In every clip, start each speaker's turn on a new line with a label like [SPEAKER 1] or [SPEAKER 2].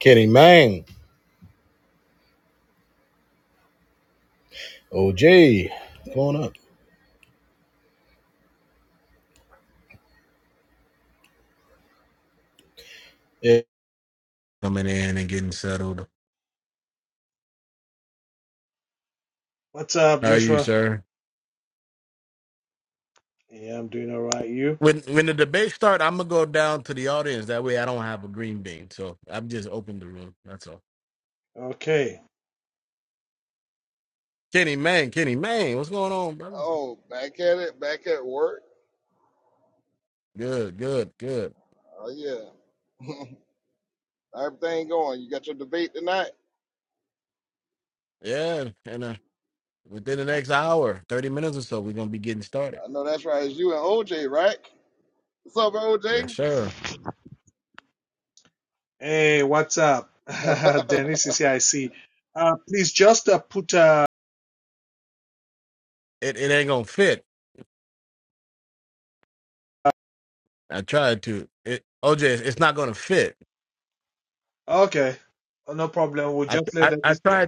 [SPEAKER 1] Kenny Mang, OJ, come on up. Yeah,
[SPEAKER 2] What's up, Joshua? Yeah, I'm doing all right. You? Okay.
[SPEAKER 3] Oh, back at it, back at work. Oh yeah, everything going. You got your debate tonight. I know that's right. It's you and OJ, right? What's up, OJ?
[SPEAKER 2] Hey, what's up? Dennis is here. I see. Uh, please just uh, put. Uh, okay. Oh, no problem. We'll just let them. It's, it,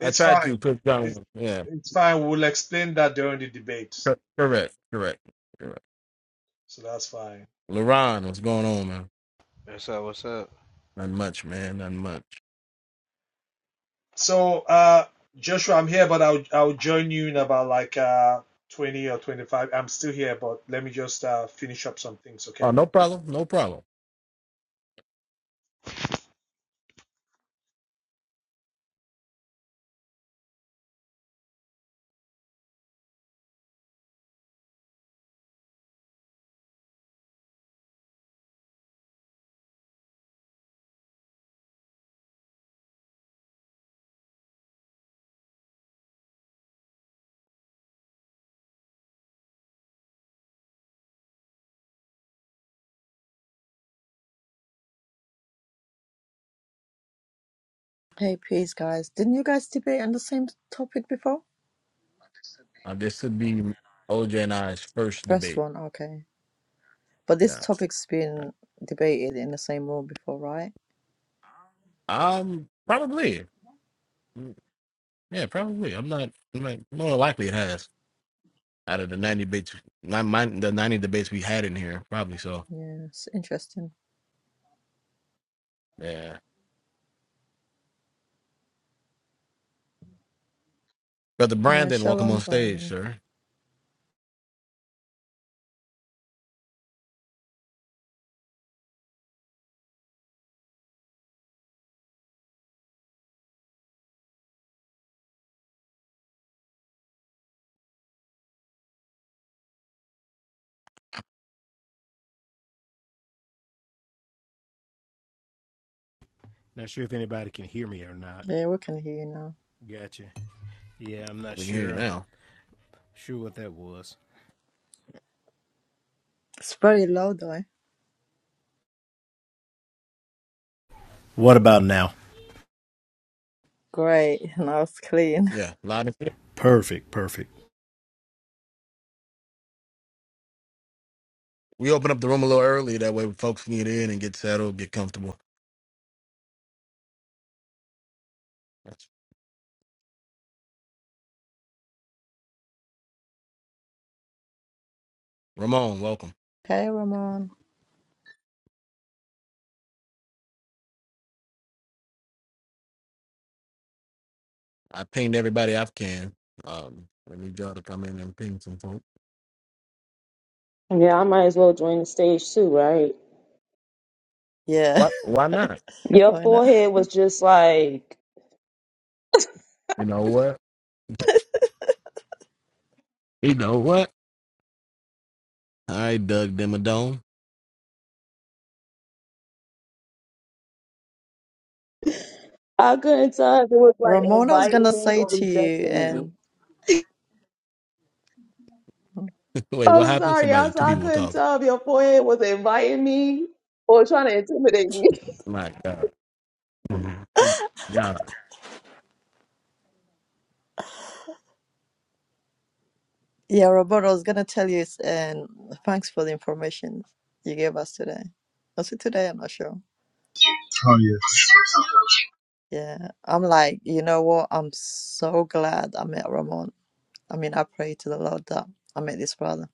[SPEAKER 2] it's fine. It's, it's fine. We'll explain that during the debate. So that's fine.
[SPEAKER 4] What's up? What's up?
[SPEAKER 2] So, uh, Joshua, I'm here, but I'll, I'll join you in about like uh, 20 or 25. I'm still here, but let me just uh, finish up some things, okay?
[SPEAKER 5] Hey, peace, guys. Didn't you guys debate on the same topic before? First one, okay. But this topic's been debated in the same room before, right? Yeah, it's interesting. Yeah, shalom, Brandon.
[SPEAKER 6] Not sure if anybody can hear me or not.
[SPEAKER 5] Yeah, we can hear you now.
[SPEAKER 6] Gotcha. Yeah, I'm not sure. I'm sure what that was.
[SPEAKER 5] It's very low, though.
[SPEAKER 6] What about now?
[SPEAKER 5] Great, now it's clean.
[SPEAKER 6] Perfect, perfect.
[SPEAKER 5] Hey, Ramon.
[SPEAKER 7] Yeah, I might as well join the stage too, right?
[SPEAKER 5] Yeah,
[SPEAKER 7] Your
[SPEAKER 5] why not?
[SPEAKER 7] forehead was just like I couldn't tell if it was like
[SPEAKER 5] Ramon, I was
[SPEAKER 7] inviting
[SPEAKER 5] gonna
[SPEAKER 7] me
[SPEAKER 5] say
[SPEAKER 7] or
[SPEAKER 5] to you,
[SPEAKER 7] rejecting me.
[SPEAKER 5] and
[SPEAKER 7] I'm sorry, I, I couldn't tell if your forehead was inviting me or trying to intimidate me.
[SPEAKER 5] yeah, Roberto, I was gonna tell you, and thanks for the information you gave us today. Was it today? I'm not sure.
[SPEAKER 8] Oh yeah.
[SPEAKER 5] Yeah, I'm like, you know what? I'm so glad I met Ramon. I mean, I pray to the Lord that I met this brother.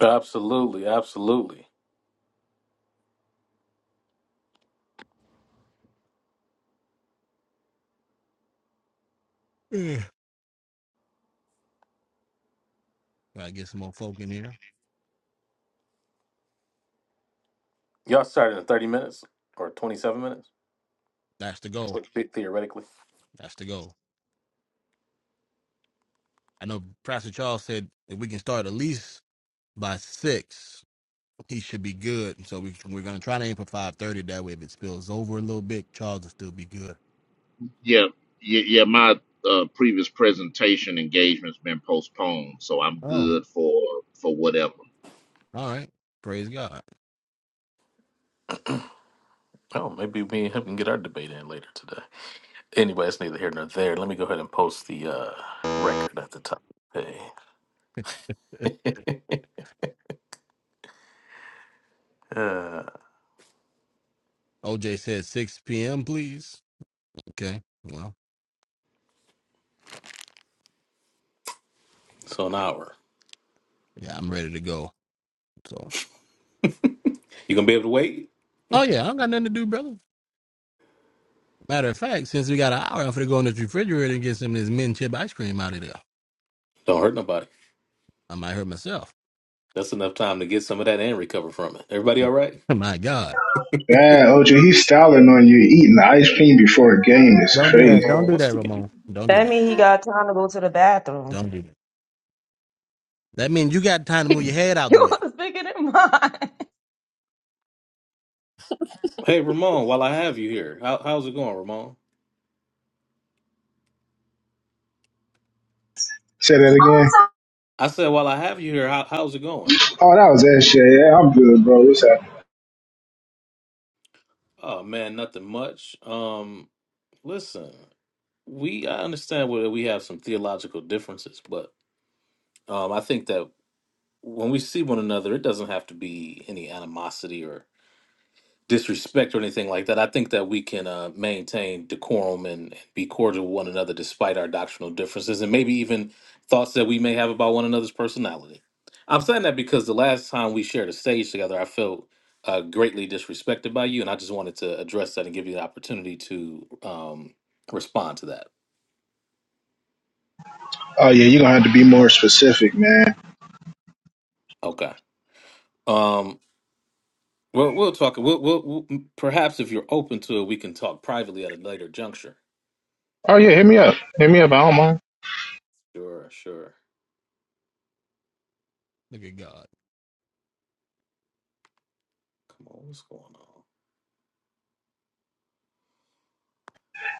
[SPEAKER 9] Absolutely, absolutely. Y'all started in 30 minutes or 27 minutes, like, the- theoretically.
[SPEAKER 10] Yeah, yeah, yeah. My uh, previous presentation engagement's been postponed, so I'm good for for whatever.
[SPEAKER 9] Oh, maybe me and him can get our debate in later today. Anyway, it's neither here nor there. Let me go ahead and post the uh, record at the top. Hey, uh, so an hour. You gonna be able to wait? Don't hurt nobody. That's enough time to get some of that and recover from it. Everybody all right?
[SPEAKER 8] Bad OJ, he's styling on you, eating the ice cream before a game. It's
[SPEAKER 9] Come
[SPEAKER 8] crazy.
[SPEAKER 9] on, what's the game?
[SPEAKER 7] That means he got time to go to the bathroom. Yours bigger than mine.
[SPEAKER 9] Hey, Ramon, while I have you here, how, how's it going, Ramon?
[SPEAKER 8] Say that again.
[SPEAKER 9] I said, while I have you here, how, how's it going?
[SPEAKER 8] Oh, that was that shit. Yeah, I'm good, bro. What's happening?
[SPEAKER 9] Oh man, nothing much. Um, Listen, we I understand where we have some theological differences, but um, I think that when we see one another, it doesn't have to be any animosity or disrespect or anything like that. I think that we can uh, maintain decorum and be cordial with one another despite our doctrinal differences and maybe even thoughts that we may have about one another's personality. I'm saying that because the last time we shared a stage together, I felt uh, greatly disrespected by you, and I just wanted to address that and give you the opportunity to um, respond to that.
[SPEAKER 8] Oh yeah, you're gonna have to be more Specific, man.
[SPEAKER 9] Okay. Um, well, we'll talk. We'll, we'll, we'll perhaps if you're open to it, we can talk privately at a later juncture.
[SPEAKER 8] Oh yeah, hit me up. Hit me up. I don't mind.
[SPEAKER 9] Sure, sure. Come on, what's going on?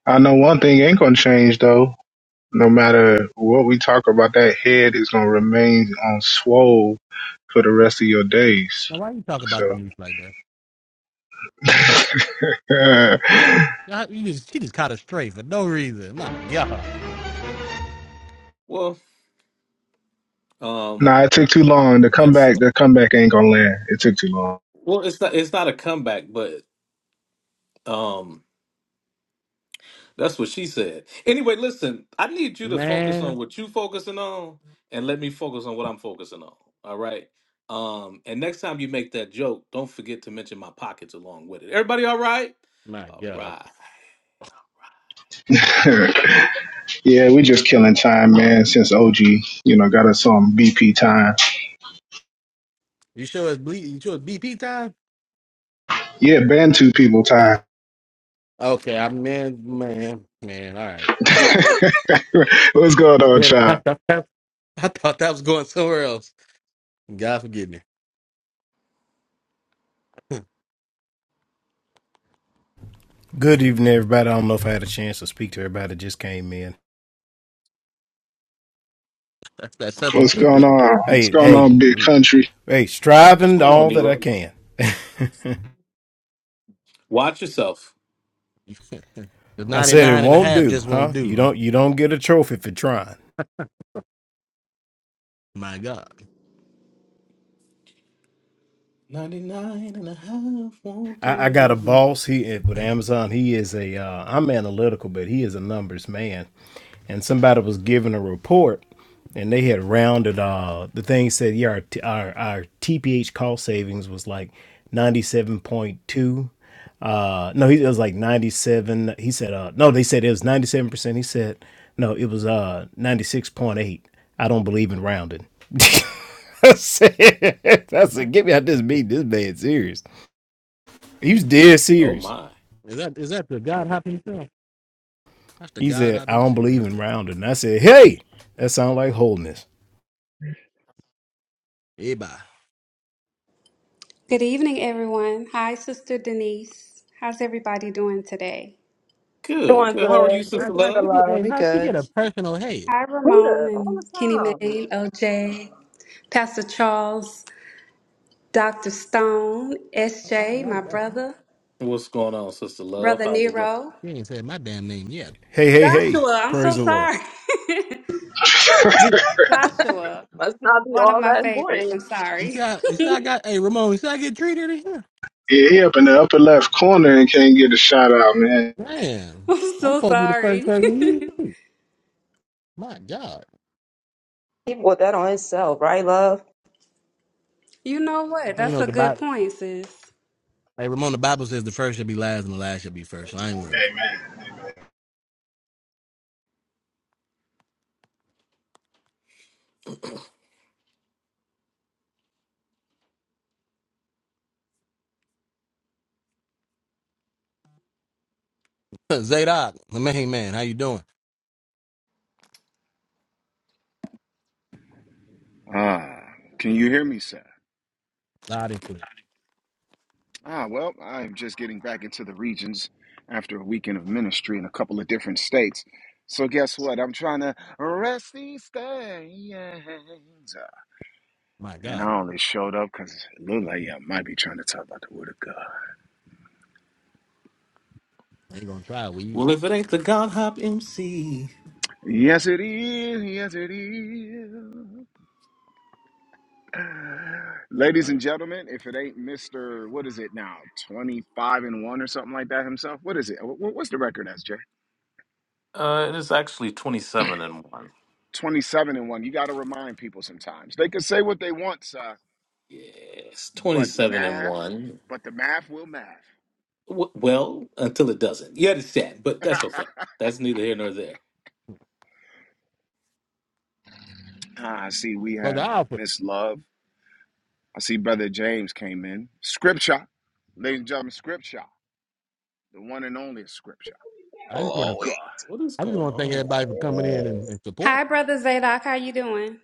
[SPEAKER 8] I know one thing ain't gonna change though. No matter what we talk about, that head is gonna remain on swole for the rest of your days. So, nah,
[SPEAKER 9] Well, um,
[SPEAKER 8] it took too long. The
[SPEAKER 9] it's,
[SPEAKER 8] comeback, the comeback ain't gonna land. It took too long.
[SPEAKER 9] well, it's not it's not a comeback, but um, that's what she said. Anyway, listen, I need you to focus on what you focusing on, and let me focus on what I'm focusing on. All right. Um, and next time you make that joke, don't forget to mention my pockets along with it. Everybody, all right? All right.
[SPEAKER 8] Yeah, we just killing time, man. Since OG, you know, got us on BP time. Yeah, Bantu people time. What's going on, child?
[SPEAKER 6] Good evening, everybody. I don't know if I had a chance to speak to everybody that just came in.
[SPEAKER 8] What's
[SPEAKER 10] Was-
[SPEAKER 8] going
[SPEAKER 10] was-
[SPEAKER 8] on? What's
[SPEAKER 6] Hey,
[SPEAKER 8] going
[SPEAKER 6] hey,
[SPEAKER 8] on, big country?
[SPEAKER 6] hey,
[SPEAKER 9] What's
[SPEAKER 6] striving
[SPEAKER 9] going on,
[SPEAKER 6] all that I
[SPEAKER 9] Nero?
[SPEAKER 6] can.
[SPEAKER 9] Watch yourself.
[SPEAKER 6] I said it won't do, huh? You don't you don't get a trophy for trying.
[SPEAKER 9] 99 won't
[SPEAKER 6] I, I got a
[SPEAKER 9] do.
[SPEAKER 6] boss. He eh, with Amazon. He is a. Uh, I'm analytical, but he is a numbers man. And somebody was giving a report, and they had rounded. Uh, the thing said, yeah, our, t- our our TPH cost savings was like ninety seven point two. Uh, no, he it was like ninety seven. He said, uh, no, they said it was ninety seven percent. He said, no, it was uh ninety six point eight. I don't believe in rounding. I said, I said, get me out this meeting. This man serious. He was dead
[SPEAKER 9] Oh
[SPEAKER 6] serious.
[SPEAKER 9] my.
[SPEAKER 6] He said, I don't believe in rounding. And I said, Hey, that sounds like holiness.
[SPEAKER 11] Good evening, everyone. Hi, Sister Denise. How's everybody doing today?
[SPEAKER 9] Good,
[SPEAKER 7] Doing
[SPEAKER 9] good. How are
[SPEAKER 7] good.
[SPEAKER 9] you,
[SPEAKER 7] This
[SPEAKER 9] Sister
[SPEAKER 7] is the
[SPEAKER 9] Love?
[SPEAKER 7] love.
[SPEAKER 5] We good.
[SPEAKER 11] Hi, Ramon
[SPEAKER 7] Reader all
[SPEAKER 11] and
[SPEAKER 7] the
[SPEAKER 11] Kenny May,
[SPEAKER 7] time.
[SPEAKER 11] OJ, Pastor Charles, Dr. Stone, SJ, my brother,
[SPEAKER 9] What's going on, Sister Love?
[SPEAKER 11] Brother
[SPEAKER 9] How's it going?
[SPEAKER 11] Nero,
[SPEAKER 6] Hey, hey, hey.
[SPEAKER 11] Joshua. I'm
[SPEAKER 6] Praise
[SPEAKER 11] so
[SPEAKER 6] the Lord.
[SPEAKER 11] sorry. Joshua,
[SPEAKER 7] Must not be
[SPEAKER 11] one of
[SPEAKER 7] all
[SPEAKER 11] my
[SPEAKER 7] that
[SPEAKER 11] favorites. I'm
[SPEAKER 7] important.
[SPEAKER 11] sorry.
[SPEAKER 8] Yeah, he up in the upper left corner and can't get a shout out, man.
[SPEAKER 11] I'm so sorry.
[SPEAKER 7] He bought that on himself, right, love?
[SPEAKER 11] you know what? That's a good point, sis.
[SPEAKER 12] Ah, can you hear me, sir? Ah, well, I'm just getting back into the regions after a weekend of ministry in a couple of different states. So guess what? I'm trying to rest these things. And I only showed up because it looked like I might be trying to talk about the word of God.
[SPEAKER 9] Well, if it ain't the God Hop MC.
[SPEAKER 12] Yes, it is. Yes, it is. Ladies and gentlemen, if it ain't Mr. What is it now? 25 and 1 or something like that himself? What is it? Wh- wh- What's the record, SJ?
[SPEAKER 9] Uh, it is actually 27 and 1.
[SPEAKER 12] 27 and 1. You got to remind people sometimes. They can say what they want, sir,
[SPEAKER 9] Yes,
[SPEAKER 12] but
[SPEAKER 9] 27 and
[SPEAKER 12] math,
[SPEAKER 9] 1.
[SPEAKER 12] but the math will math.
[SPEAKER 9] W- well, until it doesn't. You understand, but that's
[SPEAKER 12] ah,
[SPEAKER 9] okay. That's neither here nor there.
[SPEAKER 12] I see we have Miss Love. I see Brother James came in. Scripture. Ladies and gentlemen, scripture. The one and only scripture. The word of
[SPEAKER 13] Lord.
[SPEAKER 12] God.
[SPEAKER 9] Wh- What is going on?
[SPEAKER 13] oh,
[SPEAKER 11] Hi, Brother Zadok. How you doing?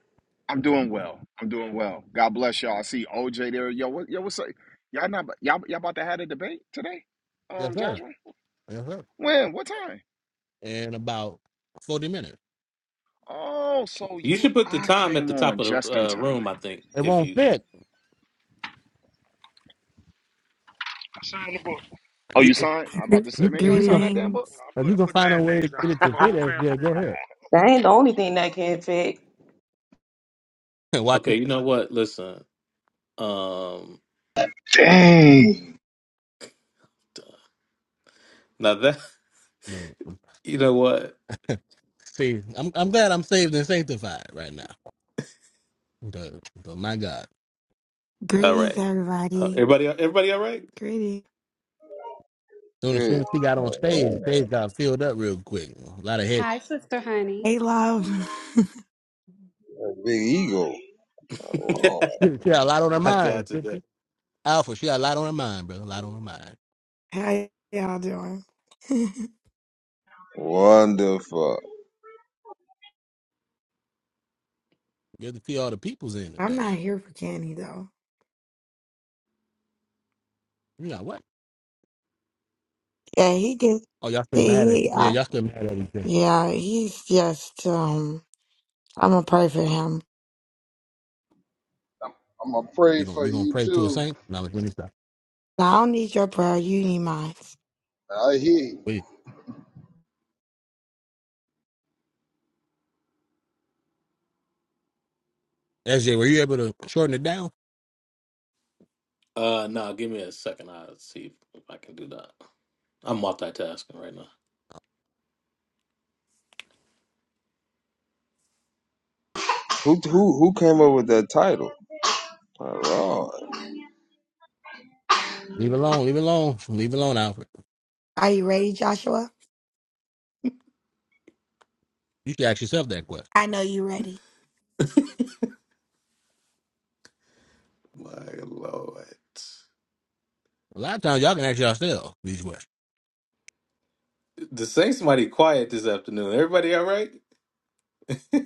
[SPEAKER 12] I'm doing well. I'm doing well. God bless y'all. I see OJ there. Yo, what, yo, what's up? Y'all not y'all, y'all about to have a debate today? Um, Joshua? When? What time? Oh, so
[SPEAKER 9] You
[SPEAKER 12] you
[SPEAKER 9] should put the
[SPEAKER 12] I
[SPEAKER 9] time at
[SPEAKER 12] came
[SPEAKER 9] the
[SPEAKER 12] on
[SPEAKER 9] top of
[SPEAKER 12] just in
[SPEAKER 9] the uh,
[SPEAKER 12] time.
[SPEAKER 9] room, I think, if you.
[SPEAKER 12] I signed the book. Oh, you signed? Yeah. I'm Yeah.
[SPEAKER 14] Gre-
[SPEAKER 12] about to say, man, you ain't signed that damn book. No,
[SPEAKER 14] Greetings.
[SPEAKER 12] I put I put mad names down. I put my whole family name down.
[SPEAKER 7] That ain't the only thing that can fit.
[SPEAKER 9] Okay, you know what? Listen. Um,
[SPEAKER 8] Dang.
[SPEAKER 9] now that You know what? All
[SPEAKER 14] Greetings,
[SPEAKER 9] right. Uh,
[SPEAKER 14] everybody.
[SPEAKER 9] everybody, everybody, all right?
[SPEAKER 14] Greetings.
[SPEAKER 13] Good. Lord.
[SPEAKER 11] Hi, Sister Honey.
[SPEAKER 14] Hey, love.
[SPEAKER 13] A Big ego. Lord.
[SPEAKER 9] My God, today.
[SPEAKER 14] How y'all doing?
[SPEAKER 13] Wonderful.
[SPEAKER 14] I'm not here for Kenny, though. Yeah, he gets, he, he I, yeah, he's just, um, I'm gonna pray for him.
[SPEAKER 3] I'm, I'm gonna pray for you too.
[SPEAKER 14] I don't need your prayer. You need mine.
[SPEAKER 3] I hear you.
[SPEAKER 9] Uh, no, give me a second. I'll see if I can do that. I'm multitasking right now.
[SPEAKER 13] Who who who came up with that title? My Lord.
[SPEAKER 14] Are you ready, Joshua? I know you ready.
[SPEAKER 9] My Lord, the Saints mighty quiet this afternoon. Everybody, all right?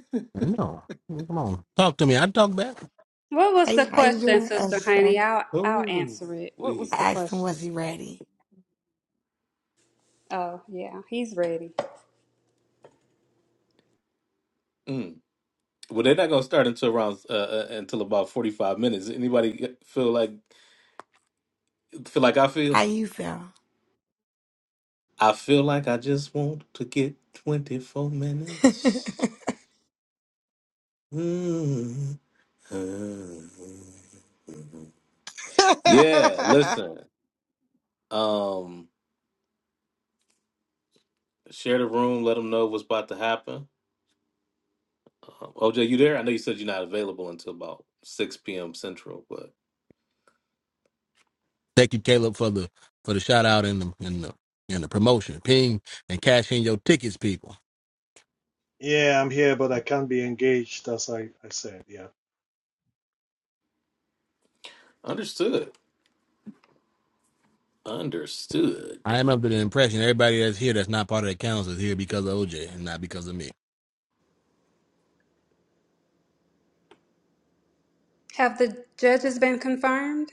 [SPEAKER 11] What
[SPEAKER 14] How
[SPEAKER 11] was the
[SPEAKER 14] you, how you
[SPEAKER 11] question,
[SPEAKER 14] doing,
[SPEAKER 11] Sister
[SPEAKER 14] Esther?
[SPEAKER 11] Honey? I'll I'll
[SPEAKER 9] Oh,
[SPEAKER 11] answer it. What
[SPEAKER 9] we.
[SPEAKER 11] was the
[SPEAKER 14] I asked him,
[SPEAKER 11] question?
[SPEAKER 14] was he ready?
[SPEAKER 11] Oh yeah, he's ready.
[SPEAKER 9] Mm. Well, they're not gonna start until around uh, uh, until about forty five minutes. Anybody feel like feel like I
[SPEAKER 14] How
[SPEAKER 9] feel?
[SPEAKER 14] you feel?
[SPEAKER 9] I feel like I just want to get twenty four minutes. Yeah, listen. Um, share the room. Let them know what's about to happen. Um, OJ, you there? I know you said you're not available until about six p.m. Central, but
[SPEAKER 2] Yeah, I'm here, but I can't be engaged, as I, I said. Yeah.
[SPEAKER 9] understood. Understood.
[SPEAKER 11] Have the judges been confirmed?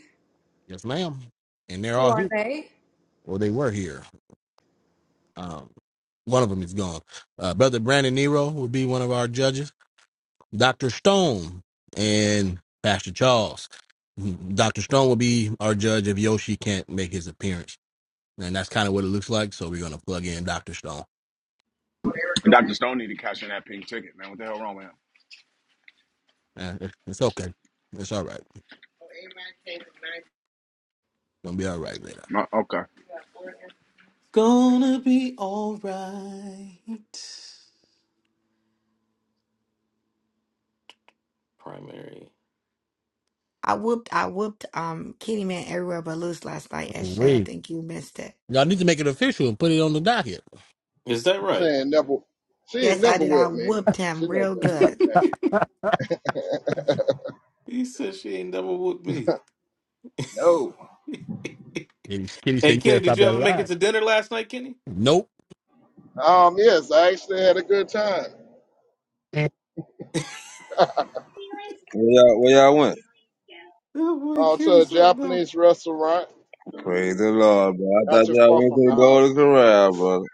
[SPEAKER 11] Who are they?
[SPEAKER 12] Dr. Stone need to cash in that pink ticket, man. What the hell wrong with him? No, okay.
[SPEAKER 9] Gonna be all right. Primary.
[SPEAKER 14] I whooped I whooped um Kitty Man everywhere but loose last night. S J, I think you missed it.
[SPEAKER 9] Is that
[SPEAKER 3] She
[SPEAKER 9] right?
[SPEAKER 3] ain't never, she ain't
[SPEAKER 14] Yes, I
[SPEAKER 3] never
[SPEAKER 14] did. I
[SPEAKER 3] with me.
[SPEAKER 14] whooped
[SPEAKER 3] She
[SPEAKER 14] him
[SPEAKER 3] know
[SPEAKER 14] real
[SPEAKER 3] better than
[SPEAKER 14] good.
[SPEAKER 3] that.
[SPEAKER 9] He said she ain't never with me.
[SPEAKER 3] No.
[SPEAKER 9] Hey, Kenny, did you ever make it to dinner last night, Kenny?
[SPEAKER 3] Um. Yes, I actually had a good time. uh,
[SPEAKER 13] Where y'all, where y'all went?
[SPEAKER 9] Oh boy,
[SPEAKER 3] to
[SPEAKER 9] Kenny,
[SPEAKER 3] a
[SPEAKER 9] something
[SPEAKER 3] Japanese
[SPEAKER 9] else.
[SPEAKER 3] restaurant,
[SPEAKER 13] Praise the Lord, bro. I
[SPEAKER 3] not
[SPEAKER 13] thought
[SPEAKER 3] too
[SPEAKER 13] y'all
[SPEAKER 3] far
[SPEAKER 13] went to
[SPEAKER 3] from the
[SPEAKER 13] the
[SPEAKER 3] house.
[SPEAKER 13] Golden Corral, brother.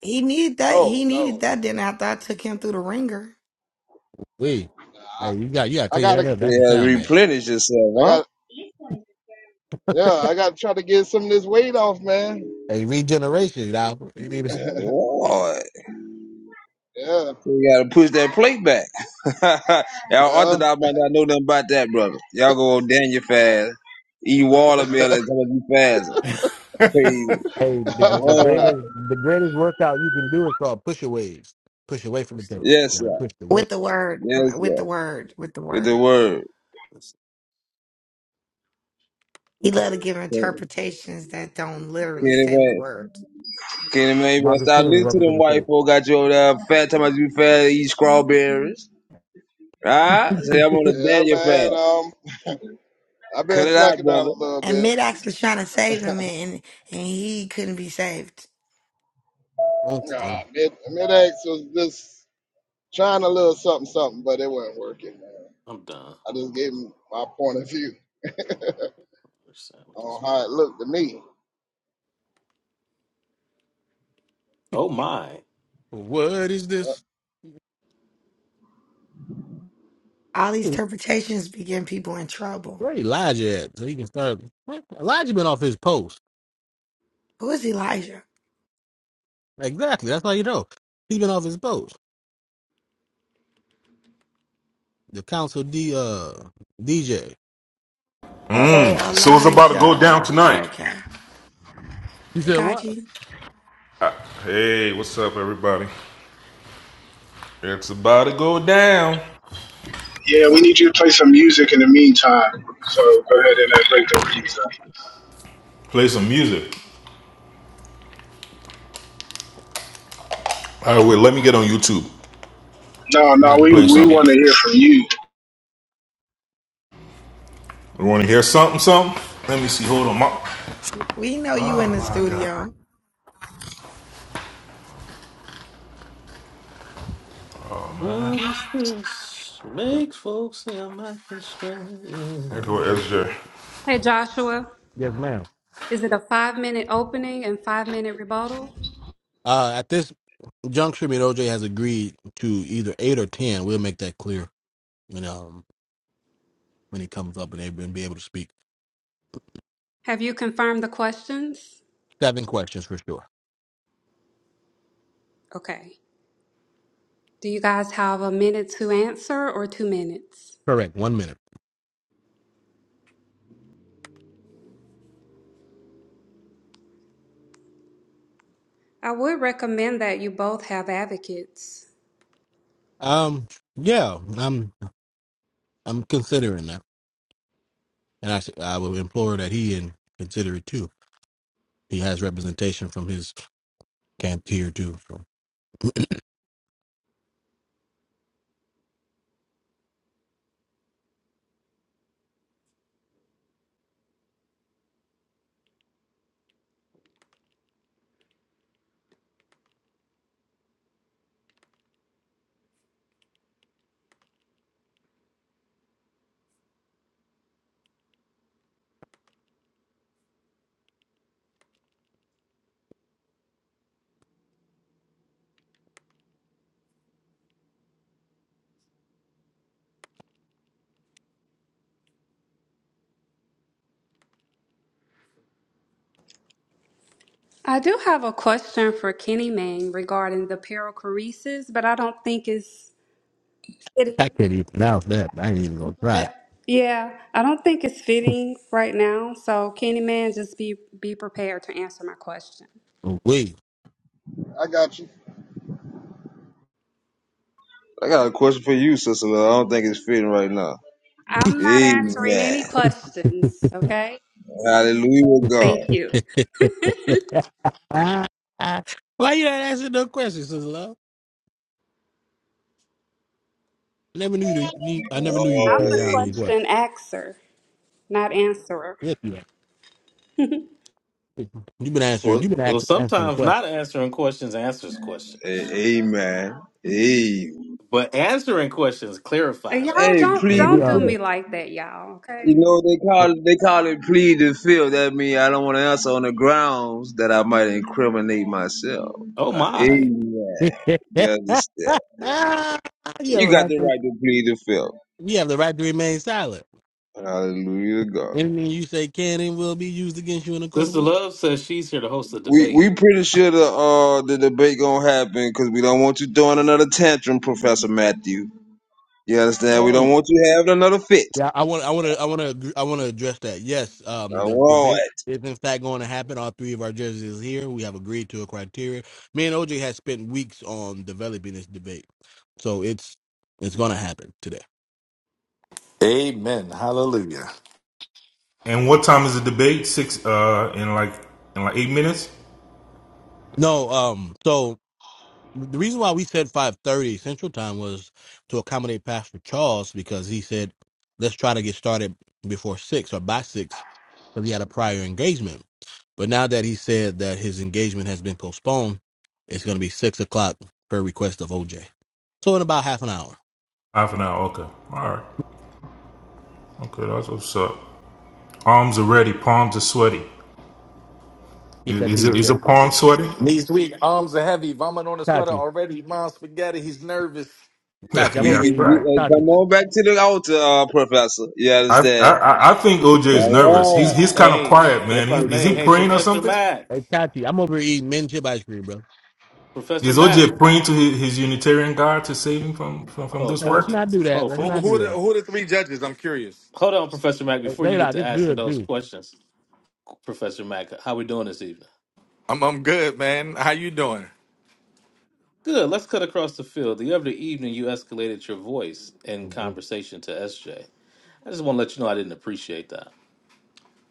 [SPEAKER 14] He needed that. He
[SPEAKER 3] Oh
[SPEAKER 14] needed
[SPEAKER 3] no,
[SPEAKER 14] that. Then after I took him through the ringer
[SPEAKER 3] Nah, I, I gotta.
[SPEAKER 13] You had to replenish yourself,
[SPEAKER 3] I
[SPEAKER 13] huh?
[SPEAKER 3] got. Yeah, I got to try to get some of this weight off, man.
[SPEAKER 13] Lord.
[SPEAKER 3] Yeah,
[SPEAKER 13] You gotta push that plate back. y'all
[SPEAKER 3] yeah,
[SPEAKER 13] Orthodox might not know nothing about that, brother. Y'all go on Daniel fast, eat watermelon, and come on, you fast. Praise the Lord.
[SPEAKER 9] What's that on
[SPEAKER 13] Yes,
[SPEAKER 9] alert?
[SPEAKER 13] Lord.
[SPEAKER 14] with the word,
[SPEAKER 13] Yes,
[SPEAKER 14] with the
[SPEAKER 13] Lord.
[SPEAKER 14] word, with the
[SPEAKER 13] With the
[SPEAKER 14] word.
[SPEAKER 13] word.
[SPEAKER 9] Let's-
[SPEAKER 14] He loved to give
[SPEAKER 13] Can't
[SPEAKER 14] interpretations that don't literally say the
[SPEAKER 13] even,
[SPEAKER 14] words.
[SPEAKER 13] can't even, you better stop listening to them white folk got you over there fat, talking about you fat, eat strawberries. Alright? So I'm on a
[SPEAKER 3] yeah,
[SPEAKER 13] Daniel
[SPEAKER 3] man.
[SPEAKER 13] fat.
[SPEAKER 3] Um, I've been
[SPEAKER 13] Cut it out,
[SPEAKER 3] slacking down
[SPEAKER 13] brother.
[SPEAKER 3] a little
[SPEAKER 14] And
[SPEAKER 3] bit.
[SPEAKER 14] Midax was trying to save him, and and he couldn't be saved.
[SPEAKER 3] Nah, mid mid X was just trying a little something, something, but it wasn't working, man.
[SPEAKER 9] I'm done.
[SPEAKER 3] I just gave him my point of view
[SPEAKER 9] Understand what this-
[SPEAKER 3] on how it looked to me.
[SPEAKER 9] Oh my.
[SPEAKER 3] Uh,
[SPEAKER 14] All these interpretations be getting people in trouble. Who is Elijah? Oh,
[SPEAKER 15] So it's about to go
[SPEAKER 14] Elijah.
[SPEAKER 15] down tonight.
[SPEAKER 14] Okay. Hey, got
[SPEAKER 15] Hey, what's up, everybody? It's about to go down.
[SPEAKER 8] Yeah, we need you to play some music in the meantime. So go ahead and uh, break them keys up.
[SPEAKER 15] Play some music. All right, wait. Let me get on YouTube.
[SPEAKER 8] No, no, we
[SPEAKER 15] Play
[SPEAKER 8] we
[SPEAKER 15] something.
[SPEAKER 8] want to hear from you.
[SPEAKER 15] You want to hear something? Something? Let me see. Hold on. My-
[SPEAKER 14] We know you in
[SPEAKER 15] oh
[SPEAKER 14] the
[SPEAKER 15] my God.
[SPEAKER 14] studio.
[SPEAKER 9] What is this? Makes folks say I'm acting
[SPEAKER 15] There go
[SPEAKER 9] strange.
[SPEAKER 15] SJ.
[SPEAKER 11] Hey Joshua, is it a five minute opening and five minute rebuttal? Have you confirmed the questions? Okay. Do you guys have a minute to answer or two minutes? I would recommend that you both have advocates. I do have a question for Kenny Mang regarding the perichoresis, but I don't think it's fitting Yeah, I don't think it's fitting right now. So Candyman, just be be prepared to answer my question.
[SPEAKER 3] I got you.
[SPEAKER 13] I got a question for you, sister. Lil. I don't think it's fitting right now.
[SPEAKER 11] I'm not answering
[SPEAKER 13] Amen.
[SPEAKER 11] any questions, okay?
[SPEAKER 13] Hallelujah, God.
[SPEAKER 11] Thank you. I'm the
[SPEAKER 13] Oh,
[SPEAKER 11] question axer, not answerer.
[SPEAKER 9] Well, well, sometimes not answering questions answers
[SPEAKER 13] a-
[SPEAKER 9] questions,
[SPEAKER 13] amen. Amen.
[SPEAKER 9] but answering questions
[SPEAKER 11] Uh,
[SPEAKER 9] clarifies
[SPEAKER 11] Y'all
[SPEAKER 13] Hey,
[SPEAKER 11] don't
[SPEAKER 9] questions.
[SPEAKER 11] don't do
[SPEAKER 13] please.
[SPEAKER 11] me like that, y'all,
[SPEAKER 13] You
[SPEAKER 11] okay?
[SPEAKER 13] know they call they call it plead the field. That means I don't want to answer on the grounds that I might incriminate myself.
[SPEAKER 9] Oh
[SPEAKER 13] Uh,
[SPEAKER 9] my.
[SPEAKER 13] amen. You understand? You got the right to plead the field. Hallelujah, to God.
[SPEAKER 9] Sister Love says she's here to host the
[SPEAKER 13] We we
[SPEAKER 9] debate.
[SPEAKER 13] pretty sure the uh the debate gonna happen because we don't want you throwing another tantrum, Professor Matthew. You understand? We don't
[SPEAKER 9] Mm.
[SPEAKER 13] want you having another fit. All right.
[SPEAKER 16] Amen. Hallelujah.
[SPEAKER 15] And what time is the debate? Six. Uh, in like in like eight minutes. Half an hour. Okay. All right. Okay. That's what's up. Arms are ready. Palms are sweaty. Is is it is a palm sweaty?
[SPEAKER 16] Knees weak, arms are heavy, vomit on the sweater already. Mom, spaghetti. He's nervous.
[SPEAKER 15] Yeah.
[SPEAKER 13] We,
[SPEAKER 15] Yeah. That's
[SPEAKER 13] we, we-
[SPEAKER 15] right.
[SPEAKER 13] hey, come on back to the altar, uh, Professor. You
[SPEAKER 15] I, I
[SPEAKER 13] understand?
[SPEAKER 15] I I think OJ is nervous.
[SPEAKER 13] All
[SPEAKER 15] He's
[SPEAKER 13] right.
[SPEAKER 15] he's kind of
[SPEAKER 9] Hey,
[SPEAKER 15] quiet, man.
[SPEAKER 9] if I
[SPEAKER 15] He, is
[SPEAKER 9] may,
[SPEAKER 15] he
[SPEAKER 9] hey,
[SPEAKER 15] praying or
[SPEAKER 9] Professor
[SPEAKER 15] something?
[SPEAKER 9] Mack. Professor
[SPEAKER 15] Is
[SPEAKER 9] Mack.
[SPEAKER 15] OJ praying to his, his Unitarian God to save him from, from, from
[SPEAKER 9] Hold,
[SPEAKER 15] this work?
[SPEAKER 9] Kachi. Hold for
[SPEAKER 16] Who, who, are the, who are the three judges? I'm curious.
[SPEAKER 9] hold on, Professor Mack, before you get to asking those questions. Professor Mack. How we doing this evening?
[SPEAKER 16] I'm I'm good, man. How you doing?
[SPEAKER 9] Good. Let's cut across the field. The other evening, you escalated your voice in conversation to SJ. I just want to let you know I didn't appreciate that.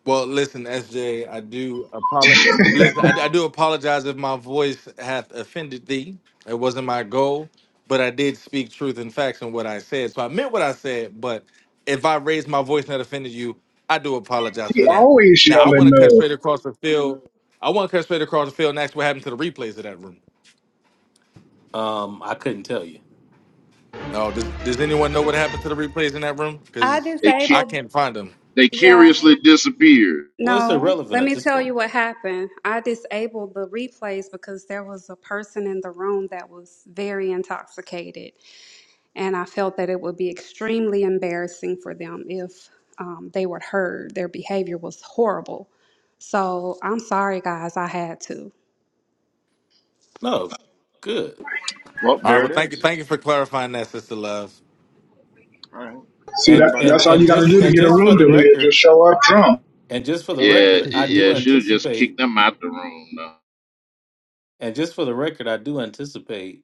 [SPEAKER 16] Well, listen, S. J. I do apologize. Listen, I, I do apologize if my voice hath offended thee. It wasn't my goal, but I did speak truth and facts in what I said. So I meant what I said, but if I raised my voice and that offended you, I do apologize
[SPEAKER 8] He
[SPEAKER 16] for that.
[SPEAKER 8] always
[SPEAKER 16] Now I want
[SPEAKER 8] yelling
[SPEAKER 16] to cut
[SPEAKER 8] no.
[SPEAKER 16] straight across the field. I want to cut straight across the field and ask what happened to the replays of that room.
[SPEAKER 9] Um, I couldn't tell you.
[SPEAKER 16] No, does does anyone know what happened to the replays in that room?
[SPEAKER 11] I
[SPEAKER 16] Because
[SPEAKER 10] They
[SPEAKER 16] I
[SPEAKER 10] cu-
[SPEAKER 11] disabled
[SPEAKER 16] can't find them.
[SPEAKER 10] they
[SPEAKER 11] yeah.
[SPEAKER 10] curiously disappeared.
[SPEAKER 9] Well, it's
[SPEAKER 11] No,
[SPEAKER 9] irrelevant
[SPEAKER 11] let
[SPEAKER 9] at
[SPEAKER 11] me
[SPEAKER 9] this
[SPEAKER 11] tell
[SPEAKER 9] point.
[SPEAKER 11] you what happened. I disabled the replays because there was a person in the room that was very intoxicated. And I felt that it would be extremely embarrassing for them if um, they were heard. Their behavior was horrible. So I'm sorry, guys, I had to.
[SPEAKER 9] No, good.
[SPEAKER 12] Well,
[SPEAKER 16] All right,
[SPEAKER 12] there
[SPEAKER 16] well,
[SPEAKER 12] it
[SPEAKER 16] thank you,
[SPEAKER 12] is.
[SPEAKER 16] thank you for clarifying that, sister love.
[SPEAKER 12] All right.
[SPEAKER 8] See
[SPEAKER 12] Is
[SPEAKER 9] And
[SPEAKER 8] that?
[SPEAKER 12] everybody all
[SPEAKER 9] and
[SPEAKER 8] That's
[SPEAKER 12] right?
[SPEAKER 8] all
[SPEAKER 9] and
[SPEAKER 8] you got to
[SPEAKER 9] just
[SPEAKER 8] do to
[SPEAKER 9] and
[SPEAKER 8] get a
[SPEAKER 9] just for
[SPEAKER 8] room
[SPEAKER 9] the
[SPEAKER 8] deleted. Just
[SPEAKER 9] record,
[SPEAKER 8] show up drunk.
[SPEAKER 9] and just for the
[SPEAKER 17] Hey,
[SPEAKER 10] Yeah,
[SPEAKER 9] record, I do
[SPEAKER 10] yeah. Should have just kicked
[SPEAKER 9] anticipate.
[SPEAKER 10] them out the room. though.
[SPEAKER 9] And just for the record, I do anticipate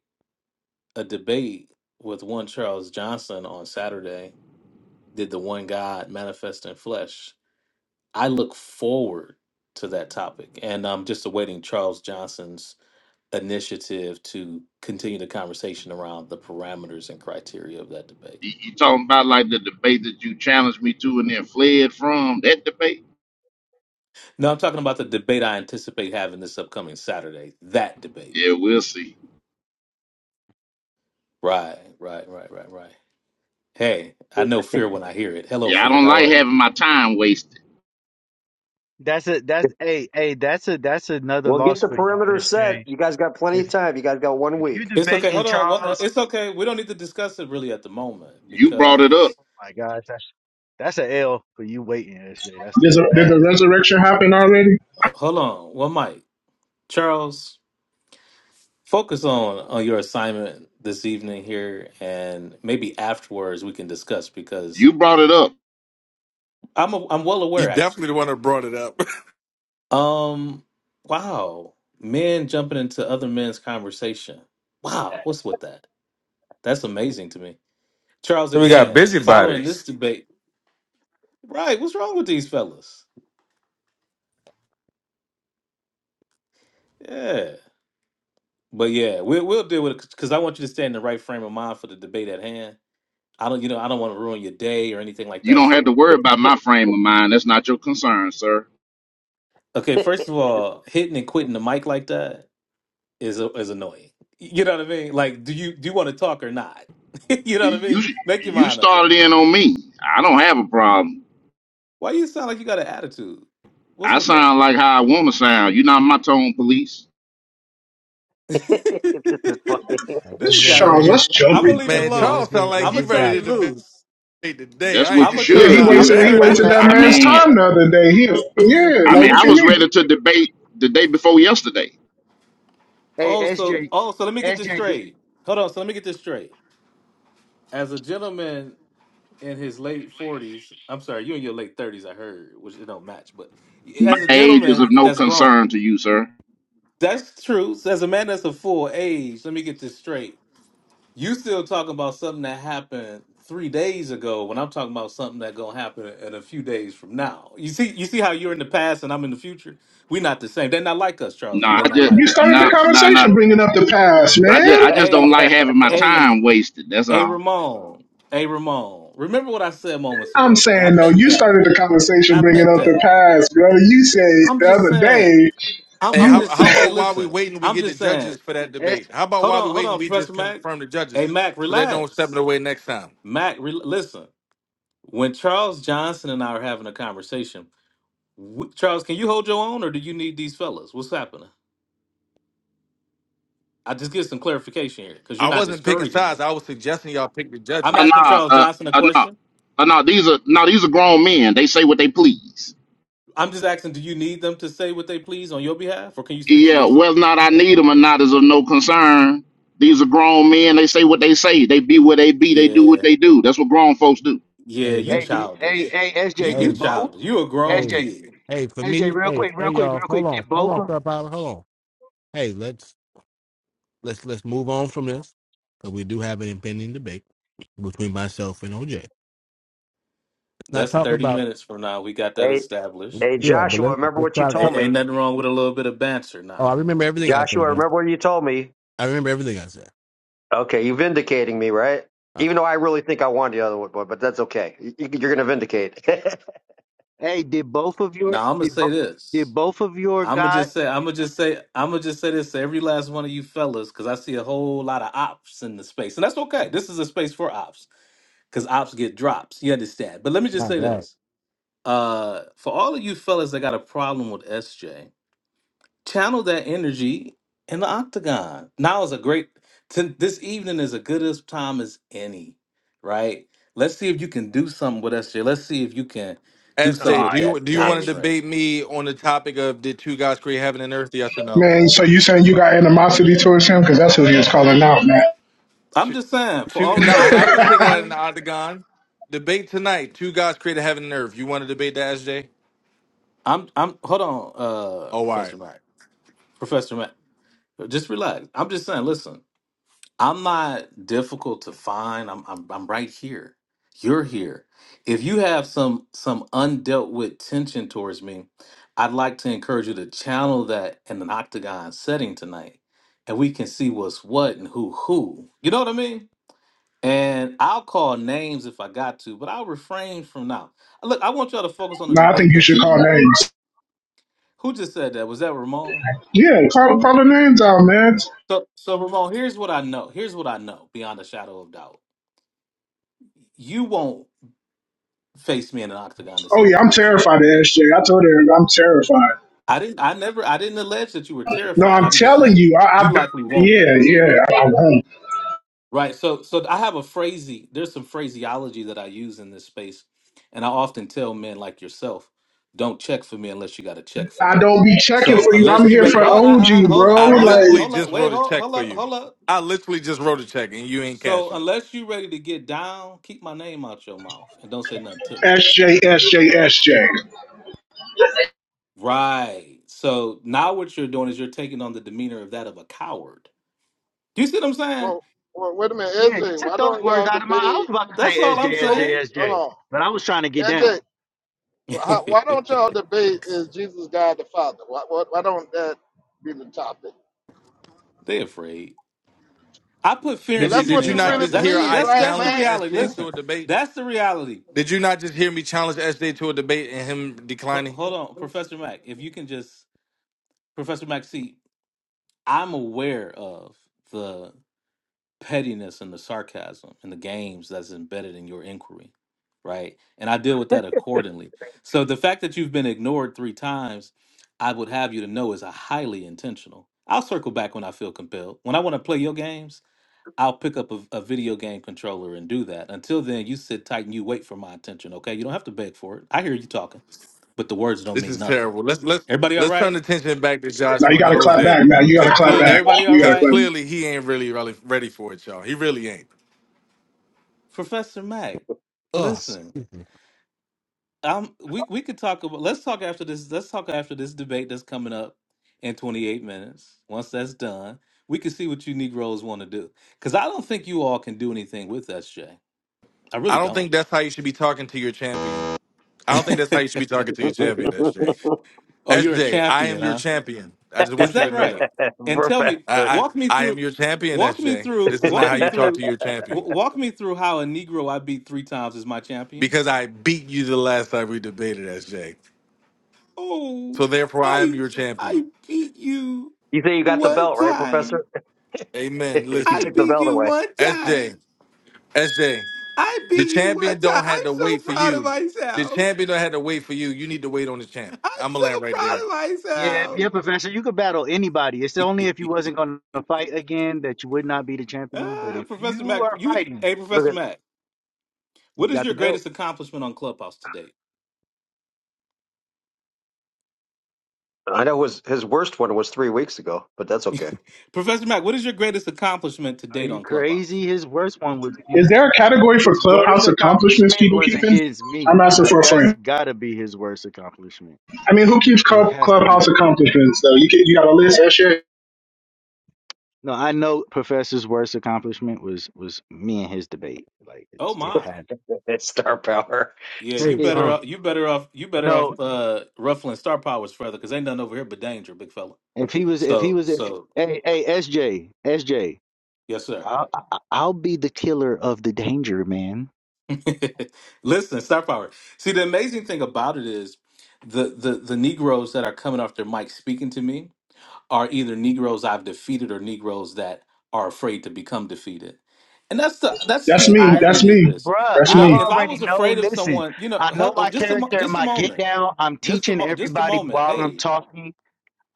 [SPEAKER 9] a debate with one Charles Johnson on Saturday. Did the one God manifest in flesh? I look forward to that topic, and I'm just awaiting Charles Johnson's initiative to continue the conversation around the parameters and criteria of that debate.
[SPEAKER 10] You, you talking about like the debate that you challenged me to and then fled from that debate?
[SPEAKER 9] No, I'm talking about the debate I anticipate having this upcoming Saturday. That debate.
[SPEAKER 10] Yeah, we'll see.
[SPEAKER 9] Right, right, right, right, right. Hey, I know fear when I hear it. Hello,
[SPEAKER 10] Yeah, I
[SPEAKER 9] fear.
[SPEAKER 10] don't
[SPEAKER 9] How
[SPEAKER 10] like
[SPEAKER 9] are you?
[SPEAKER 10] having my time wasted.
[SPEAKER 18] That's a that's hey hey that's a that's another
[SPEAKER 17] Well, get
[SPEAKER 18] loss
[SPEAKER 17] the
[SPEAKER 18] for you,
[SPEAKER 17] perimeter set.
[SPEAKER 18] SJ.
[SPEAKER 17] You guys got plenty
[SPEAKER 18] If
[SPEAKER 17] of time. You guys got one
[SPEAKER 18] if you
[SPEAKER 17] week.
[SPEAKER 9] It's okay.
[SPEAKER 18] debating
[SPEAKER 9] Hold on. What- uh,
[SPEAKER 18] Charles,
[SPEAKER 9] It's okay. We don't need to discuss it really at the moment
[SPEAKER 10] You brought it up.
[SPEAKER 9] because
[SPEAKER 18] oh my gosh, that's that's a L for you waiting, SJ. That's
[SPEAKER 8] Does a,
[SPEAKER 18] that's
[SPEAKER 8] did
[SPEAKER 18] bad.
[SPEAKER 8] the resurrection happen already?
[SPEAKER 9] h- hold on. Well, Mike, Charles. Focus on on your assignment this evening here, and maybe afterwards we can discuss because
[SPEAKER 10] You brought it up.
[SPEAKER 9] I'm a, I'm well
[SPEAKER 16] You
[SPEAKER 9] aware
[SPEAKER 16] definitely
[SPEAKER 9] actually.
[SPEAKER 16] the one that brought it up.
[SPEAKER 9] Um, wow, men jumping into other men's conversation. Wow, what's with that? That's amazing to me. Charles,
[SPEAKER 19] So we got
[SPEAKER 9] again, following this
[SPEAKER 19] busybodies.
[SPEAKER 9] debate, right? What's wrong with these fellas? Yeah, but yeah, we, we'll deal with it because I want you to stay in the right frame of mind for the debate at hand. I don't, you know, I don't want to ruin your day or anything like
[SPEAKER 10] You
[SPEAKER 9] that.
[SPEAKER 10] don't have
[SPEAKER 9] So
[SPEAKER 10] to worry about my frame of mind. That's not your concern, sir.
[SPEAKER 9] Okay,
[SPEAKER 17] this
[SPEAKER 9] first of all, hitting and quitting the mic like that is is annoying. You know what I mean? Like, do you do you want to talk or not? you know what I
[SPEAKER 10] You
[SPEAKER 9] mean? Make your
[SPEAKER 10] you
[SPEAKER 9] mind up, brother.
[SPEAKER 10] started in on me. I don't have a problem.
[SPEAKER 9] Why you sound like you got an attitude? What's
[SPEAKER 10] I
[SPEAKER 9] with that?
[SPEAKER 10] sound like how I want to sound. You're not my tone police.
[SPEAKER 17] is funny.
[SPEAKER 9] this guy right
[SPEAKER 8] Charles,
[SPEAKER 9] here.
[SPEAKER 8] that's
[SPEAKER 9] I'm gonna
[SPEAKER 8] jumping.
[SPEAKER 9] leave it
[SPEAKER 16] Man,
[SPEAKER 9] alone.
[SPEAKER 16] Charles sound like
[SPEAKER 9] I'm
[SPEAKER 16] he
[SPEAKER 9] gonna turn
[SPEAKER 16] ready
[SPEAKER 9] it
[SPEAKER 16] to debate
[SPEAKER 9] loose.
[SPEAKER 16] today.
[SPEAKER 10] That's
[SPEAKER 16] I
[SPEAKER 10] what
[SPEAKER 16] ain't
[SPEAKER 9] I'm
[SPEAKER 10] you
[SPEAKER 16] even
[SPEAKER 9] gonna
[SPEAKER 8] Yeah,
[SPEAKER 16] gonna
[SPEAKER 9] turn
[SPEAKER 8] he
[SPEAKER 10] should
[SPEAKER 9] it.
[SPEAKER 16] lie,
[SPEAKER 9] I'm
[SPEAKER 10] do.
[SPEAKER 9] gonna
[SPEAKER 8] wasted
[SPEAKER 16] man.
[SPEAKER 8] he
[SPEAKER 9] turn it
[SPEAKER 8] wasted that
[SPEAKER 9] loose.
[SPEAKER 10] I
[SPEAKER 8] man's
[SPEAKER 10] mean,
[SPEAKER 8] time the other day. He, yeah,
[SPEAKER 10] I
[SPEAKER 8] like
[SPEAKER 10] mean,
[SPEAKER 8] what
[SPEAKER 10] I
[SPEAKER 8] you
[SPEAKER 10] was
[SPEAKER 8] mean?
[SPEAKER 10] ready to debate the day before yesterday.
[SPEAKER 18] Hey
[SPEAKER 9] Oh, so
[SPEAKER 18] SJ,
[SPEAKER 9] oh, so let me get this
[SPEAKER 18] did,
[SPEAKER 9] straight. Hold on. So let me get this straight. As a gentleman in his late forties. I'm sorry, you in your late thirties. I heard, which it don't match. But
[SPEAKER 10] My
[SPEAKER 9] as a
[SPEAKER 10] age is of
[SPEAKER 9] gentleman
[SPEAKER 10] no
[SPEAKER 9] that's grown,
[SPEAKER 10] concern to you, sir.
[SPEAKER 9] that's true. So as a man that's a full age, let me get this straight. You still talking about something that happened three days ago when I'm talking about something that gonna happen in a few days from now. You see, you see how you're in the past and I'm in the future. We're not the same. They're not like us,
[SPEAKER 10] No,
[SPEAKER 9] Charles.
[SPEAKER 10] I
[SPEAKER 9] They're not
[SPEAKER 10] just
[SPEAKER 8] You
[SPEAKER 9] like us.
[SPEAKER 8] started
[SPEAKER 9] You
[SPEAKER 8] the
[SPEAKER 10] no
[SPEAKER 9] have to say,
[SPEAKER 10] no no.
[SPEAKER 8] conversation bringing up the past,
[SPEAKER 10] I just
[SPEAKER 8] man.
[SPEAKER 10] I just don't
[SPEAKER 9] hey,
[SPEAKER 10] like having my
[SPEAKER 9] hey,
[SPEAKER 10] time wasted. That's
[SPEAKER 9] hey,
[SPEAKER 10] all.
[SPEAKER 9] Ramon, hey, Ramon. Remember what I said moments
[SPEAKER 8] I'm
[SPEAKER 9] ago, brother. I
[SPEAKER 8] saying though,
[SPEAKER 9] meant
[SPEAKER 8] you
[SPEAKER 9] that.
[SPEAKER 8] started the conversation
[SPEAKER 9] I
[SPEAKER 8] bringing
[SPEAKER 9] meant
[SPEAKER 8] up the
[SPEAKER 9] that.
[SPEAKER 8] past, brother. You said
[SPEAKER 9] I'm
[SPEAKER 8] the
[SPEAKER 9] just
[SPEAKER 8] other
[SPEAKER 9] saying.
[SPEAKER 8] day,
[SPEAKER 9] I'm,
[SPEAKER 16] hey,
[SPEAKER 9] I'm
[SPEAKER 8] you
[SPEAKER 16] how
[SPEAKER 9] just
[SPEAKER 16] how
[SPEAKER 9] saying. Hey,
[SPEAKER 16] about while we
[SPEAKER 9] listen.
[SPEAKER 16] waiting, we
[SPEAKER 9] I'm
[SPEAKER 16] get the
[SPEAKER 9] just saying.
[SPEAKER 16] judges for that
[SPEAKER 18] S,
[SPEAKER 16] debate? How about
[SPEAKER 9] Hold
[SPEAKER 16] while we
[SPEAKER 9] on, hold
[SPEAKER 16] waiting,
[SPEAKER 9] on,
[SPEAKER 16] we
[SPEAKER 9] Professor
[SPEAKER 16] just
[SPEAKER 9] Mac.
[SPEAKER 16] confirm the judges
[SPEAKER 9] Hey, Mac,
[SPEAKER 16] so they don't step it
[SPEAKER 9] relax.
[SPEAKER 16] away next time?
[SPEAKER 9] Mac, re- listen. When Charles Johnson and I are having a conversation, w- Charles, can you hold your own, or do you need these fellas? What's happening? I just get some clarification here because
[SPEAKER 16] I
[SPEAKER 9] you're not
[SPEAKER 16] wasn't picking
[SPEAKER 9] discouraging
[SPEAKER 16] sides.
[SPEAKER 9] it.
[SPEAKER 16] I was suggesting y'all pick the
[SPEAKER 9] I'm
[SPEAKER 10] Uh, no,
[SPEAKER 16] judges.
[SPEAKER 9] asking Charles
[SPEAKER 10] uh,
[SPEAKER 9] Johnson a
[SPEAKER 10] uh, no,
[SPEAKER 9] question.
[SPEAKER 10] uh, no. These are no. These are grown men. They say what they please.
[SPEAKER 9] I'm just asking, do you need them to say what they please on your behalf, or can you speak for
[SPEAKER 10] Yeah,
[SPEAKER 9] yourself?
[SPEAKER 10] whether or not I need them or not is of no concern. These are grown men. They say what they say. They be where they be. They do what
[SPEAKER 9] Yeah,
[SPEAKER 10] they do. That's what grown folks do.
[SPEAKER 9] yeah, you
[SPEAKER 18] hey did, hey
[SPEAKER 9] childish.
[SPEAKER 18] hey
[SPEAKER 9] You
[SPEAKER 18] SJ, did
[SPEAKER 9] you
[SPEAKER 18] both
[SPEAKER 9] childish. You a
[SPEAKER 18] S
[SPEAKER 9] grown
[SPEAKER 18] J.
[SPEAKER 9] kid.
[SPEAKER 18] S J. real quick, real quick, real quick, did both? of-
[SPEAKER 9] That's 30 minutes from now. We got that
[SPEAKER 17] hey,
[SPEAKER 9] established.
[SPEAKER 17] hey, Joshua, remember what you told
[SPEAKER 9] A-
[SPEAKER 17] me.
[SPEAKER 9] ain't nothing wrong with a little bit of banter now.
[SPEAKER 17] Joshua, remember what you told me. Okay, you vindicating me, right? Even though I really think I won the other one, but but that's okay. You, are going to vindicate. oh,
[SPEAKER 18] Hey, did both of your
[SPEAKER 9] Now I'm gonna
[SPEAKER 18] did
[SPEAKER 9] say
[SPEAKER 18] both did
[SPEAKER 9] this.
[SPEAKER 18] both of your
[SPEAKER 9] I'm gonna
[SPEAKER 18] guys?
[SPEAKER 9] just say. I'm gonna just say. I'm gonna just say this to every last one of you fellas, because I see a whole lot of ops in the space, and that's okay. This is a space for ops, because ops get drops. You understand? But let me just say this. Uh, for all of you fellas that got a problem with SJ, channel that energy in the octagon. Now is a great to, this evening is a good as time as any, right? Let's see if you can do something with SJ. Let's see if you can do something
[SPEAKER 16] SJ, do
[SPEAKER 9] with
[SPEAKER 16] you
[SPEAKER 9] that
[SPEAKER 17] yes,
[SPEAKER 16] do you want to
[SPEAKER 17] Jay.
[SPEAKER 9] doctrine.
[SPEAKER 16] debate me on the topic of did two gods create heaven and earth? Yes or no?
[SPEAKER 8] man. So you saying you got animosity towards him because that's who he was calling out, man.
[SPEAKER 9] I'm
[SPEAKER 16] Two,
[SPEAKER 9] just saying, for
[SPEAKER 16] two,
[SPEAKER 9] all
[SPEAKER 16] no,
[SPEAKER 9] of you
[SPEAKER 16] I, I could
[SPEAKER 9] haters in the
[SPEAKER 16] take it out in
[SPEAKER 9] room,
[SPEAKER 16] the octagon. Debate tonight. Two gods created heaven and earth. You want to debate that, SJ?
[SPEAKER 9] I'm I'm hold on, uh
[SPEAKER 16] Oh, all right.
[SPEAKER 9] Professor Mac. Professor Mac, just relax. I'm just saying, listen. I'm not difficult to find. I'm I'm I'm right here. You're here. If you have some some undealt with tension towards me, I'd like to encourage you to channel that in an octagon setting tonight, and we can see what's what and who who. You know what I mean? And I'll call names if I got to, but I'll refrain from now. Look, I want y'all to focus on the
[SPEAKER 8] No, I
[SPEAKER 9] debate.
[SPEAKER 8] think you
[SPEAKER 9] That's
[SPEAKER 8] should call names.
[SPEAKER 9] who just said that. Was that Ramon?
[SPEAKER 8] Yeah, call, call the names out, man.
[SPEAKER 9] So, so Ramon, here's what I know. Here's what I know beyond a shadow of doubt. You won't. face me in an octagon this
[SPEAKER 8] Oh yeah,
[SPEAKER 9] evening,
[SPEAKER 8] I'm
[SPEAKER 9] would you?
[SPEAKER 8] terrified of SJ. I told her I'm terrified.
[SPEAKER 9] I didn't. I never. I didn't allege that you were
[SPEAKER 8] No,
[SPEAKER 9] terrified.
[SPEAKER 8] I'm
[SPEAKER 9] I'm just
[SPEAKER 8] telling
[SPEAKER 9] saying
[SPEAKER 8] you. I,
[SPEAKER 9] you
[SPEAKER 8] I
[SPEAKER 9] likely won't.
[SPEAKER 8] yeah, yeah. I, I won't.
[SPEAKER 9] Right. So, so I have a phrasey. There's some phraseology that I use in this space, and I often tell men like yourself, don't check for me unless you got a check for
[SPEAKER 8] I
[SPEAKER 9] me.
[SPEAKER 8] don't be checking
[SPEAKER 9] So
[SPEAKER 8] for you. I'm
[SPEAKER 9] unless you
[SPEAKER 8] here
[SPEAKER 9] ready,
[SPEAKER 8] for
[SPEAKER 9] hold,
[SPEAKER 8] OG,
[SPEAKER 9] I, I, hold
[SPEAKER 8] bro.
[SPEAKER 9] up,
[SPEAKER 16] I
[SPEAKER 9] hold
[SPEAKER 8] Like
[SPEAKER 9] up,
[SPEAKER 16] literally
[SPEAKER 9] hold up,
[SPEAKER 16] just
[SPEAKER 9] wait,
[SPEAKER 16] wrote a
[SPEAKER 9] hold,
[SPEAKER 16] check
[SPEAKER 9] hold
[SPEAKER 16] for
[SPEAKER 9] up,
[SPEAKER 16] you.
[SPEAKER 9] hold up.
[SPEAKER 16] I literally just wrote a check and you ain't
[SPEAKER 9] So
[SPEAKER 16] cashing it.
[SPEAKER 9] unless you ready to get down, keep my name out your mouth and don't say nothing to me.
[SPEAKER 8] S J, S J, S J.
[SPEAKER 9] Right. So now what you're doing is you're taking on the demeanor of that of a coward You see what I'm saying?
[SPEAKER 3] Well, well, wait a minute,
[SPEAKER 18] Yeah, you
[SPEAKER 3] SJ.
[SPEAKER 18] took
[SPEAKER 3] Why
[SPEAKER 18] those
[SPEAKER 3] don't
[SPEAKER 18] words
[SPEAKER 3] y'all
[SPEAKER 18] out of my. I was
[SPEAKER 3] debate?
[SPEAKER 18] about to
[SPEAKER 9] That's
[SPEAKER 18] say S
[SPEAKER 9] all I'm
[SPEAKER 18] J. S
[SPEAKER 3] Hold,
[SPEAKER 18] J.
[SPEAKER 9] saying.
[SPEAKER 18] S J.
[SPEAKER 3] hold
[SPEAKER 18] but I was trying to get
[SPEAKER 3] on,
[SPEAKER 18] down.
[SPEAKER 3] SJ. How, why don't y'all debate? Is Jesus God the Father? Why, why, why don't that be the topic?
[SPEAKER 9] they afraid. I put fear
[SPEAKER 3] Cause
[SPEAKER 9] in
[SPEAKER 16] Did you
[SPEAKER 3] that's
[SPEAKER 9] these
[SPEAKER 16] did
[SPEAKER 3] what
[SPEAKER 16] you
[SPEAKER 3] you
[SPEAKER 9] men's
[SPEAKER 16] not
[SPEAKER 3] really
[SPEAKER 9] hearts.
[SPEAKER 16] just
[SPEAKER 9] That,
[SPEAKER 16] hear
[SPEAKER 9] that-
[SPEAKER 3] believe,
[SPEAKER 16] I
[SPEAKER 9] that's
[SPEAKER 3] right,
[SPEAKER 9] that's the
[SPEAKER 16] challenged
[SPEAKER 3] man?
[SPEAKER 9] reality.
[SPEAKER 16] SJ
[SPEAKER 9] Listen,
[SPEAKER 16] to a debate?
[SPEAKER 9] that's the reality.
[SPEAKER 16] Did you not just hear me challenge SJ to a debate and him
[SPEAKER 9] Ho-
[SPEAKER 16] declining?
[SPEAKER 9] hold on, Professor Mack. If you can just, Professor Mack, see, I'm aware of the. pettiness and the sarcasm and the games that's embedded in your inquiry, right? And I deal with that accordingly. So the fact that you've been ignored three times, I would have you to know is a highly intentional. I'll circle back when I feel compelled. When I want to play your games, I'll pick up a, a video game controller and do that. Until then, you sit tight and you wait for my attention, okay? You don't have to beg for it. I hear you talking, but the words don't
[SPEAKER 16] This
[SPEAKER 9] mean
[SPEAKER 16] is
[SPEAKER 9] nothing.
[SPEAKER 16] terrible. Let's let's
[SPEAKER 9] Everybody all
[SPEAKER 16] let's turn
[SPEAKER 9] right?
[SPEAKER 16] attention back to
[SPEAKER 8] Now you
[SPEAKER 16] Joshua and
[SPEAKER 8] gotta clap
[SPEAKER 16] OJ
[SPEAKER 8] back, man. You
[SPEAKER 16] cuz
[SPEAKER 8] gotta clap back.
[SPEAKER 16] clearly
[SPEAKER 9] Everybody all
[SPEAKER 8] You
[SPEAKER 16] cuz
[SPEAKER 8] gotta clap.
[SPEAKER 9] right?
[SPEAKER 16] clearly he ain't really really ready for it, y'all. He really ain't.
[SPEAKER 9] Professor Mack, listen. Um, we we could talk about. Let's talk after this. Let's talk after this debate that's coming up in 28 minutes. Once that's done, we can see what you Negroes want to do. Because I don't think you all can do anything with us, Jay. I really
[SPEAKER 16] I don't
[SPEAKER 9] don't.
[SPEAKER 16] think that's how you should be talking to your champion. I don't think that's how you should be talking
[SPEAKER 17] Jeez.
[SPEAKER 16] to your champion, S J.
[SPEAKER 9] oh,
[SPEAKER 16] S
[SPEAKER 9] you're a
[SPEAKER 16] J, I am
[SPEAKER 9] champion,
[SPEAKER 16] your
[SPEAKER 9] huh?
[SPEAKER 16] champion. I just
[SPEAKER 9] Is
[SPEAKER 16] want you to
[SPEAKER 9] that
[SPEAKER 16] know that.
[SPEAKER 9] right? And tell me,
[SPEAKER 16] I,
[SPEAKER 17] Professor.
[SPEAKER 16] I
[SPEAKER 9] walk me
[SPEAKER 16] I am
[SPEAKER 9] through,
[SPEAKER 16] your champion,
[SPEAKER 9] walk me
[SPEAKER 16] SJ.
[SPEAKER 9] through,
[SPEAKER 16] This is not
[SPEAKER 9] walk
[SPEAKER 16] how
[SPEAKER 9] me
[SPEAKER 16] you talk
[SPEAKER 17] you
[SPEAKER 9] through,
[SPEAKER 16] to your champion.
[SPEAKER 9] w- walk me through how a Negro I beat three times is my champion.
[SPEAKER 16] Because I beat you the last time we debated, SJ.
[SPEAKER 9] Oh,
[SPEAKER 16] So therefore I am
[SPEAKER 9] I
[SPEAKER 16] your champion.
[SPEAKER 9] I beat you
[SPEAKER 17] say you got the
[SPEAKER 9] one
[SPEAKER 17] belt, right,
[SPEAKER 9] time.
[SPEAKER 17] Professor?
[SPEAKER 16] Amen.
[SPEAKER 17] you
[SPEAKER 9] I
[SPEAKER 17] took
[SPEAKER 16] Listen,
[SPEAKER 17] the
[SPEAKER 9] beat
[SPEAKER 17] belt
[SPEAKER 9] you
[SPEAKER 17] away.
[SPEAKER 9] one
[SPEAKER 16] S J.
[SPEAKER 9] time.
[SPEAKER 16] S J.
[SPEAKER 9] I
[SPEAKER 16] the
[SPEAKER 9] beat you one
[SPEAKER 16] champion
[SPEAKER 9] time.
[SPEAKER 16] don't have
[SPEAKER 9] I'm
[SPEAKER 16] to
[SPEAKER 9] so
[SPEAKER 16] wait for
[SPEAKER 9] proud of
[SPEAKER 16] you. The
[SPEAKER 9] myself.
[SPEAKER 16] champion don't have to wait for you. You need to wait on the champ.
[SPEAKER 9] I'm
[SPEAKER 16] I'ma
[SPEAKER 9] so
[SPEAKER 16] land right
[SPEAKER 9] proud
[SPEAKER 16] there.
[SPEAKER 9] of
[SPEAKER 18] Yeah,
[SPEAKER 9] myself.
[SPEAKER 18] yeah, Professor, you could battle anybody. It's only if you wasn't going to fight again that you would not be the champion. But
[SPEAKER 9] Ah,
[SPEAKER 18] if
[SPEAKER 9] Professor
[SPEAKER 18] you
[SPEAKER 9] Mac,
[SPEAKER 18] are
[SPEAKER 9] you
[SPEAKER 18] fighting,
[SPEAKER 9] hey
[SPEAKER 17] Look
[SPEAKER 9] Professor
[SPEAKER 17] at
[SPEAKER 9] Mac,
[SPEAKER 18] you
[SPEAKER 9] what is
[SPEAKER 18] got the
[SPEAKER 9] your
[SPEAKER 18] belt.
[SPEAKER 9] greatest accomplishment on Clubhouse today?
[SPEAKER 17] I know his his worst one was three weeks ago, but that's okay.
[SPEAKER 9] Professor Mac, what is your greatest accomplishment to
[SPEAKER 18] Are
[SPEAKER 9] date
[SPEAKER 18] you
[SPEAKER 9] on Clubhouse?
[SPEAKER 18] crazy? His worst one was
[SPEAKER 8] Is
[SPEAKER 18] against
[SPEAKER 8] there a category for
[SPEAKER 18] his worst
[SPEAKER 8] clubhouse accomplishments
[SPEAKER 18] accomplishment
[SPEAKER 8] people
[SPEAKER 18] was
[SPEAKER 8] keeping?
[SPEAKER 18] against me.
[SPEAKER 8] I'm asking for
[SPEAKER 18] Like
[SPEAKER 8] a
[SPEAKER 18] that's
[SPEAKER 8] friend.
[SPEAKER 18] gotta be his worst accomplishment.
[SPEAKER 8] I mean, who keeps
[SPEAKER 18] It
[SPEAKER 8] club,
[SPEAKER 18] has to be.
[SPEAKER 8] clubhouse accomplishments though? You can, you got a list, SJ.
[SPEAKER 18] No, I know Professor's worst accomplishment was was me and his debate. Like
[SPEAKER 9] Oh
[SPEAKER 18] it's it
[SPEAKER 9] my.
[SPEAKER 18] had
[SPEAKER 17] Star power.
[SPEAKER 9] Yeah, you
[SPEAKER 18] it.
[SPEAKER 9] better off you better off you better
[SPEAKER 18] No,
[SPEAKER 9] off uh ruffling star powers further because ain't nothing over here but danger, big fella.
[SPEAKER 18] if he was if he
[SPEAKER 9] So
[SPEAKER 18] was if
[SPEAKER 9] so
[SPEAKER 18] hey hey S J S J.
[SPEAKER 9] yes sir.
[SPEAKER 18] I'll, I- I'll be the killer of the danger, man.
[SPEAKER 9] Listen, star power. See, the amazing thing about it is the, the the Negroes that are coming off their mic speaking to me are either Negroes I've defeated or Negroes that are afraid to become defeated. And that's the that's
[SPEAKER 8] That's
[SPEAKER 9] the
[SPEAKER 8] me. That's
[SPEAKER 9] irony of
[SPEAKER 8] me.
[SPEAKER 9] this.
[SPEAKER 18] Bruh,
[SPEAKER 9] You
[SPEAKER 8] That's
[SPEAKER 18] I
[SPEAKER 9] know,
[SPEAKER 8] me.
[SPEAKER 9] if I
[SPEAKER 18] already
[SPEAKER 9] was
[SPEAKER 18] know.
[SPEAKER 9] afraid of
[SPEAKER 18] Listen,
[SPEAKER 9] someone, you know,
[SPEAKER 18] I know
[SPEAKER 9] hello,
[SPEAKER 18] my
[SPEAKER 9] just a mo-
[SPEAKER 18] character and
[SPEAKER 9] just a
[SPEAKER 18] my get
[SPEAKER 9] moment,
[SPEAKER 18] down. I'm
[SPEAKER 9] just a
[SPEAKER 18] teaching
[SPEAKER 9] mo- just a
[SPEAKER 18] everybody
[SPEAKER 9] moment.
[SPEAKER 18] while I'm
[SPEAKER 9] Hey,
[SPEAKER 18] talking.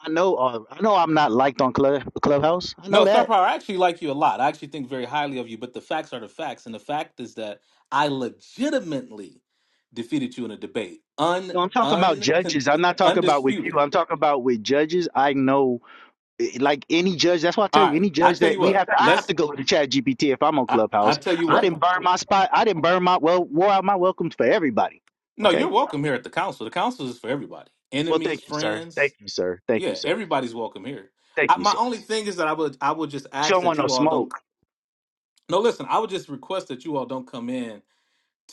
[SPEAKER 18] I know. Uh, I know I'm not liked on Club, Clubhouse. I
[SPEAKER 9] No,
[SPEAKER 18] know
[SPEAKER 9] Star
[SPEAKER 18] that.
[SPEAKER 9] Power, I actually like you a lot. I actually think very highly of you, but the facts are the facts. And the fact is that I legitimately defeated you in a debate. Un
[SPEAKER 18] No, I'm talking about
[SPEAKER 9] un
[SPEAKER 18] judges. I'm not talking about with you.
[SPEAKER 9] undisputed.
[SPEAKER 18] I'm talking about with judges. I know, eh, like any judge. That's why I tell
[SPEAKER 9] All
[SPEAKER 18] you,
[SPEAKER 9] right.
[SPEAKER 18] any
[SPEAKER 9] I
[SPEAKER 18] judge
[SPEAKER 9] tell
[SPEAKER 18] that
[SPEAKER 9] you
[SPEAKER 18] we
[SPEAKER 9] what,
[SPEAKER 18] have, I have
[SPEAKER 9] let's
[SPEAKER 18] to go to Chat GPT if I'm on
[SPEAKER 9] I, I
[SPEAKER 18] Clubhouse.
[SPEAKER 9] tell you
[SPEAKER 18] I
[SPEAKER 9] what.
[SPEAKER 18] didn't burn my spot. I didn't burn my well, wore out my welcomes for everybody.
[SPEAKER 9] No, you're
[SPEAKER 18] Okay
[SPEAKER 9] welcome here at the council. The council is for everybody.
[SPEAKER 18] Well,
[SPEAKER 9] Enemies,
[SPEAKER 18] thank you, sir. Thank
[SPEAKER 9] friends.
[SPEAKER 18] you, sir. Thank you,
[SPEAKER 9] Yeah,
[SPEAKER 18] sir.
[SPEAKER 9] everybody's welcome here.
[SPEAKER 18] Thank
[SPEAKER 9] I,
[SPEAKER 18] you,
[SPEAKER 9] my
[SPEAKER 18] sir.
[SPEAKER 9] only thing is that I would I would just
[SPEAKER 18] She
[SPEAKER 9] ask
[SPEAKER 18] don't want
[SPEAKER 9] that
[SPEAKER 18] no
[SPEAKER 9] you all
[SPEAKER 18] smoke.
[SPEAKER 9] don't no listen, I would just request that you all don't come in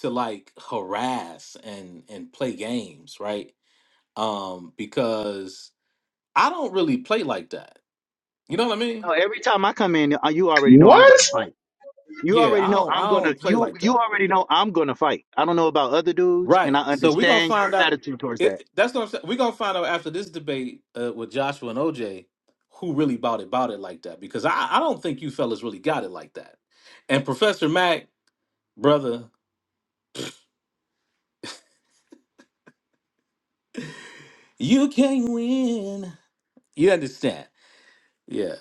[SPEAKER 9] to like harass and and play games, right? um, because I don't really play like that. You know what I mean?
[SPEAKER 18] No, every time I come in, uh, you already know I'm
[SPEAKER 8] What?
[SPEAKER 18] gonna fight. You
[SPEAKER 9] Yeah,
[SPEAKER 18] already
[SPEAKER 9] I
[SPEAKER 18] know
[SPEAKER 9] don't.
[SPEAKER 18] I'm
[SPEAKER 9] I
[SPEAKER 18] gonna
[SPEAKER 9] don't play
[SPEAKER 18] you
[SPEAKER 9] like
[SPEAKER 18] you
[SPEAKER 9] that.
[SPEAKER 18] already know I'm gonna fight. I don't know about other dudes, and
[SPEAKER 9] Right.
[SPEAKER 18] I
[SPEAKER 9] So we're gonna
[SPEAKER 18] understand
[SPEAKER 9] find
[SPEAKER 18] your
[SPEAKER 9] out.
[SPEAKER 18] attitude towards that.
[SPEAKER 9] It, that's what I'm saying. We're gonna find out after this debate uh, with Joshua and OJ who really bought it, bought it like that. Because I, I don't think you fellas really got it like that. And Professor Mac, brother, you can win. You understand? Yeah.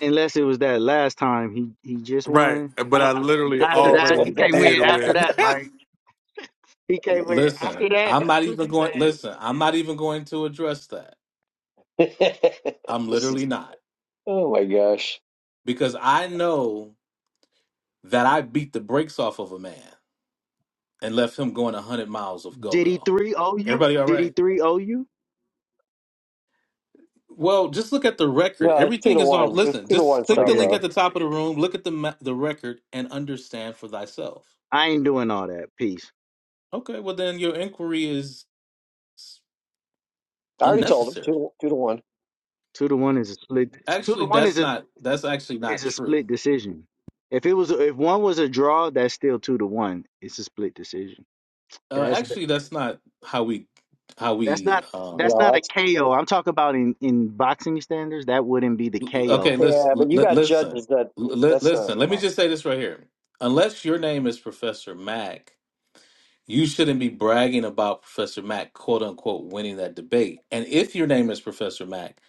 [SPEAKER 18] Unless it was that last time he he just
[SPEAKER 16] Right.
[SPEAKER 18] won.
[SPEAKER 16] But
[SPEAKER 18] I,
[SPEAKER 16] I
[SPEAKER 18] I,
[SPEAKER 16] literally
[SPEAKER 18] after
[SPEAKER 17] Unless it
[SPEAKER 18] that,
[SPEAKER 16] already
[SPEAKER 18] he
[SPEAKER 17] was
[SPEAKER 18] can't
[SPEAKER 16] did
[SPEAKER 18] win. After
[SPEAKER 16] win.
[SPEAKER 18] that, right? He can't win.
[SPEAKER 9] Listen,
[SPEAKER 18] After that,
[SPEAKER 9] I'm not
[SPEAKER 18] that's what
[SPEAKER 9] even
[SPEAKER 18] you
[SPEAKER 9] going.
[SPEAKER 18] said.
[SPEAKER 9] Listen, I'm not even going to address that.
[SPEAKER 17] that.
[SPEAKER 9] I'm
[SPEAKER 17] this is,
[SPEAKER 9] literally not
[SPEAKER 17] oh my gosh.
[SPEAKER 9] because I know that I beat the brakes off of a man and left him going 100 miles of go
[SPEAKER 18] Did he
[SPEAKER 9] go.
[SPEAKER 18] three O you?
[SPEAKER 9] Everybody all
[SPEAKER 18] Did he
[SPEAKER 9] right?
[SPEAKER 18] three O you?
[SPEAKER 9] Well, just look at the record.
[SPEAKER 17] No, it's two
[SPEAKER 9] Everything
[SPEAKER 17] to
[SPEAKER 9] is on.
[SPEAKER 17] one. It's
[SPEAKER 9] Listen,
[SPEAKER 17] two to
[SPEAKER 9] just
[SPEAKER 17] one
[SPEAKER 9] click
[SPEAKER 17] star
[SPEAKER 9] the link
[SPEAKER 18] Okay,
[SPEAKER 17] power.
[SPEAKER 9] at the top of the room, look at the ma- the record, and understand for thyself.
[SPEAKER 18] I ain't doing all that. Peace.
[SPEAKER 9] Okay, well then your inquiry is
[SPEAKER 17] I already told him
[SPEAKER 9] unnecessary.
[SPEAKER 17] two, two to one.
[SPEAKER 18] Two to one is a split. Two to
[SPEAKER 9] Actually,
[SPEAKER 18] one
[SPEAKER 9] that's
[SPEAKER 18] is a
[SPEAKER 9] not. That's actually not
[SPEAKER 18] It's a
[SPEAKER 9] true.
[SPEAKER 18] split decision. If it was, if one was a draw, that's still two to one. It's a split decision.
[SPEAKER 9] Uh,
[SPEAKER 18] That's
[SPEAKER 9] actually, that's not how we how
[SPEAKER 18] that's
[SPEAKER 9] we
[SPEAKER 18] not that's
[SPEAKER 9] um,
[SPEAKER 17] No,
[SPEAKER 18] not a
[SPEAKER 17] that's,
[SPEAKER 18] KO. I'm talking about in in boxing standards. That wouldn't be the
[SPEAKER 9] Okay,
[SPEAKER 18] KO.
[SPEAKER 9] listen,
[SPEAKER 17] yeah, but you
[SPEAKER 9] li-
[SPEAKER 17] got
[SPEAKER 9] listen,
[SPEAKER 17] judges that,
[SPEAKER 9] li-
[SPEAKER 17] that's not,
[SPEAKER 9] listen.
[SPEAKER 17] you
[SPEAKER 9] Let me
[SPEAKER 17] know,
[SPEAKER 9] just say this right here. Unless your name is Professor Mack, you shouldn't be bragging about Professor Mack, quote unquote, winning that debate. And if your name is Professor Mack,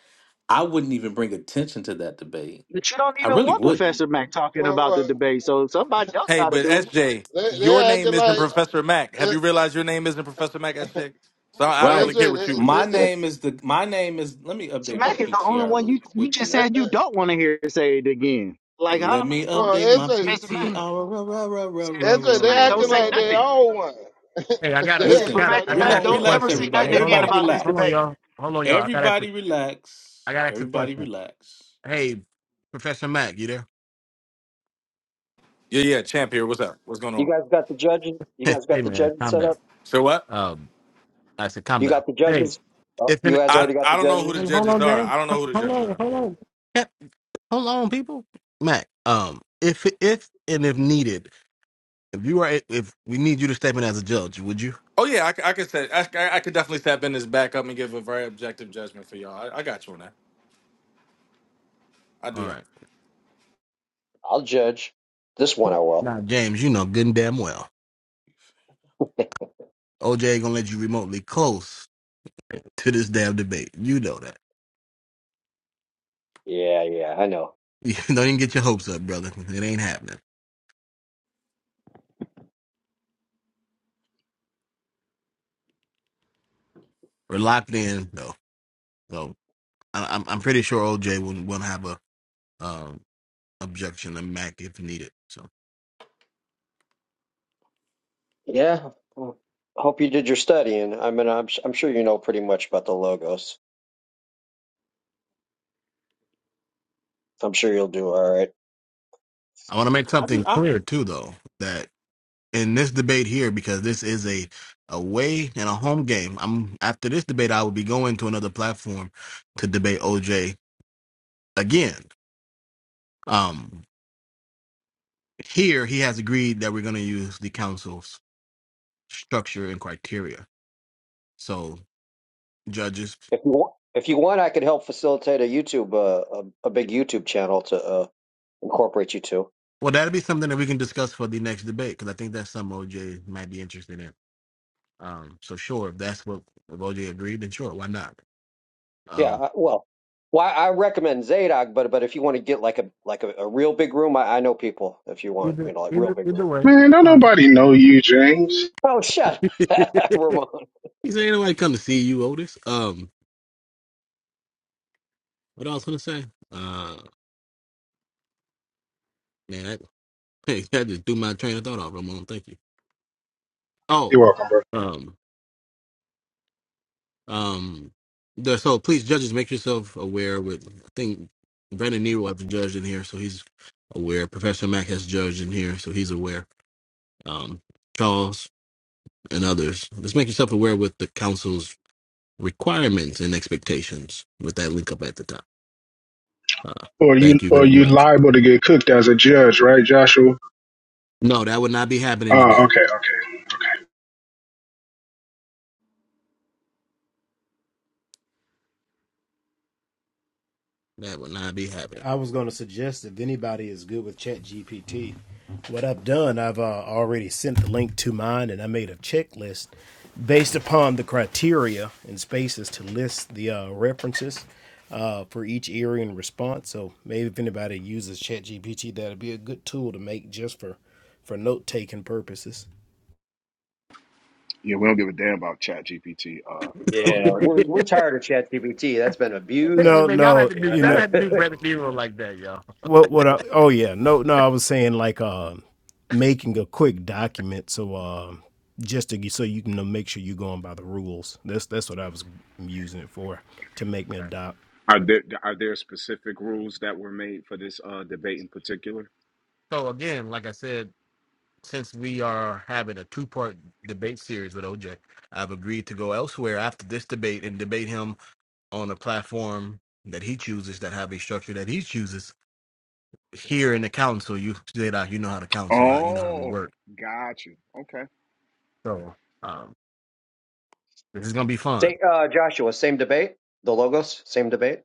[SPEAKER 9] I wouldn't even bring attention to that debate.
[SPEAKER 18] But you don't
[SPEAKER 9] I
[SPEAKER 18] even
[SPEAKER 9] really
[SPEAKER 18] want
[SPEAKER 9] wouldn't.
[SPEAKER 18] Professor Mac talking
[SPEAKER 3] Well,
[SPEAKER 18] about the
[SPEAKER 3] well
[SPEAKER 18] debate. So somebody else
[SPEAKER 16] hey,
[SPEAKER 18] got to
[SPEAKER 16] but
[SPEAKER 18] do
[SPEAKER 16] SJ,
[SPEAKER 3] they
[SPEAKER 16] your
[SPEAKER 3] they
[SPEAKER 16] name
[SPEAKER 3] acting
[SPEAKER 16] isn't
[SPEAKER 3] like
[SPEAKER 16] Professor Mac. Have
[SPEAKER 3] uh,
[SPEAKER 16] you realized your name isn't Professor Mac, SJ? So I
[SPEAKER 18] it.
[SPEAKER 16] I don't really
[SPEAKER 9] Right.
[SPEAKER 16] care
[SPEAKER 3] SJ.
[SPEAKER 16] what you would
[SPEAKER 9] My
[SPEAKER 16] do.
[SPEAKER 3] They, they, uh,
[SPEAKER 9] name is the. My name is. Let me
[SPEAKER 18] So
[SPEAKER 9] update my
[SPEAKER 18] Mac is the only
[SPEAKER 9] PTR
[SPEAKER 18] one
[SPEAKER 9] really
[SPEAKER 18] you you just
[SPEAKER 3] uh,
[SPEAKER 9] quickly.
[SPEAKER 18] said you don't want to hear say it again. Like how
[SPEAKER 9] Let
[SPEAKER 18] am I
[SPEAKER 9] me
[SPEAKER 18] supposed
[SPEAKER 3] well,
[SPEAKER 18] to
[SPEAKER 9] update
[SPEAKER 18] be
[SPEAKER 3] S
[SPEAKER 9] my
[SPEAKER 3] J.
[SPEAKER 18] Professor
[SPEAKER 9] PTR.
[SPEAKER 18] Mac?
[SPEAKER 9] Ra, ra, ra, ra,
[SPEAKER 18] Said
[SPEAKER 9] ra,
[SPEAKER 3] S J.
[SPEAKER 9] ra,
[SPEAKER 18] Professor
[SPEAKER 3] they
[SPEAKER 18] Mac
[SPEAKER 9] ra,
[SPEAKER 18] don't
[SPEAKER 3] acting
[SPEAKER 18] say
[SPEAKER 3] like
[SPEAKER 9] ra.
[SPEAKER 3] they
[SPEAKER 18] nothing.
[SPEAKER 3] all one. they
[SPEAKER 18] Said
[SPEAKER 3] acting
[SPEAKER 9] Listen,
[SPEAKER 3] like they
[SPEAKER 18] Professor Mac
[SPEAKER 9] relax,
[SPEAKER 3] all one.
[SPEAKER 18] don't
[SPEAKER 9] relax,
[SPEAKER 18] ever say
[SPEAKER 9] everybody.
[SPEAKER 18] nothing again
[SPEAKER 9] Everybody,
[SPEAKER 18] about this
[SPEAKER 9] relax.
[SPEAKER 18] debate.
[SPEAKER 9] Everybody relax. Everybody relax.
[SPEAKER 16] Yeah, yeah, champ here. What's up? What's going
[SPEAKER 17] you
[SPEAKER 16] on?
[SPEAKER 17] guys got the judges. You guys got the judges set up.
[SPEAKER 16] So what?
[SPEAKER 17] You got the judges. Uh, You guys
[SPEAKER 16] I
[SPEAKER 17] already got
[SPEAKER 16] I
[SPEAKER 17] the
[SPEAKER 16] don't know who the
[SPEAKER 17] judges.
[SPEAKER 16] judges are. I don't know who the judges are. Oh yeah, I, c- I could say I, c- I could definitely step in this back up and give a very objective judgment for y'all. I, I got you on that. I do that.
[SPEAKER 17] I'll judge. This one I will. Yeah, yeah, I know. Yeah. Well, Hope you did your studying. I mean, I'm I'm sure you know pretty much about the logos. I'm sure you'll do all right.
[SPEAKER 9] I just I
[SPEAKER 17] If you want, if you want, I could help facilitate a YouTube, uh, a, a big YouTube channel to uh, incorporate you to. Yeah. I, well, well, I I recommend Zadok, but but if you want to get like a like a, a real big room, I, I know people. If you want, you know, like real big room.
[SPEAKER 8] Man, don't nobody know you, James.
[SPEAKER 17] Oh, shut, up, Ramon.
[SPEAKER 8] You're welcome, bro. or you or you liable to get cooked as a judge, right, Joshua? Oh, okay.
[SPEAKER 6] I was going to suggest if anybody is good with Chat GPT, what I've done, I've uh, already sent the link to mine and I made a checklist based upon the criteria and spaces to list the uh, references uh, for each area and response. So maybe if anybody uses Chat GPT, that'd be a good tool to make just for, for note taking purposes.
[SPEAKER 12] Yeah, we don't give a damn about Chat GPT, uh, Elder
[SPEAKER 17] Yeah,
[SPEAKER 12] Brandon.
[SPEAKER 17] we're we're tired of ChatGPT. That's been abused.
[SPEAKER 6] No, no, you know what? What? I, oh, yeah, no, no. I was saying like uh, making a quick document so uh, just to so you can make sure you're going by the rules. That's that's what I was using it for to make me a doc.
[SPEAKER 12] Are there are there specific rules that were made for this uh, debate in particular? Oh, got you. Okay.
[SPEAKER 17] Say, uh, Joshua, same debate. The logos, same debate.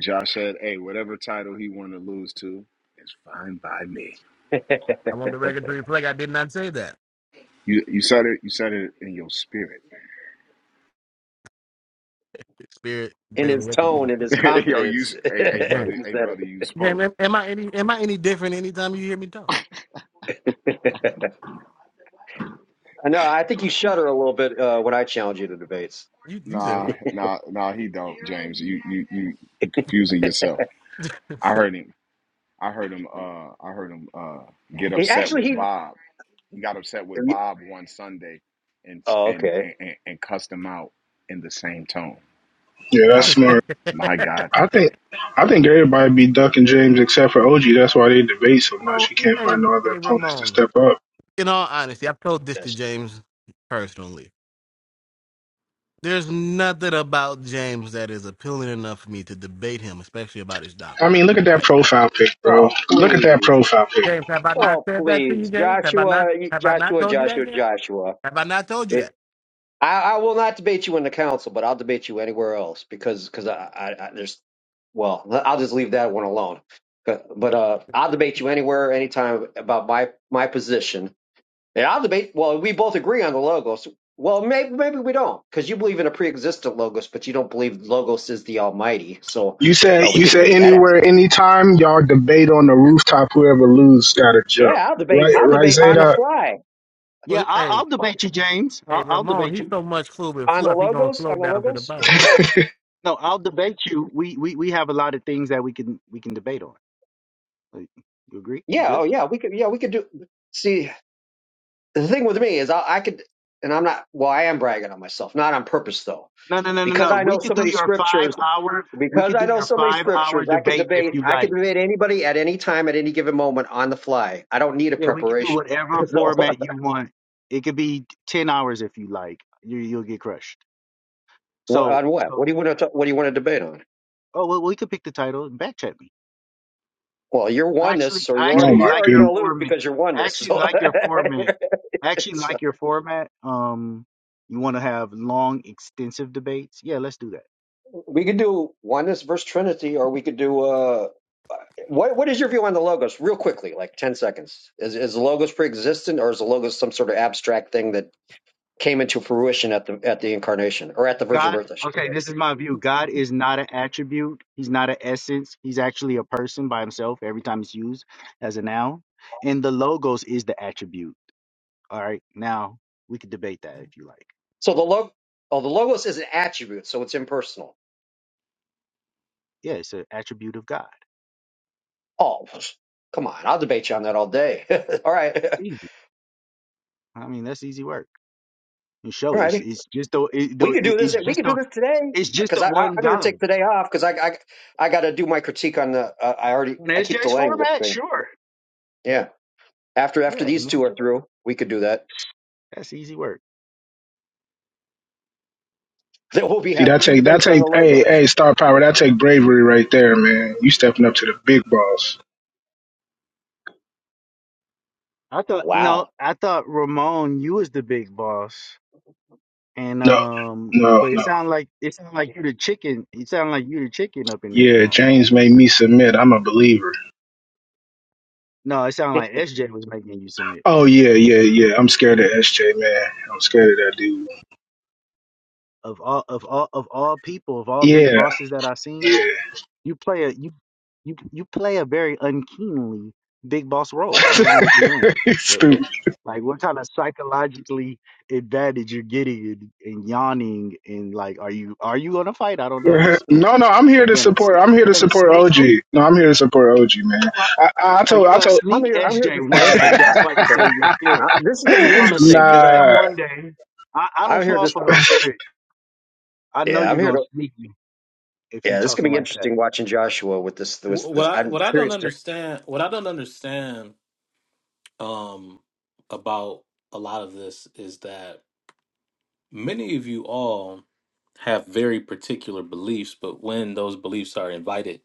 [SPEAKER 12] Josh said, "Hey, whatever title he wanted to lose to is fine by me."
[SPEAKER 17] in
[SPEAKER 12] You you said it. You said it in your spirit.
[SPEAKER 17] his tone, in his
[SPEAKER 12] Yo, you,
[SPEAKER 17] confidence,
[SPEAKER 12] s-
[SPEAKER 17] he
[SPEAKER 12] hey, hey, brother, hey,
[SPEAKER 17] said
[SPEAKER 12] brother, you spoke.
[SPEAKER 17] it. no, I think you shudder a little bit uh, when I challenge you to debates.
[SPEAKER 12] Nah, nah, nah. He don't, James. You you you you confusing yourself. I heard him. I heard him. Uh, I heard him. Uh, get
[SPEAKER 17] He-
[SPEAKER 12] upset
[SPEAKER 17] Actually,
[SPEAKER 12] with
[SPEAKER 17] he.
[SPEAKER 12] Bob. He got upset with Bob one Sunday, and
[SPEAKER 17] Oh,
[SPEAKER 12] and
[SPEAKER 17] okay.
[SPEAKER 12] and, and cussed him out in the same tone.
[SPEAKER 8] Yeah, that's
[SPEAKER 12] I
[SPEAKER 8] smart.
[SPEAKER 12] said, "My God,
[SPEAKER 8] I think
[SPEAKER 12] today."
[SPEAKER 8] I think everybody be ducking James except for OG. That's why they debate so much. He can't find no other opponents to step up.
[SPEAKER 17] Yes.
[SPEAKER 8] I mean, look at that profile pic, bro.
[SPEAKER 17] Oh,
[SPEAKER 8] Look at that
[SPEAKER 17] please.
[SPEAKER 8] profile pic.
[SPEAKER 17] Oh, please, Joshua, Joshua, Joshua, Joshua. I, I will not debate you in the council, but I'll debate you anywhere else because because I, I, I there's well I'll just leave that one alone. But, but uh, I'll debate you anywhere, anytime about my my position, and I'll debate. Well, we both agree on the logos. Well, maybe maybe we don't because you believe in a pre-existent logos, but you don't believe logos is the Almighty. So
[SPEAKER 8] You
[SPEAKER 17] uh,
[SPEAKER 8] said
[SPEAKER 17] we
[SPEAKER 8] you
[SPEAKER 17] could
[SPEAKER 8] said
[SPEAKER 17] debate that
[SPEAKER 8] anywhere,
[SPEAKER 17] aspect.
[SPEAKER 8] anytime, y'all debate on the rooftop. Whoever lose got to jump.
[SPEAKER 17] Yeah, I'll debate.
[SPEAKER 8] Right,
[SPEAKER 17] I'll
[SPEAKER 8] right,
[SPEAKER 17] debate on the
[SPEAKER 8] Zayda.
[SPEAKER 17] fly
[SPEAKER 18] Yeah, I'll, I'll debate you, James. I'll, I'll debate you.
[SPEAKER 17] on the logos on the logos.
[SPEAKER 18] No, I'll debate you. We, we we have a lot of things that we can we can debate on. Like, you agree? Is
[SPEAKER 17] Yeah.
[SPEAKER 18] this?
[SPEAKER 17] Oh yeah. We could. Yeah, we could do. See. the thing with me is I, I could, and I'm not, well, I am bragging on myself, not on purpose though,
[SPEAKER 18] No, no, no, no,
[SPEAKER 17] because
[SPEAKER 18] no.
[SPEAKER 17] I know
[SPEAKER 18] We
[SPEAKER 17] so
[SPEAKER 18] could do
[SPEAKER 17] many
[SPEAKER 18] your five
[SPEAKER 17] scriptures,
[SPEAKER 18] hour. We
[SPEAKER 17] because
[SPEAKER 18] could
[SPEAKER 17] I
[SPEAKER 18] do
[SPEAKER 17] know
[SPEAKER 18] your
[SPEAKER 17] so many
[SPEAKER 18] five hour
[SPEAKER 17] scriptures, I could
[SPEAKER 18] debate if
[SPEAKER 17] debate,
[SPEAKER 18] you
[SPEAKER 17] I could
[SPEAKER 18] like.
[SPEAKER 17] debate anybody at any time, at any given moment on the fly. I don't need a
[SPEAKER 18] Yeah, we could do
[SPEAKER 17] preparation.
[SPEAKER 18] whatever
[SPEAKER 17] so
[SPEAKER 18] format you want. It could be ten hours if you like. You you'll get crushed.
[SPEAKER 17] what,
[SPEAKER 18] So
[SPEAKER 17] on what?
[SPEAKER 18] so.
[SPEAKER 17] What do you want to, ta- what do you want to debate on?
[SPEAKER 18] Oh well, we could pick the title and backchat me.
[SPEAKER 17] Well, you're
[SPEAKER 18] I actually,
[SPEAKER 17] oneness, or
[SPEAKER 18] I
[SPEAKER 17] you're
[SPEAKER 8] oh
[SPEAKER 17] already,
[SPEAKER 18] actually
[SPEAKER 8] my
[SPEAKER 17] you're
[SPEAKER 18] like
[SPEAKER 17] already
[SPEAKER 18] your
[SPEAKER 8] goodness.
[SPEAKER 17] going to lose
[SPEAKER 18] format.
[SPEAKER 17] because you're
[SPEAKER 18] I
[SPEAKER 17] oneness.
[SPEAKER 18] actually
[SPEAKER 17] So,
[SPEAKER 18] like your format. I actually like your format. Um, you want to have long, extensive debates? Yeah, let's do that.
[SPEAKER 17] We could do oneness versus Trinity, or we could do uh, what what is your view on the logos, real quickly, like ten seconds? Is is the logos pre-existent, or is the logos some sort of abstract thing that came into fruition at the at the incarnation or at the virgin
[SPEAKER 18] God,
[SPEAKER 17] birth? I should
[SPEAKER 18] okay,
[SPEAKER 17] say.
[SPEAKER 18] this is my view. God is not an attribute. He's not an essence. He's actually a person by himself every time it's used as a noun. And the logos is the attribute. All right, now we could debate that if you like.
[SPEAKER 17] So the log, oh, the logos is an attribute, so it's impersonal.
[SPEAKER 18] Yeah, it's an attribute of God.
[SPEAKER 17] Oh, come on, I'll debate you on that all day. all right,
[SPEAKER 18] Easy. I mean, that's easy work. And show
[SPEAKER 17] all
[SPEAKER 18] it. it's
[SPEAKER 17] righty,
[SPEAKER 18] it's just the it, the
[SPEAKER 17] we could do this.
[SPEAKER 18] it's
[SPEAKER 17] We
[SPEAKER 18] just
[SPEAKER 17] could do
[SPEAKER 18] the
[SPEAKER 17] this today
[SPEAKER 18] It's just
[SPEAKER 17] because
[SPEAKER 18] a
[SPEAKER 17] I, I
[SPEAKER 18] one
[SPEAKER 17] I'm going to take
[SPEAKER 18] God.
[SPEAKER 17] today off because I I I got to do my critique on the. Uh, I already
[SPEAKER 18] In
[SPEAKER 17] I
[SPEAKER 18] S
[SPEAKER 17] keep
[SPEAKER 18] J's
[SPEAKER 17] delaying this
[SPEAKER 18] format,
[SPEAKER 17] thing.
[SPEAKER 18] sure.
[SPEAKER 17] Yeah. After after
[SPEAKER 18] Yeah, I
[SPEAKER 17] these
[SPEAKER 18] mean,
[SPEAKER 17] two
[SPEAKER 18] that's,
[SPEAKER 17] are through, we could do that.
[SPEAKER 18] easy work.
[SPEAKER 17] Then we'll be
[SPEAKER 8] See
[SPEAKER 17] having
[SPEAKER 8] that
[SPEAKER 17] two
[SPEAKER 8] take that
[SPEAKER 17] debates on
[SPEAKER 8] take
[SPEAKER 17] the
[SPEAKER 8] hey
[SPEAKER 17] logos.
[SPEAKER 8] hey star power that take bravery right there man you stepping up to the big boss
[SPEAKER 18] I thought
[SPEAKER 17] Wow.
[SPEAKER 18] no, I thought Ramon, you was the big boss, and
[SPEAKER 8] No,
[SPEAKER 18] um,
[SPEAKER 8] no,
[SPEAKER 18] but it
[SPEAKER 8] no.
[SPEAKER 18] sounded like it sounded like you the chicken. It sounded like you the chicken up in this
[SPEAKER 8] Yeah,
[SPEAKER 18] room.
[SPEAKER 8] James made me submit. I'm a believer.
[SPEAKER 18] No, it sounded like SJ was making you submit.
[SPEAKER 8] Oh yeah, yeah, yeah. I'm scared of SJ, man. I'm scared of that dude.
[SPEAKER 18] Of all of all of all people of all big
[SPEAKER 8] Yeah,
[SPEAKER 18] bosses that i seen,
[SPEAKER 8] yeah.
[SPEAKER 18] You play a you you you play a very unkeenly big boss role. I don't know what you're doing here.
[SPEAKER 8] He's
[SPEAKER 18] What, what
[SPEAKER 8] Stupid.
[SPEAKER 18] like what kind of psychologically advantage you're getting and, and yawning and like are you are you gonna fight? I don't know. Is
[SPEAKER 8] No, no. I'm here
[SPEAKER 18] you
[SPEAKER 8] to
[SPEAKER 18] gonna
[SPEAKER 8] support. I'm
[SPEAKER 18] sneak
[SPEAKER 8] here
[SPEAKER 18] you're
[SPEAKER 8] to
[SPEAKER 18] gonna
[SPEAKER 8] support
[SPEAKER 18] sneak
[SPEAKER 8] OG.
[SPEAKER 18] him?
[SPEAKER 8] No, I'm here to support OG, man.
[SPEAKER 18] No,
[SPEAKER 8] I, I
[SPEAKER 18] no,
[SPEAKER 8] told,
[SPEAKER 18] you're
[SPEAKER 8] I
[SPEAKER 18] gonna
[SPEAKER 8] told.
[SPEAKER 17] I'm
[SPEAKER 18] sneak
[SPEAKER 17] here. I'm here
[SPEAKER 18] SJ
[SPEAKER 17] just to
[SPEAKER 18] one
[SPEAKER 17] listen.
[SPEAKER 18] day. That's
[SPEAKER 17] Uh,
[SPEAKER 18] why you
[SPEAKER 17] so
[SPEAKER 18] say you're
[SPEAKER 17] uh,
[SPEAKER 18] scared.
[SPEAKER 17] this is going to be
[SPEAKER 18] You're gonna
[SPEAKER 17] interesting because
[SPEAKER 18] sneak
[SPEAKER 17] I
[SPEAKER 18] him
[SPEAKER 8] nah,
[SPEAKER 18] one day. I, I don't
[SPEAKER 17] I'm here
[SPEAKER 18] fall
[SPEAKER 17] just
[SPEAKER 18] for those tricks. I know
[SPEAKER 17] yeah I'm
[SPEAKER 18] you're
[SPEAKER 17] here
[SPEAKER 18] gonna
[SPEAKER 17] to
[SPEAKER 18] sneak me if you
[SPEAKER 17] yeah this is going to
[SPEAKER 18] talking
[SPEAKER 17] be
[SPEAKER 18] like that.
[SPEAKER 17] interesting watching Joshua with this with
[SPEAKER 9] what
[SPEAKER 17] this.
[SPEAKER 9] I
[SPEAKER 17] I'm
[SPEAKER 9] what I don't
[SPEAKER 17] curious to
[SPEAKER 9] understand what I don't understand um about a lot of this is that many of you all have very particular beliefs, but when those beliefs are invited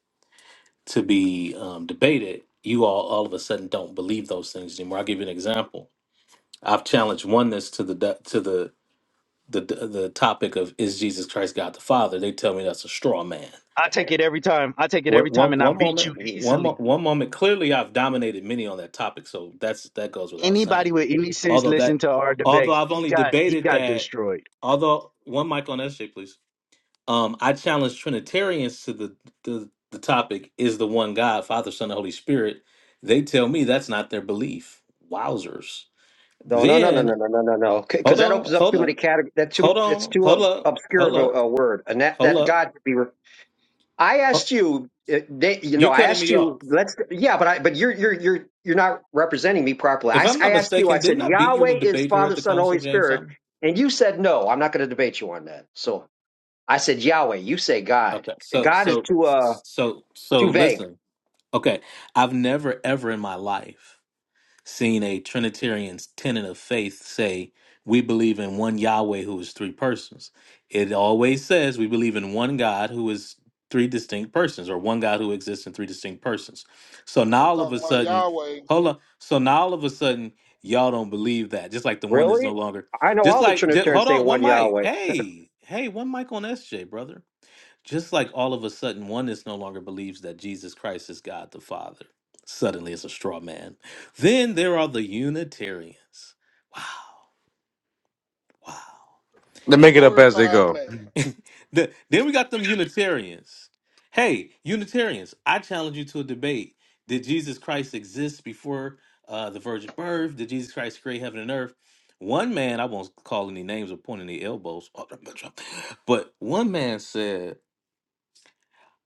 [SPEAKER 9] to be um, debated, you all all of a sudden don't believe those things anymore. I'll give you an example. I've challenged oneness to the de- to the the the topic of is Jesus Christ God the Father? They tell me that's a straw man.
[SPEAKER 18] I take it every time. I take it every
[SPEAKER 9] What
[SPEAKER 18] time,
[SPEAKER 9] one
[SPEAKER 18] and I
[SPEAKER 9] one
[SPEAKER 18] beat
[SPEAKER 9] moment
[SPEAKER 18] you
[SPEAKER 9] one
[SPEAKER 18] easily.
[SPEAKER 9] mo- one moment clearly I've dominated many on that topic so that's that goes without
[SPEAKER 18] Anybody
[SPEAKER 9] saying
[SPEAKER 18] with any sense
[SPEAKER 9] although that
[SPEAKER 18] listen to our
[SPEAKER 9] although
[SPEAKER 18] debate.
[SPEAKER 9] I've
[SPEAKER 18] He
[SPEAKER 9] only
[SPEAKER 18] got he
[SPEAKER 9] debated
[SPEAKER 18] got
[SPEAKER 9] that
[SPEAKER 18] destroyed.
[SPEAKER 9] although one mic on SJ please um I challenge Trinitarians to the the, the topic is the one God Father Son and Holy Spirit they tell me that's not their belief wowzers
[SPEAKER 17] no no no no no
[SPEAKER 9] then
[SPEAKER 17] no no no no because
[SPEAKER 9] hold
[SPEAKER 17] that opens
[SPEAKER 9] on
[SPEAKER 17] up too
[SPEAKER 9] hold
[SPEAKER 17] many
[SPEAKER 9] on
[SPEAKER 17] categories. That too
[SPEAKER 9] hold
[SPEAKER 17] it's
[SPEAKER 9] on
[SPEAKER 17] too
[SPEAKER 9] hold
[SPEAKER 17] ob-
[SPEAKER 9] up
[SPEAKER 17] obscure
[SPEAKER 9] hold
[SPEAKER 17] of a,
[SPEAKER 9] up
[SPEAKER 17] a word and that
[SPEAKER 9] hold
[SPEAKER 17] that
[SPEAKER 9] up Ho-
[SPEAKER 17] God could be I asked you, uh, they, you know,
[SPEAKER 9] you
[SPEAKER 17] I
[SPEAKER 9] cutting
[SPEAKER 17] asked
[SPEAKER 9] me off
[SPEAKER 17] you. Let's, yeah, but I, but you're you're you're you're not representing me properly. I,
[SPEAKER 9] If
[SPEAKER 17] s-
[SPEAKER 9] I'm
[SPEAKER 17] I
[SPEAKER 9] not
[SPEAKER 17] asked you. I
[SPEAKER 9] mistaken,
[SPEAKER 17] said
[SPEAKER 9] didn't I beat you in a
[SPEAKER 17] Yahweh is
[SPEAKER 9] debate here at
[SPEAKER 17] Father,
[SPEAKER 9] the
[SPEAKER 17] Son,
[SPEAKER 9] council,
[SPEAKER 17] Holy
[SPEAKER 9] James
[SPEAKER 17] Spirit,
[SPEAKER 9] Thompson?
[SPEAKER 17] and you said no. I'm not going to debate you on that. So I said Yahweh. You say God.
[SPEAKER 9] Okay. So
[SPEAKER 17] God is
[SPEAKER 9] so
[SPEAKER 17] too uh
[SPEAKER 9] so so
[SPEAKER 17] too vague.
[SPEAKER 9] listen. Okay. I've never ever in my life seen a Trinitarian tenet of faith say, we believe in one Yahweh who is three persons. It always says we believe in one God who is three distinct persons, or one God who exists in three distinct persons. So
[SPEAKER 3] They
[SPEAKER 9] now all of
[SPEAKER 3] talking
[SPEAKER 9] a
[SPEAKER 3] about
[SPEAKER 9] sudden,
[SPEAKER 3] Yahweh,
[SPEAKER 9] hold on. So now all of a sudden, y'all don't believe that. Just like the one is
[SPEAKER 17] Really?
[SPEAKER 9] no longer.
[SPEAKER 17] I know
[SPEAKER 9] Just
[SPEAKER 17] all the
[SPEAKER 9] like, ju-
[SPEAKER 17] Trinitarians
[SPEAKER 9] hold
[SPEAKER 17] say
[SPEAKER 9] on, one
[SPEAKER 17] one
[SPEAKER 9] mic.
[SPEAKER 17] Yahweh.
[SPEAKER 9] Hey, hey, one mic on SJ, brother. Just like all of a sudden, oneness no longer believes that Jesus Christ is God the Father. Suddenly, it's a straw man. Then there are the Unitarians. Wow, wow.
[SPEAKER 19] They
[SPEAKER 3] a
[SPEAKER 19] make it up as they
[SPEAKER 3] glorified
[SPEAKER 19] go.
[SPEAKER 3] man.
[SPEAKER 9] The- then we got them Unitarians. Hey, Unitarians, I challenge you to a debate. Did Jesus Christ exist before uh, the virgin birth? Did Jesus Christ create heaven and earth? One man, I won't call any names or point any elbows, but one man said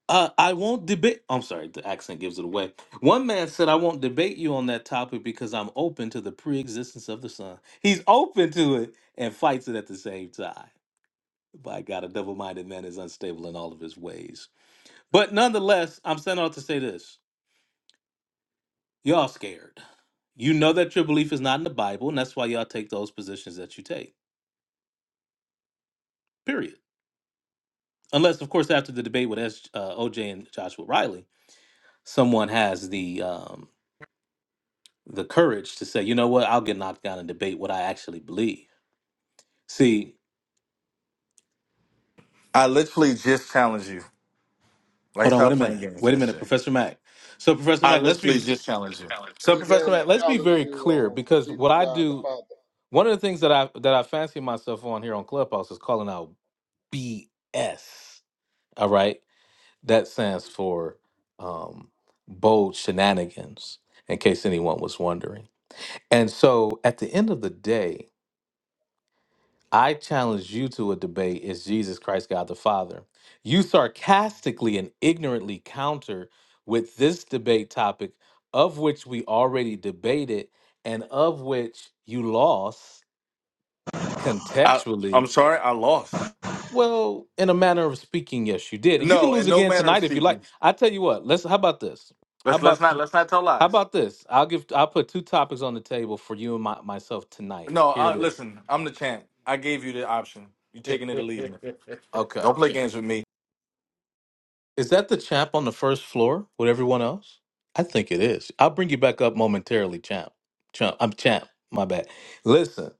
[SPEAKER 9] Uh, I won't debate. I'm sorry, the accent gives it away. One man said, I won't debate you on that topic because I'm open to the pre existence of the sun. He's open to it and fights it at the same time. By God, a double minded man is unstable in all of his ways. But nonetheless, I'm sent out to say this y'all scared. You know that your belief is not in the Bible, and that's why y'all take those positions that you take, period. Unless, of course, after the debate with S- uh, OJ and Joshua Riley, someone has the. Um, the courage to say, you know what, I'll get knocked down and debate what I actually believe. See,
[SPEAKER 16] I literally just challenge you. Like
[SPEAKER 9] hold on, wait a
[SPEAKER 16] stop playing
[SPEAKER 9] minute,
[SPEAKER 16] games,
[SPEAKER 9] wait a minute,
[SPEAKER 16] SJ.
[SPEAKER 9] Professor Mack. So, Professor
[SPEAKER 16] I
[SPEAKER 9] Mack, let's be
[SPEAKER 16] literally just challenge you.
[SPEAKER 9] so,
[SPEAKER 3] He
[SPEAKER 9] Professor
[SPEAKER 3] then
[SPEAKER 9] Matt, let's be
[SPEAKER 3] challenged
[SPEAKER 9] very
[SPEAKER 3] you
[SPEAKER 9] clear
[SPEAKER 3] on
[SPEAKER 9] because what
[SPEAKER 3] Jesus
[SPEAKER 9] I
[SPEAKER 3] God the
[SPEAKER 9] do,
[SPEAKER 3] Father.
[SPEAKER 9] one of the things that I that I fancy myself on here on Clubhouse is calling out BS. All right, that stands for um, bold shenanigans, in case anyone was wondering. And so, at the end of the day, I challenge you to a debate is Jesus Christ God the Father? You sarcastically and ignorantly counter with this debate topic, of which we already debated and of which you lost
[SPEAKER 16] I I'm
[SPEAKER 9] contextually.
[SPEAKER 16] sorry, I lost.
[SPEAKER 9] Well, in a manner of speaking, yes, you did. And you can
[SPEAKER 16] No, in
[SPEAKER 9] lose
[SPEAKER 16] no
[SPEAKER 9] again
[SPEAKER 16] manner of
[SPEAKER 9] tonight if you
[SPEAKER 16] speaking.
[SPEAKER 9] like. I tell you what, let's how about this? How
[SPEAKER 16] Let's let's
[SPEAKER 9] about
[SPEAKER 16] not
[SPEAKER 9] t-
[SPEAKER 16] let's not tell
[SPEAKER 9] how
[SPEAKER 16] lies.
[SPEAKER 9] about this? I'll give I'll put two topics on the table for you and my, myself tonight.
[SPEAKER 16] No,
[SPEAKER 9] Here
[SPEAKER 16] I,
[SPEAKER 9] it is.
[SPEAKER 16] listen, I'm the champ. I gave you the option. You taking it or leaving it.
[SPEAKER 9] Okay.
[SPEAKER 16] Don't play games with me.
[SPEAKER 9] Is that the champ on the first floor with everyone else? I think it is. I'll bring you back up momentarily, champ. Champ, I'm champ. My bad. Listen,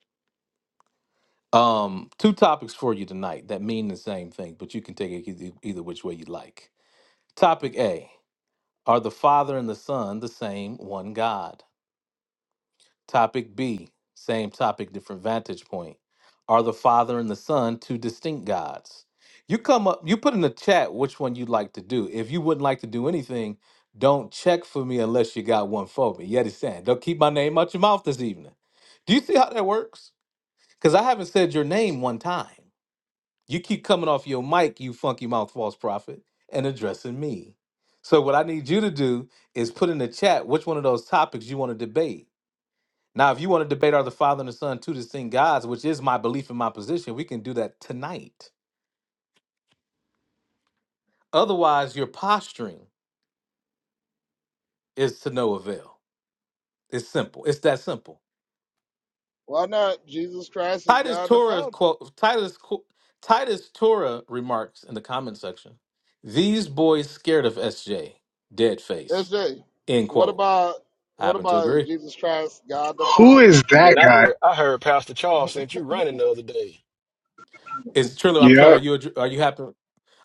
[SPEAKER 9] um, two topics for you tonight that mean the same thing, but you can take it either, either which way you like. Topic A: Are the Father and the Son the same one God? Topic B, same topic, different vantage point. Are the Father and the Son two distinct gods? You come up, you put in the chat which one you'd like to do. If you wouldn't like to do anything, don't check for me unless you got one for me. Yet it's saying, don't keep my name out your mouth this evening. Do you see how that works? Because I haven't said your name one time. You keep coming off your mic, you funky mouth false prophet, and addressing me. So what I need you to do is put in the chat which one of those topics you want to debate now, if you want to debate are the Father and the Son two distinct gods, which is my belief and my position, we can do that tonight. Otherwise, your posturing is to no avail. It's simple. It's that simple.
[SPEAKER 3] Why not? Jesus Christ is
[SPEAKER 9] Titus
[SPEAKER 3] God the
[SPEAKER 9] Torah
[SPEAKER 3] Father.
[SPEAKER 9] quote Titus qu- Titus Torah remarks in the comment section. These boys scared of SJ, dead face.
[SPEAKER 3] SJ,
[SPEAKER 9] End
[SPEAKER 3] what
[SPEAKER 9] quote.
[SPEAKER 3] about
[SPEAKER 9] I
[SPEAKER 3] what
[SPEAKER 9] happen to
[SPEAKER 3] about
[SPEAKER 9] agree.
[SPEAKER 3] Jesus Christ God the
[SPEAKER 8] who
[SPEAKER 3] Father?
[SPEAKER 8] is that
[SPEAKER 20] Man, I
[SPEAKER 8] guy?
[SPEAKER 20] heard I heard Pastor Charles sent you running the other day.
[SPEAKER 9] Is Trilla? I'm sorry.
[SPEAKER 8] Yeah.
[SPEAKER 9] Are you addr- are you happen?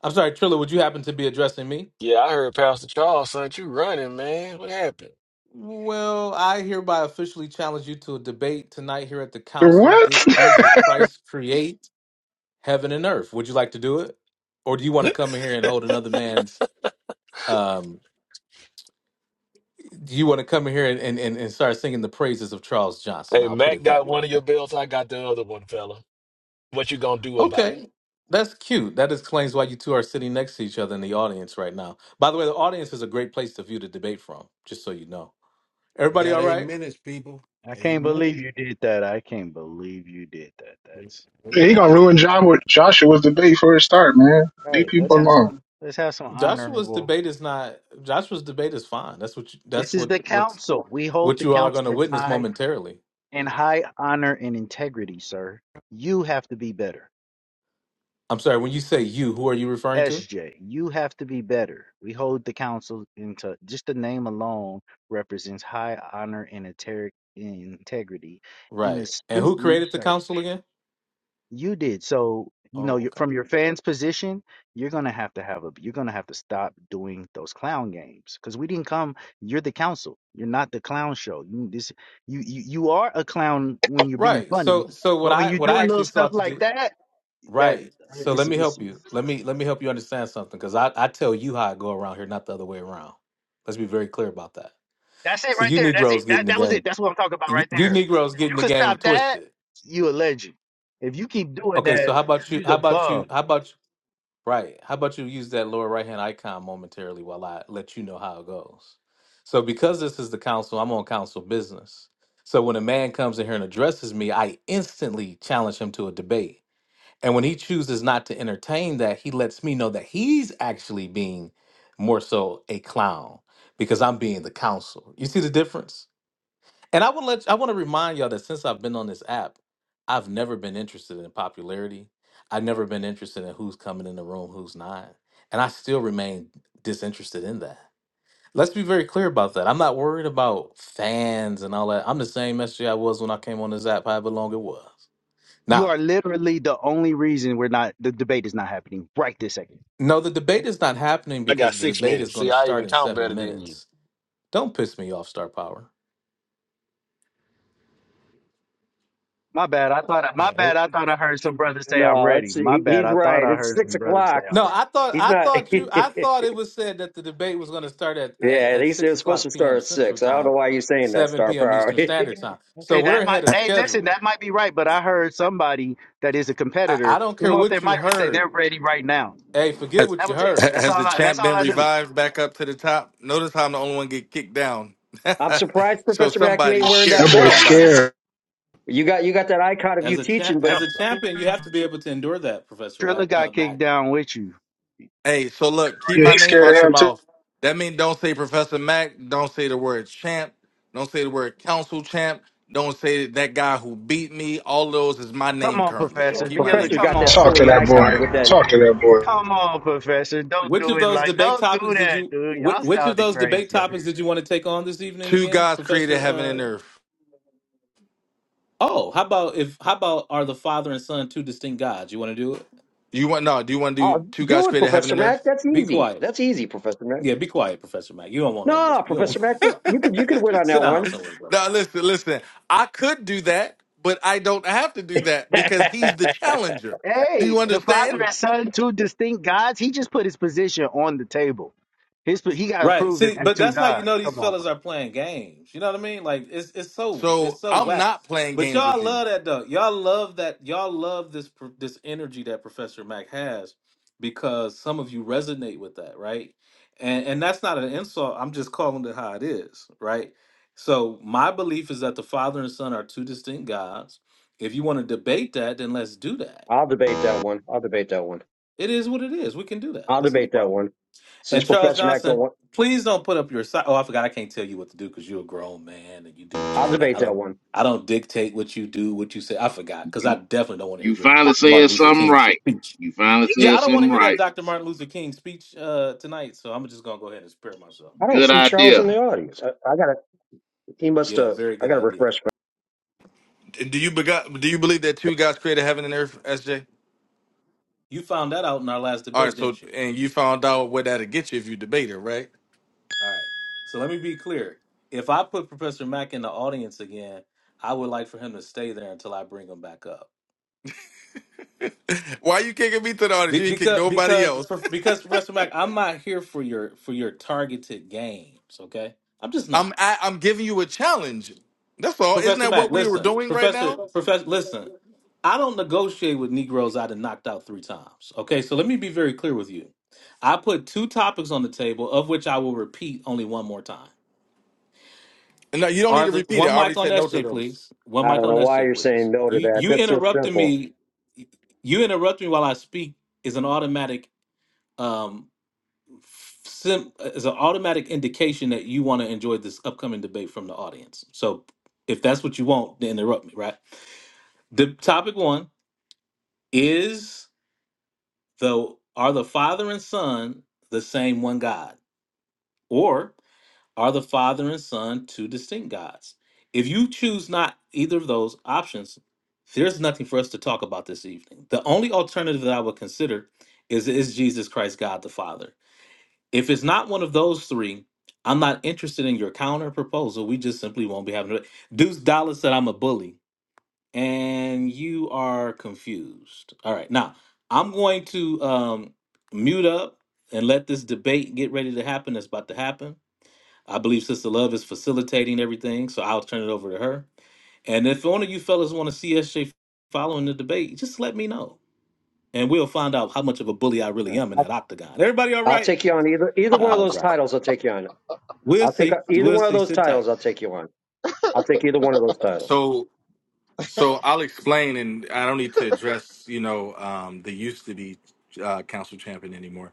[SPEAKER 9] I'm sorry, Trilla. Would you happen to be addressing me?
[SPEAKER 20] Yeah, I heard Pastor Charles sent you running, man. What happened?
[SPEAKER 9] Well, I hereby officially challenge you to a debate tonight here at the council.
[SPEAKER 8] What?
[SPEAKER 9] Did Jesus Christ create heaven and earth? Would you like to do it? Or do you want to come in here and hold another man's um do you want to come in here and, and, and and start singing the praises of Charles Johnson?
[SPEAKER 20] Hey,
[SPEAKER 9] I'll put
[SPEAKER 20] Mac
[SPEAKER 9] it that
[SPEAKER 20] got
[SPEAKER 9] way.
[SPEAKER 20] one of your belts. I got the other one, fella. What you gonna do about it?
[SPEAKER 9] Okay. That's cute. That explains why you two are sitting next to each other in the audience right now. By the way, the audience is a great place to view the debate from, just so you know. Everybody all right?
[SPEAKER 18] I can't believe you did that. I can't believe you did that. That's
[SPEAKER 8] Man, he gonna ruin John with Joshua's debate for a start, man. Leave
[SPEAKER 18] right. Let's
[SPEAKER 8] people
[SPEAKER 18] have
[SPEAKER 8] alone.
[SPEAKER 18] some let's have some
[SPEAKER 9] Joshua's
[SPEAKER 18] honorable.
[SPEAKER 9] debate is not Joshua's debate is fine. That's what you,
[SPEAKER 18] This
[SPEAKER 9] that's
[SPEAKER 18] is
[SPEAKER 9] what
[SPEAKER 18] the
[SPEAKER 9] what
[SPEAKER 18] council. We hold
[SPEAKER 9] what
[SPEAKER 18] the
[SPEAKER 9] you all are going
[SPEAKER 18] council
[SPEAKER 9] to
[SPEAKER 18] in
[SPEAKER 9] witness
[SPEAKER 18] high
[SPEAKER 9] momentarily.
[SPEAKER 18] in high honor and integrity, sir. You have to be better.
[SPEAKER 9] I'm sorry, when you say you, who are you referring to?
[SPEAKER 18] SJ, you have to be better. We hold the council into just the name alone represents high honor and inter- integrity and
[SPEAKER 9] Right. And
[SPEAKER 18] astute
[SPEAKER 9] who created the
[SPEAKER 18] research.
[SPEAKER 9] council again?
[SPEAKER 18] You did. So, you know,
[SPEAKER 9] Oh,
[SPEAKER 18] you
[SPEAKER 9] okay.
[SPEAKER 18] from your fans' position, you're gonna have to have a you're gonna have to stop doing those clown games because we didn't come. You're the council. You're not the clown show. You this you you, you are a clown when you're being
[SPEAKER 9] Right.
[SPEAKER 18] funny,
[SPEAKER 9] So so what
[SPEAKER 18] but when
[SPEAKER 9] I
[SPEAKER 18] you're
[SPEAKER 9] what I
[SPEAKER 18] doing little
[SPEAKER 9] actually
[SPEAKER 18] stuff
[SPEAKER 9] sought to
[SPEAKER 18] like
[SPEAKER 9] do
[SPEAKER 18] that, that
[SPEAKER 9] Right.
[SPEAKER 18] uh,
[SPEAKER 9] So let
[SPEAKER 18] it's
[SPEAKER 9] me
[SPEAKER 18] it's
[SPEAKER 9] help you. Let me let me help you understand something cuz I I tell you how I go around here, not the other way around. Let's be very clear about that.
[SPEAKER 18] that's it
[SPEAKER 9] So
[SPEAKER 18] right
[SPEAKER 9] you
[SPEAKER 18] there. That's it.
[SPEAKER 9] Negroes get in
[SPEAKER 18] That
[SPEAKER 9] the
[SPEAKER 18] that was it.
[SPEAKER 9] game.
[SPEAKER 18] That's what I'm talking about
[SPEAKER 9] You,
[SPEAKER 18] right
[SPEAKER 9] you
[SPEAKER 18] there.
[SPEAKER 9] Negroes
[SPEAKER 18] If
[SPEAKER 9] get
[SPEAKER 18] you
[SPEAKER 9] in the
[SPEAKER 18] could
[SPEAKER 9] game
[SPEAKER 18] stop that,
[SPEAKER 9] twisted.
[SPEAKER 18] you a legend. If you keep doing
[SPEAKER 9] Okay, so
[SPEAKER 18] that,
[SPEAKER 9] how about you
[SPEAKER 18] you's
[SPEAKER 9] how
[SPEAKER 18] a
[SPEAKER 9] about
[SPEAKER 18] bum.
[SPEAKER 9] you how about Right. How about you use that lower right hand icon momentarily while I let you know how it goes? So, because this is the council, I'm on council business. So, when a man comes in here and addresses me, I instantly challenge him to a debate. And when he chooses not to entertain that, he lets me know that he's actually being more so a clown because I'm being the counsel. You see the difference? And I want to let I want to remind y'all that since I've been on this app, I've never been interested in popularity. I've never been interested in who's coming in the room, who's not, and I still remain disinterested in that. Let's be very clear about that. I'm not worried about fans and all that. I'm the same message I was when I came on this app, however long it was.
[SPEAKER 18] You
[SPEAKER 9] Now,
[SPEAKER 18] are literally the only reason we're not the debate is not happening right this second.
[SPEAKER 9] no, the debate is not happening
[SPEAKER 20] I got
[SPEAKER 9] because the
[SPEAKER 20] six
[SPEAKER 9] debate is
[SPEAKER 20] minutes.
[SPEAKER 9] going
[SPEAKER 20] See,
[SPEAKER 9] to
[SPEAKER 20] I
[SPEAKER 9] start
[SPEAKER 20] even
[SPEAKER 9] in
[SPEAKER 20] count
[SPEAKER 9] seven
[SPEAKER 20] better than you.
[SPEAKER 9] minutes. Don't piss me off, Star Power.
[SPEAKER 18] My bad. I thought. I, my bad. I thought I heard some brothers say I'm
[SPEAKER 17] No,
[SPEAKER 18] ready.
[SPEAKER 17] it's
[SPEAKER 18] My
[SPEAKER 17] he,
[SPEAKER 18] bad.
[SPEAKER 17] he's
[SPEAKER 18] I thought
[SPEAKER 17] right.
[SPEAKER 18] I
[SPEAKER 17] It's
[SPEAKER 18] heard
[SPEAKER 17] six
[SPEAKER 18] some brothers say
[SPEAKER 17] o'clock.
[SPEAKER 18] I'm
[SPEAKER 9] No, I thought
[SPEAKER 17] He's
[SPEAKER 9] I
[SPEAKER 17] not.
[SPEAKER 9] thought you I thought it was said that the debate was going to start at, at
[SPEAKER 17] yeah,
[SPEAKER 9] at
[SPEAKER 17] he's,
[SPEAKER 9] six
[SPEAKER 17] they're supposed to
[SPEAKER 9] o'clock
[SPEAKER 17] start
[SPEAKER 9] p.m.
[SPEAKER 17] at
[SPEAKER 9] Central
[SPEAKER 17] six. I don't know
[SPEAKER 9] Time,
[SPEAKER 17] why you're saying that,
[SPEAKER 9] seven
[SPEAKER 17] Star
[SPEAKER 9] p.m.
[SPEAKER 17] Power.
[SPEAKER 9] Eastern Standard
[SPEAKER 18] ready.
[SPEAKER 9] Time. So
[SPEAKER 18] Hey,
[SPEAKER 9] we're
[SPEAKER 18] that
[SPEAKER 9] ahead
[SPEAKER 18] might.
[SPEAKER 9] of
[SPEAKER 18] Hey, listen, that
[SPEAKER 9] schedule.
[SPEAKER 18] might be right, but I heard somebody that is a
[SPEAKER 9] I,
[SPEAKER 18] competitor
[SPEAKER 9] I don't
[SPEAKER 18] come
[SPEAKER 9] care
[SPEAKER 18] off their
[SPEAKER 9] what you
[SPEAKER 18] mic and say they're
[SPEAKER 9] heard.
[SPEAKER 18] ready right now.
[SPEAKER 9] Hey, forget
[SPEAKER 16] Has,
[SPEAKER 9] what
[SPEAKER 18] That
[SPEAKER 9] you
[SPEAKER 18] was it.
[SPEAKER 16] ha-
[SPEAKER 9] heard.
[SPEAKER 18] That's all.
[SPEAKER 16] has the
[SPEAKER 18] I, that's
[SPEAKER 16] champ
[SPEAKER 18] all
[SPEAKER 16] been
[SPEAKER 18] I knew.
[SPEAKER 16] revived back up to the top? Notice how I'm the only one get kicked down.
[SPEAKER 17] I'm surprised,
[SPEAKER 16] so
[SPEAKER 17] Professor Mack, you ain't
[SPEAKER 16] somebody's
[SPEAKER 17] wearing
[SPEAKER 16] scared
[SPEAKER 17] that
[SPEAKER 8] That
[SPEAKER 16] of
[SPEAKER 8] boy's
[SPEAKER 17] belt.
[SPEAKER 16] somebody.
[SPEAKER 8] scared.
[SPEAKER 17] You got you got that icon of you
[SPEAKER 9] As a cha-
[SPEAKER 17] teaching, but
[SPEAKER 9] as
[SPEAKER 20] Yep.
[SPEAKER 9] a champion, you have to be able to endure that, Professor
[SPEAKER 18] Triller
[SPEAKER 9] Wack, uh,
[SPEAKER 18] got kicked
[SPEAKER 9] Mac.
[SPEAKER 18] down with you.
[SPEAKER 16] Hey, so look, keep
[SPEAKER 8] Yeah,
[SPEAKER 16] my
[SPEAKER 8] he's
[SPEAKER 16] name
[SPEAKER 8] scared
[SPEAKER 16] out
[SPEAKER 8] of
[SPEAKER 16] your
[SPEAKER 8] him too.
[SPEAKER 16] mouth. That means don't say Professor Mac. Don't say the word champ. Don't say the word council champ. Don't say that guy who beat me. All those is my
[SPEAKER 18] Come
[SPEAKER 16] name
[SPEAKER 18] on,
[SPEAKER 16] currently. So
[SPEAKER 18] Professor.
[SPEAKER 17] well,
[SPEAKER 16] keep my
[SPEAKER 18] Viola,
[SPEAKER 17] Professor
[SPEAKER 16] name
[SPEAKER 17] has
[SPEAKER 16] out
[SPEAKER 18] come
[SPEAKER 17] got
[SPEAKER 16] your
[SPEAKER 18] on,
[SPEAKER 17] that
[SPEAKER 16] mouth,
[SPEAKER 8] Talk to
[SPEAKER 17] silly
[SPEAKER 16] brother.
[SPEAKER 8] that
[SPEAKER 18] Professor.
[SPEAKER 8] boy.
[SPEAKER 17] icon
[SPEAKER 18] Don't-
[SPEAKER 17] with that.
[SPEAKER 8] Talk to that boy.
[SPEAKER 18] Come on, Professor. Don't
[SPEAKER 9] Which
[SPEAKER 18] do
[SPEAKER 9] of
[SPEAKER 18] it
[SPEAKER 9] those
[SPEAKER 18] like.
[SPEAKER 9] debate
[SPEAKER 18] Don't do
[SPEAKER 9] topics did
[SPEAKER 18] that,
[SPEAKER 9] you
[SPEAKER 18] dude.
[SPEAKER 9] wh-
[SPEAKER 18] Y'all
[SPEAKER 9] which of
[SPEAKER 18] sounded
[SPEAKER 9] those debate
[SPEAKER 18] crazy up here.
[SPEAKER 9] topics did you want to take on this evening
[SPEAKER 16] Two
[SPEAKER 9] again,
[SPEAKER 16] gods created
[SPEAKER 9] Professor?
[SPEAKER 16] heaven and
[SPEAKER 9] Uh,
[SPEAKER 16] earth.
[SPEAKER 9] oh, how about if how about are the father and son two distinct gods? You want to do it?
[SPEAKER 16] You want no? Do you want to do
[SPEAKER 17] Oh,
[SPEAKER 16] two gods
[SPEAKER 17] do it,
[SPEAKER 16] created heaven
[SPEAKER 17] Professor
[SPEAKER 16] and earth?
[SPEAKER 17] Mack. That's
[SPEAKER 9] Be
[SPEAKER 17] easy.
[SPEAKER 9] quiet.
[SPEAKER 17] That's easy, Professor Mack.
[SPEAKER 9] Yeah, be quiet, Professor Mac. You don't want none of this.
[SPEAKER 17] No,
[SPEAKER 9] You don't want
[SPEAKER 17] Professor
[SPEAKER 9] none of
[SPEAKER 17] Mack,
[SPEAKER 9] these problems.
[SPEAKER 17] you could you could win on
[SPEAKER 9] Sit
[SPEAKER 17] that
[SPEAKER 9] down
[SPEAKER 17] one.
[SPEAKER 9] somewhere, bro.
[SPEAKER 16] Now listen, listen. I could do that, but I don't have to do that because he's the challenger. Do
[SPEAKER 18] Hey,
[SPEAKER 16] you
[SPEAKER 18] the father
[SPEAKER 16] understand?
[SPEAKER 18] and son, two distinct gods. He just put his position on the table. His he got to
[SPEAKER 9] Right.
[SPEAKER 18] prove that
[SPEAKER 9] See,
[SPEAKER 18] there's
[SPEAKER 9] but
[SPEAKER 18] two
[SPEAKER 9] that's how you
[SPEAKER 18] gods.
[SPEAKER 9] know these
[SPEAKER 18] Come on,
[SPEAKER 9] fellas
[SPEAKER 18] bro.
[SPEAKER 9] are playing games. You know what I mean? Like it's it's so it's
[SPEAKER 16] So
[SPEAKER 9] so
[SPEAKER 16] I'm
[SPEAKER 9] whack.
[SPEAKER 16] not playing
[SPEAKER 9] But
[SPEAKER 16] games with
[SPEAKER 9] y'all
[SPEAKER 16] you.
[SPEAKER 9] love that though. Y'all love that. Y'all love this pr- this energy that Professor Mac has because some of you resonate with that, right? And and that's not an insult. I'm just calling it how it is, right? So my belief is that the Father and Son are two distinct gods. If you want to debate that, then let's do that
[SPEAKER 17] I'll debate that one. I'll debate that one.
[SPEAKER 9] It is what it is. We can do that.
[SPEAKER 17] I'll
[SPEAKER 9] That's no
[SPEAKER 17] debate that
[SPEAKER 9] problem.
[SPEAKER 17] one. Since
[SPEAKER 9] And Charles
[SPEAKER 17] Professor Mack don't
[SPEAKER 9] Johnson,
[SPEAKER 17] want,
[SPEAKER 9] please don't put up your side. Oh, I forgot. I can't tell you what to do because you're a grown man and you do what you.
[SPEAKER 17] I'll
[SPEAKER 9] And
[SPEAKER 17] debate
[SPEAKER 9] I
[SPEAKER 17] that
[SPEAKER 9] don't.
[SPEAKER 17] one.
[SPEAKER 9] I don't dictate what you do, what you say. I forgot because I definitely don't want to
[SPEAKER 10] You
[SPEAKER 9] hear your
[SPEAKER 10] finally
[SPEAKER 9] Martin
[SPEAKER 10] said
[SPEAKER 9] Luther
[SPEAKER 10] something
[SPEAKER 9] King
[SPEAKER 10] right.
[SPEAKER 9] speech.
[SPEAKER 10] You finally
[SPEAKER 9] Yeah,
[SPEAKER 10] said
[SPEAKER 9] I don't want to
[SPEAKER 10] something
[SPEAKER 9] hear
[SPEAKER 10] right.
[SPEAKER 9] that Dr. Martin Luther King speech uh, tonight. So I'm just gonna go ahead and spare myself.
[SPEAKER 17] I don't
[SPEAKER 10] Good
[SPEAKER 17] see Charles in
[SPEAKER 10] idea.
[SPEAKER 17] the audience. I, I gotta. He must
[SPEAKER 9] Yeah,
[SPEAKER 17] have.
[SPEAKER 9] very
[SPEAKER 17] I
[SPEAKER 9] good
[SPEAKER 17] gotta
[SPEAKER 9] idea.
[SPEAKER 17] refresh.
[SPEAKER 16] Do you bego- do you believe that two gods created heaven and earth, SJ?
[SPEAKER 9] You found that out in our last
[SPEAKER 16] All right,
[SPEAKER 9] debate,
[SPEAKER 16] so
[SPEAKER 9] didn't you?
[SPEAKER 16] and you found out what that'll get you if you debate it, right?
[SPEAKER 9] All right. So let me be clear. If I put Professor Mack in the audience again, I would like for him to stay there until I bring him back up.
[SPEAKER 16] Why you kicking me to the audience?
[SPEAKER 9] Be-
[SPEAKER 16] You ain't kick
[SPEAKER 9] because
[SPEAKER 16] nobody
[SPEAKER 9] because
[SPEAKER 16] else.
[SPEAKER 9] because Professor Mac, I'm not here for your for your targeted games. Okay, I'm just
[SPEAKER 16] I'm
[SPEAKER 9] not.
[SPEAKER 16] I, I'm giving you a challenge. That's all. Isn't
[SPEAKER 9] Professor
[SPEAKER 16] that
[SPEAKER 9] Mac,
[SPEAKER 16] what we were
[SPEAKER 9] listen,
[SPEAKER 16] doing right
[SPEAKER 9] Professor
[SPEAKER 16] now?
[SPEAKER 9] Professor, listen. I don't negotiate with Negroes I've knocked out three times. Okay, so let me be very clear with you. I put two topics on the table, of which I will repeat only one more time.
[SPEAKER 16] no, you don't need
[SPEAKER 9] Are
[SPEAKER 16] to
[SPEAKER 9] the
[SPEAKER 16] repeat it.
[SPEAKER 9] one
[SPEAKER 16] I already
[SPEAKER 9] mic on
[SPEAKER 16] said no to
[SPEAKER 9] SJ,
[SPEAKER 16] those.
[SPEAKER 9] please? One
[SPEAKER 17] my- I
[SPEAKER 9] mic
[SPEAKER 17] don't
[SPEAKER 9] on
[SPEAKER 17] know why
[SPEAKER 9] SJ,
[SPEAKER 17] you're
[SPEAKER 9] please.
[SPEAKER 17] saying no to
[SPEAKER 9] You
[SPEAKER 17] that.
[SPEAKER 9] you
[SPEAKER 17] That's so
[SPEAKER 9] interrupted
[SPEAKER 17] simple.
[SPEAKER 9] me. You interrupt me while I speak is an automatic. Um, sim- as an automatic indication that you want to enjoy this upcoming debate from the audience. So if that's what you want, then interrupt me, right? The topic one is the are the father and son the same one God? Or are the father and son two distinct gods? If you choose not either of those options, there's nothing for us to talk about this evening. The only alternative that I would consider is is Jesus Christ God the Father? If it's not one of those three, I'm not interested in your counter proposal. We just simply won't be having it. Deuce Dollar said I'm a bully, and you are confused. All right, now I'm going to um, mute up and let this debate get ready to happen. That's about to happen. I believe Sister Love is facilitating everything, so I'll turn it over to her. And if one of you fellas want to see SJ following the debate, just let me know, and we'll find out how much of a bully I really am in
[SPEAKER 17] I
[SPEAKER 9] that octagon. Everybody, all
[SPEAKER 17] I'll
[SPEAKER 9] right?
[SPEAKER 17] take you on either either one of
[SPEAKER 9] All
[SPEAKER 17] those
[SPEAKER 9] right.
[SPEAKER 17] titles. I'll take you on.
[SPEAKER 9] We'll
[SPEAKER 17] I'll take
[SPEAKER 9] see.
[SPEAKER 17] either
[SPEAKER 9] We'll
[SPEAKER 17] one of
[SPEAKER 9] see.
[SPEAKER 17] those
[SPEAKER 9] Sit
[SPEAKER 17] titles.
[SPEAKER 9] tight.
[SPEAKER 17] I'll take you on. I'll take either one of those titles.
[SPEAKER 16] So So I'll explain, and I don't need to address, you know, um, the used to be uh, council champion anymore.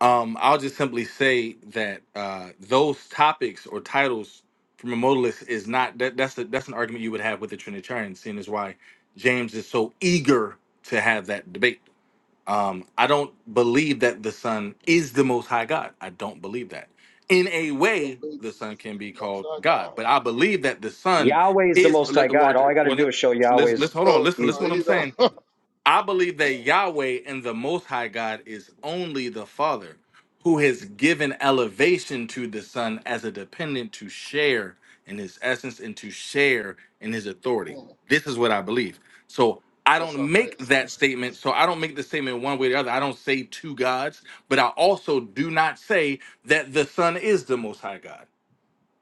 [SPEAKER 16] Um, I'll just simply say that uh, those topics or titles from a modalist is not that. That's a, that's an argument you would have with the Trinitarian, seeing as why James is so eager to have that debate. Um, I don't believe that the Son is the Most High God. I don't believe that. In a
[SPEAKER 3] You
[SPEAKER 16] way,
[SPEAKER 3] don't
[SPEAKER 16] the
[SPEAKER 3] Jesus
[SPEAKER 16] Son
[SPEAKER 3] is
[SPEAKER 16] can
[SPEAKER 3] the
[SPEAKER 16] be
[SPEAKER 3] Most
[SPEAKER 16] called
[SPEAKER 3] High
[SPEAKER 16] God,
[SPEAKER 3] God?
[SPEAKER 16] but I believe that the Son
[SPEAKER 17] Yahweh is the
[SPEAKER 16] is.
[SPEAKER 17] Most High
[SPEAKER 16] Well,
[SPEAKER 17] God. All I got to
[SPEAKER 16] well,
[SPEAKER 17] do
[SPEAKER 16] le-
[SPEAKER 17] is show
[SPEAKER 16] let's
[SPEAKER 17] Yahweh's.
[SPEAKER 16] let's hold on.
[SPEAKER 3] So
[SPEAKER 16] Listen,
[SPEAKER 17] He's,
[SPEAKER 16] listen.
[SPEAKER 3] so
[SPEAKER 16] What I'm
[SPEAKER 3] he don't.
[SPEAKER 16] saying. I believe that Yahweh and the Most High God is only the Father, who has given elevation to the Son as a dependent to share in his essence and to share in his authority.
[SPEAKER 3] Hmm,
[SPEAKER 16] This is what I believe. So I
[SPEAKER 3] that
[SPEAKER 16] don't
[SPEAKER 3] sounds like
[SPEAKER 16] make that
[SPEAKER 3] two
[SPEAKER 16] statement.
[SPEAKER 3] Jesus.
[SPEAKER 16] So I don't make the statement one way or the other. I don't say two gods, but I also do not say that the Son is the Most High God.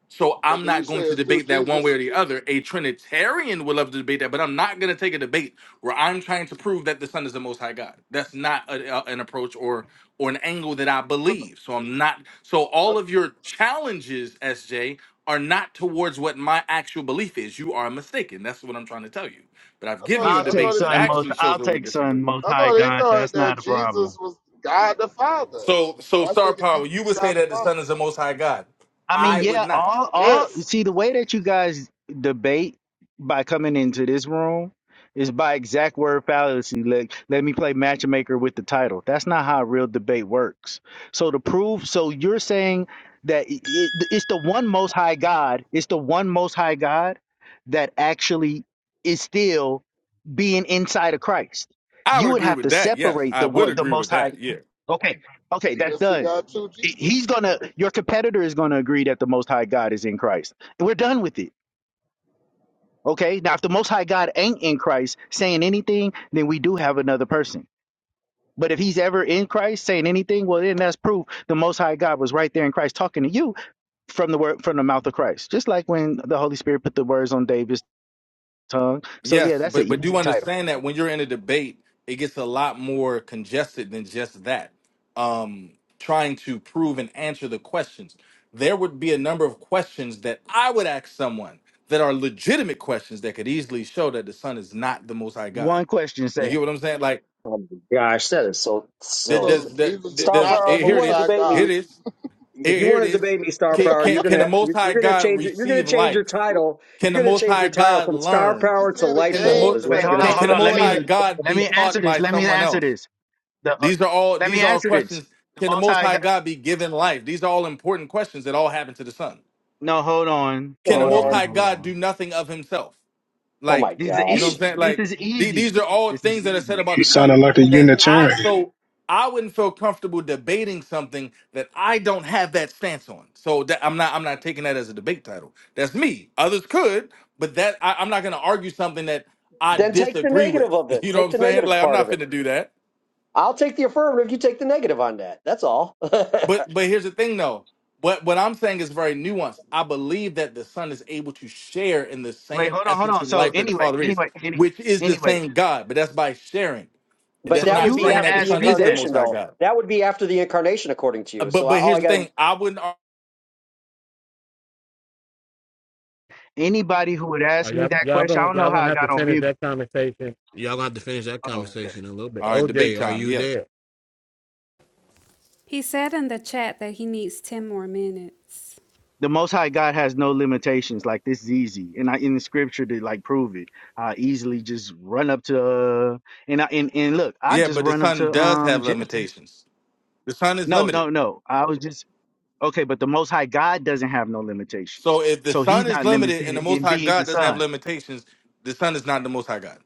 [SPEAKER 16] So I'm
[SPEAKER 3] But then you
[SPEAKER 16] not
[SPEAKER 3] say
[SPEAKER 16] going to
[SPEAKER 3] it's two
[SPEAKER 16] debate that one way or
[SPEAKER 3] Jesus.
[SPEAKER 16] the other. A Trinitarian would love to debate that, but I'm not going to take a debate where I'm trying to prove that the Son is the Most High God. That's not a, a- an approach or or an angle that I
[SPEAKER 3] But
[SPEAKER 16] believe. So I'm not. So
[SPEAKER 3] I,
[SPEAKER 16] all of your challenges, SJ, are not towards what my actual belief is. You are mistaken. That's what I'm trying to tell you. But I've
[SPEAKER 3] I
[SPEAKER 16] given
[SPEAKER 3] thought
[SPEAKER 16] you a
[SPEAKER 18] I'll
[SPEAKER 3] I
[SPEAKER 18] take
[SPEAKER 3] thought
[SPEAKER 16] debate
[SPEAKER 3] it,
[SPEAKER 16] that
[SPEAKER 18] son most.
[SPEAKER 16] actually shows
[SPEAKER 18] I'll
[SPEAKER 16] where we
[SPEAKER 18] take son
[SPEAKER 16] disagree.
[SPEAKER 18] most
[SPEAKER 3] I
[SPEAKER 18] high
[SPEAKER 3] thought he
[SPEAKER 18] God.
[SPEAKER 3] thought
[SPEAKER 18] That's
[SPEAKER 3] that
[SPEAKER 18] not a problem.
[SPEAKER 3] Jesus was God the Father.
[SPEAKER 16] So so
[SPEAKER 3] I
[SPEAKER 16] Star
[SPEAKER 3] think
[SPEAKER 16] Power,
[SPEAKER 3] Jesus
[SPEAKER 16] you
[SPEAKER 3] is
[SPEAKER 16] would say
[SPEAKER 3] God the
[SPEAKER 16] that the
[SPEAKER 3] Father.
[SPEAKER 16] Son is the Most High God.
[SPEAKER 18] I mean,
[SPEAKER 16] I would
[SPEAKER 18] yeah,
[SPEAKER 16] not.
[SPEAKER 18] all all
[SPEAKER 3] Yes,
[SPEAKER 18] see the way that you guys debate by coming into this room is by exact word fallacy. Let, let me play matchmaker with the title. That's not how real debate works. So to prove, so you're saying that i it, it's the one most high God, it's the one most high God that actually is still being inside of Christ.
[SPEAKER 16] I
[SPEAKER 18] You
[SPEAKER 16] would
[SPEAKER 18] would
[SPEAKER 16] agree
[SPEAKER 18] have
[SPEAKER 16] with
[SPEAKER 18] to
[SPEAKER 16] that. Yes,
[SPEAKER 18] separate the
[SPEAKER 16] I would
[SPEAKER 18] one, the
[SPEAKER 16] agree
[SPEAKER 18] most
[SPEAKER 16] with
[SPEAKER 18] high.
[SPEAKER 16] that. yeah.
[SPEAKER 18] Okay, okay, that's
[SPEAKER 3] unless he
[SPEAKER 18] done.
[SPEAKER 3] got two
[SPEAKER 18] He's
[SPEAKER 3] Jesus.
[SPEAKER 18] gonna. Your competitor is gonna agree that the Most High God is in Christ. We're done with it. Okay. Now, if the Most High God ain't in Christ saying anything, then we do have another person. But if he's ever in Christ saying anything, well, then that's proof the Most High God was right there in Christ talking to you from the word from the mouth of Christ. Just like when the Holy Spirit put the words on David's tongue. So yeah,
[SPEAKER 16] Yes,
[SPEAKER 18] that's an
[SPEAKER 16] but but do
[SPEAKER 18] easy title.
[SPEAKER 16] understand that when you're in a debate, it gets a lot more congested than just that. Um, trying to prove and answer the questions, there would be a number of questions that I would ask someone that are legitimate questions that could easily show that the Son is not the Most High God.
[SPEAKER 18] One question,
[SPEAKER 16] You
[SPEAKER 18] say.
[SPEAKER 16] get what I'm saying? Like,
[SPEAKER 17] oh my gosh, that is so
[SPEAKER 16] that
[SPEAKER 17] silly.
[SPEAKER 3] So
[SPEAKER 16] does that
[SPEAKER 3] Jesus
[SPEAKER 16] that-
[SPEAKER 3] is
[SPEAKER 17] Star
[SPEAKER 16] does
[SPEAKER 3] not the
[SPEAKER 17] Power,
[SPEAKER 16] eh,
[SPEAKER 17] if you
[SPEAKER 16] here it
[SPEAKER 3] Most
[SPEAKER 17] want to
[SPEAKER 3] High
[SPEAKER 16] is,
[SPEAKER 17] debate
[SPEAKER 16] here
[SPEAKER 3] God.
[SPEAKER 17] me,
[SPEAKER 16] it is,
[SPEAKER 17] if
[SPEAKER 16] here
[SPEAKER 17] you
[SPEAKER 16] here it
[SPEAKER 17] want to
[SPEAKER 16] is.
[SPEAKER 17] debate me, Star
[SPEAKER 16] Can
[SPEAKER 17] Power,
[SPEAKER 16] can
[SPEAKER 17] you're
[SPEAKER 16] can
[SPEAKER 17] gonna
[SPEAKER 16] the Most
[SPEAKER 17] you're,
[SPEAKER 16] High
[SPEAKER 17] you're gonna
[SPEAKER 16] God
[SPEAKER 17] change it. You're gonna
[SPEAKER 16] receive
[SPEAKER 17] change your
[SPEAKER 16] life?
[SPEAKER 17] title.
[SPEAKER 16] Can
[SPEAKER 17] You're
[SPEAKER 16] the
[SPEAKER 17] gonna
[SPEAKER 16] Most
[SPEAKER 17] change
[SPEAKER 16] High
[SPEAKER 17] your title
[SPEAKER 16] God
[SPEAKER 17] from Star
[SPEAKER 3] You
[SPEAKER 16] learn?
[SPEAKER 3] you
[SPEAKER 17] Power to
[SPEAKER 3] see the
[SPEAKER 17] Light
[SPEAKER 16] Can the
[SPEAKER 17] Bulb
[SPEAKER 16] most
[SPEAKER 17] is
[SPEAKER 3] games
[SPEAKER 17] what
[SPEAKER 18] Wait,
[SPEAKER 3] that
[SPEAKER 17] you're
[SPEAKER 18] hold
[SPEAKER 17] gonna
[SPEAKER 18] on,
[SPEAKER 16] can,
[SPEAKER 3] Mac
[SPEAKER 17] do.
[SPEAKER 18] hold
[SPEAKER 16] can the
[SPEAKER 18] on. Let
[SPEAKER 16] Most High
[SPEAKER 3] plays.
[SPEAKER 18] me
[SPEAKER 16] God
[SPEAKER 18] let
[SPEAKER 16] be
[SPEAKER 18] me answer
[SPEAKER 16] taught
[SPEAKER 18] this.
[SPEAKER 16] by
[SPEAKER 18] Let me
[SPEAKER 16] someone
[SPEAKER 18] answer
[SPEAKER 16] else?
[SPEAKER 18] this. The uh,
[SPEAKER 16] These are all
[SPEAKER 18] let me
[SPEAKER 16] these are all
[SPEAKER 18] answer this.
[SPEAKER 16] questions.
[SPEAKER 18] The
[SPEAKER 16] Can the
[SPEAKER 18] Most
[SPEAKER 16] Most High
[SPEAKER 18] High.
[SPEAKER 16] God be given life? These are all important questions that all happen to the Son.
[SPEAKER 18] No, hold on,
[SPEAKER 16] Can the
[SPEAKER 18] hold
[SPEAKER 16] Most
[SPEAKER 18] on,
[SPEAKER 17] and
[SPEAKER 16] High
[SPEAKER 18] hold
[SPEAKER 16] God
[SPEAKER 18] on.
[SPEAKER 16] do nothing of Himself?
[SPEAKER 17] oh my
[SPEAKER 16] Like,
[SPEAKER 18] This is
[SPEAKER 16] you know what
[SPEAKER 17] gosh,
[SPEAKER 16] I'm
[SPEAKER 18] easy.
[SPEAKER 16] saying?
[SPEAKER 18] This
[SPEAKER 16] Like,
[SPEAKER 18] is
[SPEAKER 16] the-
[SPEAKER 18] easy.
[SPEAKER 16] these are all
[SPEAKER 18] This is
[SPEAKER 16] things that are said
[SPEAKER 18] easy.
[SPEAKER 16] about
[SPEAKER 8] He
[SPEAKER 16] the son
[SPEAKER 8] sounded like a
[SPEAKER 16] that I,
[SPEAKER 8] Unitarian.
[SPEAKER 16] so I wouldn't feel comfortable debating something that I don't have that stance on. So that I'm not, I'm not taking that as a debate title. That's me. Others could, but that I, I'm not going to argue something that I
[SPEAKER 17] then take the
[SPEAKER 16] disagree
[SPEAKER 17] negative
[SPEAKER 16] with.
[SPEAKER 17] of it.
[SPEAKER 16] You know
[SPEAKER 17] Take
[SPEAKER 16] what I'm
[SPEAKER 17] the
[SPEAKER 16] saying?
[SPEAKER 17] negative
[SPEAKER 16] Like, I'm
[SPEAKER 17] part of
[SPEAKER 16] not
[SPEAKER 17] it.
[SPEAKER 16] finna do that.
[SPEAKER 17] I'll take the affirmative. You take the negative on that. That's all. but
[SPEAKER 16] But but here's the thing though. What what I'm saying is very nuanced. I believe that the Son is able to share in the
[SPEAKER 18] Wait,
[SPEAKER 16] same
[SPEAKER 18] hold on, hold
[SPEAKER 16] essence
[SPEAKER 18] on.
[SPEAKER 16] and
[SPEAKER 18] So
[SPEAKER 16] life that the
[SPEAKER 18] anyway,
[SPEAKER 16] Father is,
[SPEAKER 18] anyway, any,
[SPEAKER 16] which is the
[SPEAKER 18] anyway.
[SPEAKER 16] same God, but that's by sharing.
[SPEAKER 18] So
[SPEAKER 16] That's
[SPEAKER 17] that
[SPEAKER 18] if
[SPEAKER 16] not
[SPEAKER 17] would
[SPEAKER 18] you
[SPEAKER 17] be
[SPEAKER 18] would
[SPEAKER 16] saying
[SPEAKER 18] have
[SPEAKER 16] that
[SPEAKER 17] after
[SPEAKER 16] the
[SPEAKER 17] the
[SPEAKER 18] asked
[SPEAKER 16] Son
[SPEAKER 18] me
[SPEAKER 16] is the
[SPEAKER 18] that,
[SPEAKER 16] most
[SPEAKER 17] incarnation,
[SPEAKER 16] high
[SPEAKER 17] though.
[SPEAKER 16] God.
[SPEAKER 17] That would be after the incarnation, according to
[SPEAKER 16] Uh,
[SPEAKER 17] you.
[SPEAKER 16] But
[SPEAKER 17] So I,
[SPEAKER 16] but
[SPEAKER 17] all
[SPEAKER 16] here's
[SPEAKER 17] I
[SPEAKER 16] the
[SPEAKER 17] got.
[SPEAKER 16] thing. I wouldn't ar-
[SPEAKER 18] anybody who would ask me that question, I don't know how I got on mute. Oh, okay.
[SPEAKER 16] all right, debate time. Yeah.
[SPEAKER 11] He said in the chat that he needs 10 more minutes.
[SPEAKER 18] The Most High God has no limitations. Like this is easy, and I in the Scripture to like prove it. I easily just run up to, uh, and I and, and look, I
[SPEAKER 16] Yeah,
[SPEAKER 18] just
[SPEAKER 16] but the
[SPEAKER 18] run up
[SPEAKER 16] Son
[SPEAKER 18] to
[SPEAKER 16] does
[SPEAKER 18] um
[SPEAKER 16] have
[SPEAKER 18] Genesis.
[SPEAKER 16] limitations. The Son is
[SPEAKER 18] No,
[SPEAKER 16] limited.
[SPEAKER 18] no, no. I was just Okay, but the Most High God doesn't have no limitations.
[SPEAKER 16] So if the
[SPEAKER 18] So he's
[SPEAKER 16] Son is
[SPEAKER 18] not
[SPEAKER 16] limited and the
[SPEAKER 18] limited
[SPEAKER 16] most
[SPEAKER 18] in
[SPEAKER 16] high
[SPEAKER 18] being the
[SPEAKER 16] God doesn't have
[SPEAKER 18] Son.
[SPEAKER 16] limitations, the Son is not the most high God.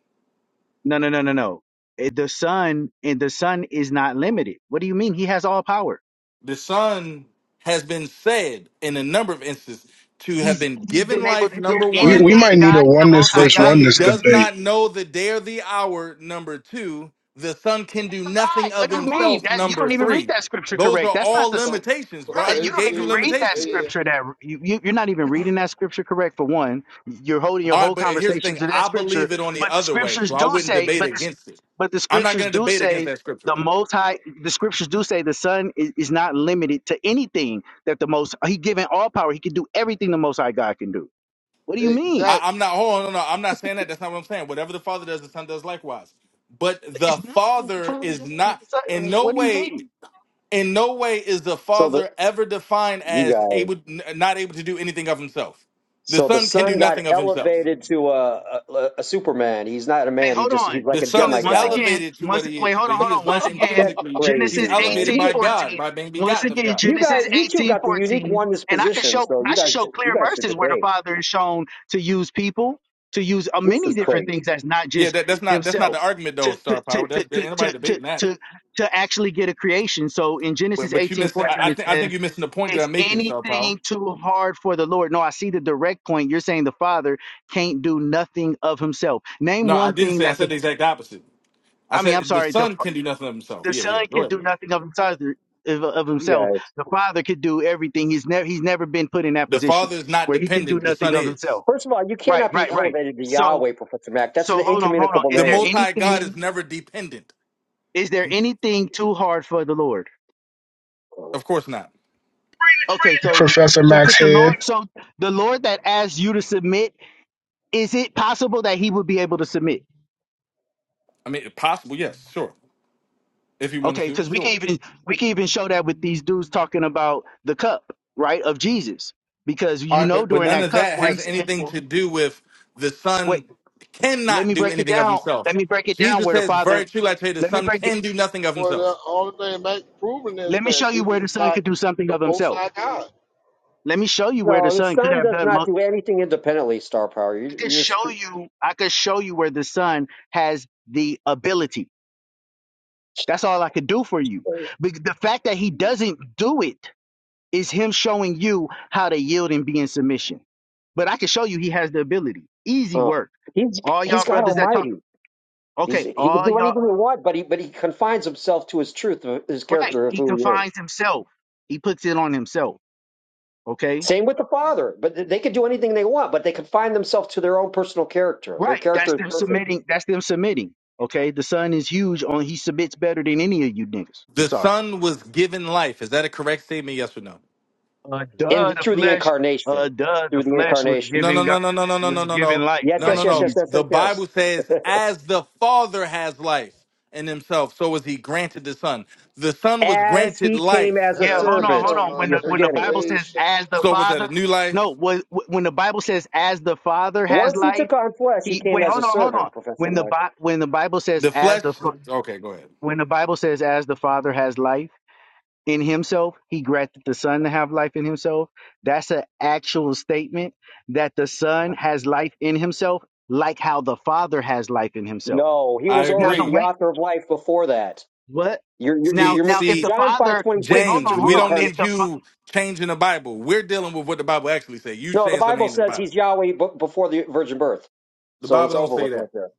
[SPEAKER 18] No, no, no, no, no. Eh, The Son and the Son is not limited. What do you mean? He has all power.
[SPEAKER 16] The Son has been said in a number of instances to have
[SPEAKER 18] He's
[SPEAKER 16] been
[SPEAKER 18] he's
[SPEAKER 16] given
[SPEAKER 18] been able
[SPEAKER 16] life,
[SPEAKER 18] to do
[SPEAKER 16] number
[SPEAKER 8] We we
[SPEAKER 16] one.
[SPEAKER 18] anything
[SPEAKER 8] might need a
[SPEAKER 18] God, the
[SPEAKER 8] oneness
[SPEAKER 18] Most
[SPEAKER 16] The
[SPEAKER 18] High
[SPEAKER 8] versus
[SPEAKER 18] God, can
[SPEAKER 16] Son
[SPEAKER 8] oneness
[SPEAKER 18] do.
[SPEAKER 16] does
[SPEAKER 8] debate.
[SPEAKER 16] not know the day or the hour, number two. The Son can do nothing
[SPEAKER 18] Like, What
[SPEAKER 16] of
[SPEAKER 18] do you mean?
[SPEAKER 16] himself,
[SPEAKER 18] That you
[SPEAKER 16] number
[SPEAKER 18] don't even read
[SPEAKER 16] three.
[SPEAKER 18] that scripture
[SPEAKER 16] Those
[SPEAKER 18] correct.
[SPEAKER 16] are
[SPEAKER 18] That's not
[SPEAKER 16] all
[SPEAKER 18] the
[SPEAKER 3] So
[SPEAKER 16] limitations,
[SPEAKER 3] so
[SPEAKER 16] bro. I
[SPEAKER 18] Right, you
[SPEAKER 16] just
[SPEAKER 18] don't
[SPEAKER 16] gave
[SPEAKER 18] even
[SPEAKER 16] you
[SPEAKER 3] basically
[SPEAKER 18] read
[SPEAKER 3] he's
[SPEAKER 18] that
[SPEAKER 16] limitations.
[SPEAKER 3] saying
[SPEAKER 18] scripture. That you, you you're not even reading that scripture correct. For one, you're holding your
[SPEAKER 16] All right,
[SPEAKER 18] whole
[SPEAKER 16] but here's the
[SPEAKER 18] conversation
[SPEAKER 16] thing
[SPEAKER 18] to that
[SPEAKER 16] I
[SPEAKER 18] scripture.
[SPEAKER 16] believe it on the
[SPEAKER 18] But the
[SPEAKER 16] other way,
[SPEAKER 18] scriptures
[SPEAKER 16] so I
[SPEAKER 18] do
[SPEAKER 16] wouldn't
[SPEAKER 18] say,
[SPEAKER 16] debate
[SPEAKER 18] but the,
[SPEAKER 16] against it.
[SPEAKER 18] but the
[SPEAKER 16] I'm not
[SPEAKER 18] scriptures
[SPEAKER 16] going to
[SPEAKER 18] do
[SPEAKER 16] debate against
[SPEAKER 18] say
[SPEAKER 16] that scripture,
[SPEAKER 18] the
[SPEAKER 16] bro.
[SPEAKER 18] Most High. The scriptures do say the Son is, is not limited to anything that the Most He given all power. He can do everything the Most High God can do. What do you mean?
[SPEAKER 16] I,
[SPEAKER 3] exactly.
[SPEAKER 16] I'm not. Hold on, no, no, I'm not saying that. That's not what I'm saying. Whatever the father does, the son does likewise. But the
[SPEAKER 18] It's nothing that the
[SPEAKER 16] father
[SPEAKER 18] Father
[SPEAKER 16] is
[SPEAKER 18] does that
[SPEAKER 16] not
[SPEAKER 18] the Son.
[SPEAKER 16] in
[SPEAKER 18] Like,
[SPEAKER 16] no
[SPEAKER 18] what do you
[SPEAKER 16] way.
[SPEAKER 18] mean?
[SPEAKER 16] In no way is the
[SPEAKER 17] So the
[SPEAKER 16] father ever defined
[SPEAKER 17] you
[SPEAKER 16] as
[SPEAKER 17] guys.
[SPEAKER 16] able, n- not able to do anything of himself. The
[SPEAKER 17] So the
[SPEAKER 16] son can do
[SPEAKER 17] son got
[SPEAKER 16] nothing of himself.
[SPEAKER 17] elevated to a, a a Superman. He's not a
[SPEAKER 18] Wait,
[SPEAKER 17] man. He
[SPEAKER 18] hold
[SPEAKER 17] just he's
[SPEAKER 18] on.
[SPEAKER 17] like
[SPEAKER 16] The
[SPEAKER 17] a
[SPEAKER 16] son
[SPEAKER 18] So
[SPEAKER 16] is
[SPEAKER 18] once
[SPEAKER 17] demigod.
[SPEAKER 18] again,
[SPEAKER 16] elevated to what
[SPEAKER 18] once
[SPEAKER 16] he
[SPEAKER 18] wait,
[SPEAKER 16] is,
[SPEAKER 18] hold
[SPEAKER 16] but
[SPEAKER 18] on, hold
[SPEAKER 16] he
[SPEAKER 18] on.
[SPEAKER 16] is
[SPEAKER 18] Once
[SPEAKER 16] not
[SPEAKER 18] again,
[SPEAKER 17] That's
[SPEAKER 16] intrinsically. He's
[SPEAKER 17] crazy,
[SPEAKER 18] Genesis
[SPEAKER 17] man.
[SPEAKER 16] elevated
[SPEAKER 17] You
[SPEAKER 18] eighteen
[SPEAKER 16] by
[SPEAKER 17] get-
[SPEAKER 16] God,
[SPEAKER 18] fourteen.
[SPEAKER 16] by being
[SPEAKER 18] Once
[SPEAKER 16] begotten of
[SPEAKER 18] again,
[SPEAKER 16] God.
[SPEAKER 17] you
[SPEAKER 18] Genesis
[SPEAKER 17] guys, you two
[SPEAKER 18] eighteen
[SPEAKER 17] got the unique
[SPEAKER 18] fourteen.
[SPEAKER 17] oneness
[SPEAKER 18] And I can
[SPEAKER 17] position.
[SPEAKER 18] show
[SPEAKER 17] So you
[SPEAKER 18] I should
[SPEAKER 17] guys,
[SPEAKER 18] show
[SPEAKER 17] j- you
[SPEAKER 18] clear
[SPEAKER 17] guys should
[SPEAKER 18] verses where the
[SPEAKER 17] debate.
[SPEAKER 18] Father is shown to use people, to use uh,
[SPEAKER 17] This
[SPEAKER 18] many
[SPEAKER 17] is
[SPEAKER 18] different
[SPEAKER 17] crazy.
[SPEAKER 18] things that's not
[SPEAKER 16] Yeah,
[SPEAKER 18] just
[SPEAKER 16] that, that's not that's not the
[SPEAKER 18] himself.
[SPEAKER 16] argument
[SPEAKER 18] To
[SPEAKER 16] though,
[SPEAKER 18] to
[SPEAKER 16] Star
[SPEAKER 18] to to
[SPEAKER 16] Power. That's
[SPEAKER 18] to
[SPEAKER 16] anybody
[SPEAKER 18] to to,
[SPEAKER 16] debating that.
[SPEAKER 18] to, to actually get a creation. So in
[SPEAKER 16] But
[SPEAKER 18] Genesis
[SPEAKER 16] but you
[SPEAKER 18] eighteen
[SPEAKER 16] missing. I, I
[SPEAKER 18] fourteen,
[SPEAKER 16] think I think you're missing the point that
[SPEAKER 18] is
[SPEAKER 16] I'm making, Star Power.
[SPEAKER 18] anything too hard for the Lord? No, I see the direct point. You're saying the Father can't do nothing of himself. Name
[SPEAKER 16] No, I
[SPEAKER 18] one
[SPEAKER 16] didn't
[SPEAKER 18] thing
[SPEAKER 16] say. I
[SPEAKER 18] that the
[SPEAKER 16] said the exact opposite. I
[SPEAKER 18] I mean, I'm
[SPEAKER 16] said the
[SPEAKER 18] sorry, the
[SPEAKER 16] son
[SPEAKER 18] fa-
[SPEAKER 16] can do nothing of himself.
[SPEAKER 18] the
[SPEAKER 16] Yeah,
[SPEAKER 18] Son
[SPEAKER 16] yeah. Go
[SPEAKER 18] can
[SPEAKER 16] ahead,
[SPEAKER 18] do
[SPEAKER 16] bro.
[SPEAKER 18] nothing of himself. Of of
[SPEAKER 17] You
[SPEAKER 18] himself,
[SPEAKER 17] guys.
[SPEAKER 18] the Father could do everything. He's never he's never been put in that
[SPEAKER 16] The
[SPEAKER 18] position
[SPEAKER 16] father is not
[SPEAKER 18] where he can do
[SPEAKER 16] dependent. The
[SPEAKER 18] nothing
[SPEAKER 16] son
[SPEAKER 18] of
[SPEAKER 16] is.
[SPEAKER 18] himself.
[SPEAKER 17] First of all, you
[SPEAKER 18] Right,
[SPEAKER 17] cannot be
[SPEAKER 18] right, right.
[SPEAKER 17] elevated to
[SPEAKER 18] So
[SPEAKER 17] Yahweh, Professor Mac. That's an
[SPEAKER 18] so hold on, hold on.
[SPEAKER 17] incommunicable
[SPEAKER 18] Is
[SPEAKER 16] The
[SPEAKER 18] there
[SPEAKER 17] name.
[SPEAKER 16] Most High God
[SPEAKER 18] anything
[SPEAKER 16] is never dependent.
[SPEAKER 18] is there anything too hard for the Lord?
[SPEAKER 16] Of course not.
[SPEAKER 18] Okay, so
[SPEAKER 8] Professor
[SPEAKER 18] so
[SPEAKER 8] Max
[SPEAKER 18] could the
[SPEAKER 8] Head.
[SPEAKER 18] Lord so the Lord that asked you to submit is it possible that he would be able to submit?
[SPEAKER 16] I mean, possible. Yes, sure. If he wanted
[SPEAKER 18] Okay,
[SPEAKER 16] to,
[SPEAKER 18] because we can
[SPEAKER 16] sure.
[SPEAKER 18] even we can even show that with these dudes talking about the cup, right, of Jesus, because
[SPEAKER 16] All
[SPEAKER 18] you
[SPEAKER 16] right,
[SPEAKER 18] know
[SPEAKER 16] but but
[SPEAKER 18] during
[SPEAKER 16] none
[SPEAKER 18] that
[SPEAKER 16] of
[SPEAKER 18] cup
[SPEAKER 16] that
[SPEAKER 18] where he
[SPEAKER 16] has
[SPEAKER 18] said,
[SPEAKER 16] anything
[SPEAKER 18] "Well,
[SPEAKER 16] to do with the
[SPEAKER 18] "Wait,
[SPEAKER 16] son
[SPEAKER 18] let
[SPEAKER 16] cannot
[SPEAKER 18] me
[SPEAKER 16] do
[SPEAKER 18] break it
[SPEAKER 16] anything of
[SPEAKER 18] down.
[SPEAKER 16] himself.
[SPEAKER 18] Let me break it down
[SPEAKER 16] Jesus
[SPEAKER 18] where the
[SPEAKER 16] says, "Very
[SPEAKER 18] Father.
[SPEAKER 16] truly, I tell you, the
[SPEAKER 18] Let me
[SPEAKER 16] son
[SPEAKER 18] break it.
[SPEAKER 16] can do nothing of
[SPEAKER 3] Well, the
[SPEAKER 16] himself."
[SPEAKER 3] only thing Mac proving is
[SPEAKER 18] Let me show
[SPEAKER 3] that
[SPEAKER 18] you where
[SPEAKER 3] Jesus
[SPEAKER 18] the
[SPEAKER 3] is
[SPEAKER 18] Son
[SPEAKER 3] not
[SPEAKER 18] could do something
[SPEAKER 3] the
[SPEAKER 18] of
[SPEAKER 3] Most
[SPEAKER 18] Himself.
[SPEAKER 3] High God.
[SPEAKER 18] Let me show you where the
[SPEAKER 17] No, the
[SPEAKER 18] Son could
[SPEAKER 17] sun
[SPEAKER 18] have
[SPEAKER 17] does
[SPEAKER 18] done
[SPEAKER 17] not
[SPEAKER 18] most.
[SPEAKER 17] do anything independently. Star power.
[SPEAKER 18] I
[SPEAKER 17] You
[SPEAKER 18] could
[SPEAKER 17] you just
[SPEAKER 18] show
[SPEAKER 17] cr-
[SPEAKER 18] you. I could show you where the Son has the ability. That's all I could do for you. But the fact that He doesn't do it is him showing you how to yield and be in submission. But I can show you he has the ability. Easy
[SPEAKER 17] uh,
[SPEAKER 18] work.
[SPEAKER 17] he's
[SPEAKER 18] All
[SPEAKER 17] he's
[SPEAKER 18] y'all
[SPEAKER 17] God
[SPEAKER 18] brothers that talk,
[SPEAKER 17] Almighty. He's
[SPEAKER 18] okay,
[SPEAKER 17] he can
[SPEAKER 18] all
[SPEAKER 17] do anything
[SPEAKER 18] y'all,
[SPEAKER 17] he wants, but he but he confines himself to his truth, of his
[SPEAKER 18] right.
[SPEAKER 17] character of
[SPEAKER 18] He
[SPEAKER 17] who he is.
[SPEAKER 18] confines himself. He puts it on himself. Okay.
[SPEAKER 17] Same with the Father, but th- they can do anything they want, but they confine themselves to their own personal character. Their
[SPEAKER 18] Right.
[SPEAKER 17] character
[SPEAKER 18] That's
[SPEAKER 17] is
[SPEAKER 18] them
[SPEAKER 17] perfect,
[SPEAKER 18] submitting. That's them submitting. Okay. The son is huge on, he submits better than any of you niggas. I'm
[SPEAKER 16] The
[SPEAKER 18] sorry.
[SPEAKER 16] son was given life. Is that a correct statement? Yes or no?
[SPEAKER 18] Uh, duh,
[SPEAKER 17] and
[SPEAKER 18] the
[SPEAKER 17] through the
[SPEAKER 18] flesh,
[SPEAKER 17] incarnation,
[SPEAKER 18] uh, duh, the
[SPEAKER 17] through the
[SPEAKER 18] flesh was
[SPEAKER 17] incarnation.
[SPEAKER 16] No, no,
[SPEAKER 18] giving God,
[SPEAKER 16] no, no, no, no, no, no,
[SPEAKER 18] was
[SPEAKER 16] no,
[SPEAKER 18] giving
[SPEAKER 16] no,
[SPEAKER 18] life.
[SPEAKER 17] Yes,
[SPEAKER 16] no,
[SPEAKER 17] yes,
[SPEAKER 16] no,
[SPEAKER 18] Like
[SPEAKER 17] yes,
[SPEAKER 16] no.
[SPEAKER 17] yes,
[SPEAKER 18] he's,
[SPEAKER 17] yes, yes,
[SPEAKER 16] The
[SPEAKER 17] yes.
[SPEAKER 16] Bible says, as the Father has life in himself, so was he granted the Son. The Son was
[SPEAKER 17] As
[SPEAKER 16] granted
[SPEAKER 17] he came
[SPEAKER 16] life.
[SPEAKER 17] as a
[SPEAKER 18] Yeah,
[SPEAKER 3] as
[SPEAKER 18] hold on,
[SPEAKER 17] servant,
[SPEAKER 18] hold on.
[SPEAKER 3] eternal
[SPEAKER 18] When the
[SPEAKER 17] you're
[SPEAKER 18] when the
[SPEAKER 17] forgetting.
[SPEAKER 18] Bible says
[SPEAKER 3] generation.
[SPEAKER 18] as the
[SPEAKER 16] So was that a
[SPEAKER 18] Father,
[SPEAKER 16] new life?
[SPEAKER 18] no, when when the Bible says as the Father has
[SPEAKER 17] Once he
[SPEAKER 18] life,
[SPEAKER 17] took on flesh, he
[SPEAKER 18] he
[SPEAKER 17] came
[SPEAKER 18] wait,
[SPEAKER 17] as a
[SPEAKER 18] hold on, hold
[SPEAKER 17] servant,
[SPEAKER 18] on.
[SPEAKER 17] Professor
[SPEAKER 18] When the
[SPEAKER 17] Mack.
[SPEAKER 18] Bi- when the Bible says
[SPEAKER 16] The
[SPEAKER 18] as
[SPEAKER 16] flesh?
[SPEAKER 18] the Fa-
[SPEAKER 16] Okay, go ahead.
[SPEAKER 18] when the Bible says as the Father has life in himself, he granted the Son to have life in himself. That's an actual statement that the Son has life in himself, like how the Father has life in himself.
[SPEAKER 17] No, he
[SPEAKER 16] I
[SPEAKER 17] was
[SPEAKER 18] Now
[SPEAKER 17] already
[SPEAKER 18] the
[SPEAKER 17] the
[SPEAKER 16] agree.
[SPEAKER 18] way
[SPEAKER 17] author of life before that.
[SPEAKER 18] what?
[SPEAKER 17] You're you're, you're,
[SPEAKER 18] Now
[SPEAKER 16] See,
[SPEAKER 17] you
[SPEAKER 18] now if
[SPEAKER 16] see,
[SPEAKER 18] the
[SPEAKER 17] John five
[SPEAKER 18] Father
[SPEAKER 17] twenty
[SPEAKER 18] wait,
[SPEAKER 17] six is
[SPEAKER 18] hold
[SPEAKER 16] James,
[SPEAKER 18] on,
[SPEAKER 17] through the
[SPEAKER 18] hold
[SPEAKER 16] we
[SPEAKER 18] on.
[SPEAKER 16] don't
[SPEAKER 17] incarnate.
[SPEAKER 18] If
[SPEAKER 16] need
[SPEAKER 18] the
[SPEAKER 16] you changing the Bible. We're dealing with what the Bible actually says. You
[SPEAKER 17] No, the
[SPEAKER 16] saying something
[SPEAKER 17] Bible
[SPEAKER 16] ain't in the
[SPEAKER 17] says
[SPEAKER 16] Bible.
[SPEAKER 17] he's Yahweh b- before the virgin birth.
[SPEAKER 16] The
[SPEAKER 17] So
[SPEAKER 16] Bible
[SPEAKER 17] it's
[SPEAKER 16] don't
[SPEAKER 17] over
[SPEAKER 16] say
[SPEAKER 17] with right
[SPEAKER 16] that.
[SPEAKER 17] there.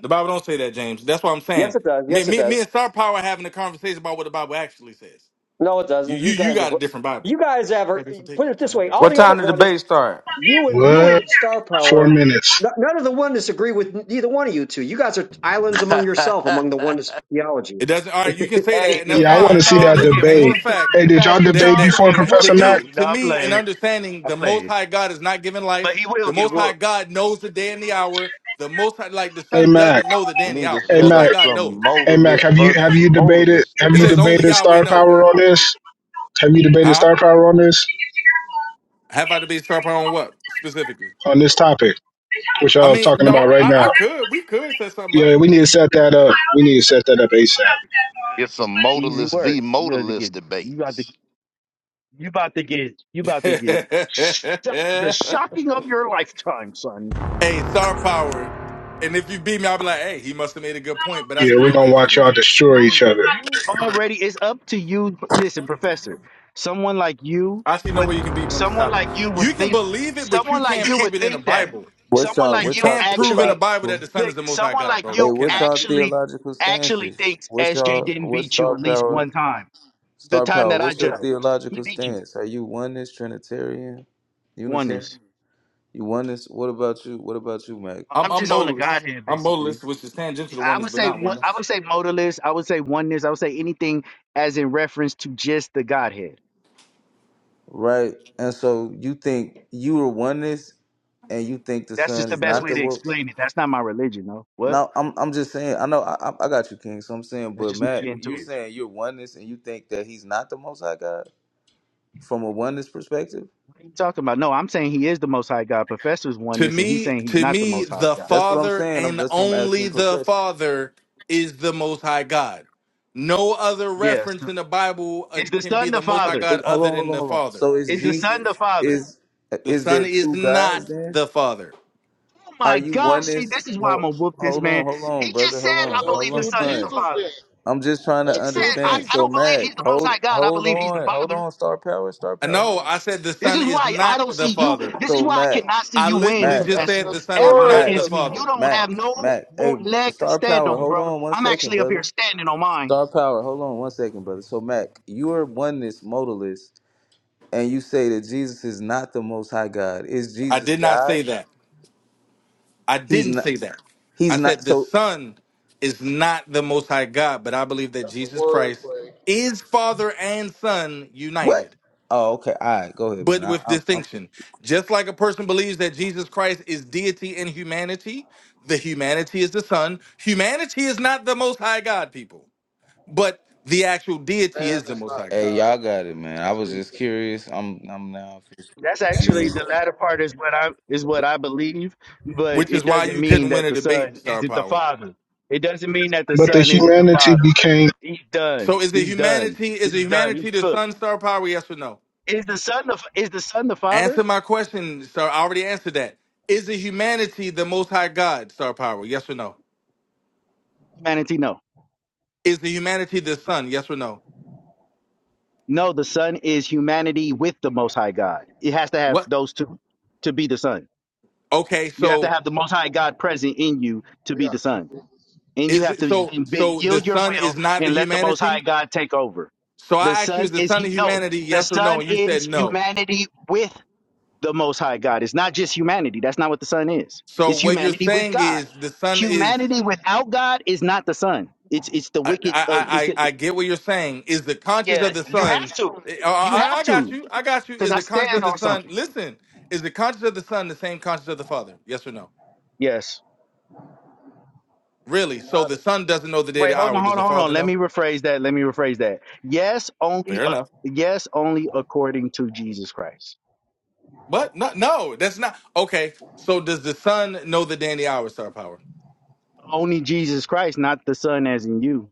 [SPEAKER 16] The Bible don't say that, James. That's what I'm
[SPEAKER 17] Yes,
[SPEAKER 16] saying.
[SPEAKER 17] it does.
[SPEAKER 16] Me,
[SPEAKER 17] Yes, it
[SPEAKER 16] me, me
[SPEAKER 17] does.
[SPEAKER 16] and Star Power having a conversation about what the Bible actually says.
[SPEAKER 17] No, it
[SPEAKER 16] You,
[SPEAKER 17] doesn't.
[SPEAKER 16] you,
[SPEAKER 17] You
[SPEAKER 16] you
[SPEAKER 17] guys have.
[SPEAKER 16] got a different Bible.
[SPEAKER 17] You guys ever put it this way? All
[SPEAKER 19] What
[SPEAKER 17] the other
[SPEAKER 19] time did the
[SPEAKER 17] one is
[SPEAKER 19] debate start?
[SPEAKER 17] you and you
[SPEAKER 8] What?
[SPEAKER 17] and Star
[SPEAKER 8] Four
[SPEAKER 17] Power.
[SPEAKER 8] minutes.
[SPEAKER 17] n- None of the oneness agree with neither one of you two. You guys are islands among yourself among the oneness theology.
[SPEAKER 16] It doesn't. All right, you can say
[SPEAKER 18] Hey,
[SPEAKER 16] that, and
[SPEAKER 18] if
[SPEAKER 16] that's
[SPEAKER 8] Yeah, I want
[SPEAKER 18] Pastor
[SPEAKER 8] to
[SPEAKER 16] fine,
[SPEAKER 8] see
[SPEAKER 16] but it
[SPEAKER 18] Charles
[SPEAKER 8] that
[SPEAKER 18] would
[SPEAKER 16] doesn't
[SPEAKER 18] get
[SPEAKER 16] change
[SPEAKER 8] debate.
[SPEAKER 16] the
[SPEAKER 18] whooped,
[SPEAKER 16] fact
[SPEAKER 8] Hey,
[SPEAKER 18] if
[SPEAKER 8] did y'all
[SPEAKER 18] Pastor
[SPEAKER 16] that
[SPEAKER 8] debate
[SPEAKER 18] Charles would
[SPEAKER 16] that
[SPEAKER 8] before,
[SPEAKER 18] get
[SPEAKER 16] m- to
[SPEAKER 8] Professor
[SPEAKER 18] whooped
[SPEAKER 8] Mac?
[SPEAKER 16] me,
[SPEAKER 18] too. No,
[SPEAKER 16] to
[SPEAKER 18] I'm
[SPEAKER 16] me, in
[SPEAKER 18] playing.
[SPEAKER 16] understanding
[SPEAKER 18] I'm
[SPEAKER 16] the Most
[SPEAKER 18] playing.
[SPEAKER 16] High God is not given
[SPEAKER 18] But
[SPEAKER 16] life.
[SPEAKER 18] he will
[SPEAKER 16] The
[SPEAKER 18] get
[SPEAKER 16] Most High
[SPEAKER 18] whooped.
[SPEAKER 16] God knows the day and the hour. The Most High, like the
[SPEAKER 8] Hey
[SPEAKER 16] Son,
[SPEAKER 8] Mac.
[SPEAKER 16] doesn't know the day
[SPEAKER 10] we
[SPEAKER 16] and the
[SPEAKER 10] need to
[SPEAKER 16] hour. The
[SPEAKER 8] Hey
[SPEAKER 10] set
[SPEAKER 16] Most High
[SPEAKER 10] up
[SPEAKER 8] Mac.
[SPEAKER 16] God
[SPEAKER 10] some
[SPEAKER 16] knows.
[SPEAKER 8] Hey Mac.
[SPEAKER 10] modalist
[SPEAKER 8] Have you have
[SPEAKER 10] versus
[SPEAKER 8] you debated
[SPEAKER 10] modalist
[SPEAKER 8] have
[SPEAKER 16] It
[SPEAKER 8] you
[SPEAKER 16] says only
[SPEAKER 8] debated
[SPEAKER 10] debates.
[SPEAKER 16] Yahweh
[SPEAKER 8] star power
[SPEAKER 16] knows.
[SPEAKER 8] on this? Have you debated
[SPEAKER 16] Huh?
[SPEAKER 8] star power on this
[SPEAKER 16] Have I to be sharper on what specifically?
[SPEAKER 8] on this topic, which I
[SPEAKER 16] I
[SPEAKER 8] was
[SPEAKER 16] mean,
[SPEAKER 8] talking about
[SPEAKER 16] no,
[SPEAKER 8] right
[SPEAKER 16] I, I
[SPEAKER 8] now?
[SPEAKER 16] could. We could set something up.
[SPEAKER 8] Yeah, we need to set that up. We need to set that up ASAP.
[SPEAKER 10] Get some
[SPEAKER 18] Easy
[SPEAKER 10] modalist
[SPEAKER 18] work.
[SPEAKER 10] v
[SPEAKER 18] You got to
[SPEAKER 10] modalist
[SPEAKER 18] get. You got to.
[SPEAKER 10] debates.
[SPEAKER 18] You about to get. You about to
[SPEAKER 16] hey,
[SPEAKER 18] get. sh- The shocking of your lifetime, son.
[SPEAKER 16] star power. And if you beat me, I'll be like, hey, he must have made a good point, but I
[SPEAKER 8] Yeah,
[SPEAKER 16] see
[SPEAKER 8] we're
[SPEAKER 16] no way
[SPEAKER 8] gonna
[SPEAKER 16] that you
[SPEAKER 8] watch
[SPEAKER 16] can beat.
[SPEAKER 8] y'all destroy each other.
[SPEAKER 18] You already it's up to you. Listen, professor, someone like you
[SPEAKER 16] I see no
[SPEAKER 18] would
[SPEAKER 16] way you can beat me on this
[SPEAKER 18] someone
[SPEAKER 16] topic.
[SPEAKER 18] like you would
[SPEAKER 16] You can
[SPEAKER 18] think
[SPEAKER 16] believe it, but
[SPEAKER 18] someone
[SPEAKER 16] you
[SPEAKER 18] like
[SPEAKER 16] can't
[SPEAKER 18] you
[SPEAKER 16] prove
[SPEAKER 18] would
[SPEAKER 16] it in the
[SPEAKER 18] think that.
[SPEAKER 16] Bible.
[SPEAKER 21] What's
[SPEAKER 18] Someone
[SPEAKER 21] y'all?
[SPEAKER 16] You
[SPEAKER 18] like
[SPEAKER 21] What's
[SPEAKER 18] you
[SPEAKER 21] y'all
[SPEAKER 16] can't prove in the
[SPEAKER 18] actually
[SPEAKER 16] Bible that
[SPEAKER 21] theological?
[SPEAKER 16] the Son
[SPEAKER 18] look,
[SPEAKER 16] is the Most High
[SPEAKER 18] someone
[SPEAKER 16] God,
[SPEAKER 18] like
[SPEAKER 16] bro. You
[SPEAKER 21] Hey,
[SPEAKER 18] you
[SPEAKER 21] what's
[SPEAKER 16] cannot.
[SPEAKER 21] y'all
[SPEAKER 18] actually
[SPEAKER 21] theological
[SPEAKER 18] actually
[SPEAKER 21] stances?
[SPEAKER 18] thinks
[SPEAKER 21] What's
[SPEAKER 18] SJ
[SPEAKER 21] y'all?
[SPEAKER 18] didn't
[SPEAKER 21] What's
[SPEAKER 18] beat you
[SPEAKER 21] star
[SPEAKER 18] at least
[SPEAKER 21] power?
[SPEAKER 18] one time. The
[SPEAKER 21] Star
[SPEAKER 18] time
[SPEAKER 21] power.
[SPEAKER 18] that I
[SPEAKER 21] What's your
[SPEAKER 18] judged. He
[SPEAKER 21] theological
[SPEAKER 18] beat you.
[SPEAKER 21] stance? Are you oneness, Trinitarian,
[SPEAKER 18] Oneness.
[SPEAKER 21] Unitarian? You oneness. What about you? What about you, Mac?
[SPEAKER 16] I'm
[SPEAKER 18] I'm
[SPEAKER 16] I'm
[SPEAKER 18] just
[SPEAKER 21] What's-
[SPEAKER 18] on the
[SPEAKER 16] modalist.
[SPEAKER 18] Godhead
[SPEAKER 16] I'm
[SPEAKER 18] basically.
[SPEAKER 16] modalist, which is tangential to
[SPEAKER 18] I
[SPEAKER 16] oneness,
[SPEAKER 18] would
[SPEAKER 16] but
[SPEAKER 18] say
[SPEAKER 16] not
[SPEAKER 18] one I
[SPEAKER 16] oneness.
[SPEAKER 18] would say modalist, I would say oneness, I would say anything as in reference to just the Godhead.
[SPEAKER 21] Right. And so you think you are oneness, and you think the
[SPEAKER 18] That's
[SPEAKER 21] son
[SPEAKER 18] just the
[SPEAKER 21] is
[SPEAKER 18] best
[SPEAKER 16] Right.
[SPEAKER 21] not
[SPEAKER 18] way
[SPEAKER 21] the
[SPEAKER 18] to
[SPEAKER 21] world.
[SPEAKER 18] explain it. That's not my religion, though. What?
[SPEAKER 21] No, I'm. I'm just saying. I know. I, I I got you, King. So I'm saying,
[SPEAKER 18] That's
[SPEAKER 21] but
[SPEAKER 18] just me
[SPEAKER 21] Mac,
[SPEAKER 18] getting to
[SPEAKER 21] you're
[SPEAKER 18] it.
[SPEAKER 21] saying you're oneness, and you think that he's not the Most High God from a oneness perspective.
[SPEAKER 18] What are you talking about? No, I'm saying he is the most high God. Professor's
[SPEAKER 16] To
[SPEAKER 18] oneness, and he's
[SPEAKER 16] me,
[SPEAKER 18] saying he's
[SPEAKER 16] to
[SPEAKER 18] not the
[SPEAKER 16] me,
[SPEAKER 18] most high
[SPEAKER 16] the
[SPEAKER 18] God.
[SPEAKER 21] That's what I'm
[SPEAKER 16] Father
[SPEAKER 21] saying. I'm,
[SPEAKER 16] and
[SPEAKER 21] that's what I'm
[SPEAKER 16] only
[SPEAKER 21] asking
[SPEAKER 16] the
[SPEAKER 21] profession.
[SPEAKER 16] Father is the Most High God. No other
[SPEAKER 18] Yes.
[SPEAKER 16] reference in the Bible uh,
[SPEAKER 18] Is the
[SPEAKER 16] can be
[SPEAKER 18] son the
[SPEAKER 16] the Most High
[SPEAKER 18] father?
[SPEAKER 16] God
[SPEAKER 21] Hold, hold
[SPEAKER 16] other
[SPEAKER 21] on, hold
[SPEAKER 16] than
[SPEAKER 21] on,
[SPEAKER 16] the
[SPEAKER 21] hold on.
[SPEAKER 16] Father.
[SPEAKER 21] So is
[SPEAKER 18] Is the son
[SPEAKER 21] Jesus
[SPEAKER 18] the father?
[SPEAKER 21] is
[SPEAKER 16] The
[SPEAKER 21] is
[SPEAKER 16] Son
[SPEAKER 21] there
[SPEAKER 16] is
[SPEAKER 21] two guys?
[SPEAKER 16] not
[SPEAKER 21] then?
[SPEAKER 16] the Father.
[SPEAKER 18] Oh
[SPEAKER 21] Are
[SPEAKER 18] my
[SPEAKER 21] you
[SPEAKER 18] gosh, see,
[SPEAKER 21] oneness?
[SPEAKER 18] this is why I'm gonna
[SPEAKER 21] Hold,
[SPEAKER 18] whoop this
[SPEAKER 21] hold on,
[SPEAKER 18] man.
[SPEAKER 21] hold on,
[SPEAKER 18] He
[SPEAKER 21] brother.
[SPEAKER 18] just said,
[SPEAKER 21] Hold
[SPEAKER 3] That-
[SPEAKER 21] on,
[SPEAKER 18] I
[SPEAKER 3] That's
[SPEAKER 18] believe the
[SPEAKER 21] hold
[SPEAKER 3] two
[SPEAKER 18] son is
[SPEAKER 21] on.
[SPEAKER 18] the
[SPEAKER 3] Jesus
[SPEAKER 18] father.
[SPEAKER 3] then.
[SPEAKER 21] I'm just trying to
[SPEAKER 18] Just
[SPEAKER 3] That's
[SPEAKER 18] said,
[SPEAKER 3] two
[SPEAKER 18] I,
[SPEAKER 21] understand.
[SPEAKER 18] I
[SPEAKER 21] So
[SPEAKER 18] don't
[SPEAKER 3] Jesus.
[SPEAKER 18] believe he's
[SPEAKER 21] Mac,
[SPEAKER 18] the most high
[SPEAKER 21] hold
[SPEAKER 18] God. I
[SPEAKER 21] hold
[SPEAKER 18] believe he's the
[SPEAKER 21] on, hold
[SPEAKER 18] father.
[SPEAKER 21] on. Star power, star
[SPEAKER 16] Uh,
[SPEAKER 21] power. Hold
[SPEAKER 16] No,
[SPEAKER 21] on.
[SPEAKER 16] I said the
[SPEAKER 18] This
[SPEAKER 16] Son
[SPEAKER 18] is
[SPEAKER 16] is
[SPEAKER 18] why I
[SPEAKER 16] not
[SPEAKER 18] don't see
[SPEAKER 16] the
[SPEAKER 18] you.
[SPEAKER 16] Father.
[SPEAKER 18] This is
[SPEAKER 21] So
[SPEAKER 18] why I
[SPEAKER 21] Mac,
[SPEAKER 18] cannot see
[SPEAKER 16] I
[SPEAKER 18] you win,
[SPEAKER 16] literally
[SPEAKER 21] Mac,
[SPEAKER 16] just
[SPEAKER 3] That's
[SPEAKER 18] Professor,
[SPEAKER 16] said the son is
[SPEAKER 18] ever
[SPEAKER 16] not
[SPEAKER 21] Mac,
[SPEAKER 16] the
[SPEAKER 18] against
[SPEAKER 3] Nestorianism.
[SPEAKER 18] me. You
[SPEAKER 16] father.
[SPEAKER 18] don't have
[SPEAKER 21] Mac,
[SPEAKER 18] no
[SPEAKER 21] Mac. Hey,
[SPEAKER 18] root leg to
[SPEAKER 21] star
[SPEAKER 18] stand
[SPEAKER 21] power.
[SPEAKER 18] on,
[SPEAKER 21] Hold
[SPEAKER 18] bro.
[SPEAKER 21] on one
[SPEAKER 18] I'm
[SPEAKER 21] second,
[SPEAKER 18] actually up here
[SPEAKER 21] brother.
[SPEAKER 18] standing on mine.
[SPEAKER 21] Star power. Hold on one second, brother. So Mac, you are oneness modalist and you say that Jesus is not the most high God. Is
[SPEAKER 16] I
[SPEAKER 21] Jesus
[SPEAKER 16] did not
[SPEAKER 21] God?
[SPEAKER 16] say that. I
[SPEAKER 21] He's
[SPEAKER 16] didn't
[SPEAKER 21] not
[SPEAKER 16] say that.
[SPEAKER 21] he's
[SPEAKER 16] I
[SPEAKER 21] not
[SPEAKER 16] said the
[SPEAKER 21] so
[SPEAKER 16] son is not the most high God, but I believe that
[SPEAKER 3] That's a
[SPEAKER 16] Jesus Christ
[SPEAKER 3] wordplay.
[SPEAKER 16] is father and son
[SPEAKER 21] what?
[SPEAKER 16] united,
[SPEAKER 21] Oh, okay. All right, go ahead, man.
[SPEAKER 16] but
[SPEAKER 21] I,
[SPEAKER 16] with
[SPEAKER 21] I'm, I'm
[SPEAKER 16] distinction. Just like a person believes that Jesus Christ is deity and humanity, the humanity is the son. Humanity is not the most high God, people, but the actual deity
[SPEAKER 3] man
[SPEAKER 16] is the
[SPEAKER 3] is
[SPEAKER 16] most
[SPEAKER 3] not
[SPEAKER 16] high
[SPEAKER 21] Hey,
[SPEAKER 16] God,
[SPEAKER 3] God.
[SPEAKER 21] y'all got it, man. I
[SPEAKER 3] That's
[SPEAKER 21] was
[SPEAKER 3] what he
[SPEAKER 21] just
[SPEAKER 3] said.
[SPEAKER 21] curious. I'm I'm now just
[SPEAKER 18] That's actually the
[SPEAKER 21] confused.
[SPEAKER 18] latter part is what I is what I believe, but
[SPEAKER 16] which
[SPEAKER 18] it
[SPEAKER 16] is why
[SPEAKER 18] doesn't
[SPEAKER 16] you
[SPEAKER 18] mean
[SPEAKER 16] couldn't win
[SPEAKER 18] that
[SPEAKER 16] a
[SPEAKER 18] the
[SPEAKER 16] debate,
[SPEAKER 18] son
[SPEAKER 16] Star
[SPEAKER 18] isn't the
[SPEAKER 16] Power.
[SPEAKER 18] father. It doesn't mean that the
[SPEAKER 8] But the
[SPEAKER 18] son isn't the
[SPEAKER 8] humanity
[SPEAKER 18] father.
[SPEAKER 8] became
[SPEAKER 18] He's done.
[SPEAKER 16] So is it
[SPEAKER 18] He's done.
[SPEAKER 16] humanity? Is it
[SPEAKER 18] He's done.
[SPEAKER 16] humanity
[SPEAKER 18] He's
[SPEAKER 16] the
[SPEAKER 18] cooked.
[SPEAKER 16] sun, star power? Yes or no?
[SPEAKER 18] Is the son the is the son the father?
[SPEAKER 16] Answer my question, sir. I already answered that. Is it humanity the Most High God, star power? Yes or no?
[SPEAKER 18] Humanity, no.
[SPEAKER 16] Is the humanity the sun? Yes or no?
[SPEAKER 18] No, the Son is humanity with the Most High God. It has to have
[SPEAKER 16] What?
[SPEAKER 18] those two to be the Son.
[SPEAKER 16] Okay,
[SPEAKER 18] You have to
[SPEAKER 16] so
[SPEAKER 18] have the Most High God present in you to
[SPEAKER 3] We
[SPEAKER 18] be the
[SPEAKER 3] got two
[SPEAKER 18] Son.
[SPEAKER 3] Jesus.
[SPEAKER 18] And you
[SPEAKER 16] is
[SPEAKER 18] have
[SPEAKER 16] it
[SPEAKER 18] to
[SPEAKER 16] so?
[SPEAKER 18] be-
[SPEAKER 16] So the
[SPEAKER 18] yield your
[SPEAKER 16] sun is
[SPEAKER 18] will
[SPEAKER 16] not the
[SPEAKER 18] and let the Most High
[SPEAKER 16] humanity.
[SPEAKER 18] God take over.
[SPEAKER 16] So
[SPEAKER 18] The
[SPEAKER 16] I asked you, is
[SPEAKER 18] Son
[SPEAKER 16] the
[SPEAKER 18] is,
[SPEAKER 16] sun the
[SPEAKER 18] hu- no,
[SPEAKER 16] humanity?
[SPEAKER 18] the
[SPEAKER 16] Yes or no?
[SPEAKER 18] Son
[SPEAKER 16] And you
[SPEAKER 18] is
[SPEAKER 16] said no.
[SPEAKER 18] humanity with the Most High God. It's not just humanity. That's not what the Son is.
[SPEAKER 16] So
[SPEAKER 18] It's
[SPEAKER 16] what you're
[SPEAKER 18] humanity with
[SPEAKER 16] saying
[SPEAKER 18] God.
[SPEAKER 16] is the sun is.
[SPEAKER 18] Humanity without God is not the Son. It's it's the
[SPEAKER 16] I, I,
[SPEAKER 18] wicked. Uh, it's
[SPEAKER 16] I,
[SPEAKER 18] the
[SPEAKER 16] I get what you're saying. Is the conscience
[SPEAKER 18] yeah.
[SPEAKER 16] of the
[SPEAKER 18] You
[SPEAKER 16] son?
[SPEAKER 18] have to.
[SPEAKER 16] I,
[SPEAKER 18] You
[SPEAKER 16] I
[SPEAKER 18] have
[SPEAKER 16] I got
[SPEAKER 18] to.
[SPEAKER 16] you. I got you.
[SPEAKER 18] because
[SPEAKER 16] Is
[SPEAKER 18] I
[SPEAKER 16] the conscience
[SPEAKER 18] stand
[SPEAKER 16] of the
[SPEAKER 18] on
[SPEAKER 16] son?
[SPEAKER 18] something.
[SPEAKER 16] Listen, is the conscience of the son the same conscience of the father? Yes or no?
[SPEAKER 18] Yes.
[SPEAKER 16] Really? So the
[SPEAKER 3] United.
[SPEAKER 16] son doesn't know the day, or
[SPEAKER 18] Wait,
[SPEAKER 16] the
[SPEAKER 18] hold
[SPEAKER 16] hour.
[SPEAKER 18] on,
[SPEAKER 16] Does
[SPEAKER 18] hold
[SPEAKER 16] the
[SPEAKER 18] on, hold on.
[SPEAKER 16] father
[SPEAKER 18] Let me
[SPEAKER 16] know?
[SPEAKER 18] rephrase that. Let me rephrase that. Yes, only
[SPEAKER 16] Fair
[SPEAKER 18] uh,
[SPEAKER 16] enough.
[SPEAKER 18] yes, only according to Jesus Christ.
[SPEAKER 16] But no, no, that's not okay. So does the son know the day and the hour? Star power.
[SPEAKER 18] Only Jesus Christ, not the Son as in you.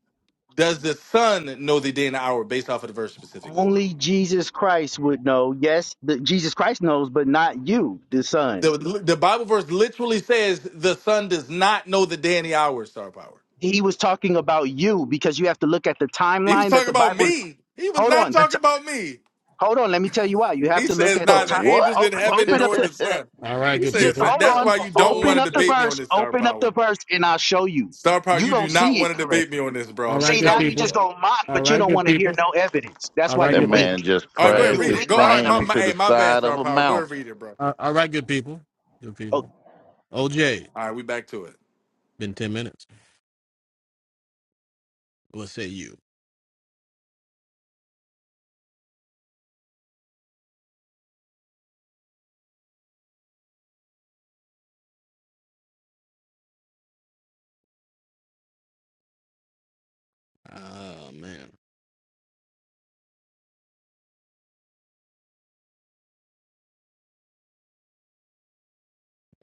[SPEAKER 16] Does the son know the day and the hour based off of the verse specifically?
[SPEAKER 18] Only Jesus Christ would know. Yes, the, Jesus Christ knows, but not you, the
[SPEAKER 16] The
[SPEAKER 18] Son.
[SPEAKER 16] the Bible verse literally says the son does not know the day and the hour. Star power.
[SPEAKER 18] He was talking about you because you have to look at the
[SPEAKER 16] He was
[SPEAKER 18] timeline that
[SPEAKER 16] talking
[SPEAKER 18] the
[SPEAKER 16] about
[SPEAKER 18] Bible.
[SPEAKER 16] me. He was
[SPEAKER 18] Hold
[SPEAKER 16] not
[SPEAKER 18] on, the
[SPEAKER 16] talking
[SPEAKER 18] t-
[SPEAKER 16] about me.
[SPEAKER 18] hold on. Let me tell you why. You have
[SPEAKER 16] He
[SPEAKER 18] to look
[SPEAKER 16] says
[SPEAKER 18] at the
[SPEAKER 16] neither
[SPEAKER 18] time.
[SPEAKER 16] angels
[SPEAKER 10] what?
[SPEAKER 16] in
[SPEAKER 18] Open,
[SPEAKER 16] heaven
[SPEAKER 18] open up.
[SPEAKER 16] nor
[SPEAKER 18] the.
[SPEAKER 16] the sun. He
[SPEAKER 18] Yeah,
[SPEAKER 16] says so
[SPEAKER 18] hold
[SPEAKER 3] We
[SPEAKER 16] that's
[SPEAKER 3] got
[SPEAKER 18] on.
[SPEAKER 16] why you don't want
[SPEAKER 18] Open
[SPEAKER 3] two
[SPEAKER 16] to
[SPEAKER 18] up the
[SPEAKER 16] debate me
[SPEAKER 3] Jesus.
[SPEAKER 16] on
[SPEAKER 18] verse.
[SPEAKER 16] this star
[SPEAKER 18] Open up the
[SPEAKER 16] power.
[SPEAKER 18] verse, and I'll show you.
[SPEAKER 16] Star power,
[SPEAKER 18] You
[SPEAKER 16] you do
[SPEAKER 18] don't
[SPEAKER 16] not
[SPEAKER 18] see
[SPEAKER 16] want
[SPEAKER 18] it
[SPEAKER 16] to debate me
[SPEAKER 18] correctly.
[SPEAKER 16] on this, bro. I'm
[SPEAKER 18] See,
[SPEAKER 16] just
[SPEAKER 18] now
[SPEAKER 16] telling
[SPEAKER 18] you
[SPEAKER 16] you,
[SPEAKER 18] just
[SPEAKER 16] bro.
[SPEAKER 18] gonna mock, but you don't want to hear no evidence. That's why
[SPEAKER 10] that
[SPEAKER 18] you're
[SPEAKER 10] man
[SPEAKER 18] weak.
[SPEAKER 10] just
[SPEAKER 16] All right, go ahead,
[SPEAKER 18] You're
[SPEAKER 10] crashed
[SPEAKER 18] a
[SPEAKER 16] read
[SPEAKER 10] his
[SPEAKER 16] it.
[SPEAKER 18] weak
[SPEAKER 16] Go. All
[SPEAKER 18] man
[SPEAKER 16] right,
[SPEAKER 10] plane
[SPEAKER 16] my,
[SPEAKER 18] up
[SPEAKER 16] my
[SPEAKER 18] here.
[SPEAKER 10] into the
[SPEAKER 16] hey, my bad,
[SPEAKER 10] side of
[SPEAKER 16] star
[SPEAKER 10] a
[SPEAKER 16] power. Go ahead,
[SPEAKER 10] mountain.
[SPEAKER 16] read it, bro. All right, we back to it.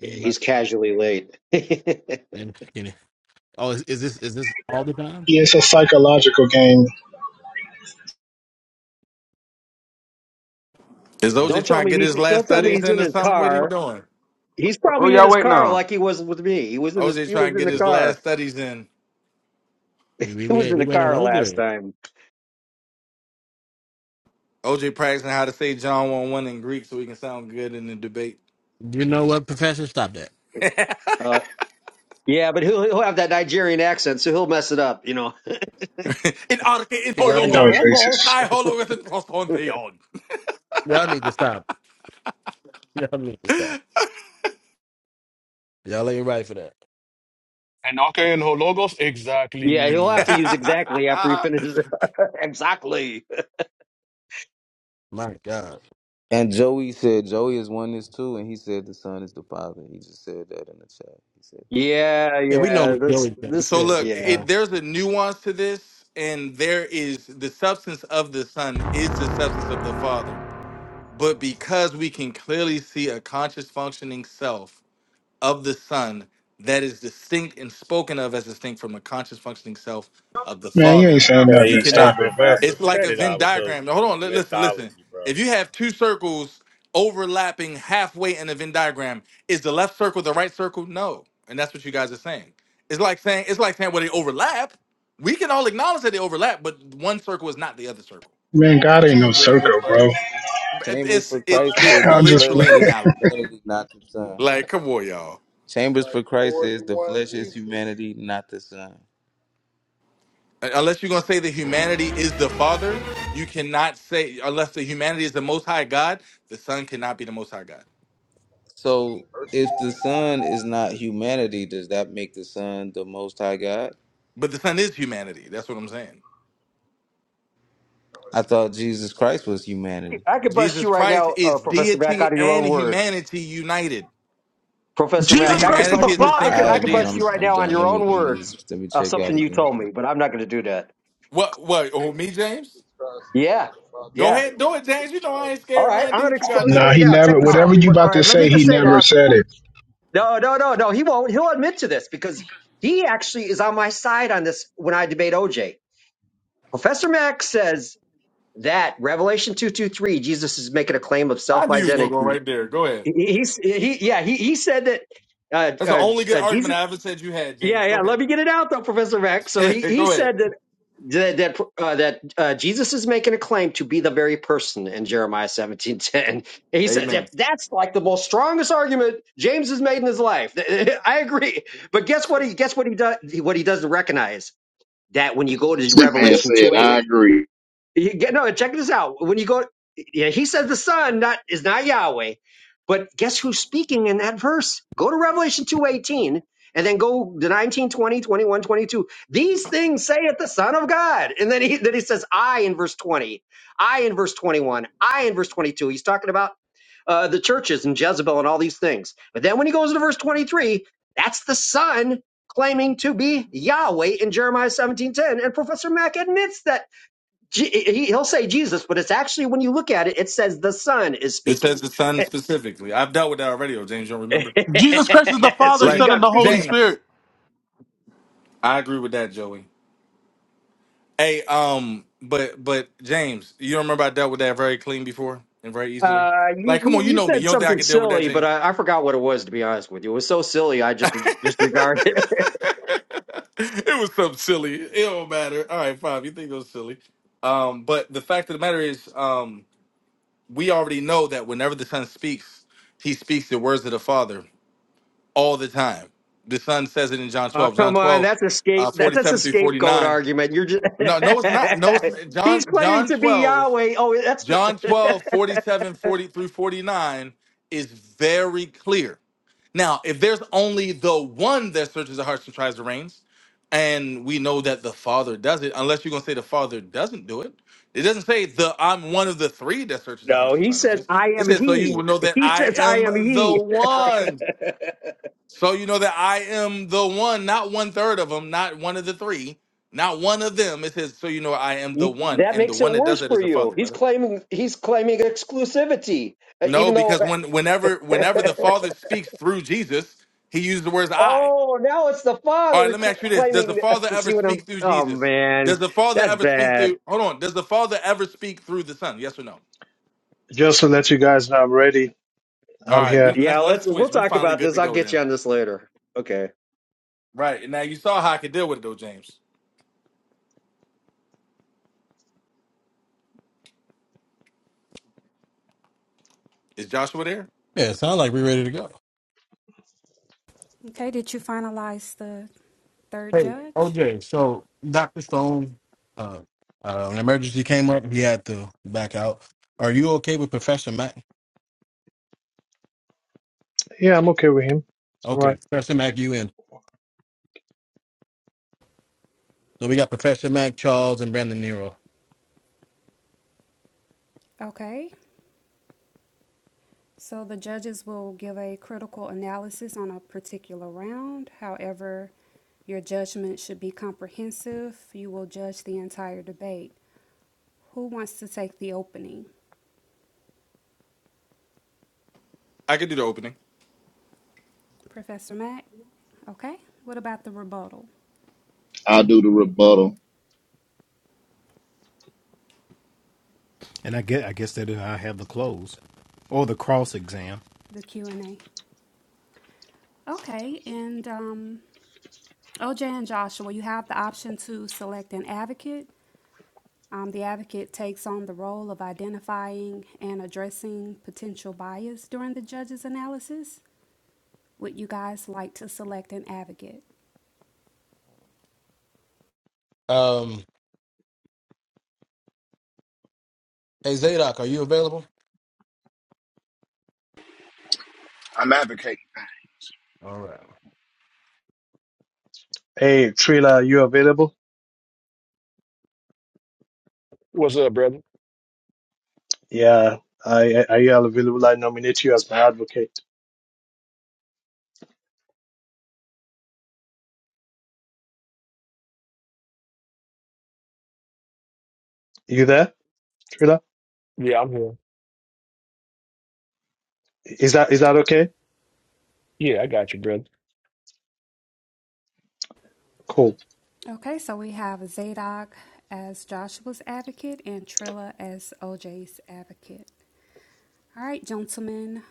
[SPEAKER 17] He's casually late.
[SPEAKER 8] yeah, it's a psychological game.
[SPEAKER 16] Is
[SPEAKER 17] Don't
[SPEAKER 16] OJ
[SPEAKER 17] tell
[SPEAKER 16] trying to
[SPEAKER 17] me
[SPEAKER 16] get
[SPEAKER 17] he's
[SPEAKER 16] his last
[SPEAKER 17] don't tell
[SPEAKER 19] Who
[SPEAKER 17] me
[SPEAKER 16] studies
[SPEAKER 17] he's
[SPEAKER 19] y-
[SPEAKER 16] in
[SPEAKER 17] in
[SPEAKER 16] or
[SPEAKER 17] his
[SPEAKER 16] something? What he
[SPEAKER 17] car.
[SPEAKER 16] doing?
[SPEAKER 17] He's
[SPEAKER 19] who
[SPEAKER 17] probably in
[SPEAKER 19] y'all
[SPEAKER 17] his
[SPEAKER 19] waiting
[SPEAKER 17] car
[SPEAKER 19] on?
[SPEAKER 17] like he was with me. He was in his
[SPEAKER 16] OJ
[SPEAKER 17] he
[SPEAKER 16] trying
[SPEAKER 17] was
[SPEAKER 16] to
[SPEAKER 17] in
[SPEAKER 16] get
[SPEAKER 17] the
[SPEAKER 16] his last
[SPEAKER 17] car.
[SPEAKER 16] studies in.
[SPEAKER 17] He was in the car last time.
[SPEAKER 16] OJ practicing how to say John one one in Greek so he can sound good in the debate.
[SPEAKER 17] Uh, yeah, but he'll he'll have that Nigerian accent, so he'll mess it up, you know.
[SPEAKER 16] in arche in
[SPEAKER 17] And the
[SPEAKER 8] That
[SPEAKER 16] hologos.
[SPEAKER 8] was
[SPEAKER 17] locals.
[SPEAKER 8] racist.
[SPEAKER 16] Kai hologos in proston theon.
[SPEAKER 20] And okay, and Hologos,
[SPEAKER 17] Yeah, he'll have to
[SPEAKER 20] exactly.
[SPEAKER 17] use exactly after he finishes. exactly.
[SPEAKER 21] And Joey said Joey is one is two, and he said the son is the father. He just said that in the chat. He said that.
[SPEAKER 17] Yeah, yeah. This this
[SPEAKER 16] so
[SPEAKER 17] is
[SPEAKER 16] look,
[SPEAKER 17] yeah.
[SPEAKER 16] it, there's a nuance to this, and there is the substance of the son is the substance of the father. But because we can clearly see a conscious functioning self of the Son that is distinct and spoken of as distinct from the conscious functioning self of the
[SPEAKER 8] Man, you ain't
[SPEAKER 16] Father.
[SPEAKER 8] saying
[SPEAKER 16] You
[SPEAKER 8] nothing.
[SPEAKER 22] Hey, hey,
[SPEAKER 8] Stop
[SPEAKER 16] cannot.
[SPEAKER 8] it, man.
[SPEAKER 22] Professor,
[SPEAKER 16] It's like
[SPEAKER 22] cut
[SPEAKER 16] a
[SPEAKER 22] it
[SPEAKER 16] Venn
[SPEAKER 22] out with your
[SPEAKER 16] diagram. Now, Hold on. li- Listen. Listen.
[SPEAKER 22] mythology, bro.
[SPEAKER 16] If you have two circles overlapping halfway in a Venn diagram, is the left circle the right circle? No. And that's what you guys are saying. It's like saying it's like saying well they overlap. We can all acknowledge that they overlap, but one circle is not the other circle.
[SPEAKER 8] Man, God ain't no
[SPEAKER 21] Chambers for
[SPEAKER 8] circle, bro.
[SPEAKER 21] Christ.
[SPEAKER 16] It-
[SPEAKER 21] Chambers
[SPEAKER 16] It's
[SPEAKER 21] for
[SPEAKER 16] it's
[SPEAKER 21] Christ said
[SPEAKER 16] it's
[SPEAKER 21] the
[SPEAKER 8] I'm just
[SPEAKER 21] flesh
[SPEAKER 16] literally an
[SPEAKER 21] is
[SPEAKER 8] playing.
[SPEAKER 16] analogy.
[SPEAKER 21] humanity, not the son.
[SPEAKER 16] Like, come on, y'all.
[SPEAKER 3] It's
[SPEAKER 21] Chambers
[SPEAKER 3] like
[SPEAKER 21] for Christ
[SPEAKER 3] more than
[SPEAKER 21] says the
[SPEAKER 3] one
[SPEAKER 21] flesh is
[SPEAKER 3] Jesus.
[SPEAKER 21] humanity, not the son.
[SPEAKER 16] unless you're going to say that humanity is the father you cannot say unless the humanity is the most high god the son cannot be the most high god
[SPEAKER 21] So
[SPEAKER 3] Person.
[SPEAKER 21] if the Son is not humanity, does that make the Son the Most High God?
[SPEAKER 16] but the son is humanity that's what i'm saying
[SPEAKER 21] I thought Jesus Christ was humanity.
[SPEAKER 17] I could bust
[SPEAKER 16] jesus
[SPEAKER 17] you right
[SPEAKER 16] christ
[SPEAKER 17] now, uh,
[SPEAKER 16] is
[SPEAKER 17] Professor Mac,
[SPEAKER 16] deity
[SPEAKER 17] out of your own
[SPEAKER 16] and
[SPEAKER 17] words.
[SPEAKER 16] humanity united
[SPEAKER 17] Professor
[SPEAKER 16] the
[SPEAKER 17] Mac.
[SPEAKER 23] Jesus
[SPEAKER 17] I could
[SPEAKER 23] Christ is the
[SPEAKER 16] humanity
[SPEAKER 17] bust
[SPEAKER 16] is
[SPEAKER 17] you. I
[SPEAKER 16] distinct
[SPEAKER 17] could
[SPEAKER 16] from
[SPEAKER 21] All
[SPEAKER 23] Father.
[SPEAKER 17] I
[SPEAKER 16] the
[SPEAKER 21] right,
[SPEAKER 17] could
[SPEAKER 21] man,
[SPEAKER 17] bust
[SPEAKER 21] I'm
[SPEAKER 16] deity
[SPEAKER 17] you right
[SPEAKER 21] I'm
[SPEAKER 17] now on
[SPEAKER 21] done.
[SPEAKER 17] your
[SPEAKER 21] Let me
[SPEAKER 17] own
[SPEAKER 21] let me
[SPEAKER 17] words
[SPEAKER 21] just, let me
[SPEAKER 17] of
[SPEAKER 21] check out
[SPEAKER 17] something you told
[SPEAKER 21] again.
[SPEAKER 17] me, but I'm not going to do that.
[SPEAKER 16] what what oh
[SPEAKER 3] This is
[SPEAKER 16] me james
[SPEAKER 3] Jesus Christ,
[SPEAKER 17] Yeah,
[SPEAKER 3] God the Father,
[SPEAKER 16] go
[SPEAKER 17] yeah.
[SPEAKER 3] turn
[SPEAKER 16] ahead do it
[SPEAKER 3] around
[SPEAKER 16] james
[SPEAKER 3] and say,
[SPEAKER 16] you know
[SPEAKER 3] Son
[SPEAKER 16] i ain't
[SPEAKER 3] is
[SPEAKER 17] All
[SPEAKER 16] scared
[SPEAKER 17] right,
[SPEAKER 16] man
[SPEAKER 3] not
[SPEAKER 17] I'm
[SPEAKER 16] do
[SPEAKER 17] going to
[SPEAKER 16] what you
[SPEAKER 3] the
[SPEAKER 16] gotta
[SPEAKER 17] expose you
[SPEAKER 8] Nah,
[SPEAKER 16] do
[SPEAKER 17] right
[SPEAKER 3] most
[SPEAKER 8] he
[SPEAKER 17] now.
[SPEAKER 3] high
[SPEAKER 8] never
[SPEAKER 17] Check this
[SPEAKER 8] whatever
[SPEAKER 17] out,
[SPEAKER 3] God.
[SPEAKER 8] you
[SPEAKER 17] people.
[SPEAKER 8] about
[SPEAKER 17] All
[SPEAKER 8] to
[SPEAKER 17] right, let me
[SPEAKER 8] say,
[SPEAKER 17] just
[SPEAKER 3] That's
[SPEAKER 8] he
[SPEAKER 3] a
[SPEAKER 17] say this.
[SPEAKER 8] never said it.
[SPEAKER 3] contradiction.
[SPEAKER 17] No, no, no, no. He won't. He'll admit to this because he actually is on my side on this when I debate OJ. Professor Mack says that Revelation two two three, Jesus is making a claim of
[SPEAKER 16] i
[SPEAKER 17] self
[SPEAKER 16] knew you was gonna go
[SPEAKER 17] identity.
[SPEAKER 16] right there go ahead
[SPEAKER 17] He, he, he, yeah, he, he said that. Uh,
[SPEAKER 16] that's the
[SPEAKER 17] uh,
[SPEAKER 16] only
[SPEAKER 17] J-
[SPEAKER 16] good
[SPEAKER 17] uh, Jesus
[SPEAKER 16] argument i ever said you had
[SPEAKER 17] Yeah,
[SPEAKER 16] james
[SPEAKER 17] yeah.
[SPEAKER 16] go ahead
[SPEAKER 17] Let me get it out though, Professor Mack. So he, he
[SPEAKER 16] go ahead
[SPEAKER 17] said that that that, uh, that uh, Jesus is making a claim to be the very person in Jeremiah seventeen ten. And he says
[SPEAKER 16] amen
[SPEAKER 17] if that's like the most strongest argument James has made in his life, I agree. But guess what? He guess what he does. What he doesn't recognize that when you go to
[SPEAKER 10] That man
[SPEAKER 17] Revelation
[SPEAKER 10] said,
[SPEAKER 17] 2:18
[SPEAKER 10] I agree.
[SPEAKER 17] you get no. Check this out. When you go, yeah, he says the Son not is not Yahweh, but guess who's speaking in that verse? Go to Revelation two eighteen, and then go to 19, 20, 21, 22. These things saith the Son of God, and then he then he says I in verse twenty, I in verse twenty one, I in verse twenty two. He's talking about uh, the churches and Jezebel and all these things. But then when he goes to verse twenty three, that's the Son claiming to be Yahweh in Jeremiah seventeen ten, and Professor Mack admits that. Je- he- he'll say Jesus, but it's actually when you look at it, it says the Son is
[SPEAKER 16] It says
[SPEAKER 17] speaking.
[SPEAKER 16] the son specifically. I've dealt with that already, oh James, you don't remember?
[SPEAKER 23] Jesus Christ is the
[SPEAKER 17] so
[SPEAKER 23] Father,
[SPEAKER 17] you
[SPEAKER 16] Like
[SPEAKER 23] Son, and
[SPEAKER 17] got
[SPEAKER 23] the Holy
[SPEAKER 17] Peter.
[SPEAKER 16] James.
[SPEAKER 23] Spirit.
[SPEAKER 16] I agree with that, Joey. Hey, um, but but James, you don't remember I dealt with that very clean before and very easily?
[SPEAKER 17] Uh, you,
[SPEAKER 16] Like, come
[SPEAKER 17] you
[SPEAKER 16] on, you
[SPEAKER 17] you
[SPEAKER 16] know me. You
[SPEAKER 17] said
[SPEAKER 16] don't think I
[SPEAKER 17] something
[SPEAKER 16] can deal with that,
[SPEAKER 17] silly, but
[SPEAKER 16] James?
[SPEAKER 17] I, I forgot what it was. To be honest with you, it was so silly I just disregarded it.
[SPEAKER 16] it was something silly. It don't matter. All right, five. You think it was silly. Um, but the fact of the matter is, um, we already know that whenever the son speaks, he speaks the words of the father. all the time. The son says it in John
[SPEAKER 17] Oh
[SPEAKER 16] 12. John
[SPEAKER 17] come on,
[SPEAKER 16] 12,
[SPEAKER 17] that's a scape
[SPEAKER 16] uh,
[SPEAKER 17] that, that's a
[SPEAKER 16] 47 through
[SPEAKER 17] scapegoat
[SPEAKER 16] 49.
[SPEAKER 17] argument. You're just
[SPEAKER 16] No, no, it's not. No, it's
[SPEAKER 17] he's
[SPEAKER 16] John,
[SPEAKER 17] claiming
[SPEAKER 16] John
[SPEAKER 17] to be
[SPEAKER 16] 12,
[SPEAKER 17] Yahweh. Oh, that's
[SPEAKER 16] John 12, forty-seven, forty through 49 is very clear. Now, if there's only the one that searches the hearts and tries the reins, and we know that the father does it, unless you're gonna say the father doesn't do it. It doesn't say the I'm one of the three that searches the
[SPEAKER 17] no.
[SPEAKER 16] hearts and
[SPEAKER 17] He
[SPEAKER 16] tries the
[SPEAKER 17] says
[SPEAKER 16] reins.
[SPEAKER 17] I
[SPEAKER 16] It
[SPEAKER 17] am
[SPEAKER 16] says, so you
[SPEAKER 17] He.
[SPEAKER 16] will know that
[SPEAKER 17] He
[SPEAKER 16] I
[SPEAKER 17] says I
[SPEAKER 16] am
[SPEAKER 17] am
[SPEAKER 16] the
[SPEAKER 17] He.
[SPEAKER 16] one. So you know that I am the one, not one third of them, not one of the three, not one of them. It says, so you know I am the
[SPEAKER 17] Y-
[SPEAKER 16] one,
[SPEAKER 17] That
[SPEAKER 16] and the
[SPEAKER 17] makes it
[SPEAKER 16] one that does
[SPEAKER 17] worse
[SPEAKER 16] that is
[SPEAKER 17] for
[SPEAKER 16] the
[SPEAKER 17] you.
[SPEAKER 16] Father,
[SPEAKER 17] He's
[SPEAKER 16] brother.
[SPEAKER 17] claiming he's claiming exclusivity, uh,
[SPEAKER 16] No,
[SPEAKER 17] even though.
[SPEAKER 16] because when whenever whenever the Father speaks through Jesus, he uses the words I.
[SPEAKER 17] oh, now it's the
[SPEAKER 16] All right,
[SPEAKER 17] father
[SPEAKER 16] let me
[SPEAKER 17] cl-
[SPEAKER 16] ask you this: Does the
[SPEAKER 17] claiming.
[SPEAKER 16] Father ever
[SPEAKER 17] See what I'm?
[SPEAKER 16] speak through
[SPEAKER 17] Oh
[SPEAKER 16] Jesus? Does
[SPEAKER 17] man,
[SPEAKER 16] the Father
[SPEAKER 17] that's
[SPEAKER 16] ever speak
[SPEAKER 17] bad.
[SPEAKER 16] through? Hold on. Does the Father ever speak through the Son? Yes or no?
[SPEAKER 2] Just to let you guys know, I'm ready.
[SPEAKER 16] All
[SPEAKER 2] I'm
[SPEAKER 16] right, we
[SPEAKER 2] here.
[SPEAKER 17] Yeah,
[SPEAKER 16] let's let's
[SPEAKER 17] let's we'll
[SPEAKER 16] switch. We
[SPEAKER 17] talk
[SPEAKER 16] finally
[SPEAKER 17] about
[SPEAKER 16] good
[SPEAKER 17] this.
[SPEAKER 16] to
[SPEAKER 17] I'll
[SPEAKER 16] go
[SPEAKER 17] get
[SPEAKER 16] then.
[SPEAKER 17] you on this later. Okay.
[SPEAKER 16] Right now, you saw how I could deal with it though, James. Is Joshua there?
[SPEAKER 11] Okay, did you finalize the third judge?
[SPEAKER 2] Yeah, I'm okay with him. It's all right.
[SPEAKER 11] Okay, so the judges will give a critical analysis on a particular round. However, your judgment should be comprehensive. You will judge the entire debate. Who wants to take the opening?
[SPEAKER 16] I could do the opening.
[SPEAKER 11] Professor Mack? Okay. What about the rebuttal,
[SPEAKER 10] I'll do the rebuttal.
[SPEAKER 6] And I get, I guess that I have the clothes or the cross exam.
[SPEAKER 11] the Q and A? Okay, and um, OJ and Joshua, you have the option to select an advocate. Um, the advocate takes on the role of identifying and addressing potential bias during the judge's analysis. Would you guys like to select an advocate?
[SPEAKER 12] I'm advocating.
[SPEAKER 2] Hey, Trila, are you available?
[SPEAKER 20] What's up, brother?
[SPEAKER 2] Yeah. I, I, are you available? I nominate you as my advocate. You there, Trila?
[SPEAKER 20] Yeah, I'm here.
[SPEAKER 2] Is that is that okay?
[SPEAKER 20] Yeah, I got you, brother.
[SPEAKER 2] Cool.
[SPEAKER 11] Okay, so we have Zadok as Joshua's advocate and Trilla as OJ's advocate. All right, gentlemen,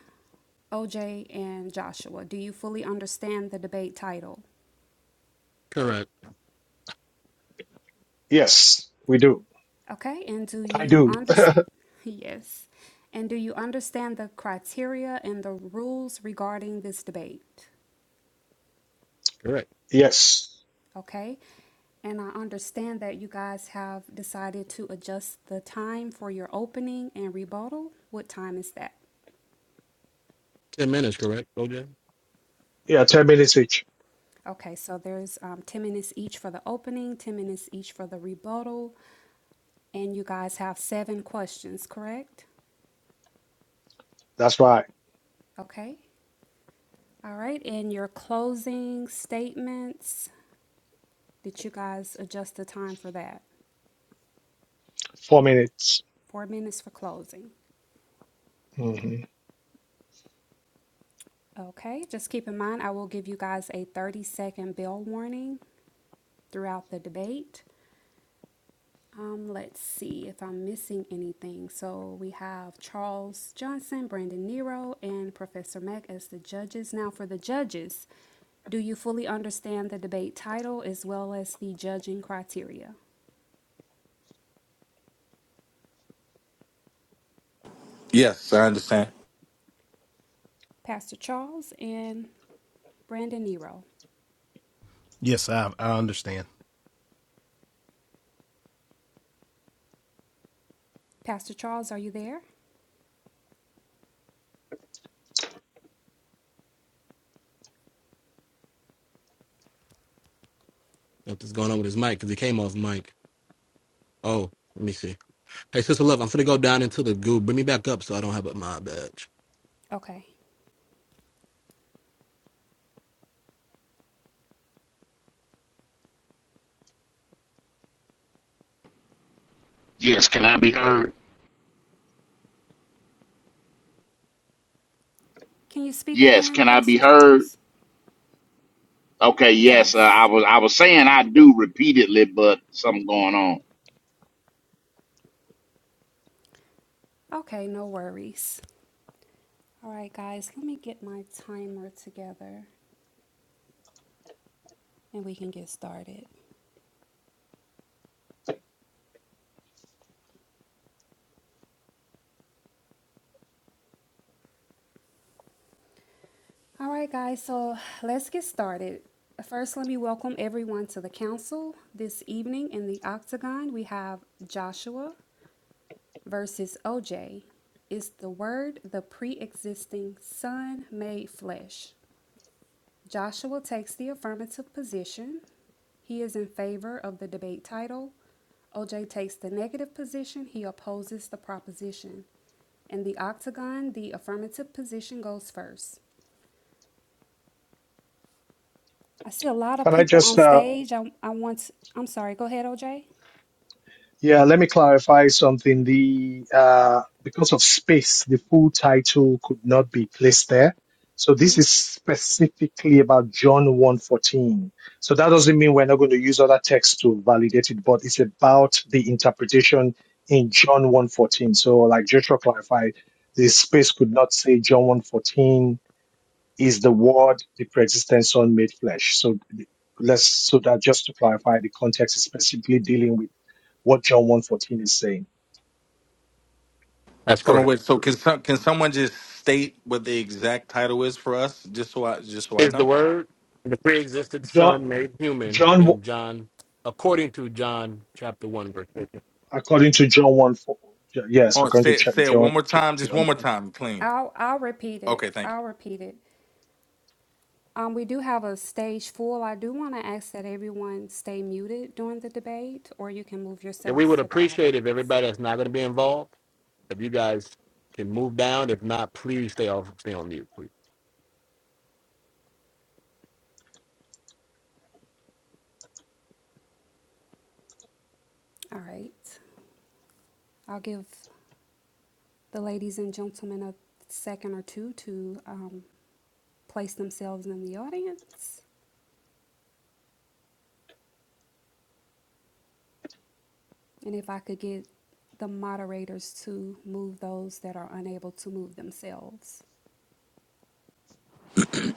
[SPEAKER 11] OJ and Joshua, do you fully understand the debate title?
[SPEAKER 2] Yes, we do.
[SPEAKER 11] Okay, and do
[SPEAKER 2] I
[SPEAKER 11] you
[SPEAKER 2] do.
[SPEAKER 11] understand? Yes. And do you understand the criteria and the rules regarding this debate?
[SPEAKER 2] Yes.
[SPEAKER 11] Okay, and I understand that you guys have decided to adjust the time for your opening and rebuttal. What time is that?
[SPEAKER 2] Yeah, ten minutes each.
[SPEAKER 11] Okay, so there's um, 10 minutes each for the opening, 10 minutes each for the rebuttal, and you guys have seven questions, correct?
[SPEAKER 2] That's right.
[SPEAKER 11] Okay, All right, and your closing statements, did you guys adjust the time for that?
[SPEAKER 2] Four minutes.
[SPEAKER 11] Four minutes for closing.
[SPEAKER 2] hmm
[SPEAKER 11] Okay, just keep in mind, I will give you guys a 30 second bell warning throughout the debate. Um, let's see if I'm missing anything. So we have Charles Johnson, Brandon Nero, and Professor Mack as the judges. Now, for the judges, do you fully understand the debate title as well as the judging criteria?
[SPEAKER 16] Yes, I understand.
[SPEAKER 11] Pastor Charles and Brandon Nero.
[SPEAKER 6] Yes, I I understand.
[SPEAKER 11] Pastor Charles, are you there? Okay.
[SPEAKER 10] Yes, can I be heard?
[SPEAKER 11] Can you speak
[SPEAKER 10] Yes,
[SPEAKER 11] again,
[SPEAKER 10] can I
[SPEAKER 11] Pastor
[SPEAKER 10] be heard?
[SPEAKER 11] Charles?
[SPEAKER 10] Okay, yes. Uh, I
[SPEAKER 11] Yes.
[SPEAKER 10] was I was saying I do repeatedly, but something going on.
[SPEAKER 11] Okay, no worries. All right, guys, let me get my timer together and we can get started. All right, guys, so let's get started. First, let me welcome everyone to the council. This evening in the octagon, we have Joshua versus OJ. Is the word the pre existing Son made flesh? Joshua takes the affirmative position. He is in favor of the debate title. OJ takes the negative position. He opposes the proposition. In the octagon, the affirmative position goes first. I see a lot of
[SPEAKER 2] Can I
[SPEAKER 11] people
[SPEAKER 2] just?
[SPEAKER 11] on
[SPEAKER 2] uh,
[SPEAKER 11] stage. I, I want, to- I'm sorry, go ahead, OJ.
[SPEAKER 2] Yeah, let me clarify something. The uh, because of space, the full title could not be placed there. So this
[SPEAKER 11] hmm
[SPEAKER 2] is specifically about John 1:14. So that doesn't mean we're not going to use other texts to validate it, but it's about the interpretation in John 1:14. So like Joshua clarified, the space could not say John 1:14 is the word, the pre-existent son made flesh. So let's so that just to clarify, the context is specifically dealing with what John 1.14 is saying.
[SPEAKER 16] Hold on, wait. So can some, can someone just state what the exact title is for us, just so I just so I know?
[SPEAKER 2] John, John, according to John 1, four, yes,
[SPEAKER 16] Oh,
[SPEAKER 2] according to
[SPEAKER 16] say it,
[SPEAKER 2] Ch-
[SPEAKER 16] say it
[SPEAKER 2] John,
[SPEAKER 16] one more
[SPEAKER 2] Ch-
[SPEAKER 16] time, just
[SPEAKER 2] John,
[SPEAKER 16] one more time, clean.
[SPEAKER 11] I'll, I'll repeat it.
[SPEAKER 16] Okay, thank
[SPEAKER 11] I'll repeat it. Um, we do have a stage full. I do want to ask that everyone stay muted during the debate, or you can move yourselves to the audience. All right. I'll give the ladies and gentlemen a second or two to um, place themselves in the audience. And if I could get the moderators to move those that are unable to move themselves.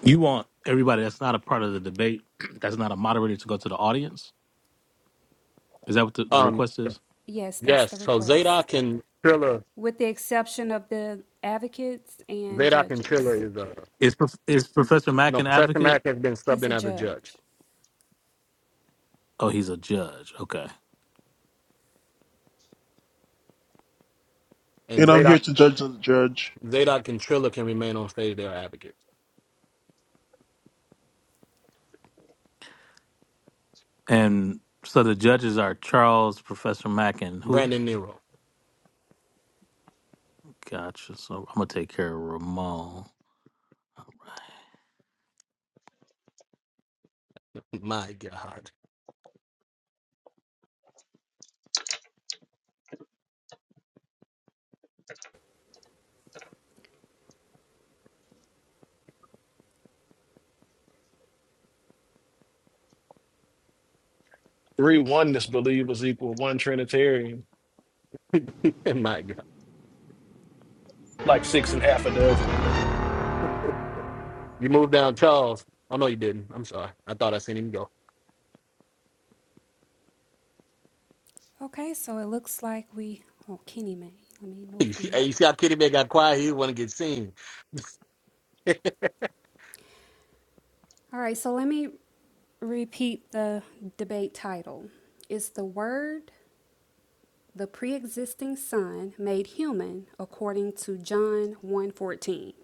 [SPEAKER 9] You want everybody that's not a part of the debate, that's not a moderator, to go to the audience? Is that what the, the request is?
[SPEAKER 11] Yes, that's the request. With the exception of the advocates and judges.
[SPEAKER 9] Is Prof- is Professor Mack an advocate?
[SPEAKER 11] He's a judge.
[SPEAKER 9] Oh, he's a judge. Okay,
[SPEAKER 23] And I'm here to judge the judge.
[SPEAKER 9] and so the judges are Charles, Professor Mack, and who? Gotcha. So I'm gonna take care of Ramon.
[SPEAKER 20] Three oneness believers equal one Trinitarian, like six and half a dozen.
[SPEAKER 11] Okay, so it looks like we, oh, Kenny May. Let me move him. All right, so let me repeat the debate title. It's the word the pre-existing son made human according to John one fourteen.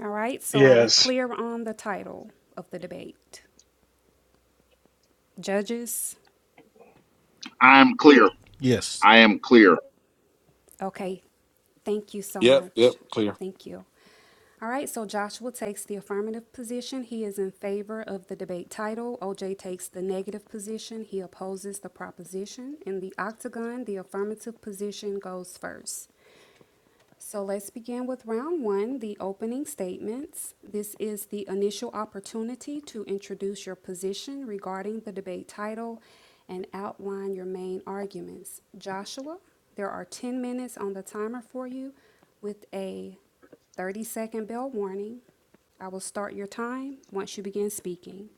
[SPEAKER 11] All right, so are we
[SPEAKER 2] yes.
[SPEAKER 11] clear on the title of the debate? Judges?
[SPEAKER 10] I am clear.
[SPEAKER 6] Yes,
[SPEAKER 10] I am clear.
[SPEAKER 11] Okay. Thank you so
[SPEAKER 16] you. Yep, yep,
[SPEAKER 11] much.
[SPEAKER 16] clear.
[SPEAKER 11] Thank you. All right, so Joshua takes the affirmative position. He is in favor of the debate title. OJ takes the negative position. He opposes the proposition. In the octagon, the affirmative position goes first. So let's begin with round one, the opening statements. This is the initial opportunity to introduce your position regarding the debate title and outline your main arguments. Joshua, there are 10 minutes on the timer for you with a 30 second bell warning. I will start your time once you begin speaking.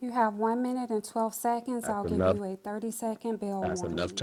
[SPEAKER 11] You have one minute and 12 seconds. I'll give you a 30 second bell warning.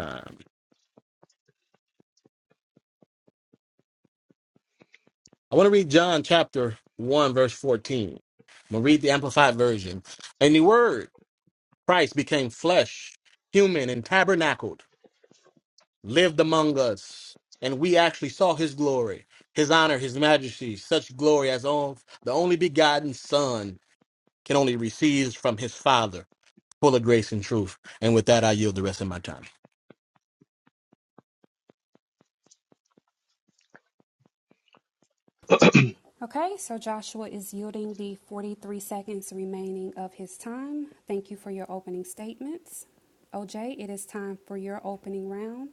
[SPEAKER 11] Okay, so Joshua is yielding the 43 seconds remaining of his time. Thank you for your opening statements. OJ, it is time for your opening round.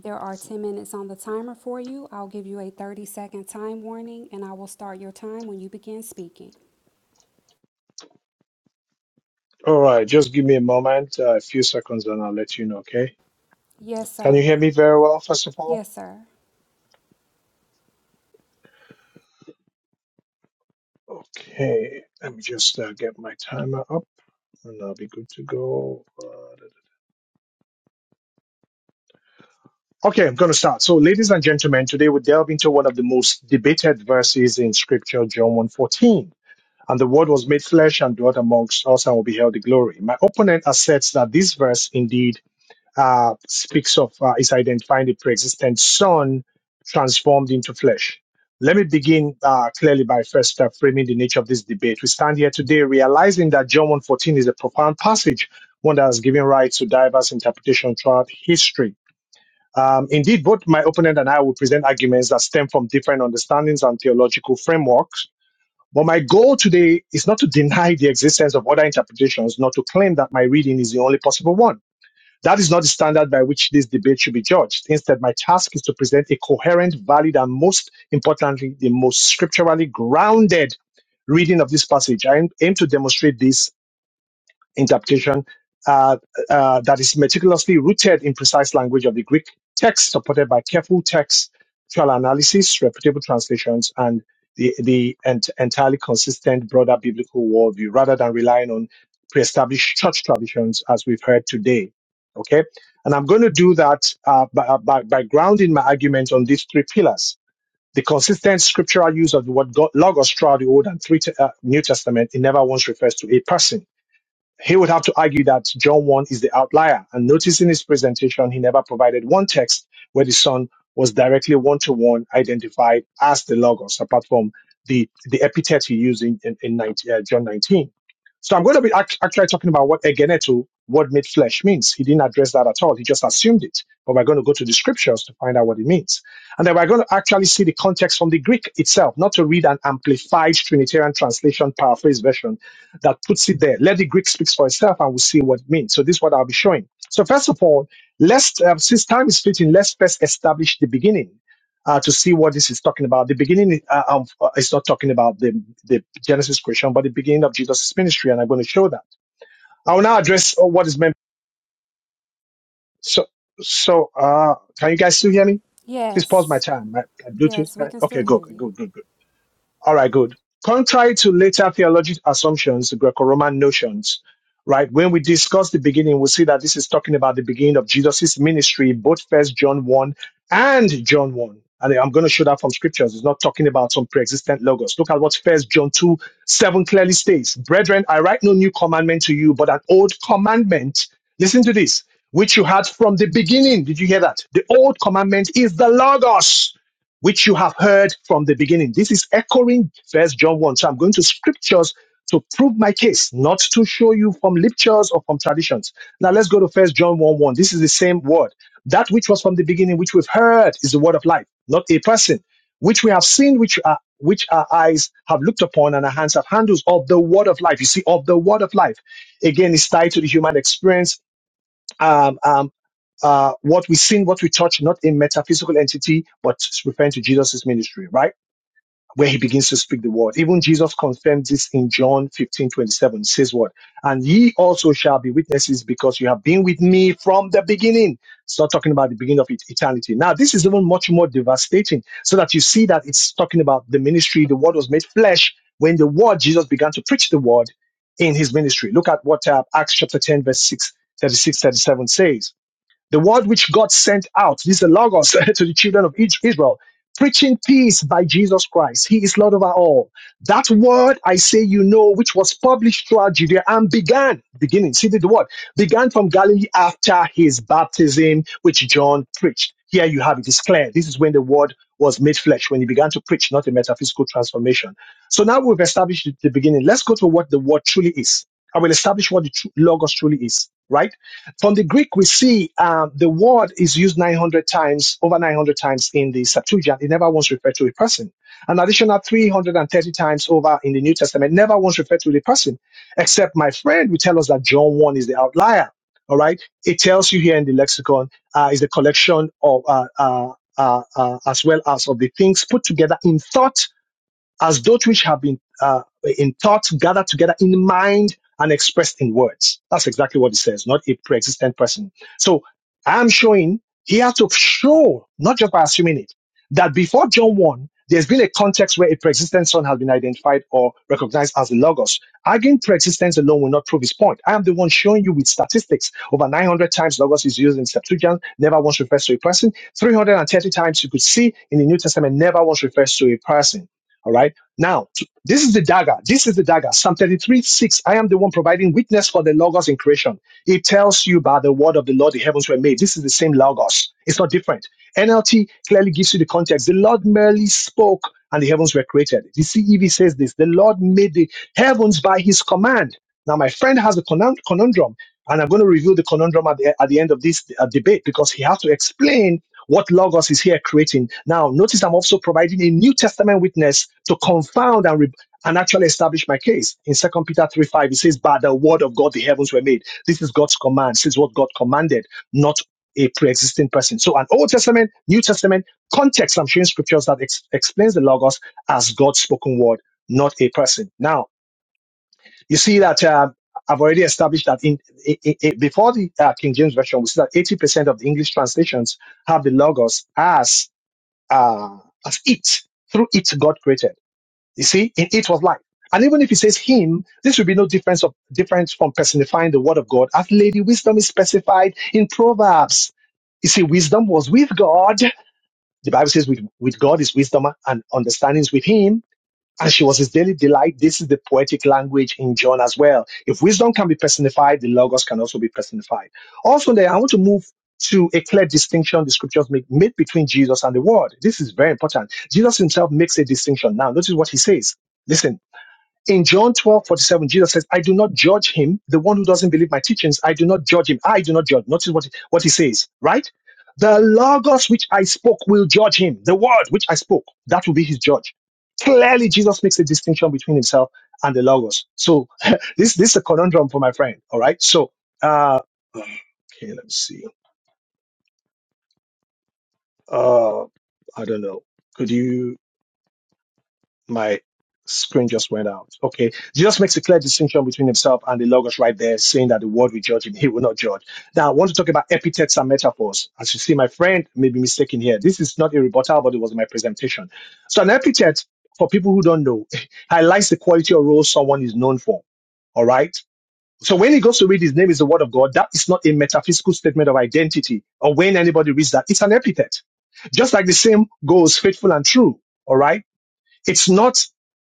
[SPEAKER 11] There are 10 minutes on the timer for you. I'll give you a 30 second time warning and I will start your time when you begin speaking.
[SPEAKER 2] All right, just give me a moment, uh, a few seconds, and I'll let you know, okay?
[SPEAKER 11] Yes,
[SPEAKER 2] Can you
[SPEAKER 11] sir.
[SPEAKER 2] hear me very well, first of all?
[SPEAKER 11] Yes, sir.
[SPEAKER 2] Okay, let me just uh, get my timer up, and I'll be good to go. Uh, Okay, I'm going to start. So, ladies and gentlemen, today we delve into one of the most debated verses in Scripture, John 1:14. And the word was made flesh and dwelt amongst us and will be held the glory. My opponent asserts that this verse indeed uh, speaks of, uh, is identifying the pre-existent son transformed into flesh. Let me begin uh, clearly by first uh, framing the nature of this debate. We stand here today realizing that John 1.14 is a profound passage, one that has given rise to diverse interpretation throughout history. Um, indeed, both my opponent and I will present arguments that stem from different understandings and theological frameworks but my goal today is not to deny the existence of other interpretations, nor to claim that my reading is the only possible one. That is not the standard by which this debate should be judged. Instead, my task is to present a coherent, valid, and most importantly, the most scripturally grounded reading of this passage. I aim aim to demonstrate this interpretation uh, uh, that is meticulously rooted in precise language of the Greek text, supported by careful textual analysis, reputable translations, and the, the ent- entirely consistent broader biblical worldview, rather than relying on pre-established church traditions as we've heard today. Okay, and I'm going to do that uh, by, uh, by, by grounding my argument on these three pillars: the consistent scriptural use of the word God, logos throughout the Old and three te- uh, New Testament. It never once refers to a person he would have to argue that John 1 is the outlier. And notice in his presentation, he never provided one text where the Son was directly one to one identified as the Logos, apart from the, the epithet he used in, in, in 19, uh, John 19. So I'm going to be act- actually talking about what egeneto, what made flesh means. He didn't address that at all. He just assumed it. But we're going to go to the scriptures to find out what it means. And then we're going to actually see the context from the Greek itself, not to read an amplified Trinitarian translation paraphrase version that puts it there. Let the Greek speak for itself and we'll see what it means. So this is what I'll be showing. So first of all, let's, uh, since time is fleeting, let's first establish the beginning uh, to see what this is talking about. The beginning uh, um, uh, is not talking about the, the Genesis creation, but the beginning of Jesus' ministry, and I'm going to show that. I will now address uh, what is meant. So, so uh, can you guys still hear me? Please pause my
[SPEAKER 11] Yes.
[SPEAKER 2] time. My, my Bluetooth.
[SPEAKER 11] Yes, we
[SPEAKER 2] Can,
[SPEAKER 11] can still
[SPEAKER 2] okay, go,
[SPEAKER 11] hear you.
[SPEAKER 2] go, go, go. All right, good. Contrary to later theological assumptions, Greco-Roman notions, right? When we discuss the beginning, we see that this is talking about the beginning of Jesus' ministry, both First John one and John one. And I'm going to show that from scriptures. It's not talking about some pre-existent logos. Look at what First John two seven clearly states: "Brethren, I write no new commandment to you, but an old commandment. Listen to this, which you had from the beginning. Did you hear that? The old commandment is the logos." which you have heard from the beginning. This is echoing First John 1. So I'm going to scriptures to prove my case, not to show you from lectures or from traditions. Now let's go to First John 1 1. This is the same word. That which was from the beginning, which we've heard, is the word of life, not a person, which we have seen, which are which our eyes have looked upon and our hands have handled, of the word of life. You see, of the word of life. Again, it's tied to the human experience um, um, uh, what we sing, what we touch, not a metaphysical entity, but referring to Jesus' ministry, right? where he begins to speak the word. Even Jesus confirmed this in John 15 27. says what? And ye also shall be witnesses because you have been with me from the beginning. It's not talking about the beginning of et- eternity. Now, this is even much more devastating so that you see that it's talking about the ministry. The word was made flesh when the word, Jesus began to preach the word in his ministry. Look at what uh, Acts chapter 10, verse 6 36 37 says. The word which God sent out, this is the Logos to the children of Is- Israel, preaching peace by Jesus Christ. He is Lord over all. That word I say you know, which was published throughout Judea and began, beginning, see the the word, began from Galilee after his baptism, which John preached. Here you have it, it's clear. This is when the word was made flesh, when he began to preach, not a metaphysical transformation. So now we've established the the beginning. Let's go to what the word truly is. I will establish what the tru- Logos truly is, right? From the Greek, we see um, the word is used 900 times, over 900 times in the Septuagint. It never once referred to a person. An additional 330 times over in the New Testament, never once referred to the person. Except my friend We tell us that John 1 is the outlier. All right. It tells you here in the lexicon uh, is the collection of, uh, uh, uh, uh, as well as of the things put together in thought as those which have been uh, in thought gathered together in mind and expressed in words. That's exactly what it says, not a pre-existent person. So I'm showing, he has to show, not just by assuming it, that before John 1, there's been a context where a pre-existent son has been identified or recognized as the Logos. Arguing pre-existence alone will not prove his point. I am the one showing you with statistics. Over 900 times Logos is used in Septuagint, never once refers to a person. 330 times you could see in the New Testament, never once refers to a person. All right. Now, this is the dagger. This is the dagger. Psalm 33, 6. I am the one providing witness for the Logos in creation. It tells you by the word of the Lord the heavens were made. This is the same Logos. It's not different. NLT clearly gives you the context. The Lord merely spoke and the heavens were created. The CEV says this The Lord made the heavens by his command. Now, my friend has a conun- conundrum, and I'm going to review the conundrum at the, at the end of this uh, debate because he has to explain what Logos is here creating. Now, notice I'm also providing a New Testament witness to confound and, re- and actually establish my case. In Second Peter 3 5, it says, By the word of God, the heavens were made. This is God's command. This is what God commanded, not a pre existing person. So, an Old Testament, New Testament context, I'm showing scriptures that ex- explains the Logos as God's spoken word, not a person. Now, you see that uh, I've already established that in, i i i- before the uh, King James version, we see that eighty percent of the English translations have the logos as uh, as it. Through it, God created. You see, in it was life. And even if it says him, this will be no difference of difference from personifying the word of God, as Lady Wisdom is specified in Proverbs. You see, wisdom was with God. The Bible says with, with God is wisdom and understanding is with him and she was his daily delight. This is the poetic language in John as well. If wisdom can be personified, the Logos can also be personified. Also, there, I want to move to a clear distinction the scriptures make made between Jesus and the Word. This is very important. Jesus himself makes a distinction. Now, notice what he says. Listen, in John 12 47, Jesus says, I do not judge him. The one who doesn't believe my teachings, I do not judge him. I do not judge. Notice what, what he says, right? The Logos which I spoke will judge him. The word which I spoke, that will be his judge. Clearly, Jesus makes a distinction between himself and the Logos. So this, this is a conundrum for my friend. All right. So, uh, okay, let me see. Uh, I don't know. Could you? my screen just went out. Okay. Jesus makes a clear distinction between himself and the Logos right there, saying that the world will judge him. He will not judge. Now, I want to talk about epithets and metaphors. As you see, my friend may be mistaken here. This is not a rebuttal, but it was my presentation. So, an epithet, for people who don't know, highlights the quality or role someone is known for. All right. So, when he goes to read his name is the word of God, that is not a metaphysical statement of identity. Or when anybody reads that, it's an epithet. Just like the same goes faithful and true. All right. It's not,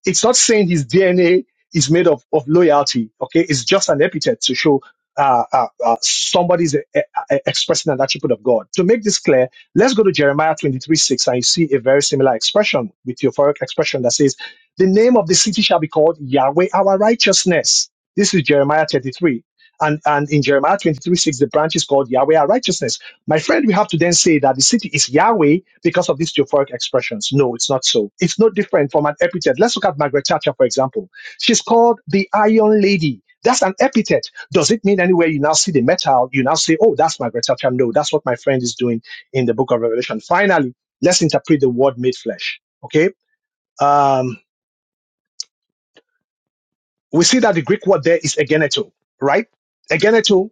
[SPEAKER 2] it's not saying his DNA is made of, of loyalty. Okay. It's just an epithet to show uh, uh, uh, somebody's uh, uh, uh, expressing an attribute of God. To make this clear, let's go to Jeremiah 23 6 and you see a very similar expression with euphoric expression that says, The name of the city shall be called Yahweh our righteousness. This is Jeremiah 33. And, and in Jeremiah 23 6, the branch is called Yahweh our righteousness. My friend, we have to then say that the city is Yahweh because of these theophoric expressions. No, it's not so. It's no different from an epithet. Let's look at Margaret Thatcher, for example. She's called the Iron Lady. That's an epithet. Does it mean anywhere you now see the metal, you now say, oh, that's Margaret Thatcher? No, that's what my friend is doing in the book of Revelation. Finally, let's interpret the word made flesh. Okay? Um, we see that the Greek word there is egeneto, right? Egeneto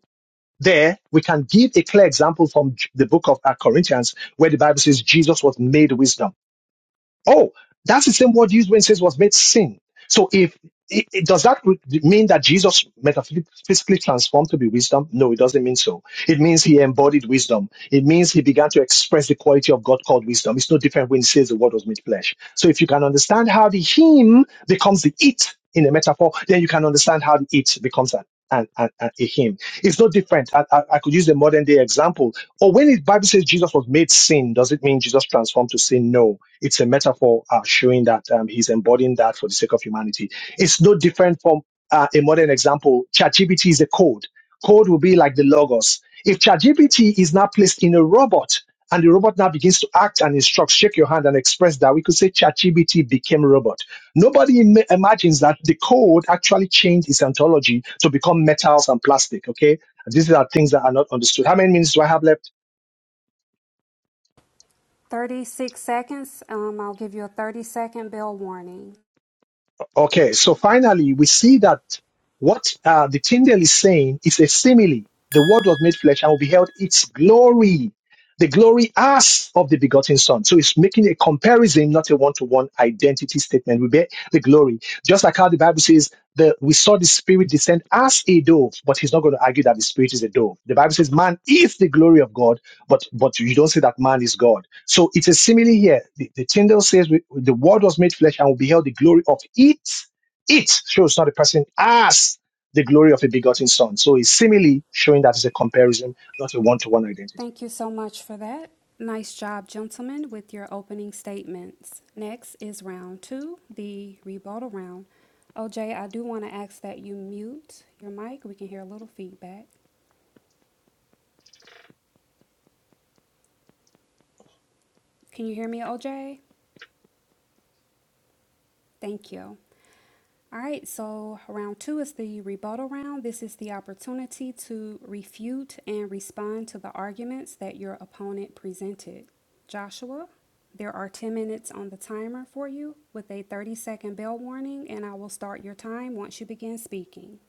[SPEAKER 2] There, we can give a clear example from the book of uh, Corinthians, where the Bible says Jesus was made wisdom. Oh, that's the same word used when it says was made sin. So if it, it- does that re- mean that Jesus metaphysically transformed to be wisdom? No, it doesn't mean so. It means he embodied wisdom. It means he began to express the quality of God called wisdom. It's no different when he says the word was made flesh. So if you can understand how the him becomes the it in a metaphor, then you can understand how the it becomes an, an, an, an- a him. It's no different. I, I, I could use a modern day example. Or when the Bible says Jesus was made sin, does it mean Jesus transformed to sin? No it's a metaphor uh, showing that um, he's embodying that for the sake of humanity. It's no different from uh, a modern example. ChatGPT is a code. Code will be like the logos. If ChatGPT is now placed in a robot and the robot now begins to act and instruct, shake your hand and express that, we could say ChatGPT became a robot. Nobody im- imagines that the code actually changed its ontology to become metals and plastic. Okay, these are things that are not understood. How many minutes do I have left?
[SPEAKER 11] 36 seconds. Um, I'll give you a 30 second bell warning.
[SPEAKER 2] Okay, so finally, we see that what uh, the Tyndale is saying is a simile. The Word was made flesh and we beheld its glory, the glory as of the begotten Son. So it's making a comparison, not a one-to-one identity statement. We bear the glory, just like how the Bible says that we saw the Spirit descend as a dove, but he's not going to argue that the Spirit is a dove. The Bible says man is the glory of God, but but you don't say that man is God. So it's a simile here. The, the Tyndale says we, the word was made flesh and we beheld the glory of it. It shows not a person as the glory of a begotten son. So it's simile showing that it's a comparison, not a one-to-one identity.
[SPEAKER 11] Thank you so much for that. Nice job, gentlemen, with your opening statements. Next is round two, the rebuttal round. OJ, I do want to ask that you mute your mic. We can hear a little feedback. Can you hear me, OJ? Thank you. All right, so round two is the rebuttal round. This is the opportunity to refute and respond to the arguments that your opponent presented. Joshua, there are 10 minutes on the timer for you with a 30 second bell warning, and I will start your time once you begin speaking.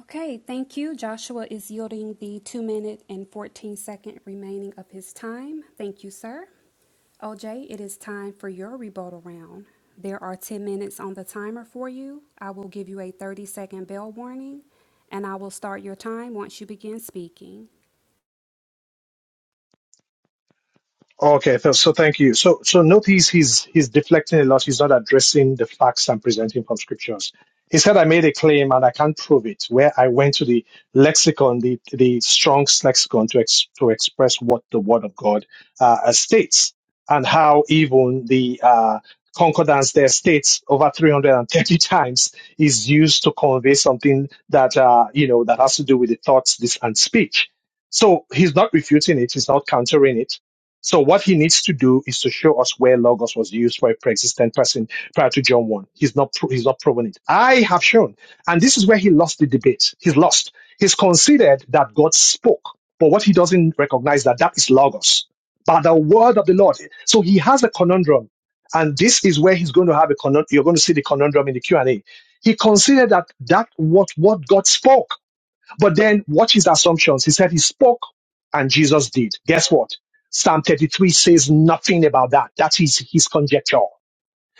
[SPEAKER 11] Okay, thank you. Joshua is yielding the 2 minute and 14 second remaining of his time. Thank you, sir. OJ, it is time for your rebuttal round. There are 10 minutes on the timer for you. I will give you a 30 second bell warning and I will start your time once you begin speaking.
[SPEAKER 2] Okay, so, so thank you. So so notice he's he's deflecting a lot. He's not addressing the facts I'm presenting from scriptures. He said I made a claim and I can't prove it. Where I went to the lexicon, the the Strong's lexicon to ex, to express what the Word of God uh, states and how even the uh, concordance there states over 330 times is used to convey something that uh, you know that has to do with the thoughts, this and speech. So he's not refuting it. He's not countering it so what he needs to do is to show us where logos was used for a pre-existent person prior to John 1. He's not pro- he's not proven it. I have shown. And this is where he lost the debate. He's lost. He's considered that God spoke. But what he doesn't recognize that that is logos. By the word of the Lord. So he has a conundrum. And this is where he's going to have a conundrum. You're going to see the conundrum in the Q&A. He considered that that what, what God spoke but then watch his assumptions. He said he spoke and Jesus did. Guess what? Psalm 33 says nothing about that. That is his conjecture.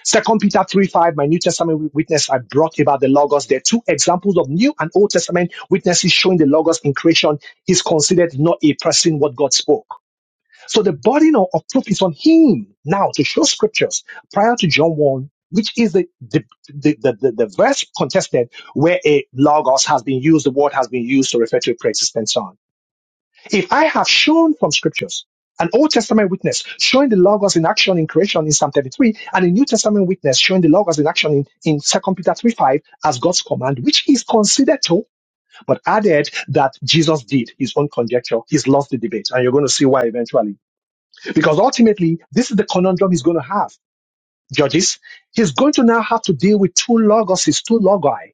[SPEAKER 2] Second Peter 3 5, my New Testament witness I brought about the Logos. There are two examples of New and Old Testament witnesses showing the Logos in creation is considered not a person what God spoke. So the burden of of proof is on him now to show scriptures prior to John 1, which is the, the, the, the, the, the verse contested where a logos has been used, the word has been used to refer to a pre-existent son. If I have shown from scriptures, an Old Testament witness showing the logos in action in creation in Psalm 33, and a New Testament witness showing the logos in action in, in Second Peter 3 5 as God's command, which is considered to, but added that Jesus did his own conjecture, he's lost the debate. And you're going to see why eventually because ultimately, this is the conundrum he's going to have, judges. He's going to now have to deal with two logoses, two logi.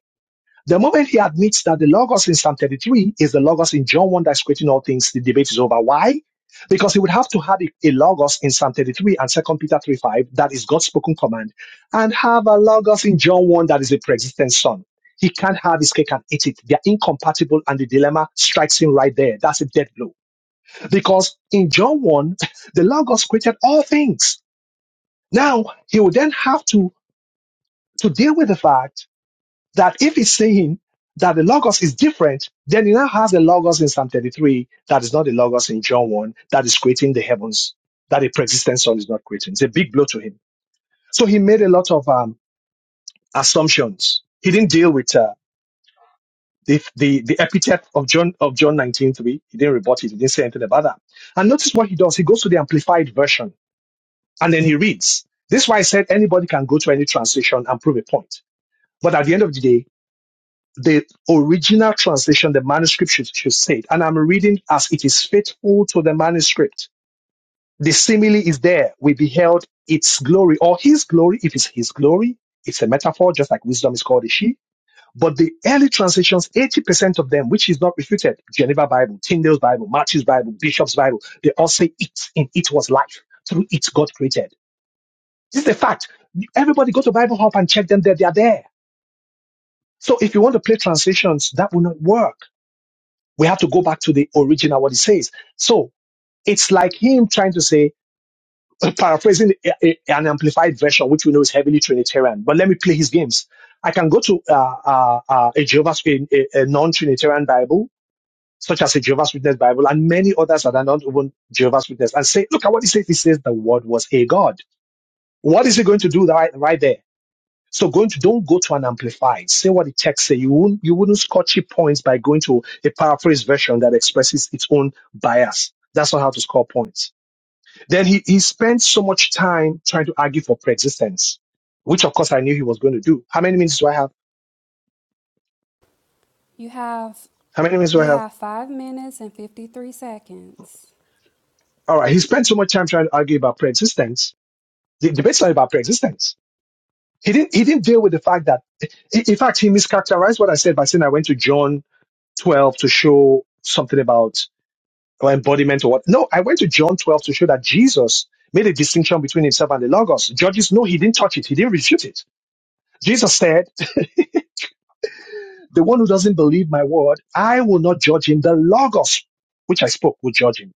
[SPEAKER 2] The moment he admits that the logos in Psalm 33 is the logos in John 1 that's creating all things, the debate is over. Why? Because he would have to have a a logos in Psalm 33 and Second Peter 3 5, that is God's spoken command, and have a logos in John 1 that is the pre-existent son. He can't have his cake and eat it. They're incompatible, and the dilemma strikes him right there. That's a death blow. Because in John 1, the Logos created all things. Now, he would then have to, to deal with the fact that if he's saying that the Logos is different, then he now has the Logos in Psalm 33 that is not the Logos in John 1 that is creating the heavens, that a pre-existent son is not creating. It's a big blow to him. So he made a lot of um, assumptions. He didn't deal with uh, the, the, the epithet of John, of John 19.3. He didn't rebut it. He didn't say anything about that. And notice what he does. He goes to the amplified version And then he reads. This is why I said anybody can go to any translation and prove a point. But at the end of the day, the original translation, the manuscript should, should say it. And I'm reading as it is faithful to the manuscript. The simile is there. We beheld its glory or his glory. If it's his glory, it's a metaphor, just like wisdom is called a she. But the early translations, 80% of them, which is not refuted, Geneva Bible, Tyndale's Bible, Matthew's Bible, Bishop's Bible, they all say it. In it was life. Through it, God created. This is a fact. Everybody go to Bible Hub and check them there. They are there. So if you want to play translations, that will not work. We have to go back to the original, what it says. So it's like him trying to say, paraphrasing a- a- an amplified version, which we know is heavily Trinitarian, but let me play his games. I can go to uh, uh, uh, a Jehovah's, a, a a non-Trinitarian Bible, such as a Jehovah's Witness Bible and many others that are not even Jehovah's Witness and say, look at what it says. It says the word was a God. What is he going to do right, right there? So going to don't go to an amplified. Say what the text say. You won't you wouldn't score cheap points by going to a paraphrase version that expresses its own bias. That's not how to score points. Then he, he spent so much time trying to argue for preexistence, which of course I knew he was going to do. How many minutes do I have?
[SPEAKER 11] You have
[SPEAKER 2] How many minutes do I
[SPEAKER 11] you
[SPEAKER 2] have?
[SPEAKER 11] have 5 minutes and 53 seconds.
[SPEAKER 2] All right. He spent so much time trying to argue about preexistence. The debate's not about preexistence. He didn't he didn't deal with the fact that in in fact he mischaracterized what I said by saying I went to John 12 to show something about or embodiment or what. No, I went to John 12 to show that Jesus made a distinction between himself and the Logos. Judges, no, he didn't touch it. He didn't refute it. Jesus said, the one who doesn't believe my word, I will not judge him. The Logos, which I spoke, will judge him.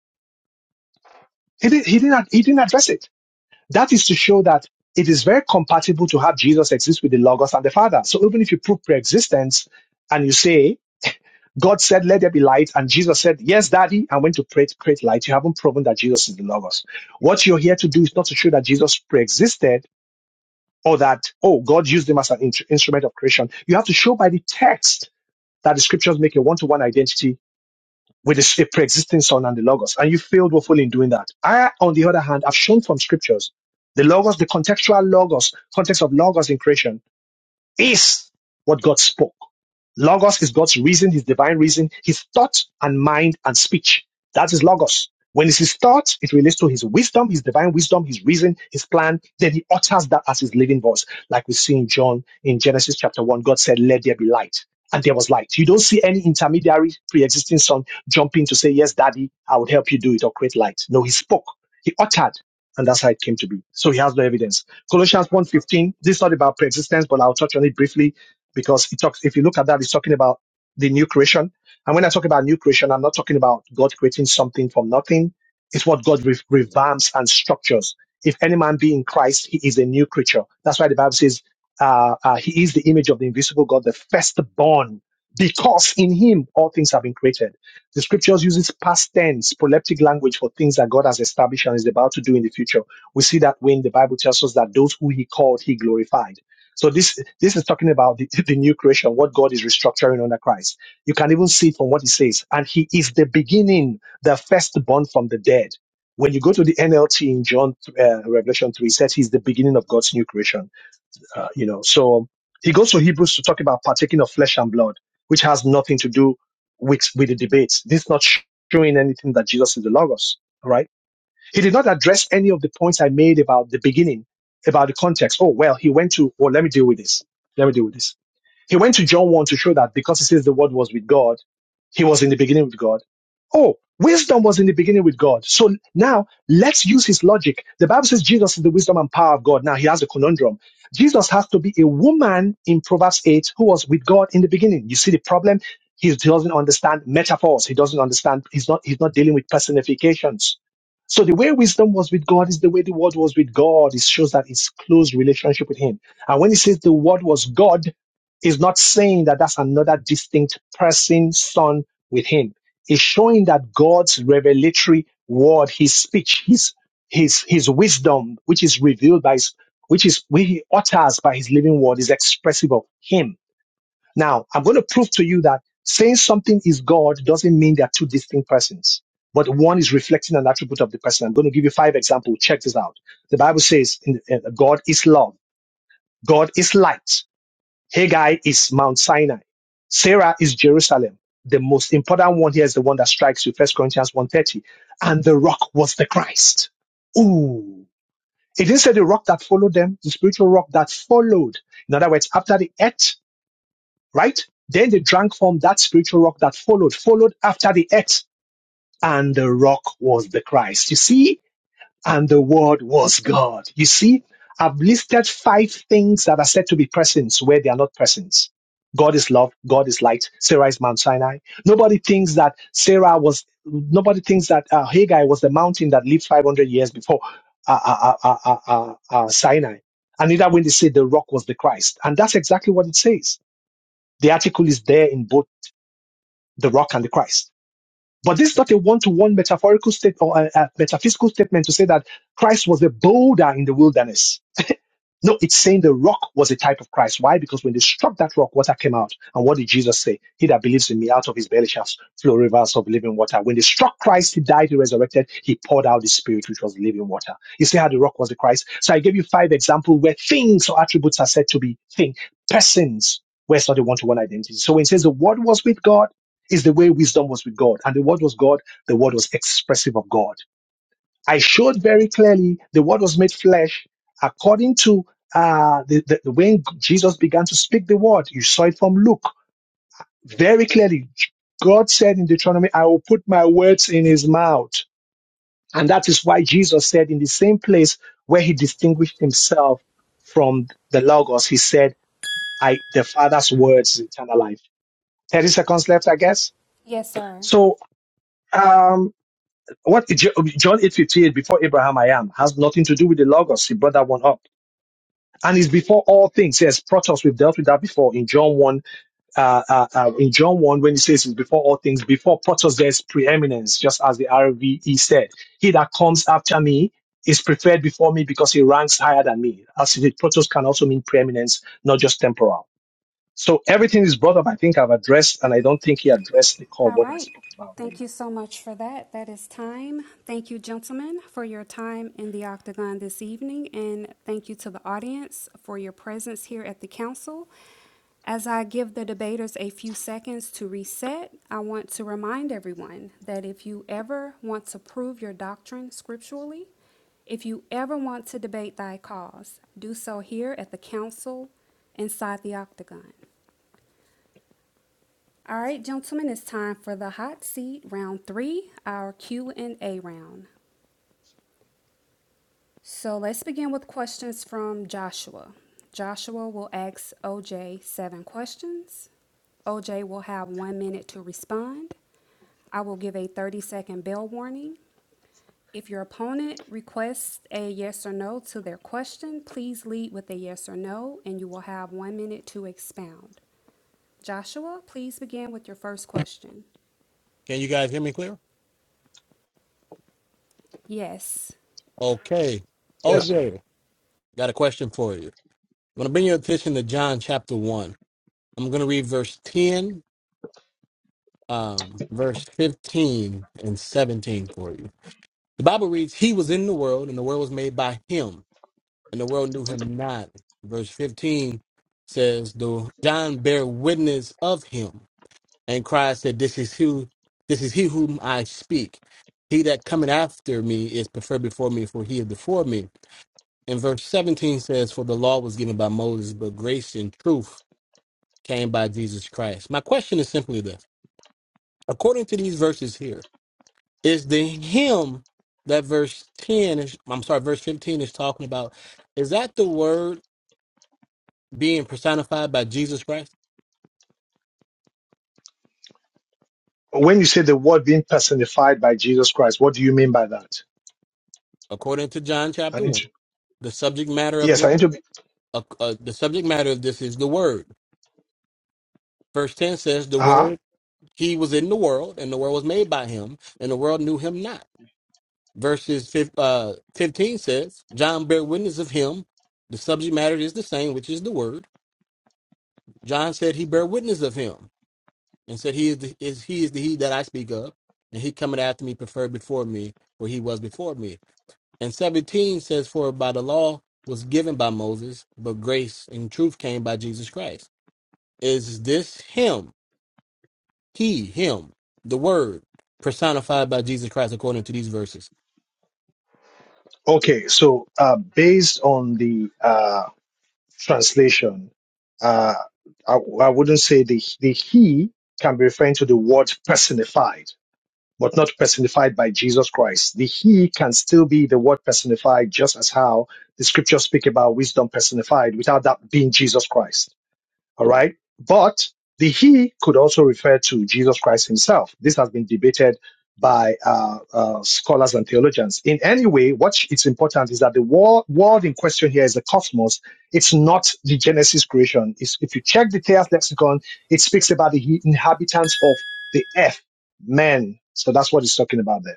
[SPEAKER 2] He, did, he, didn't, he didn't address it. That is to show that it is very compatible to have Jesus exist with the Logos and the Father. So even if you prove pre-existence and you say God said, Let there be light. And Jesus said, Yes, Daddy, I went to create, create light. You haven't proven that Jesus is the Logos. What you're here to do is not to show that Jesus pre-existed or that, oh, God used him as an in- instrument of creation. You have to show by the text that the scriptures make a one-to-one identity with the a pre-existing son and the Logos. And you failed woefully in doing that. I, on the other hand, have shown from scriptures the Logos, the contextual Logos, context of Logos in creation is what God spoke. Logos is God's reason, his divine reason, his thought and mind and speech. That is Logos. When it's his thought, it relates to his wisdom, his divine wisdom, his reason, his plan. Then he utters that as his living voice. Like we see in John in Genesis chapter 1, God said, Let there be light. And there was light. You don't see any intermediary pre existing son jumping to say, Yes, daddy, I would help you do it or create light. No, he spoke, he uttered, and that's how it came to be. So he has no evidence. Colossians one fifteen. this is not about preexistence, but I'll touch on it briefly because it talks, if you look at that, it's talking about the new creation. And when I talk about new creation, I'm not talking about God creating something from nothing. It's what God re- revamps and structures. If any man be in Christ, he is a new creature. That's why the Bible says, uh, uh, he is the image of the invisible God, the firstborn, because in him all things have been created. The scriptures uses past tense, proleptic language for things that God has established and is about to do in the future we see that when the Bible tells us that those who he called, he glorified. So this this is talking about the, the new creation, what God is restructuring under Christ. You can even see it from what he says. And he is the beginning, the firstborn from the dead. When you go to the NLT in John uh, Revelation 3, it says he's the beginning of God's new creation. Uh, you know, so he goes to Hebrews to talk about partaking of flesh and blood, which has nothing to do with, with the debates. This is not showing anything that Jesus is the Logos, all right? He did not address any of the points I made about the beginning, about the context. Oh, well, he went to, well, let me deal with this. Let me deal with this. He went to John 1 to show that because he says the word was with God, he was in the beginning with God. Oh, wisdom was in the beginning with God. So now let's use his logic. The Bible says Jesus is the wisdom and power of God. Now he has a conundrum. Jesus has to be a woman in Proverbs 8 who was with God in the beginning. You see the problem? He doesn't understand metaphors. He doesn't understand. He's not, he's not dealing with personifications. So the way wisdom was with God is the way the word was with God. It shows that it's close relationship with him. And when he says the word was God, is not saying that that's another distinct person, son with him. It's showing that God's revelatory word, his speech, his, his, his wisdom, which is revealed by his, which is, which he utters by his living word is expressive of him. Now, I'm going to prove to you that saying something is God doesn't mean they're two distinct persons, but one is reflecting an attribute of the person. I'm going to give you five examples. Check this out. The Bible says in, uh, God is love. God is light. Haggai is Mount Sinai. Sarah is Jerusalem. The most important one here is the one that strikes you, First Corinthians one thirty, And the rock was the Christ. Ooh. It didn't say the rock that followed them, the spiritual rock that followed. In other words, after the ate, right? Then they drank from that spiritual rock that followed, followed after the ate, and the rock was the Christ. You see, and the Word was God. You see, I've listed five things that are said to be persons where they are not persons. God is love. God is light. Sarah is Mount Sinai. Nobody thinks that Sarah was. Nobody thinks that uh, Haggai was the mountain that lived 500 years before uh, uh, uh, uh, uh, uh, uh, Sinai. And neither when they say the rock was the Christ, and that's exactly what it says. The article is there in both the rock and the Christ. But this is not a one-to-one metaphorical state or a, a metaphysical statement to say that Christ was a boulder in the wilderness. No, it's saying the rock was a type of Christ. Why? Because when they struck that rock, water came out. And what did Jesus say? He that believes in me, out of his belly shall flow rivers of living water. When they struck Christ, he died, he resurrected, he poured out the spirit, which was living water. You see how the rock was the Christ? So I gave you five examples where things or attributes are said to be things, persons, where it's not a one-to-one identity. So when it says the word was with God, is the way wisdom was with God. And the word was God, the word was expressive of God. I showed very clearly the word was made flesh according to uh, the, the, when Jesus began to speak the word. You saw it from Luke very clearly. God said in Deuteronomy, I will put my words in his mouth. And that is why Jesus said in the same place where he distinguished himself from the Logos, he said, I, the Father's words is eternal life. 30 seconds left, I guess.
[SPEAKER 11] Yes, sir.
[SPEAKER 2] So, um, what John 8:58 before Abraham I am has nothing to do with the Logos. He brought that one up. and it's before all things. Yes, Protos, we've dealt with that before in John 1, uh, uh, uh, in John 1, when he says it's before all things, before Protos, there's preeminence, just as the RVE said. He that comes after me is preferred before me because he ranks higher than me. As if it, Protos can also mean preeminence, not just temporal. So everything is brought up. I think I've addressed, and I don't think he addressed the core of
[SPEAKER 11] All
[SPEAKER 2] what I
[SPEAKER 11] right.
[SPEAKER 2] spoke about. earlier.
[SPEAKER 11] Thank you so much for that. That is time. Thank you, gentlemen, for your time in the octagon this evening, and thank you to the audience for your presence here at the council. As I give the debaters a few seconds to reset, I want to remind everyone that if you ever want to prove your doctrine scripturally, if you ever want to debate thy cause, do so here at the council inside the octagon. All right, gentlemen, it's time for the hot seat round three, our Q and A round. So let's begin with questions from Joshua. Joshua will ask OJ seven questions. OJ will have one minute to respond. I will give a 30 second bell warning. If your opponent requests a yes or no to their question, please lead with a yes or no, and you will have one minute to expound. Joshua, please begin with your first question. Yes.
[SPEAKER 2] Yes. When you say the word being personified by Jesus Christ, what do you mean by that? I need to. Yes, I need to. Be, uh-huh. Okay, so uh, based on the uh, translation, uh, I, I wouldn't say the the he can be referring to the word personified, but not personified by Jesus Christ. The he can still be the word personified, just as how the scriptures speak about wisdom personified, without that being Jesus Christ. All right. But the he could also refer to Jesus Christ himself. This has been debated by uh, uh, scholars and theologians. In any way, what it's important is that the wor- world in question here is the cosmos. It's not the Genesis creation. It's, if you check the Theos lexicon, it speaks about the he- inhabitants of the earth, men. So that's what it's talking about there.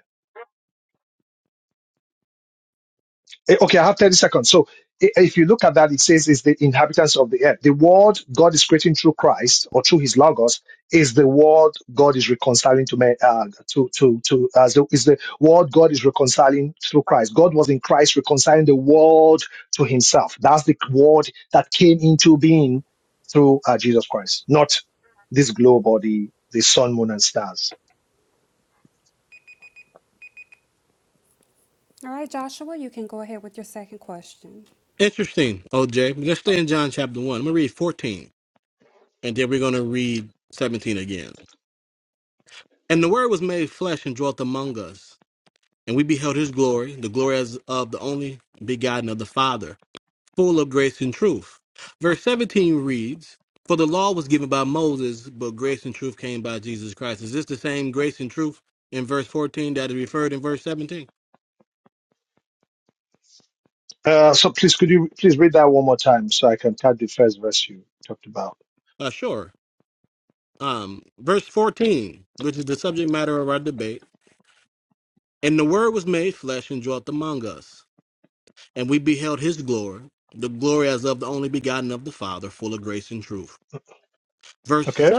[SPEAKER 2] Eh, Okay, I have 30 seconds. So i- if you look at that, it says is the inhabitants of the earth. The world God is creating through Christ or through his logos is the world God is reconciling to man, uh, to, to, to, uh, so is the world God is reconciling through Christ. God was in Christ reconciling the world to himself. That's the word that came into being through uh, Jesus Christ, not this globe or the, the sun, moon, and stars.
[SPEAKER 11] All right, Joshua, you can go ahead with your second question.
[SPEAKER 2] Uh, so please, could you please read that one more time so I can type the first verse you talked about? Okay.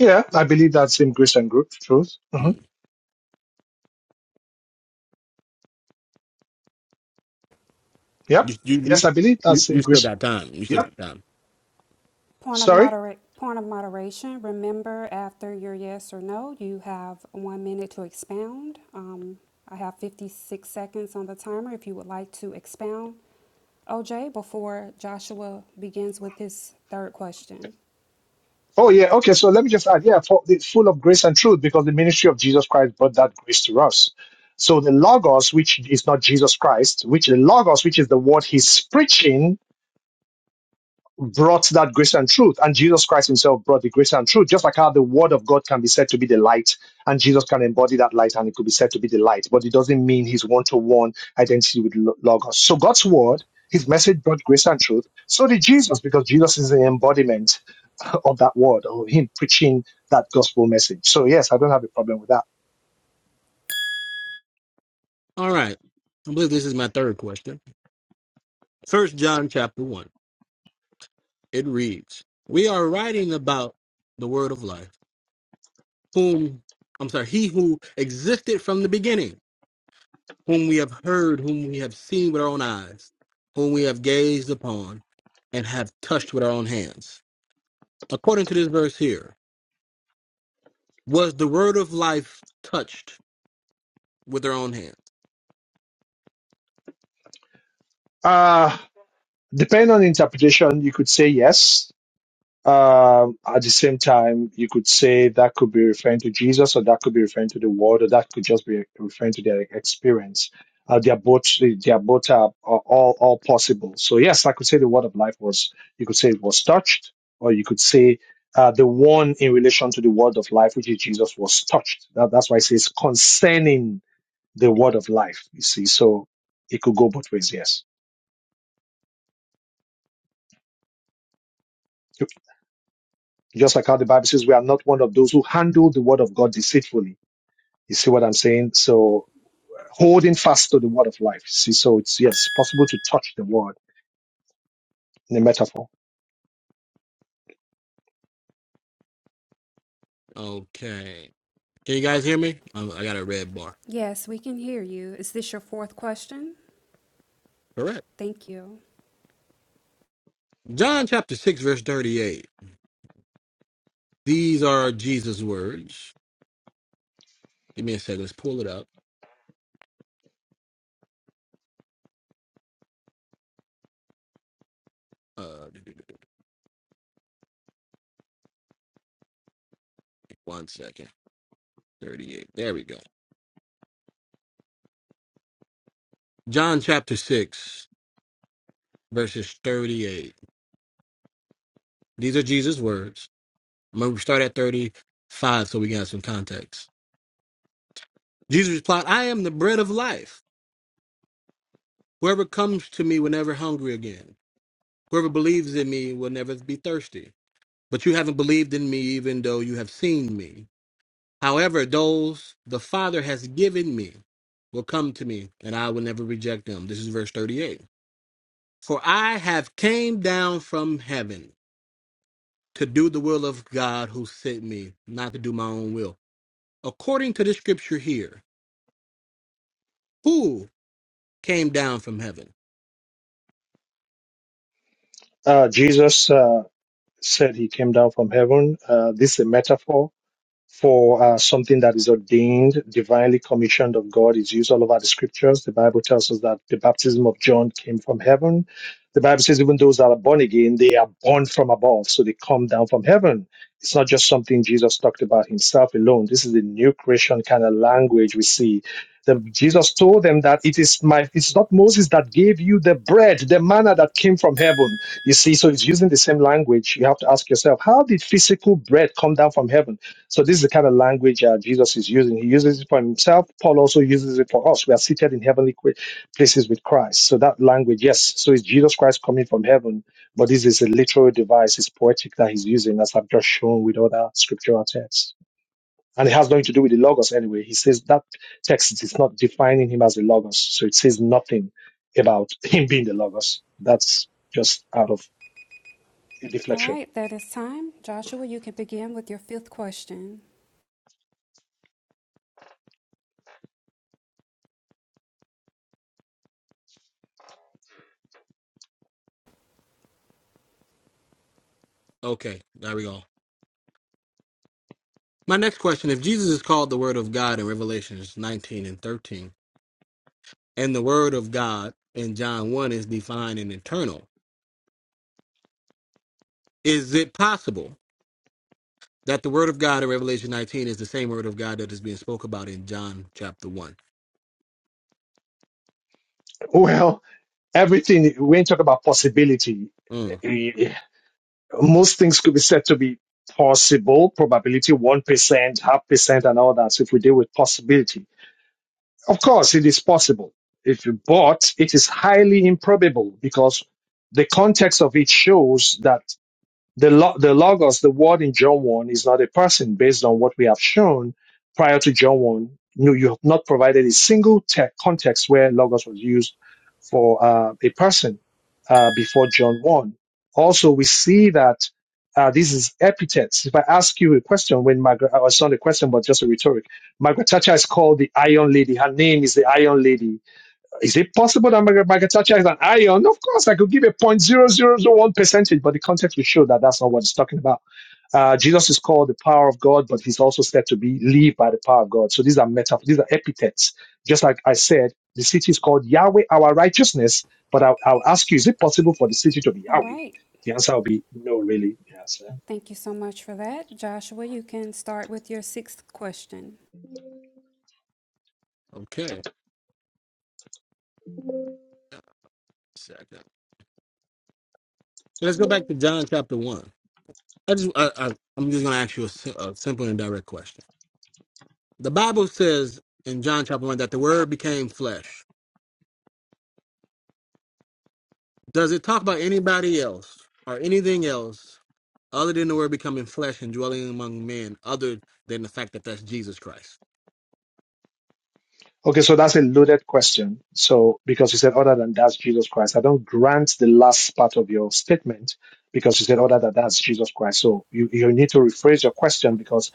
[SPEAKER 2] Yeah, I believe that's in Greece and Greek truth. hmm Yep. Yes, I believe that's in Greece. Yep.
[SPEAKER 11] Point of
[SPEAKER 2] Sorry.
[SPEAKER 11] moderate, point of moderation. Remember, after your yes or no, you have one minute to expound. Um, I have 56 seconds on the timer if you would like to expound, OJ, before Joshua begins with his third question.
[SPEAKER 2] Oh, yeah. Okay. So let me just add. Yeah, for, it's full of grace and truth because the ministry of Jesus Christ brought that grace to us. So the Logos, which is not Jesus Christ, which the Logos, which is the word he's preaching, brought that grace and truth. And Jesus Christ himself brought the grace and truth, just like how the word of God can be said to be the light, and Jesus can embody that light and it could be said to be the light, but it doesn't mean his one to one identity with Lo- Logos. So God's word, his message brought grace and truth. So did Jesus, because Jesus is the embodiment of that word, or him preaching that gospel message. So yes, I don't have a problem with that. Uh, depending on interpretation, you could say yes Um, at the same time, you could say that could be referring to Jesus, or that could be referring to the world, or that could just be referring to their experience. Uh, they are both they are both uh, are all all possible. So yes, I could say the word of life was you could say it was touched, or you could say uh, the one in relation to the word of life, which is Jesus, was touched. That, that's why it says concerning the word of life. You see, so it could go both ways. Yes, just like how the Bible says, we are not one of those who handle the word of God deceitfully You see what I'm saying? So holding fast to the word of life. See, so it's yes possible to touch the word in a metaphor.
[SPEAKER 11] Yes, we can hear you. Is this your fourth question? Thank you.
[SPEAKER 2] Uh, Jesus uh, said he came down from heaven. Uh, this is a metaphor. for uh, something that is ordained, divinely commissioned of God is used all over the scriptures. The Bible tells us that the baptism of John came from heaven. The Bible says even those that are born again, they are born from above, so they come down from heaven. It's not just something Jesus talked about himself alone. This is the new creation kind of language we see. The, Jesus told them that it is my, it's not Moses that gave you the bread, the manna that came from heaven. You see, so it's using the same language. You have to ask yourself, how did physical bread come down from heaven? So this is the kind of language that Jesus is using. He uses it for himself. Paul also uses it for us. We are seated in heavenly qu- places with Christ. So that language, yes. So it's Jesus Christ coming from heaven, but this is a literal device. It's poetic that he's using, as I've just shown with other scriptural texts. And it has nothing to do with the logos anyway. He says that text is not defining him as the logos. So it says nothing about him being the logos. That's just out of
[SPEAKER 11] All
[SPEAKER 2] deflection.
[SPEAKER 11] right, that is time. Joshua, you can begin with your fifth question.
[SPEAKER 2] Well, everything, we ain't talking about possibility most things could be said to be possible, probability 1%, half percent, and all that. So if we deal with possibility, of course, it is possible. If you, but it is highly improbable because the context of it shows that the, lo- the logos, the word in John 1, is not a person based on what we have shown prior to John 1. No, you have not provided a single te- context where logos was used for uh, a person uh, before John 1. Also, we see that uh, this is epithets. If I ask you a question, when Margaret, uh, it's not a question, but just a rhetoric, Margaret Thatcher is called the Iron Lady. Her name is the Iron Lady is it possible that Margaret Margaret is an ion? Of course, I could give a zero point zero zero zero 0.0001 percentage, but the context will show that that's not what it's talking about. Uh, Jesus is called the power of God, but he's also said to be lived by the power of God. So these are metaphors, these are epithets. Just like I said, the city is called Yahweh, our righteousness. But I'll, I'll ask you, is it possible for the city to be
[SPEAKER 11] All
[SPEAKER 2] Yahweh?
[SPEAKER 11] right.
[SPEAKER 2] The answer will be no, really. Yes. eh?
[SPEAKER 11] Thank you so much for that. Joshua, you can start with your sixth question.
[SPEAKER 2] Okay, so that's a loaded question. So, because you said other than that's Jesus Christ, I don't grant the last part of your statement because you said other than that's Jesus Christ. So you, you need to rephrase your question because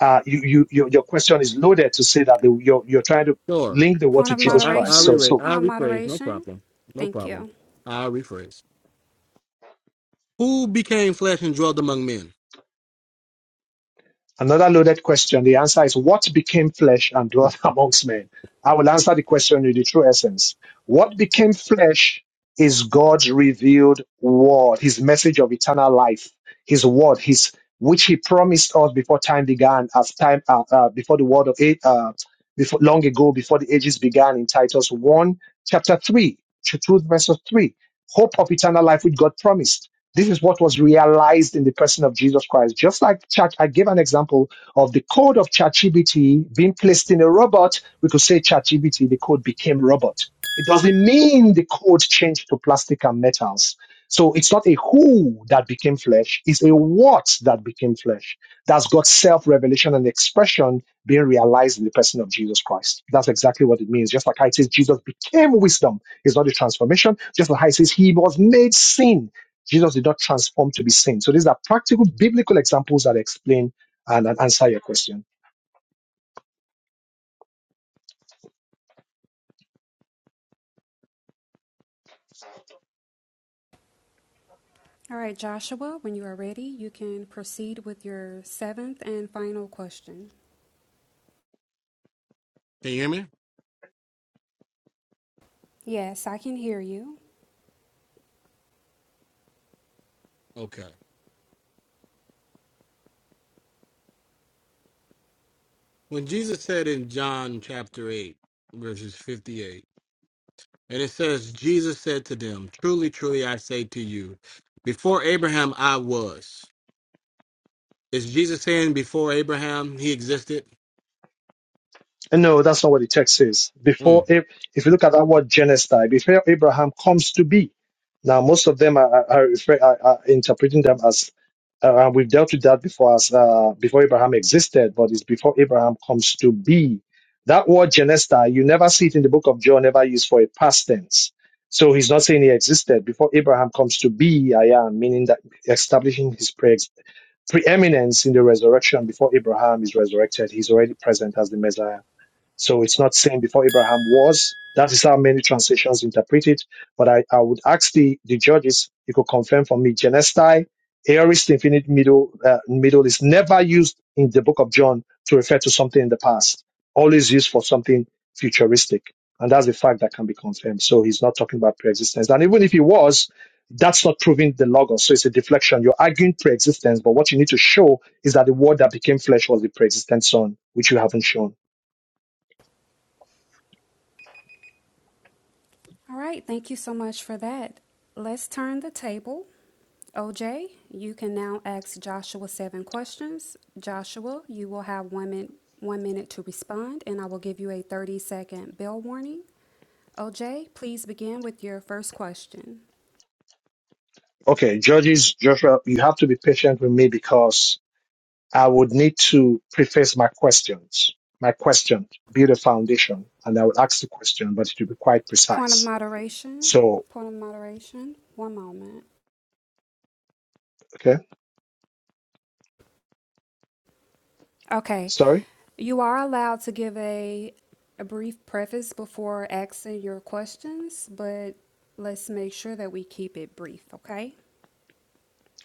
[SPEAKER 2] uh, you, you, your, your question is loaded to say that the, you're, you're trying to link the word
[SPEAKER 11] Point
[SPEAKER 2] to
[SPEAKER 11] of
[SPEAKER 2] Jesus Christ. So,
[SPEAKER 11] moderation,
[SPEAKER 2] so
[SPEAKER 11] point of moderation. Thank you.
[SPEAKER 2] Another loaded question. The answer is what became flesh and dwelt amongst men? I will answer the question in the true essence. What became flesh is God's revealed word, his message of eternal life, his word, his which he promised us before time began, as time uh, uh, before the word of it, uh, before long ago, before the ages began, in Titus one chapter three, chapter two verse three, hope of eternal life which God promised. This is what was realized in the person of Jesus Christ. Just like church, I gave an example of the code of ChatGPT being placed in a robot. We could say ChatGPT, the code became robot. It doesn't mean the code changed to plastic and metals. So it's not a who that became flesh, it's a what that became flesh. That's God's self revelation and expression being realized in the person of Jesus Christ. That's exactly what it means. Just like how it says Jesus became wisdom, it's not a transformation. Just like how it says he was made sin Jesus did not transform to be seen. So these are practical biblical examples that explain and, and answer your question.
[SPEAKER 11] All right, Joshua, when you are ready, you can proceed with your seventh and final question. Yes, I can hear you.
[SPEAKER 2] No, that's not what the text says. Before, if, if you look at that word genocide, before Abraham comes to be. Now, most of them are, are, are, refer- are, are interpreting them as uh, we've dealt with that before as uh, before Abraham existed, but it's before Abraham comes to be. That word genesta, you never see it in the book of John, never used for a past tense. So he's not saying he existed before Abraham comes to be. I am meaning that establishing his pre- preeminence in the resurrection before Abraham is resurrected, he's already present as the Messiah. So it's not saying before Abraham was. That is how many translations interpret it. But I, I would ask the, the judges, you could confirm for me, Genestai, aorist infinite middle, uh, middle is never used in the book of John to refer to something in the past, always used for something futuristic. And that's the fact that can be confirmed. So he's not talking about preexistence. And even if he was, that's not proving the logos. So it's a deflection. You're arguing preexistence, but what you need to show is that the word that became flesh was the preexistent son, which you haven't shown.
[SPEAKER 11] All right, thank you so much for that. Let's turn the table. OJ, you can now ask Joshua seven questions. Joshua, you will have one minute, one minute to respond, and I will give you a 30 second bell warning. OJ, please begin with your first question.
[SPEAKER 2] Okay, Judges, Joshua, you have to be patient with me because I would need to preface my questions. My question, build a foundation, and I would ask the question, but it will be quite
[SPEAKER 11] Point of
[SPEAKER 2] precise.
[SPEAKER 11] moderation.
[SPEAKER 2] So,
[SPEAKER 11] Point of moderation. One moment.
[SPEAKER 2] okay,
[SPEAKER 11] Okay.
[SPEAKER 2] sorry?
[SPEAKER 11] You are allowed to give a, a brief preface before asking your questions, but let's make sure that we keep it brief, okay?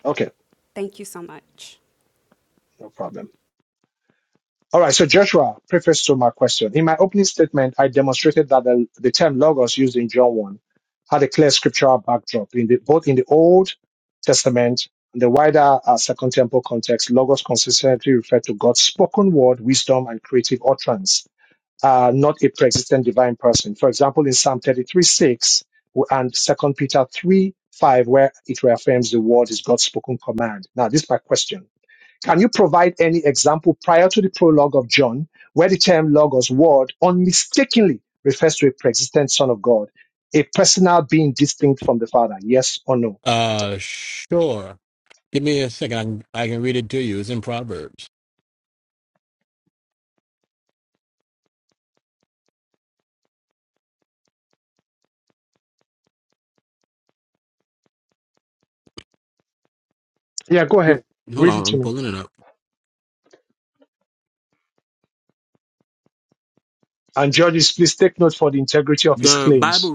[SPEAKER 2] Okay,
[SPEAKER 11] Thank you so much.
[SPEAKER 2] no problem. All right, so Joshua, preface to my question. In my opening statement, I demonstrated that the, the term logos used in John 1 had a clear scriptural backdrop in the, both in the Old Testament and the wider uh, Second Temple context. Logos consistently referred to God's spoken word, wisdom, and creative utterance, uh, not a pre-existent divine person. For example, in Psalm 33 6 and Second Peter 3 5, where it reaffirms the word is God's spoken command. Now, this is my question can you provide any example prior to the prologue of John where the term Logos, word, unmistakably refers to a pre-existent Son of God, a personal being distinct from the Father? Yes or no? Yeah, go ahead. Read it to me. And judges, please take note for the integrity of his claims.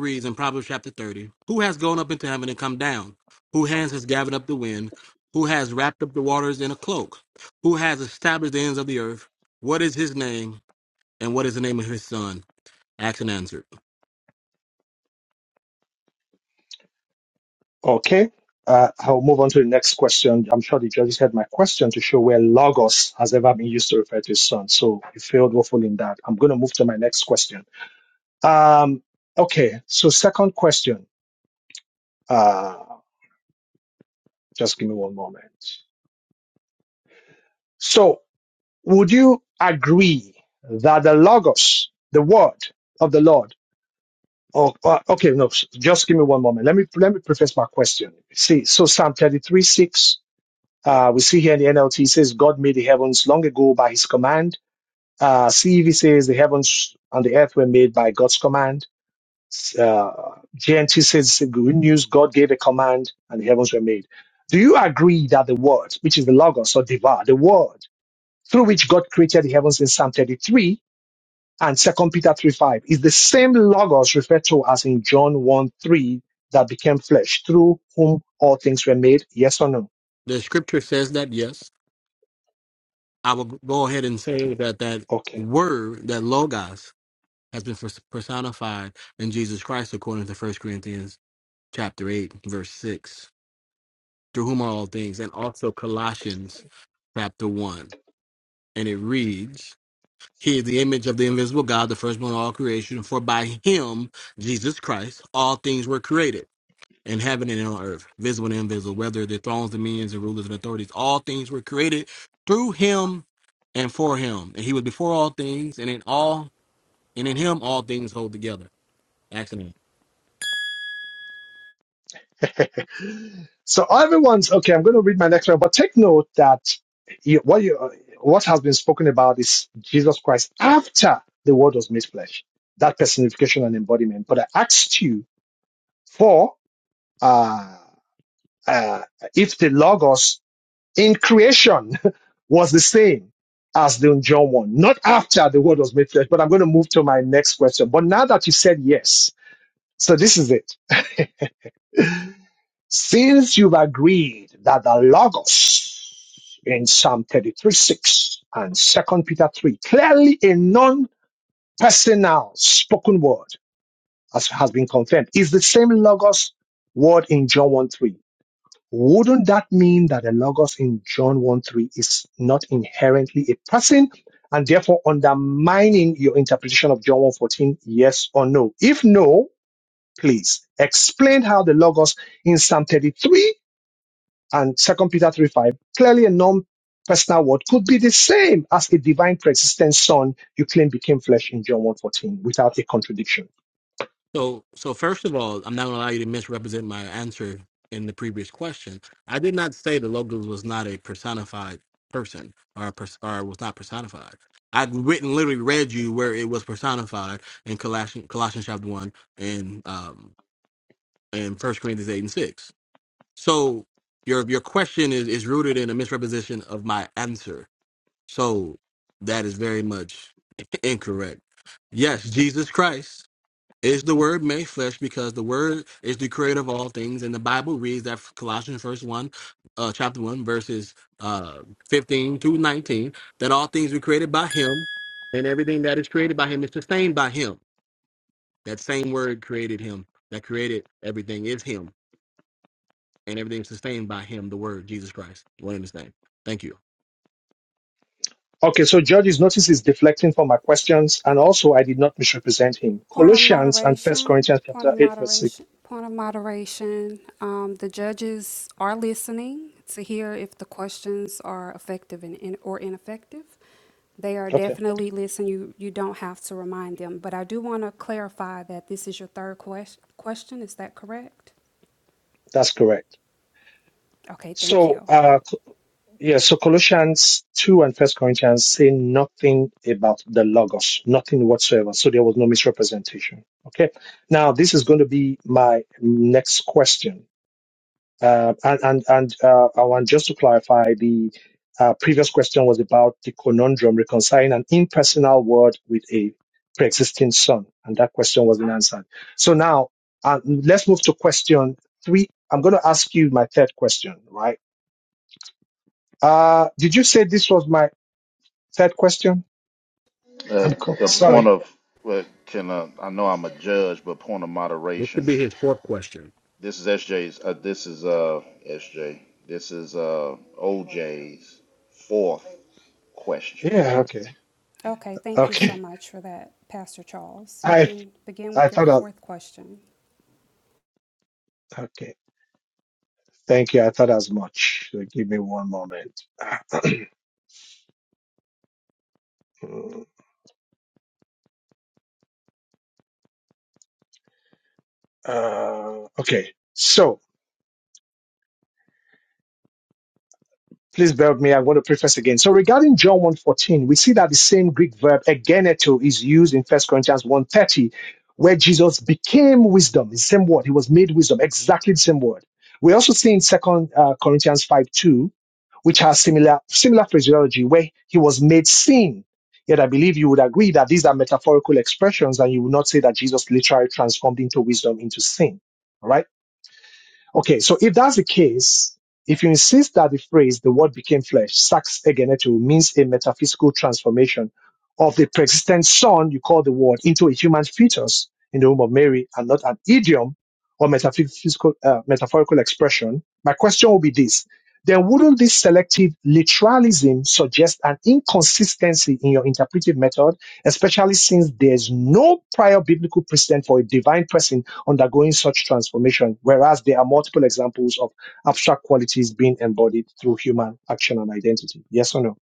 [SPEAKER 2] Okay. Uh, I'll move on to the next question. I'm sure the judges had my question to show where Logos has ever been used to refer to his son. So you failed woefully in that. I'm going to move to my next question. Um, okay. So second question. Uh, Just give me one moment. So, would you agree that the logos, the word of the Lord? Oh, uh, okay, no. s- Just give me one moment. Let me let me preface my question. See, so Psalm thirty-three six. Uh, we see here in the NLT it says, "God made the heavens long ago by His command." Uh, CEV says, "The heavens and the earth were made by God's command." Uh, GNT says, "The "Good news. God gave a command, and the heavens were made." Do you agree that the word, which is the logos or diva, the word? through which God created the heavens in Psalm 33 and Second Peter three five is the same logos referred to as in John 1 3 that became flesh, through whom all things were made. Yes or no? Okay. so everyone's okay. I'm going to read my next one, but take note that you, what you, what has been spoken about is Jesus Christ after the Word was made flesh, that personification and embodiment. But I asked you for uh, uh, if the logos in creation was the same as the John 1. Not after the word was made flesh, but I'm going to move to my next question. But now that you said yes, so this is it. Since you've agreed that the Logos in Psalm 33 6 and Second Peter 3, clearly a non personal spoken word, as has been confirmed, is the same Logos word in John one three. wouldn't that mean that the logos in John 1 3 is not inherently a person and therefore undermining your interpretation of John one fourteen? Yes or no? If no, please explain how the logos in Psalm 33 and 2 Peter 3 5, clearly a non personal word, could be the same as a divine pre-existent son you claim became flesh in John one fourteen without a contradiction. Okay, so Judges, notice is deflecting from my questions, and also I did not misrepresent him.
[SPEAKER 11] Point of
[SPEAKER 2] Colossians and First
[SPEAKER 11] moderation,
[SPEAKER 2] Corinthians
[SPEAKER 11] point
[SPEAKER 2] chapter
[SPEAKER 11] of
[SPEAKER 2] eight verse six.
[SPEAKER 11] moderation, point of moderation. Um, the judges are listening to hear if the questions are effective and, in or ineffective. They are
[SPEAKER 2] Okay,
[SPEAKER 11] definitely listening. You, you don't have to remind them. But I do want to clarify that this is your third quest- question. Is that correct?
[SPEAKER 2] that's correct.
[SPEAKER 11] Okay, thank
[SPEAKER 2] So
[SPEAKER 11] you.
[SPEAKER 2] uh, Yeah, so Colossians 2 and First Corinthians say nothing about the Logos, nothing whatsoever. So there was no misrepresentation. Okay. Now, this is going to be my next question. Uh, and and, and uh, I want just to clarify the uh, previous question was about the conundrum reconciling an impersonal word with a pre existing son. And that question wasn't answered. So now uh, let's move to question three. I'm going to ask you my third question, right? Uh, did you say this was my? That question?
[SPEAKER 10] Uh,
[SPEAKER 2] I'm co-
[SPEAKER 10] the point
[SPEAKER 2] sorry.
[SPEAKER 10] of uh, can uh, I know I'm a judge, but point of moderation. This is SJ's. Uh, this is uh SJ. This is uh O J's fourth question.
[SPEAKER 2] Yeah, okay.
[SPEAKER 11] Okay, thank you so
[SPEAKER 2] Okay.
[SPEAKER 11] much for that, Pastor Charles. You
[SPEAKER 2] I
[SPEAKER 11] can begin
[SPEAKER 2] I
[SPEAKER 11] with your
[SPEAKER 2] thought I,
[SPEAKER 11] fourth question.
[SPEAKER 2] okay. Thank you. I thought as much. Uh, Give me one moment. uh, okay. So Please bear with me. I'm going to preface again. So regarding John one fourteen, we see that the same Greek verb egeneto is used in First Corinthians one thirty, where Jesus became wisdom. the same word. He was made wisdom. Exactly the same word. We also see in Second uh, Corinthians five two, which has similar, similar phraseology, where he was made sin. Yet I believe you would agree that these are metaphorical expressions and you would not say that Jesus literally transformed into wisdom into sin. All Right? Okay, so if that's the case, if you insist that the phrase "the word became flesh" (sax egenetu) means a metaphysical transformation of the pre-existent Son you call the Word into a human fetus in the womb of Mary, and not an idiom or metaphysical uh, metaphorical expression, my question will be this: Then wouldn't this selective literalism suggest an inconsistency in your interpretive method, especially since there's no prior biblical precedent for a divine person undergoing such transformation, whereas there are multiple examples of abstract qualities being embodied through human action and identity? Yes or no?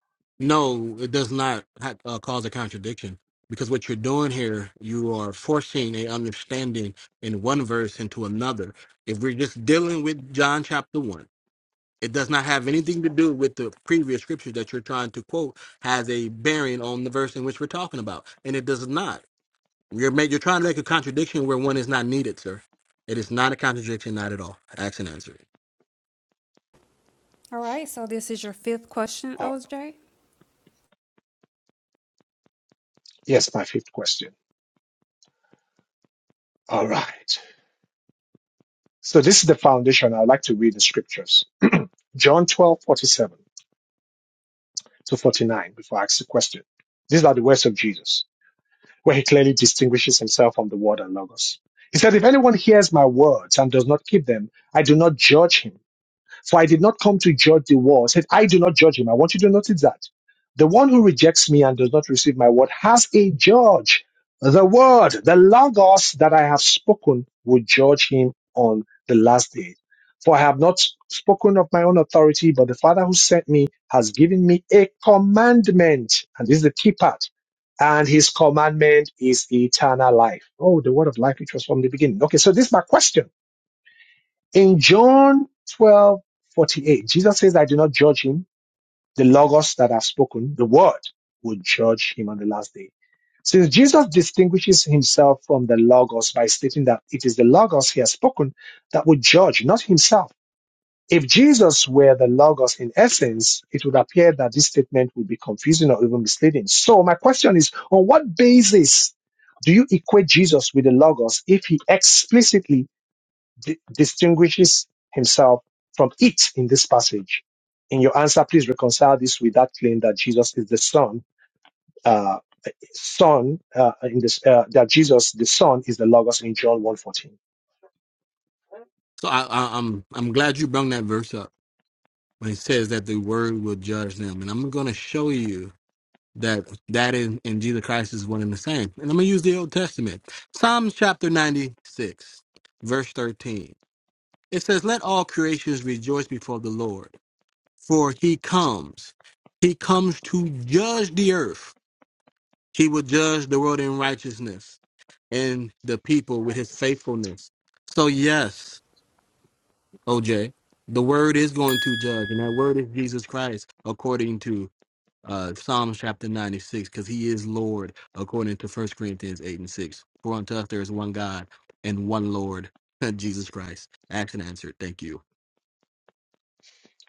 [SPEAKER 11] All right, so this is your fifth question,
[SPEAKER 2] Uh,
[SPEAKER 11] OJ.
[SPEAKER 2] yes, my fifth question. All right. So this is the foundation. I'd like to read the scriptures. John 12 47 to 49 before I ask the question. These are the words of Jesus, where he clearly distinguishes himself from the Word and logos. He said, if anyone hears my words and does not keep them, I do not judge him For I did not come to judge the world. Said, I do not judge him. I want you to notice that. The one who rejects me and does not receive my word has a judge. The word, the logos that I have spoken will judge him on the last day. For I have not spoken of my own authority, but the Father who sent me has given me a commandment. And this is the key part and his commandment is eternal life. Oh, the word of life, which was from the beginning. Okay, so this is my question. In John 12:48, Jesus says, I do not judge him. The logos that I've spoken, the word, will judge him on the last day. Since Jesus distinguishes himself from the logos by stating that it is the logos he has spoken that would judge, not himself. If Jesus were the logos in essence, it would appear that this statement would be confusing or even misleading. So my question is, on what basis do you equate Jesus with the logos if he explicitly di- distinguishes himself from it in this passage. In your answer, please reconcile this with that claim that Jesus is the Son, uh, Son uh, in this uh, that Jesus the Son is the Logos in John one fourteen.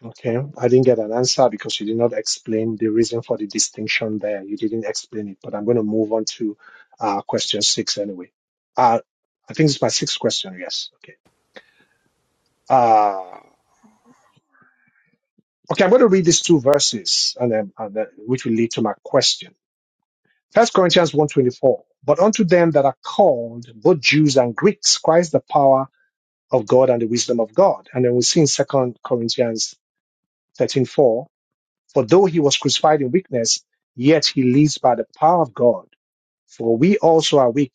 [SPEAKER 2] Okay, I didn't get an answer because you did not explain the reason for the distinction there. You didn't explain it, but I'm going to move on to uh, question six anyway. Uh, I think it's my sixth question. Yes. Okay. Uh, Okay, I'm going to read these two verses, and, um, and that- which will lead to my question. First Corinthians one twenty-four: But unto them that are called, both Jews and Greeks, Christ the power of God and the wisdom of God. And then we see in Second Corinthians 13.4, For though he was crucified in weakness, yet he lives by the power of God. For we also are weak,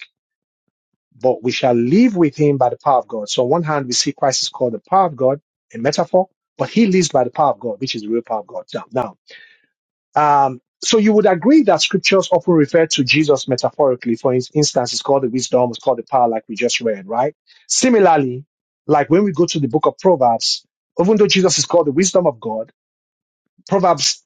[SPEAKER 2] but we shall live with him by the power of God. So on one hand, we see Christ is called the power of God, a metaphor, but he lives by the power of God, which is the real power of God. Now, now Um, so you would agree that scriptures often refer to Jesus metaphorically. For ins- instance, it's called the wisdom, it's called the power, like we just read, right? Similarly, like when we go to the book of Proverbs, even though Jesus is called the wisdom of God, Proverbs,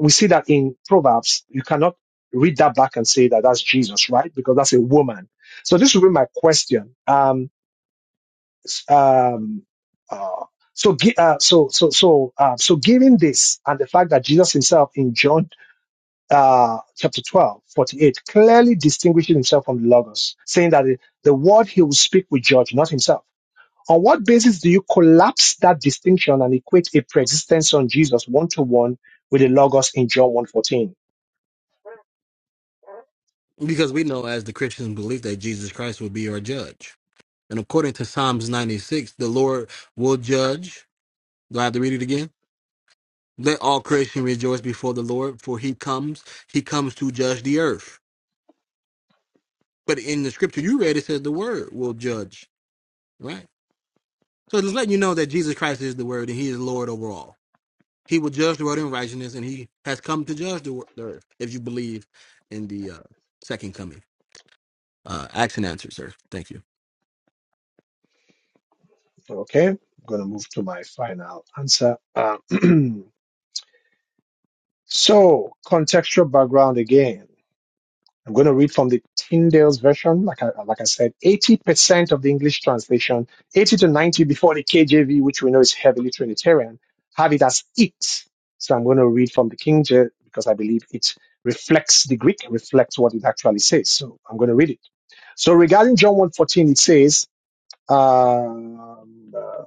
[SPEAKER 2] we see that in Proverbs, you cannot read that back and say that that's Jesus, right? Because that's a woman. So this will be my question. Um, s- um, uh, so, gi- uh, so, so, so, uh, so, given this and the fact that Jesus himself in John uh, chapter 12, 48 clearly distinguishes himself from the Logos, saying that the, the word he will speak will judge, not himself. On what basis do you collapse that distinction and equate a preexistence on Jesus one to one with the Logos in John one fourteen? Okay, I'm going to move to my final answer. Uh, so, contextual background again. I'm going to read from the Tyndale's version. Like I, like I said, 80% of the English translation, 80 to 90 before the KJV, which we know is heavily Trinitarian, have it as it. So I'm going to read from the King James because I believe it reflects the Greek, reflects what it actually says. So I'm going to read it. So regarding John one fourteen, it says, um, uh,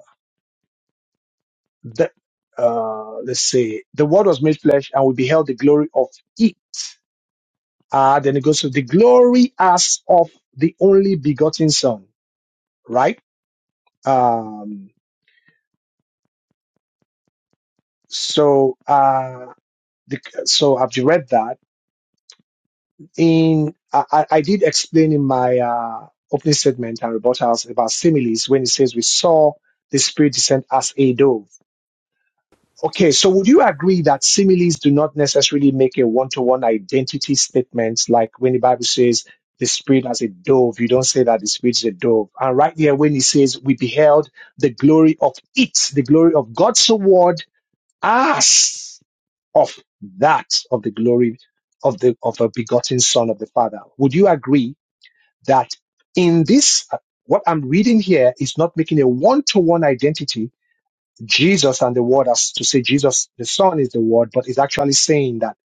[SPEAKER 2] the, uh, let's say the word was made flesh and we beheld the glory of it Uh, then it goes to the glory as of the only begotten son, right? Um, so, uh, the, so I've read that in, I, I I did explain in my, uh, opening statement and rebuttals about similes when it says we saw the spirit descend as a dove Okay, so would you agree that similes do not necessarily make a one-to-one identity statement? Like when the Bible says the spirit as a dove, you don't say that the spirit is a dove. And right there, when he says we beheld the glory of it, the glory of God's word as of that of the glory of the of a begotten son of the Father. Would you agree that in this what I'm reading here is not making a one-to-one identity, Jesus and the Word as to say Jesus, the Son is the Word, but is actually saying that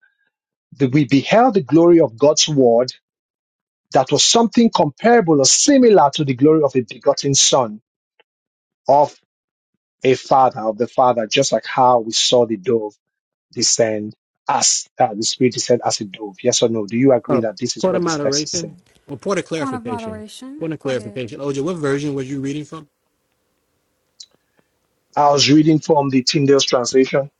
[SPEAKER 2] the, we beheld the glory of God's Word that was something comparable or similar to the glory of a begotten Son of a Father, of the Father, just like how we saw the dove descend as uh, the Spirit descend as a dove. Yes or no? Do you agree that this is what this text is saying?
[SPEAKER 11] Point of moderation. Go ahead.
[SPEAKER 2] I was reading from the Tyndale's translation.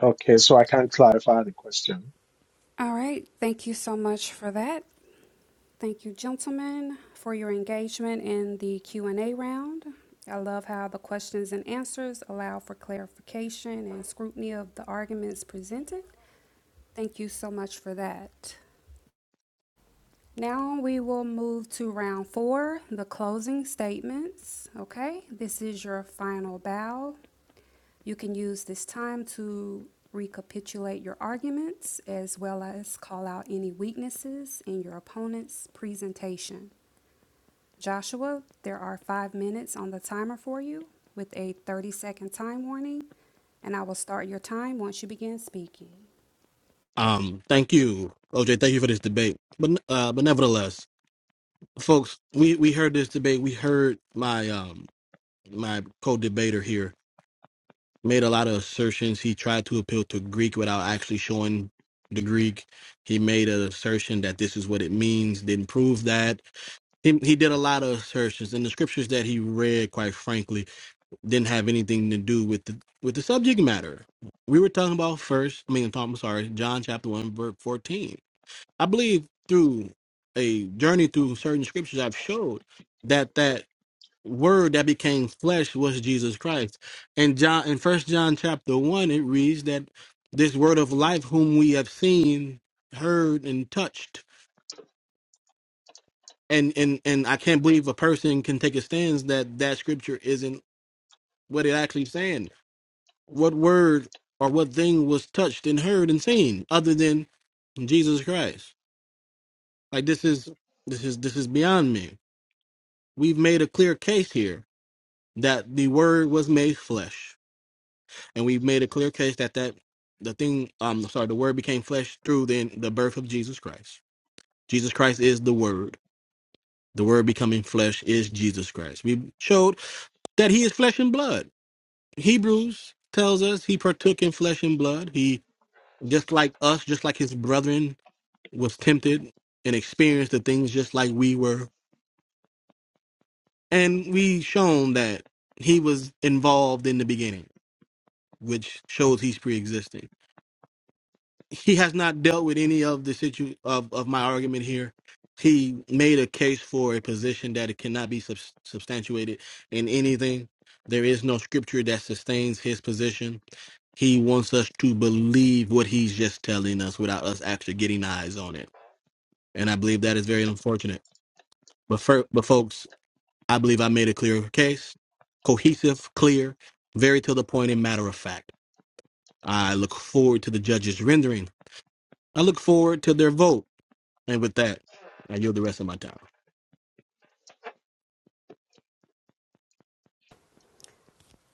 [SPEAKER 2] Okay, so I can't clarify the question.
[SPEAKER 11] All right. Thank you so much for that. Thank you, gentlemen, for your engagement in the Q&A round. I love how the questions and answers allow for clarification and scrutiny of the arguments presented. Thank you so much for that. Now we will move to round four, the closing statements. Okay, this is your final bow You can use this time to recapitulate your arguments as well as call out any weaknesses in your opponent's presentation. Joshua, there are five minutes on the timer for you with a 30 second time warning, and I will start your time once you begin speaking.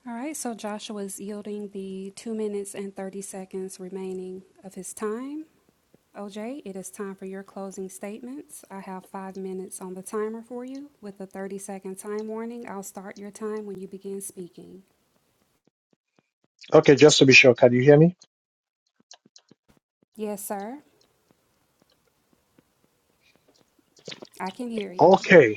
[SPEAKER 11] All right, so Joshua is yielding the two minutes and 30 seconds remaining of his time. OJ, it is time for your closing statements. I have five minutes on the timer for you. With a 30-second time warning, I'll start your time when you begin speaking.
[SPEAKER 2] Okay, just to be sure, can you hear me?
[SPEAKER 11] Yes, sir. I can hear you.
[SPEAKER 2] Okay,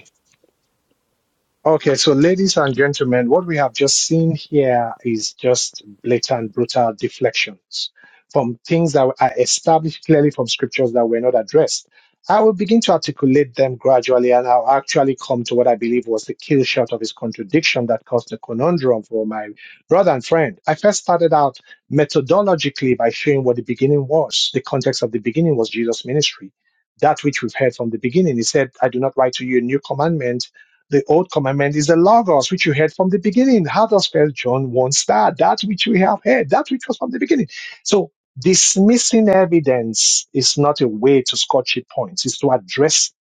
[SPEAKER 2] Okay, so ladies and gentlemen, what we have just seen here is just blatant, brutal deflections from things that are established clearly from scriptures that were not addressed. I will begin to articulate them gradually, and I'll actually come to what I believe was the kill shot of his contradiction that caused the conundrum for my brother and friend. I first started out methodologically by showing what the beginning was. The context of the beginning was Jesus' ministry. That which we've heard from the beginning. He said, I do not write to you a new commandment the old commandment is the Logos, which you heard from the beginning. How does First John 1 start? That which we have heard, that which was from the beginning. So dismissing evidence is not a way to scotch points. It's to address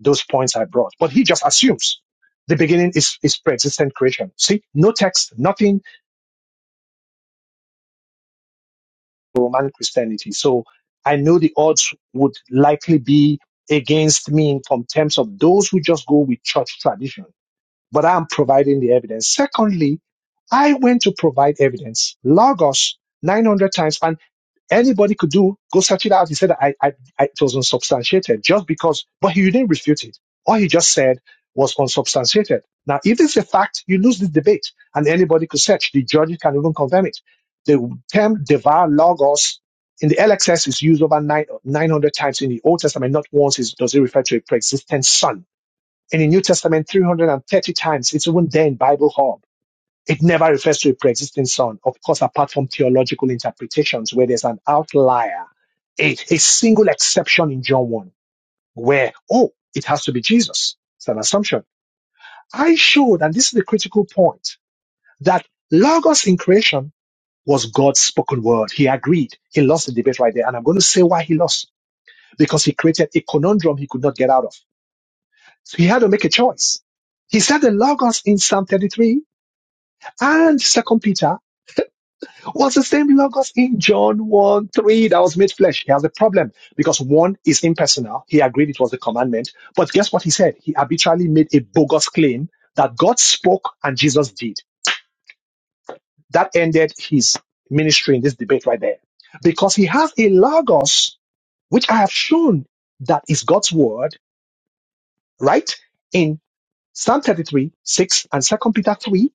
[SPEAKER 2] those points I brought. But he just assumes the beginning is, is pre-existent creation. See, no text, nothing, Roman Christianity. So I know the odds would likely be against me in terms of those who just go with church tradition but I'm providing the evidence. Secondly, I went to provide evidence. Logos 900 times, and anybody could do, go search it out. He said, I, I, I, it was unsubstantiated just because, but he didn't refute it. All he just said was unsubstantiated. Now, if it's a fact, you lose the debate, and anybody could search. The judges can even confirm it. The term devour logos in the LXS is used over nine, 900 times in the Old Testament. Not once is, does it refer to a pre-existent son in the New Testament, 330 times, it's even there in Bible Hub. It never refers to a pre-existing son, of course, apart from theological interpretations where there's an outlier, a, a single exception in John 1, where, oh, it has to be Jesus. It's an assumption. I showed, and this is the critical point, that Logos in creation was God's spoken word. He agreed. He lost the debate right there. And I'm going to say why he lost. Because he created a conundrum he could not get out of. So he had to make a choice. He said the Logos in Psalm 33 and Second Peter was the same Logos in John 1 3 that was made flesh. He has a problem because one is impersonal. He agreed it was a commandment. But guess what he said? He arbitrarily made a bogus claim that God spoke and Jesus did. That ended his ministry in this debate right there because he has a Logos, which I have shown that is God's word, right? In Psalm 33, 6 and Second Peter 3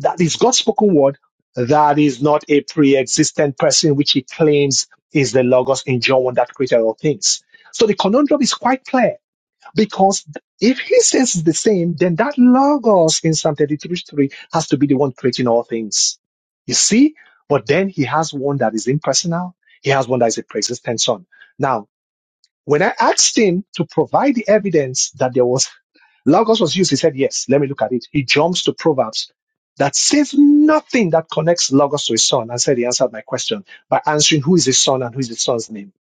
[SPEAKER 2] That is God's spoken word. That is not a pre-existent person, which he claims is the Logos in John 1 that created all things. So the conundrum is quite clear because if he says it's the same, then that Logos in Psalm 33 3 has to be the one creating all things. You see? But then he has one that is impersonal. He has one that is a pre-existent son. Now, when I asked him to provide the evidence that there was Logos was used. He said, Yes, let me look at it. He jumps to Proverbs that says nothing that connects Logos to his son and said he answered my question by answering who is his son and who is his son's name.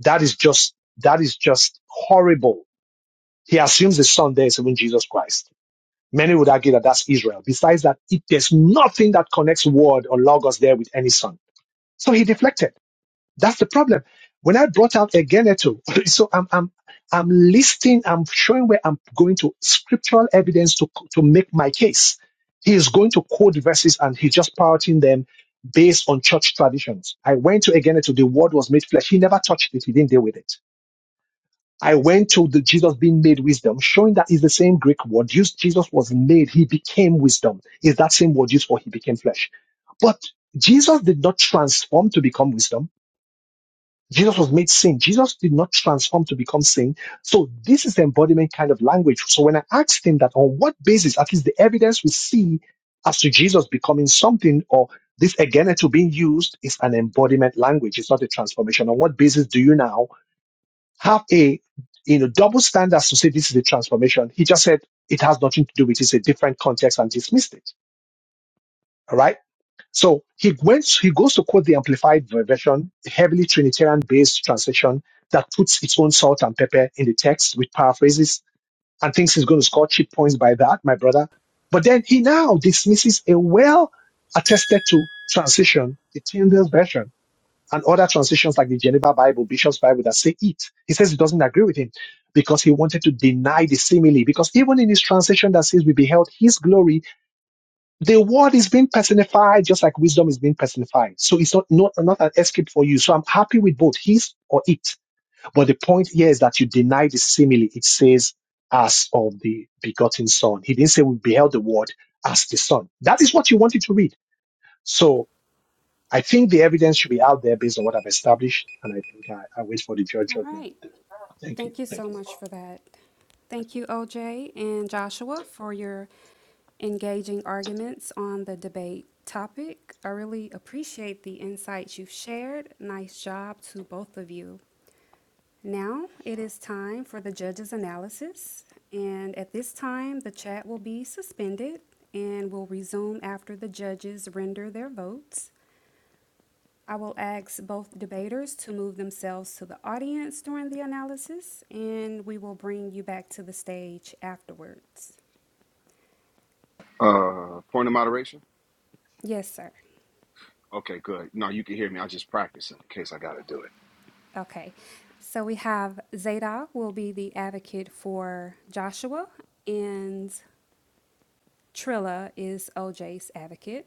[SPEAKER 2] That is just that is just horrible. He assumes his son there is even Jesus Christ. Many would argue that that's Israel. Besides that, it, there's nothing that connects word or logos there with any son. So he deflected. That's the problem. When I brought out Egeneto, so I'm, I'm, I'm listing, I'm showing where I'm going to scriptural evidence to, to make my case. He is going to quote verses and he's just parroting them based on church traditions. I went to Egeneto, the word was made flesh. He never touched it. He didn't deal with it. I went to the Jesus being made wisdom, showing that is the same Greek word used. Jesus was made. He became wisdom. Is that same word used for he became flesh? But Jesus did not transform to become wisdom. Jesus was made sin. Jesus did not transform to become sin. So this is the embodiment kind of language. So when I asked him that on what basis, at least the evidence we see as to Jesus becoming something or this again to being used is an embodiment language. It's not a transformation. On what basis do you now have a you know double standards to say this is a transformation? He just said it has nothing to do with it. It's a different context and dismissed it. All right. So he went, he goes to quote the amplified version, heavily Trinitarian based translation that puts its own salt and pepper in the text with paraphrases and thinks he's going to score cheap points by that, my brother. But then he now dismisses a well attested to translation, the Tyndale version, and other translations like the Geneva Bible, Bishop's Bible that say it. He says he doesn't agree with him because he wanted to deny the simile. Because even in his translation that says we beheld his glory, the word is being personified just like wisdom is being personified. So it's not, not, not an escape for you. So I'm happy with both his or it. But the point here is that you deny the simile. It says as of the begotten son. He didn't say we beheld the word as the son. That is what you wanted to read. So I think the evidence should be out there based on what I've established. And I think I, I wait for the judge
[SPEAKER 11] All
[SPEAKER 2] judgment.
[SPEAKER 11] right.
[SPEAKER 2] Thank you.
[SPEAKER 11] Thank you
[SPEAKER 2] Thank
[SPEAKER 11] so
[SPEAKER 2] you.
[SPEAKER 11] much for that. Thank you, OJ and Joshua, for your engaging arguments on the debate topic. I really appreciate the insights you've shared. Nice job to both of you. Now it is time for the judge's analysis, and at this time, the chat will be suspended and will resume after the judges render their votes. I will ask both debaters to move themselves to the audience during the analysis, and we will bring you back to the stage afterwards.
[SPEAKER 12] Uh, point of moderation.
[SPEAKER 11] Yes, sir.
[SPEAKER 12] Okay, good. No, you can hear me. I just practicing in case I got to do it.
[SPEAKER 11] Okay. So we have Zadok will be the advocate for Joshua, and Trilla is OJ's advocate.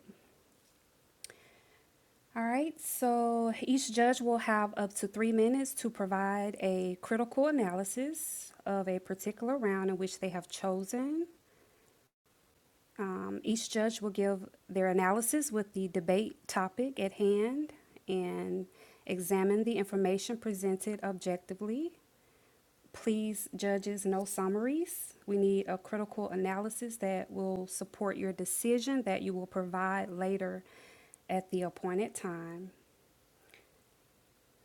[SPEAKER 11] All right, so each judge will have up to three minutes to provide a critical analysis of a particular round in which they have chosen. Um, each judge will give their analysis with the debate topic at hand and examine the information presented objectively. Please, judges, no summaries. We need a critical analysis that will support your decision that you will provide later at the appointed time.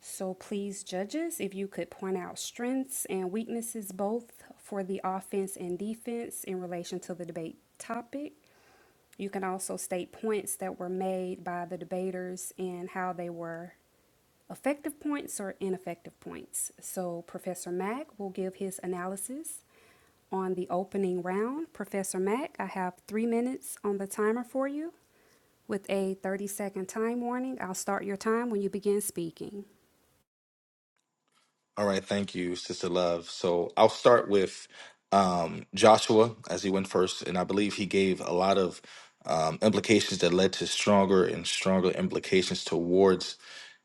[SPEAKER 11] So please, judges, if you could point out strengths and weaknesses both for the offense and defense in relation to the debate topic. You can also state points that were made by the debaters and how they were effective points or ineffective points. So Professor Mack will give his analysis on the opening round. Professor Mack, I have three minutes on the timer for you. With a 30 second time warning, I'll start your time when you begin speaking.
[SPEAKER 16] All right, thank you, Sister Love. So I'll start with um, Joshua as he went first, and I believe he gave a lot of um, implications that led to stronger and stronger implications towards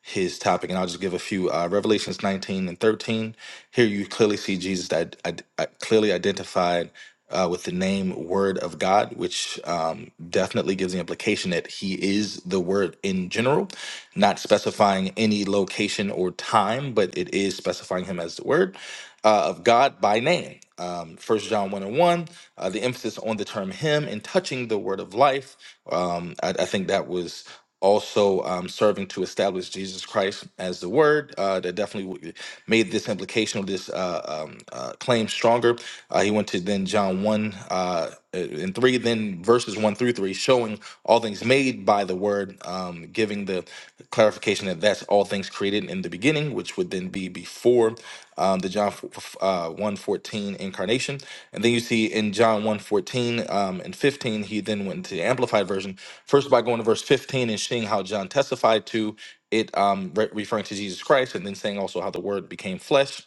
[SPEAKER 16] his topic. And I'll just give a few uh, Revelations 19 and 13. Here you clearly see Jesus that I, clearly identified. Uh, with the name Word of God, which um, definitely gives the implication that He is the Word in general not specifying any location or time, but it is specifying him as the word uh, of God by name. Um, 1 John 1 and 1, uh, the emphasis on the term him and touching the word of life. Um, I, I think that was also um, serving to establish Jesus Christ as the word. Uh, that definitely w- made this implication of this uh, um, uh, claim stronger. Uh, he went to then John 1. Uh, uh, in three, then verses one through three, showing all things made by the word, um, giving the clarification that that's all things created in the beginning, which would then be before um, the John f- f- uh, one fourteen incarnation, and then you see in John one fourteen um, and fifteen, he then went to the amplified version first by going to verse fifteen and seeing how John testified to it, um, re- referring to Jesus Christ, and then saying also how the Word became flesh.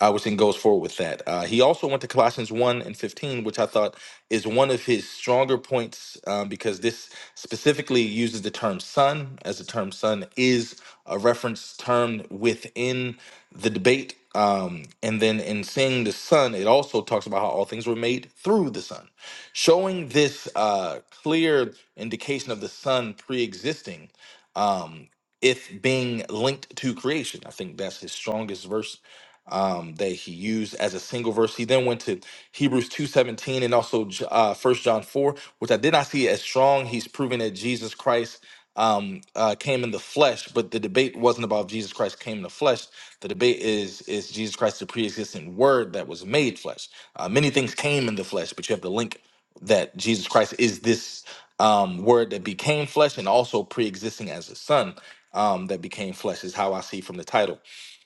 [SPEAKER 16] I which then goes forward with that. Uh, he also went to Colossians 1 and 15, which I thought is one of his stronger points um, because this specifically uses the term son, as the term son is a reference term within the debate. Um, and then in seeing the son, it also talks about how all things were made through the son, showing this uh, clear indication of the son pre existing. Um, it being linked to creation. I think that's his strongest verse um, that he used as a single verse. He then went to Hebrews 2.17 and also J- uh, 1 John 4, which I did not see as strong. He's proving that Jesus Christ um, uh, came in the flesh, but the debate wasn't about Jesus Christ came in the flesh. The debate is, is Jesus Christ the pre-existent word that was made flesh? Uh, many things came in the flesh, but you have to link that Jesus Christ is this um, word that became flesh and also pre-existing as a son um, that became flesh is how I see from the title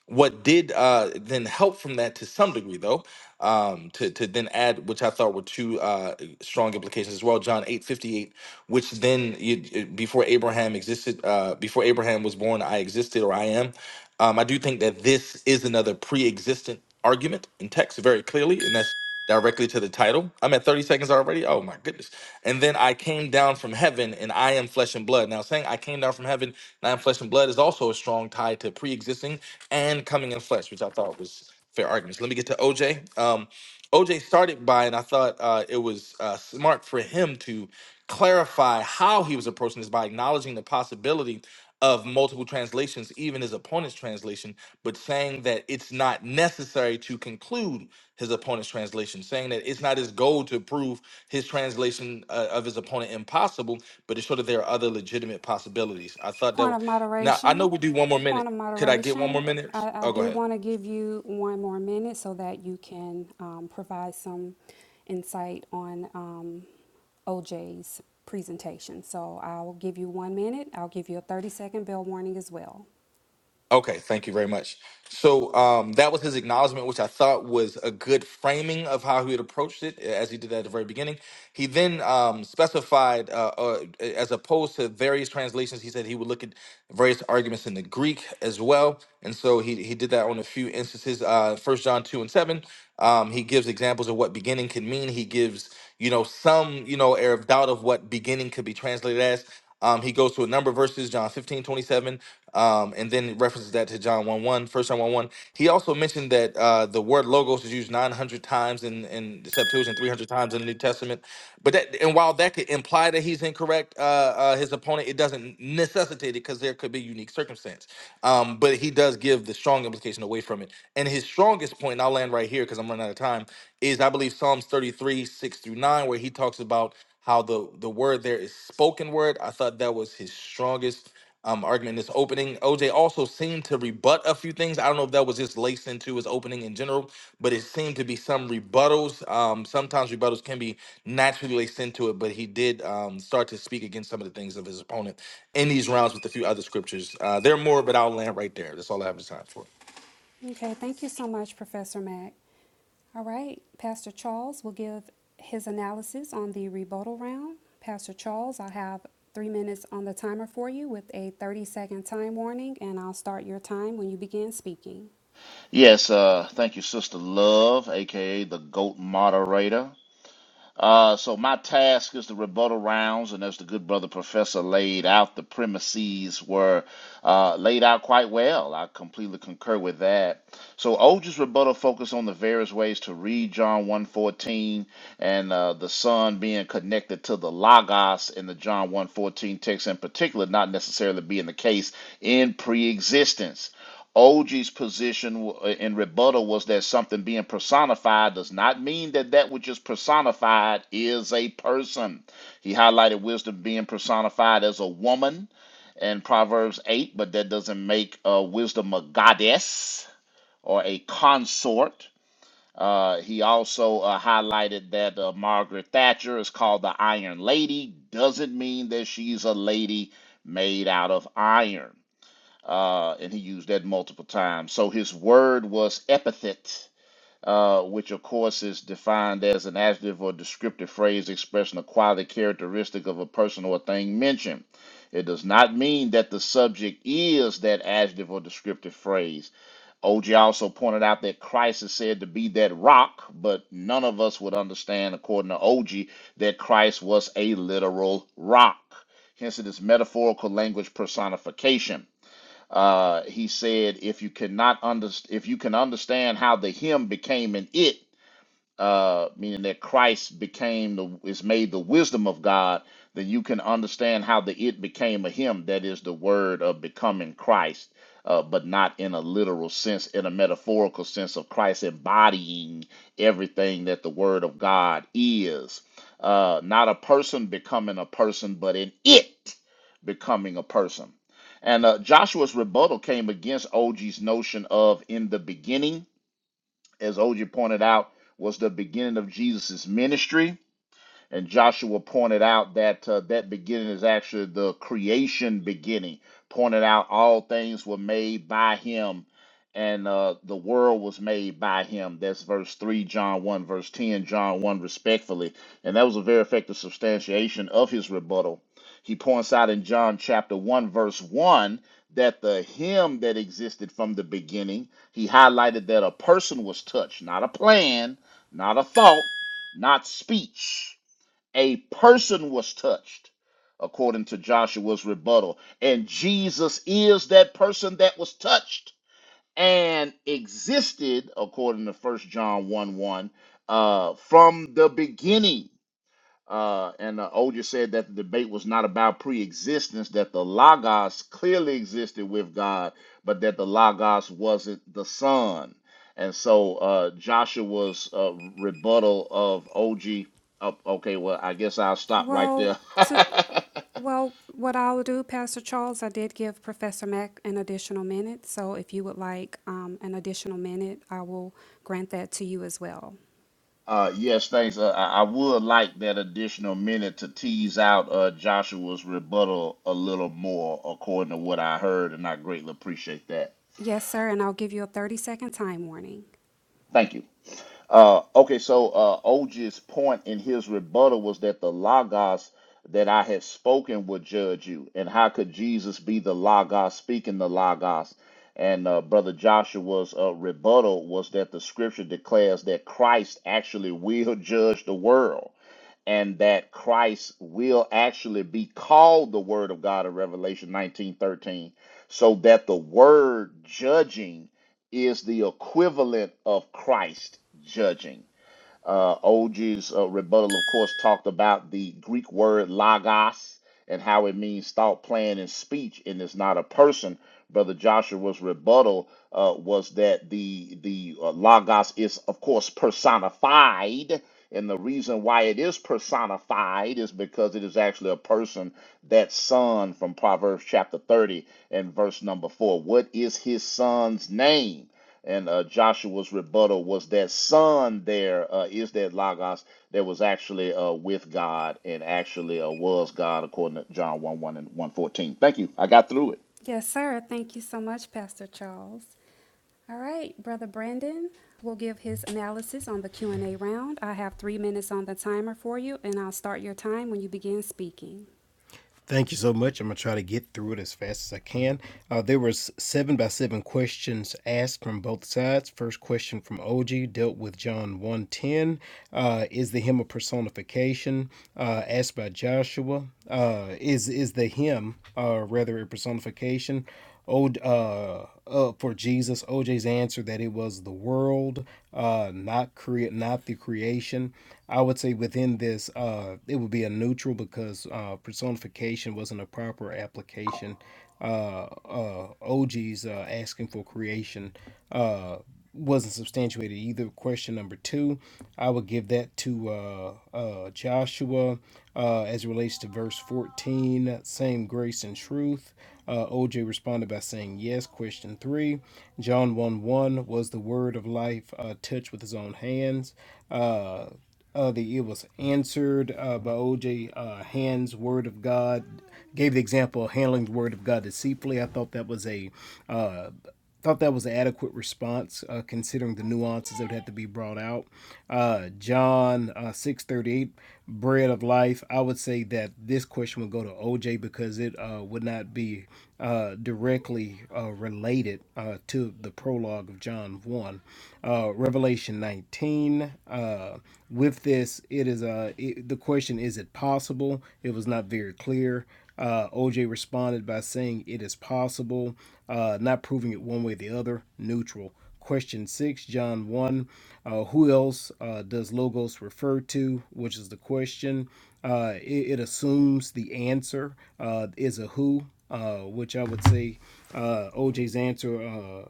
[SPEAKER 16] what did uh, then help from that to some degree though um, to, to then add which i thought were two uh, strong implications as well john 858 which then you, uh, before abraham existed uh, before abraham was born i existed or i am um, i do think that this is another pre-existent argument in text very clearly and that's directly to the title. I'm at 30 seconds already. Oh my goodness. And then I came down from heaven and I am flesh and blood. Now, saying I came down from heaven and I am flesh and blood is also a strong tie to pre existing and coming in flesh, which I thought was fair arguments. Let me get to OJ. Um, OJ started by, and I thought uh, it was uh, smart for him to clarify how he was approaching this by acknowledging the possibility of multiple translations, even his opponent's translation, but saying that it's not necessary to conclude his opponent's translation, saying that it's not his goal to prove his translation uh, of his opponent impossible, but it's sure that there are other legitimate possibilities. I thought that
[SPEAKER 11] Point
[SPEAKER 16] was.
[SPEAKER 11] of
[SPEAKER 16] Now I
[SPEAKER 11] moderation.
[SPEAKER 16] know we do one more
[SPEAKER 11] Point
[SPEAKER 16] minute.
[SPEAKER 11] of
[SPEAKER 16] Could I get one more
[SPEAKER 11] moderation.
[SPEAKER 16] minute?
[SPEAKER 11] I, I
[SPEAKER 16] Oh, go
[SPEAKER 11] do
[SPEAKER 16] ahead.
[SPEAKER 11] want to give you one more minute so that you can um, provide some insight on um, OJ's presentation. So I'll give you one minute. I'll give you a 30 second bell warning as well.
[SPEAKER 16] Okay, thank you very much. So um, that was his acknowledgement, which I thought was a good framing of how he had approached it, as he did that at the very beginning. He then um, specified, uh, uh, as opposed to various translations, he said he would look at various arguments in the Greek as well, and so he he did that on a few instances. Uh, First John two and seven. Um, he gives examples of what beginning could mean. He gives, you know, some, you know, air of doubt of what beginning could be translated as. Um, he goes to a number of verses, John 15:27, um, and then references that to John 1 1, first John 1 1. He also mentioned that uh, the word logos is used 900 times in, in the Septuagint, 300 times in the New Testament. But that, and while that could imply that he's incorrect, uh, uh, his opponent, it doesn't necessitate it because there could be unique circumstance. Um, but he does give the strong implication away from it. And his strongest point, and I'll land right here because I'm running out of time, is I believe Psalms 33, 6 through 9, where he talks about how the, the word there is spoken word. I thought that was his strongest um, argument in this opening. OJ also seemed to rebut a few things. I don't know if that was just laced into his opening in general, but it seemed to be some rebuttals. Um, sometimes rebuttals can be naturally laced into it, but he did um, start to speak against some of the things of his opponent in these rounds with a few other scriptures. Uh, there are more, but I'll land right there. That's all I have time for.
[SPEAKER 11] Okay, thank you so much, Professor Mack. All right, Pastor Charles will give his analysis on the rebuttal round. Pastor Charles, I have three minutes on the timer for you with a 30 second time warning, and I'll start your time when you begin speaking.
[SPEAKER 10] Yes. Uh, thank you, Sister Love, aka the Goat Moderator. Uh, so my task is the rebuttal rounds, and as the good brother professor laid out, the premises were uh, laid out quite well. I completely concur with that. So Olge's rebuttal focused on the various ways to read John one fourteen, and uh, the Son being connected to the Logos in the John one fourteen text in particular, not necessarily being the case in pre-existence. OG's position w- uh, in rebuttal was that something being personified does not mean that that which is personified is a person. He highlighted wisdom being personified as a woman in Proverbs 8, but that doesn't make uh, wisdom a goddess or a consort. Uh, he also uh, highlighted that uh, Margaret Thatcher is called the Iron Lady, doesn't mean that she's a lady made out of iron uh, and he used that multiple times. So his word was epithet, uh, which of course is defined as an adjective or descriptive phrase expressing a quality characteristic of a person or thing mentioned. It does not mean that the subject is that adjective or descriptive phrase. OJ also pointed out that Christ is said to be that rock, but none of us would understand, according to OG, that Christ was a literal rock. Hence, it is metaphorical language personification. Uh, he said, if you cannot underst- if you can understand how the him became an it, uh, meaning that Christ became the is made the wisdom of God, then you can understand how the it became a him. That is the word of becoming Christ, uh, but not in a literal sense, in a metaphorical sense of Christ embodying everything that the word of God is. Uh, not a person becoming a person, but an it becoming a person. And uh, Joshua's rebuttal came against OG's notion of in the beginning as OJ pointed out, was the beginning of Jesus' ministry. And Joshua pointed out that uh, that beginning is actually the creation beginning, pointed out all things were made by him and uh, the world was made by him. That's verse 3, John 1, verse 10, John 1, respectfully. And that was a very effective substantiation of his rebuttal. He points out in John chapter 1, verse 1, that the him that existed from the beginning, he highlighted that a person was touched, not a plan, not a thought, not speech a person was touched according to Joshua's rebuttal and Jesus is that person that was touched and existed according to First John 1 1 uh, from the beginning uh, and uh, Oger said that the debate was not about pre-existence, that the Logos clearly existed with God, but that the Logos wasn't the Son. And so uh, Joshua's uh, rebuttal of OG. Oh, okay, well, I guess I'll stop right
[SPEAKER 11] Well,
[SPEAKER 10] there.
[SPEAKER 11] to well, what I'll do, Pastor Charles, I did give Professor Mack an additional minute, so if you would like um, an additional minute, I will grant that to you as well.
[SPEAKER 10] uh, yes, thanks. Uh, I, I would like that additional minute to tease out uh, Joshua's rebuttal a little more, according to what I heard, and I greatly appreciate that.
[SPEAKER 11] Yes, sir, and I'll give you a 30 second time warning.
[SPEAKER 10] Thank you. Uh, okay, so uh, OG's point in his rebuttal was that the Logos that I had spoken would judge you. And how could Jesus be the Logos speaking the Logos? And uh, Brother Joshua's uh, rebuttal was that the scripture declares that Christ actually will judge the world and that Christ will actually be called the Word of God in Revelation nineteen thirteen, so that the Word judging is the equivalent of Christ judging. Uh, OG's uh, rebuttal, of course, talked about the Greek word logos and how it means thought, plan, and speech, and it's not a person. Brother Joshua's rebuttal uh, was that the the uh, logos is, of course, personified, and the reason why it is personified is because it is actually a person, that son from Proverbs chapter thirty and verse number four. What is his son's name? And uh, Joshua's rebuttal was that son there uh, is that Logos that was actually uh, with God and actually uh, was God, according to John 1 1 and 114. Thank you. I got through it.
[SPEAKER 11] Yes, sir. Thank you so much, Pastor Charles. All right, Brother Brandon will give his analysis on the Q&A round. I have three minutes on the timer for you, and I'll start your time when you begin speaking.
[SPEAKER 6] Thank you so much. I'm gonna try to get through it as fast as I can. Uh, there was seven by seven questions asked from both sides. First question from OG dealt with John 110. Uh, is the hymn a personification? Uh, asked by Joshua. Uh, is is the hymn uh, rather a personification? old uh, uh for Jesus, OJ's answer that it was the world, uh, not create, not the creation. I would say within this, uh, it would be a neutral because uh, personification wasn't a proper application. Uh, uh, OG's uh, asking for creation. Uh, wasn't substantiated either. Question number two, I would give that to uh, uh, Joshua uh, as it relates to verse 14, same grace and truth. Uh, OJ responded by saying yes. Question three, John 1 1 was the word of life uh, touched with his own hands. Uh, uh, the it was answered uh, by OJ uh, Hand's word of God gave the example of handling the word of God deceitfully. I thought that was a uh, thought that was an adequate response, uh, considering the nuances that would have to be brought out. Uh, John uh, six thirty eight, bread of life. I would say that this question would go to OJ because it uh, would not be uh, directly uh, related uh, to the prologue of John one. Uh, Revelation nineteen. Uh, with this, it is uh, it, the question: Is it possible? It was not very clear. Uh, OJ responded by saying it is possible uh, not proving it one way or the other, neutral. Question six, John 1. Uh, who else uh, does logos refer to? Which is the question. Uh, it, it assumes the answer uh, is a who, uh, which I would say uh, OJ's answer uh,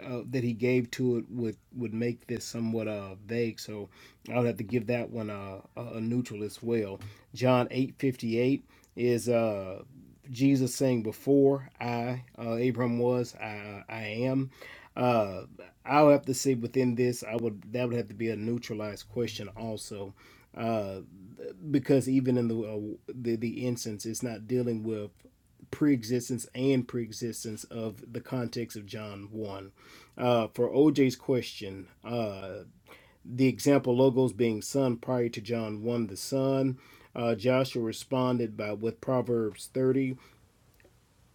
[SPEAKER 6] uh, that he gave to it would would make this somewhat uh vague so i would have to give that one uh, a a neutral as well john 858 is uh Jesus saying, "Before I, uh, Abram was, I, I am." Uh, I'll have to say within this, I would that would have to be a neutralized question also, uh, because even in the uh, the the instance, it's not dealing with preexistence and preexistence of the context of John one. Uh, for OJ's question, uh, the example logos being son prior to John one, the son. Uh, Joshua responded by with Proverbs 30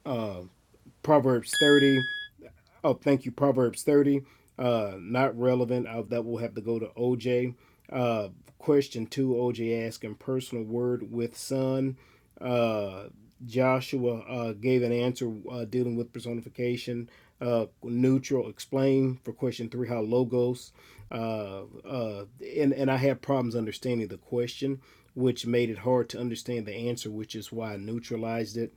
[SPEAKER 6] uh, Proverbs 30. Oh, thank you, Proverbs 30. Uh, not relevant. Uh, that will have to go to OJ. Uh, question two, OJ asking personal word with son. Uh, Joshua uh, gave an answer uh, dealing with personification. Uh, neutral explain for question three how logos uh, uh, and and I had problems understanding the question, which made it hard to understand the answer, which is why I neutralized it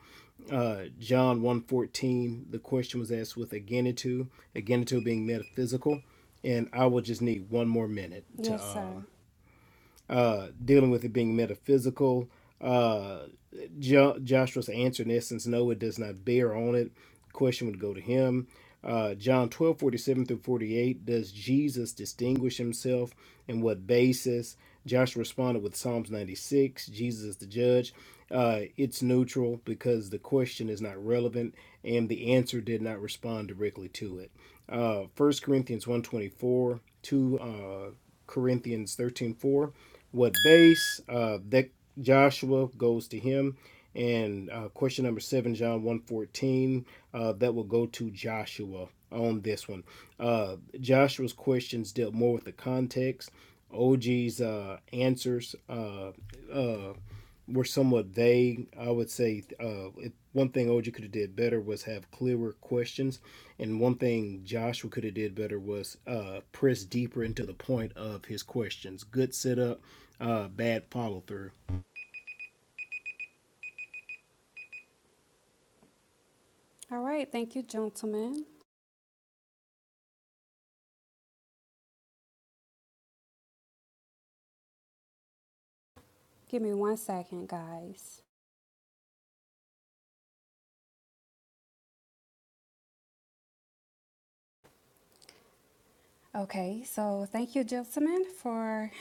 [SPEAKER 6] uh, John 1.14, the question was asked with Agenitu, Agenitu being metaphysical. And I will just need one more minute to
[SPEAKER 11] Yes,
[SPEAKER 6] um,
[SPEAKER 11] sir.
[SPEAKER 6] uh, dealing with it being metaphysical. Uh, jo- Joshua's answer, in essence, no, it does not bear on it. Question would go to him. Uh, John 12 47 through 48, does Jesus distinguish himself and what basis? Joshua responded with Psalms 96, Jesus is the judge. Uh, it's neutral because the question is not relevant and the answer did not respond directly to it. Uh, 1 Corinthians 124, 2 uh, Corinthians 13 4 what base uh, that joshua goes to him and uh, question number seven john 114 uh, that will go to joshua on this one uh, joshua's questions dealt more with the context OG's uh, answers uh, uh, were somewhat vague. I would say uh, it, one thing OG could have did better was have clearer questions, and one thing Joshua could have did better was uh, press deeper into the point of his questions. Good setup, uh, bad follow through.
[SPEAKER 11] All right, thank you, gentlemen. Give me one second, guys. Okay, so thank you, gentlemen, for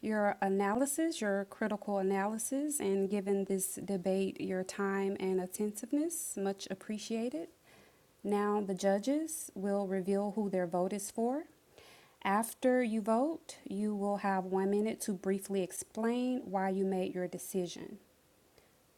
[SPEAKER 11] your analysis, your critical analysis, and giving this debate your time and attentiveness. Much appreciated. Now, the judges will reveal who their vote is for. After you vote, you will have one minute to briefly explain why you made your decision.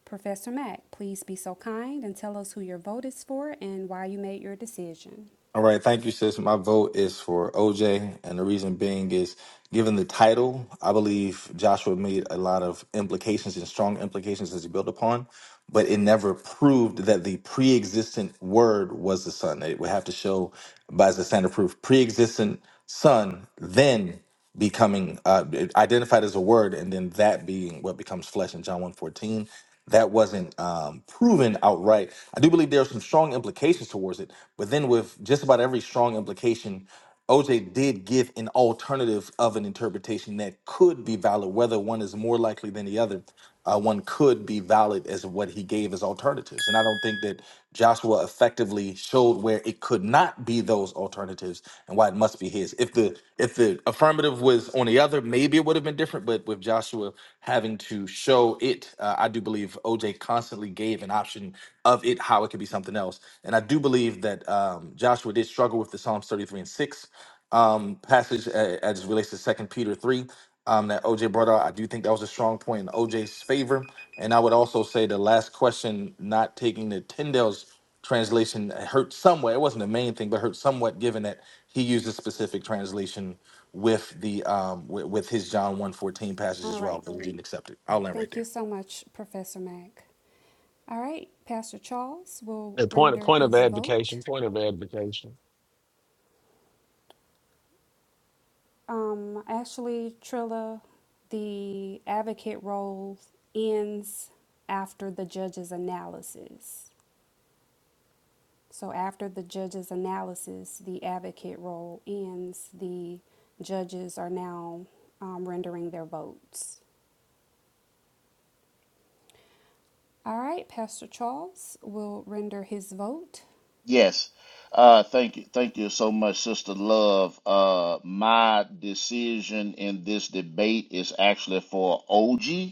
[SPEAKER 11] Professor Mack, please be so kind and tell us who your vote is for and why you made your decision.
[SPEAKER 16] All right, thank you, sis. My vote is for OJ, and the reason being is given the title, I believe Joshua made a lot of implications and strong implications as he built upon, but it never proved that the pre existent word was the Son. It would have to show by the standard proof pre existent Son, then. becoming uh, identified as a word and then that being what becomes flesh in john one fourteen, that wasn't um, proven outright i do believe there are some strong implications towards it but then with just about every strong implication oj did give an alternative of an interpretation that could be valid whether one is more likely than the other uh, one could be valid as what he gave as alternatives. And I don't think that Joshua effectively showed where it could not be those alternatives and why it must be his. If the if the affirmative was on the other, maybe it would have been different. But with Joshua having to show it, uh, I do believe OJ constantly gave an option of it how it could be something else. And I do believe that um, Joshua did struggle with the Psalms 33 and 6 um, passage uh, as it relates to Second Peter three um, that OJ brought out. I do think that was a strong point in OJ's favor, and I would also say the last question, not taking the Tyndale's translation, hurt somewhat. It wasn't the main thing, but hurt somewhat, given that he used a specific translation with the um, with, with his John one fourteen passage
[SPEAKER 11] All
[SPEAKER 16] as well,
[SPEAKER 11] right.
[SPEAKER 16] but we didn't accept it. I'll land right
[SPEAKER 11] Thank you
[SPEAKER 16] there.
[SPEAKER 11] so much, Professor Mack. All right, Pastor Charles will
[SPEAKER 20] A point,
[SPEAKER 11] render
[SPEAKER 20] point of
[SPEAKER 11] his vote.
[SPEAKER 20] advocation. Point of advocation.
[SPEAKER 11] Um, actually, Trilla, the advocate role ends after the judge's analysis. So, after the judge's analysis, the advocate role ends. The judges are now um, rendering their votes. All right, Pastor Charles will render his vote.
[SPEAKER 10] Yes. Uh, thank you. Thank you so much, Sister Love. Uh, my decision in this debate is actually for OG.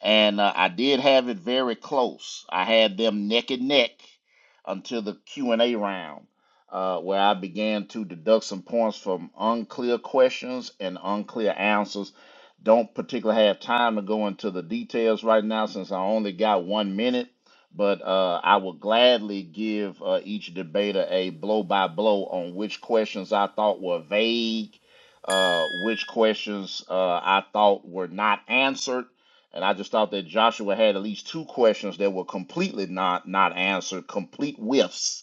[SPEAKER 10] and uh, I did have it very close. I had them neck and neck until the Q and A round, uh, where I began to deduct some points from unclear questions and unclear answers. Don't particularly have time to go into the details right now since I only got one minute. But uh, I will gladly give uh, each debater a blow by blow on which questions I thought were vague, uh, which questions uh, I thought were not answered, and I just thought that Joshua had at least two questions that were completely not not answered, complete whiffs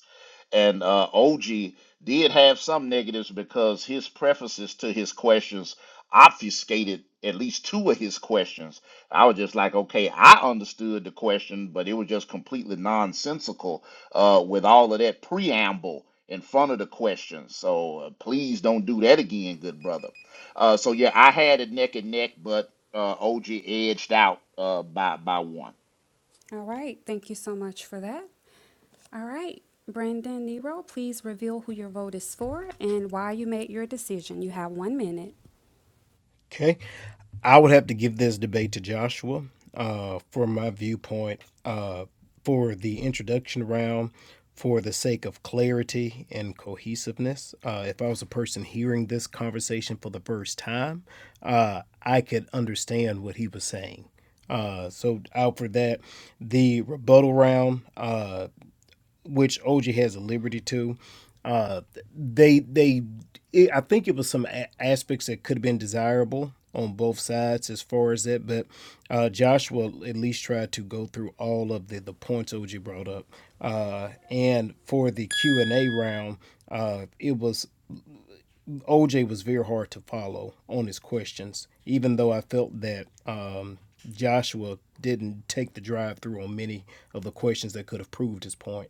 [SPEAKER 10] and uh, OG did have some negatives because his prefaces to his questions obfuscated at least two of his questions. I was just like, okay, I understood the question, but it was just completely nonsensical uh, with all of that preamble in front of the question. So uh, please don't do that again, good brother. Uh, so yeah, I had it neck and neck, but uh, OG edged out uh, by by one.
[SPEAKER 11] All right, thank you so much for that. All right, Brandon Nero, please reveal who your vote is for and why you made your decision. You have one minute.
[SPEAKER 6] Okay. I would have to give this debate to Joshua uh, for my viewpoint uh, for the introduction round for the sake of clarity and cohesiveness. Uh, if I was a person hearing this conversation for the first time, uh, I could understand what he was saying. Uh, so out for that. The rebuttal round. Uh, which OJ has a liberty to. Uh, they they, it, I think it was some a- aspects that could have been desirable on both sides as far as that, but uh, Joshua at least tried to go through all of the the points OJ brought up. Uh, and for the Q and A round, uh, it was OJ was very hard to follow on his questions, even though I felt that um, Joshua didn't take the drive through on many of the questions that could have proved his point.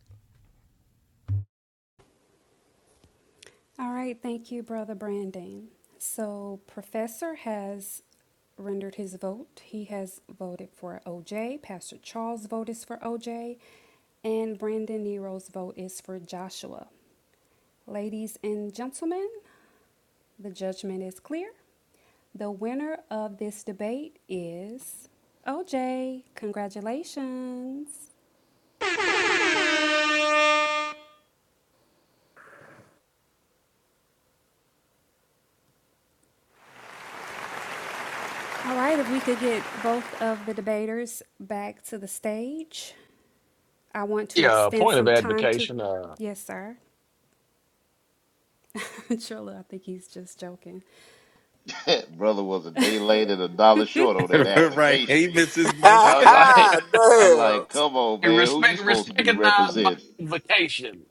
[SPEAKER 11] All right, thank you, Brother Brandon. So, Professor has rendered his vote. He has voted for OJ. Pastor Charles' vote is for OJ. And Brandon Nero's vote is for Joshua. Ladies and gentlemen, the judgment is clear. The winner of this debate is OJ. Congratulations. All right, if we could get both of the debaters back to the stage. I want to
[SPEAKER 20] Yeah,
[SPEAKER 11] extend
[SPEAKER 20] point of
[SPEAKER 11] some time to,
[SPEAKER 20] advocation. Uh,
[SPEAKER 11] yes, sir. Trilla, I think he's just joking.
[SPEAKER 10] brother was a day late and a dollar short on that
[SPEAKER 16] right.
[SPEAKER 10] application.
[SPEAKER 16] He missed his
[SPEAKER 24] Ha
[SPEAKER 10] I
[SPEAKER 16] moment.
[SPEAKER 10] was like, I was
[SPEAKER 24] ha!
[SPEAKER 10] like, come on,
[SPEAKER 20] Hey,
[SPEAKER 10] man, who you
[SPEAKER 20] respect,
[SPEAKER 10] supposed to be
[SPEAKER 20] recognize my
[SPEAKER 10] representing,
[SPEAKER 20] invocation.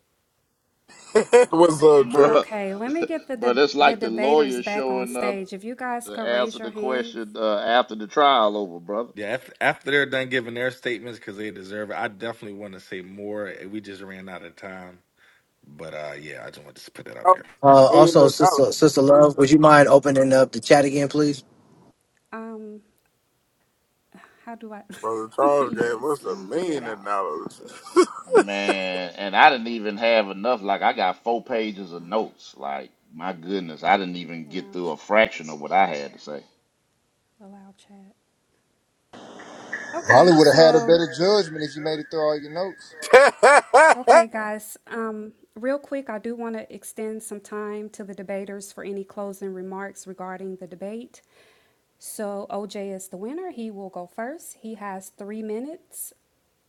[SPEAKER 24] Damn. What's up, Trip?
[SPEAKER 10] Bruh
[SPEAKER 11] Okay, let me get the
[SPEAKER 10] Bruh,
[SPEAKER 11] de-
[SPEAKER 10] That's
[SPEAKER 11] the
[SPEAKER 10] like the
[SPEAKER 11] debaters
[SPEAKER 10] lawyer
[SPEAKER 11] back on
[SPEAKER 10] showing up
[SPEAKER 11] stage. If you guys
[SPEAKER 10] to
[SPEAKER 11] could raise
[SPEAKER 10] answer
[SPEAKER 11] your
[SPEAKER 10] the
[SPEAKER 11] hands.
[SPEAKER 10] question uh, after the trial over, brother.
[SPEAKER 16] Yeah, after, after they're done giving their statements because they deserve it, I definitely want to say more. eh, We just ran out of time, but uh, yeah, I just wanted to put that out
[SPEAKER 24] That was
[SPEAKER 16] there.
[SPEAKER 25] Uh,
[SPEAKER 24] a
[SPEAKER 25] also
[SPEAKER 24] million dollars, brother.
[SPEAKER 25] open.
[SPEAKER 11] Um, how do I?
[SPEAKER 24] Brother Charles gave
[SPEAKER 11] yes,
[SPEAKER 24] us a
[SPEAKER 11] let me figure it
[SPEAKER 24] million
[SPEAKER 11] out.
[SPEAKER 24] dollars.
[SPEAKER 10] Man, and I didn't even have enough. Like, I got four pages of notes. Like, my goodness, I didn't even get
[SPEAKER 11] Allow,
[SPEAKER 10] through a
[SPEAKER 11] ch-
[SPEAKER 10] fraction of what I had to say.
[SPEAKER 11] allow chat.
[SPEAKER 26] Probably
[SPEAKER 11] Okay,
[SPEAKER 26] would have had a
[SPEAKER 11] so
[SPEAKER 26] better judgment if you made it through all your notes.
[SPEAKER 11] Okay, guys, um, real quick, I do want to extend some time to the debaters for any closing remarks regarding the debate. So OJ is the winner. He will go first. He has three minutes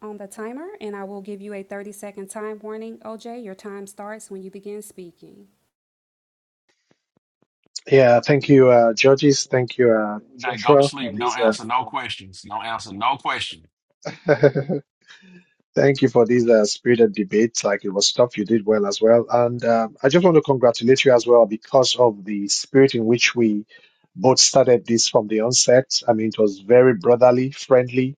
[SPEAKER 11] on the timer, and I will give you a 30 second time warning. OJ, your time starts when you begin speaking.
[SPEAKER 2] Yeah. Thank you, uh, judges. Thank you, uh,
[SPEAKER 20] Hey, go to
[SPEAKER 2] Joshua for
[SPEAKER 20] sleep. Don't
[SPEAKER 2] these,
[SPEAKER 20] answer no questions. Don't answer no questions.
[SPEAKER 2] uh, Thank you for these uh, spirited debates. Like it was tough. You did well as well. And um, I just want to congratulate you as well because of the spirit in which we both started this from the onset. I mean, it was very brotherly, friendly.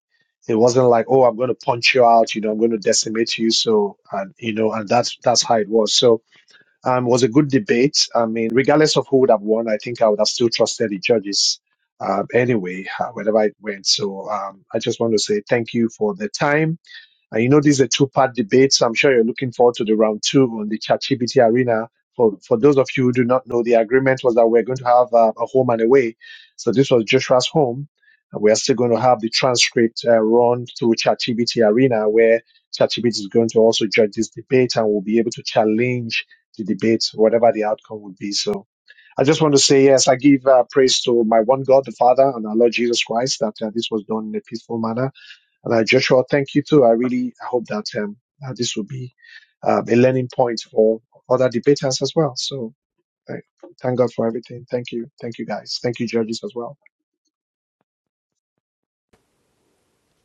[SPEAKER 2] It wasn't like, oh, I'm going to punch you out. You know, I'm going to decimate you. So, and you know, and that's that's how it was. So, um, it was a good debate. I mean, regardless of who would have won, I think I would have still trusted the judges. Um, anyway, uh, wherever it went. So, um, I just want to say thank you for the time and you know, this is a two part debate, so I'm sure you're looking forward to the round two on the ChatGPT arena. For, for those of you who do not know, the agreement was that we're going to have uh, a home and away. So this was Joshua's home. And we are still going to have the transcript uh, run through ChatGPT arena, where ChatGPT is going to also judge this debate and we'll be able to challenge the debate, whatever the outcome would be. So I just want to say, yes, I give uh, praise to my one God, the Father, and our Lord Jesus Christ, that uh, this was done in a peaceful manner and uh, Joshua, thank you too. I really I hope that um, uh, this will be um, a learning point for other debaters as well. So thank, thank God for everything. Thank you. Thank you guys. Thank you, judges, as well.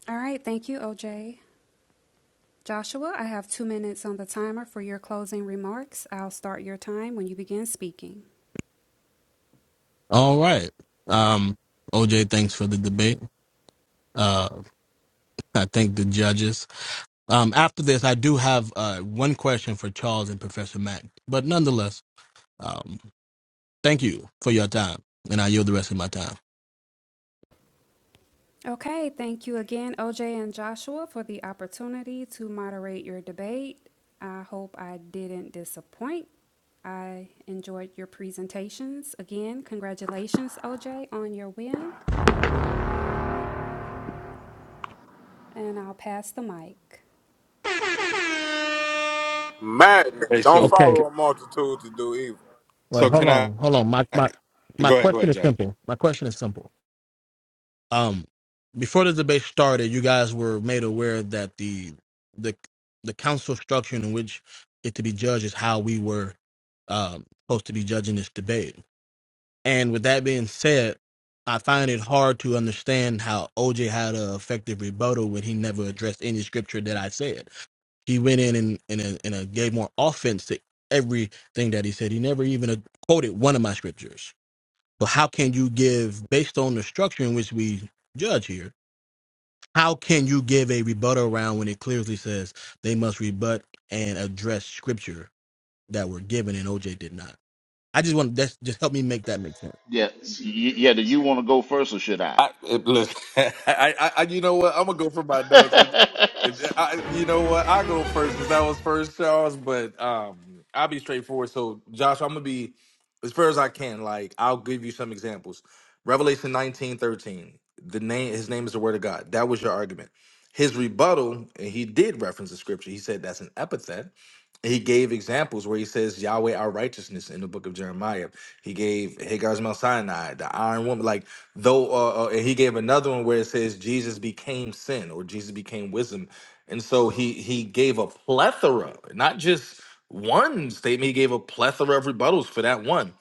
[SPEAKER 11] All right, thank you, OJ. Joshua, I have two minutes on the timer for your closing remarks. I'll start your time when you begin speaking. Okay, thank you again, OJ and Joshua, for the opportunity to moderate your debate. I hope I didn't disappoint. I enjoyed your presentations. Again, congratulations, OJ, on your win, and I'll pass the mic.
[SPEAKER 24] Madness.
[SPEAKER 16] Hey,
[SPEAKER 24] Don't
[SPEAKER 16] so
[SPEAKER 24] follow a multitude to do evil.
[SPEAKER 16] so can I? Go ahead, go ahead, Josh.
[SPEAKER 10] Yeah, y- yeah. Do you want to go first, or should I?
[SPEAKER 16] I it, listen. I, I, I, you know what? I'm gonna go for my notes. If if- I, you know what, I go first since I was first, Charles. But um, I'll be straightforward. So, Josh, I'm gonna be as fair as I can. Like, I'll give you some examples. Revelation 19, 13. The name, his name is the Word of God. That was your argument. His rebuttal, and he did reference the scripture. He said that's an epithet. He gave examples where he says Yahweh our righteousness in the book of Jeremiah. He gave Hagar's Mount Sinai, the Iron Woman, like Though, uh, uh, and he gave another one where it says Jesus became sin or Jesus became wisdom, and so he he gave a plethora, not just one statement. He gave a plethora of rebuttals for that one.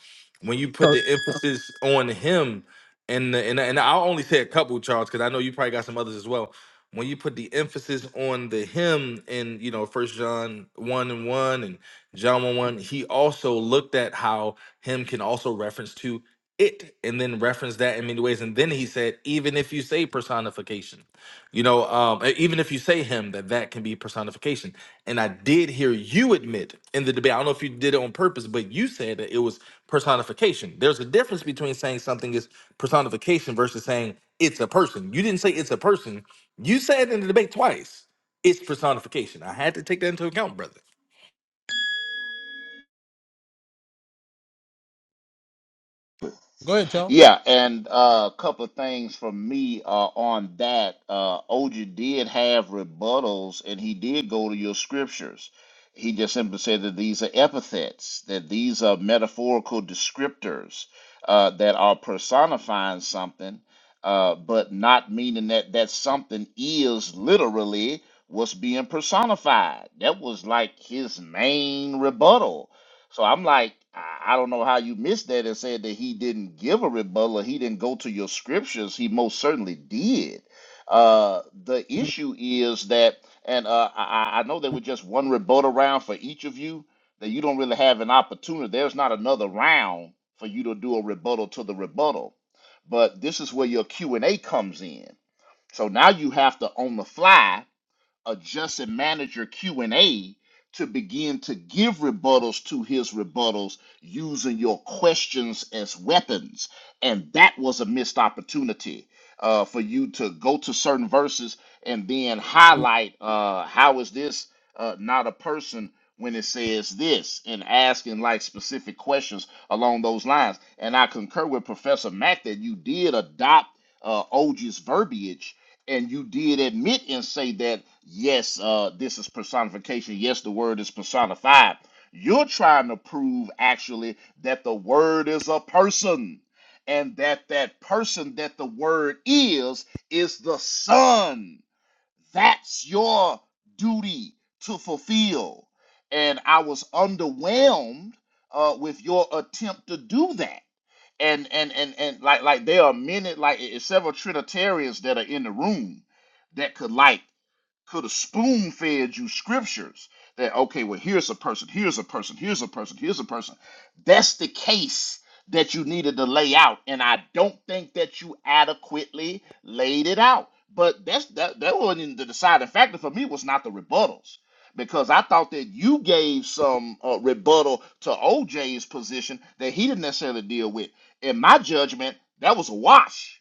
[SPEAKER 16] When you put the emphasis on him, and the, and and I'll only say a couple, Charles, because I know you probably got some others as well when you put the emphasis on the him in you know first john 1 and 1 and john 1 1 he also looked at how him can also reference to it and then referenced that in many ways and then he said even if you say personification you know um e- even if you say him that that can be personification and i did hear you admit in the debate i don't know if you did it on purpose but you said that it was personification there's a difference between saying something is personification versus saying it's a person you didn't say it's a person you said in the debate twice it's personification i had to take that into account brother
[SPEAKER 10] Yeah, and uh, a couple of things from me uh, on that. Uh, OJ did have rebuttals, and he did go to your scriptures. He just simply said that these are epithets, that these are metaphorical descriptors uh, that are personifying something, uh, but not meaning that that something is literally what's being personified. That was like his main rebuttal so I'm like, I I don't know how you missed that and said that he didn't give a rebuttal. or He didn't go to your scriptures. He most certainly did. Uh, the issue is that, and uh, I, I I know there was just one rebuttal round for each of you, that you don't really have an opportunity. There's not another round for you to do a rebuttal to the rebuttal. But this is where your Q and A comes in. So now you have to on the fly adjust and manage your q&a to begin to give rebuttals to his rebuttals using your questions as weapons and that was a missed opportunity uh, for you to go to certain verses and then highlight uh, how is this uh, not a person when it says this and asking like specific questions along those lines and i concur with professor mack that you did adopt uh, og's verbiage and you did admit and say that yes uh this is personification yes the word is personified you're trying to prove actually that the word is a person and that that person that the word is is the son that's your duty to fulfill and i was underwhelmed uh, with your attempt to do that and and and and like like there are many like it's several trinitarians that are in the room that could like could have spoon fed you scriptures that okay well here's a person here's a person here's a person here's a person that's the case that you needed to lay out and i don't think that you adequately laid it out but that's that that wasn't even the deciding factor for me was not the rebuttals because i thought that you gave some uh, rebuttal to oj's position that he didn't necessarily deal with in my judgment that was a wash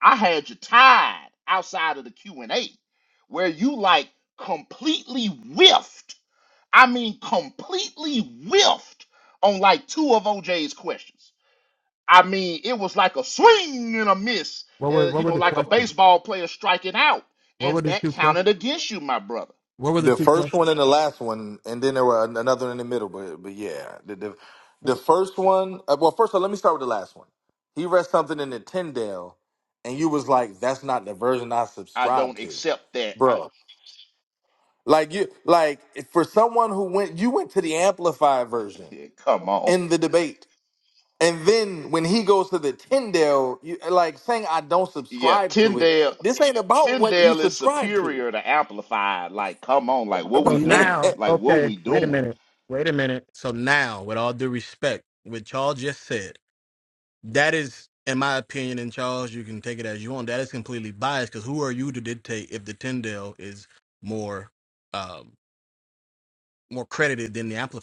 [SPEAKER 10] I had you tied outside of the Q&A where you like completely whiffed. I mean completely whiffed on like two of OJ's questions. I mean, it was like a swing and a miss, uh, you know, like a baseball player striking out. And that counted against you, my brother.
[SPEAKER 16] The first one and the last one, and then there were an- another one in the middle. But but yeah, the the, the first one. uh, Well, first of all, let me start with the last one. He read something in the Tyndale, and you was like, "That's not the version I
[SPEAKER 10] I
[SPEAKER 16] subscribe
[SPEAKER 10] don't
[SPEAKER 16] to,
[SPEAKER 10] accept that.
[SPEAKER 16] bro." Right. Like you, like for someone who went, you went to the amplified version
[SPEAKER 10] come on.
[SPEAKER 16] in the debate, and then when he goes to the Tyndale, you like saying, "I don't
[SPEAKER 10] Yeah,
[SPEAKER 16] subscribe to it."
[SPEAKER 10] Tyndale
[SPEAKER 16] This ain't about what you
[SPEAKER 10] Tyndale is
[SPEAKER 16] subscribe to.
[SPEAKER 10] superior to amplified. Like, come on, like what we doing? Like what we doing?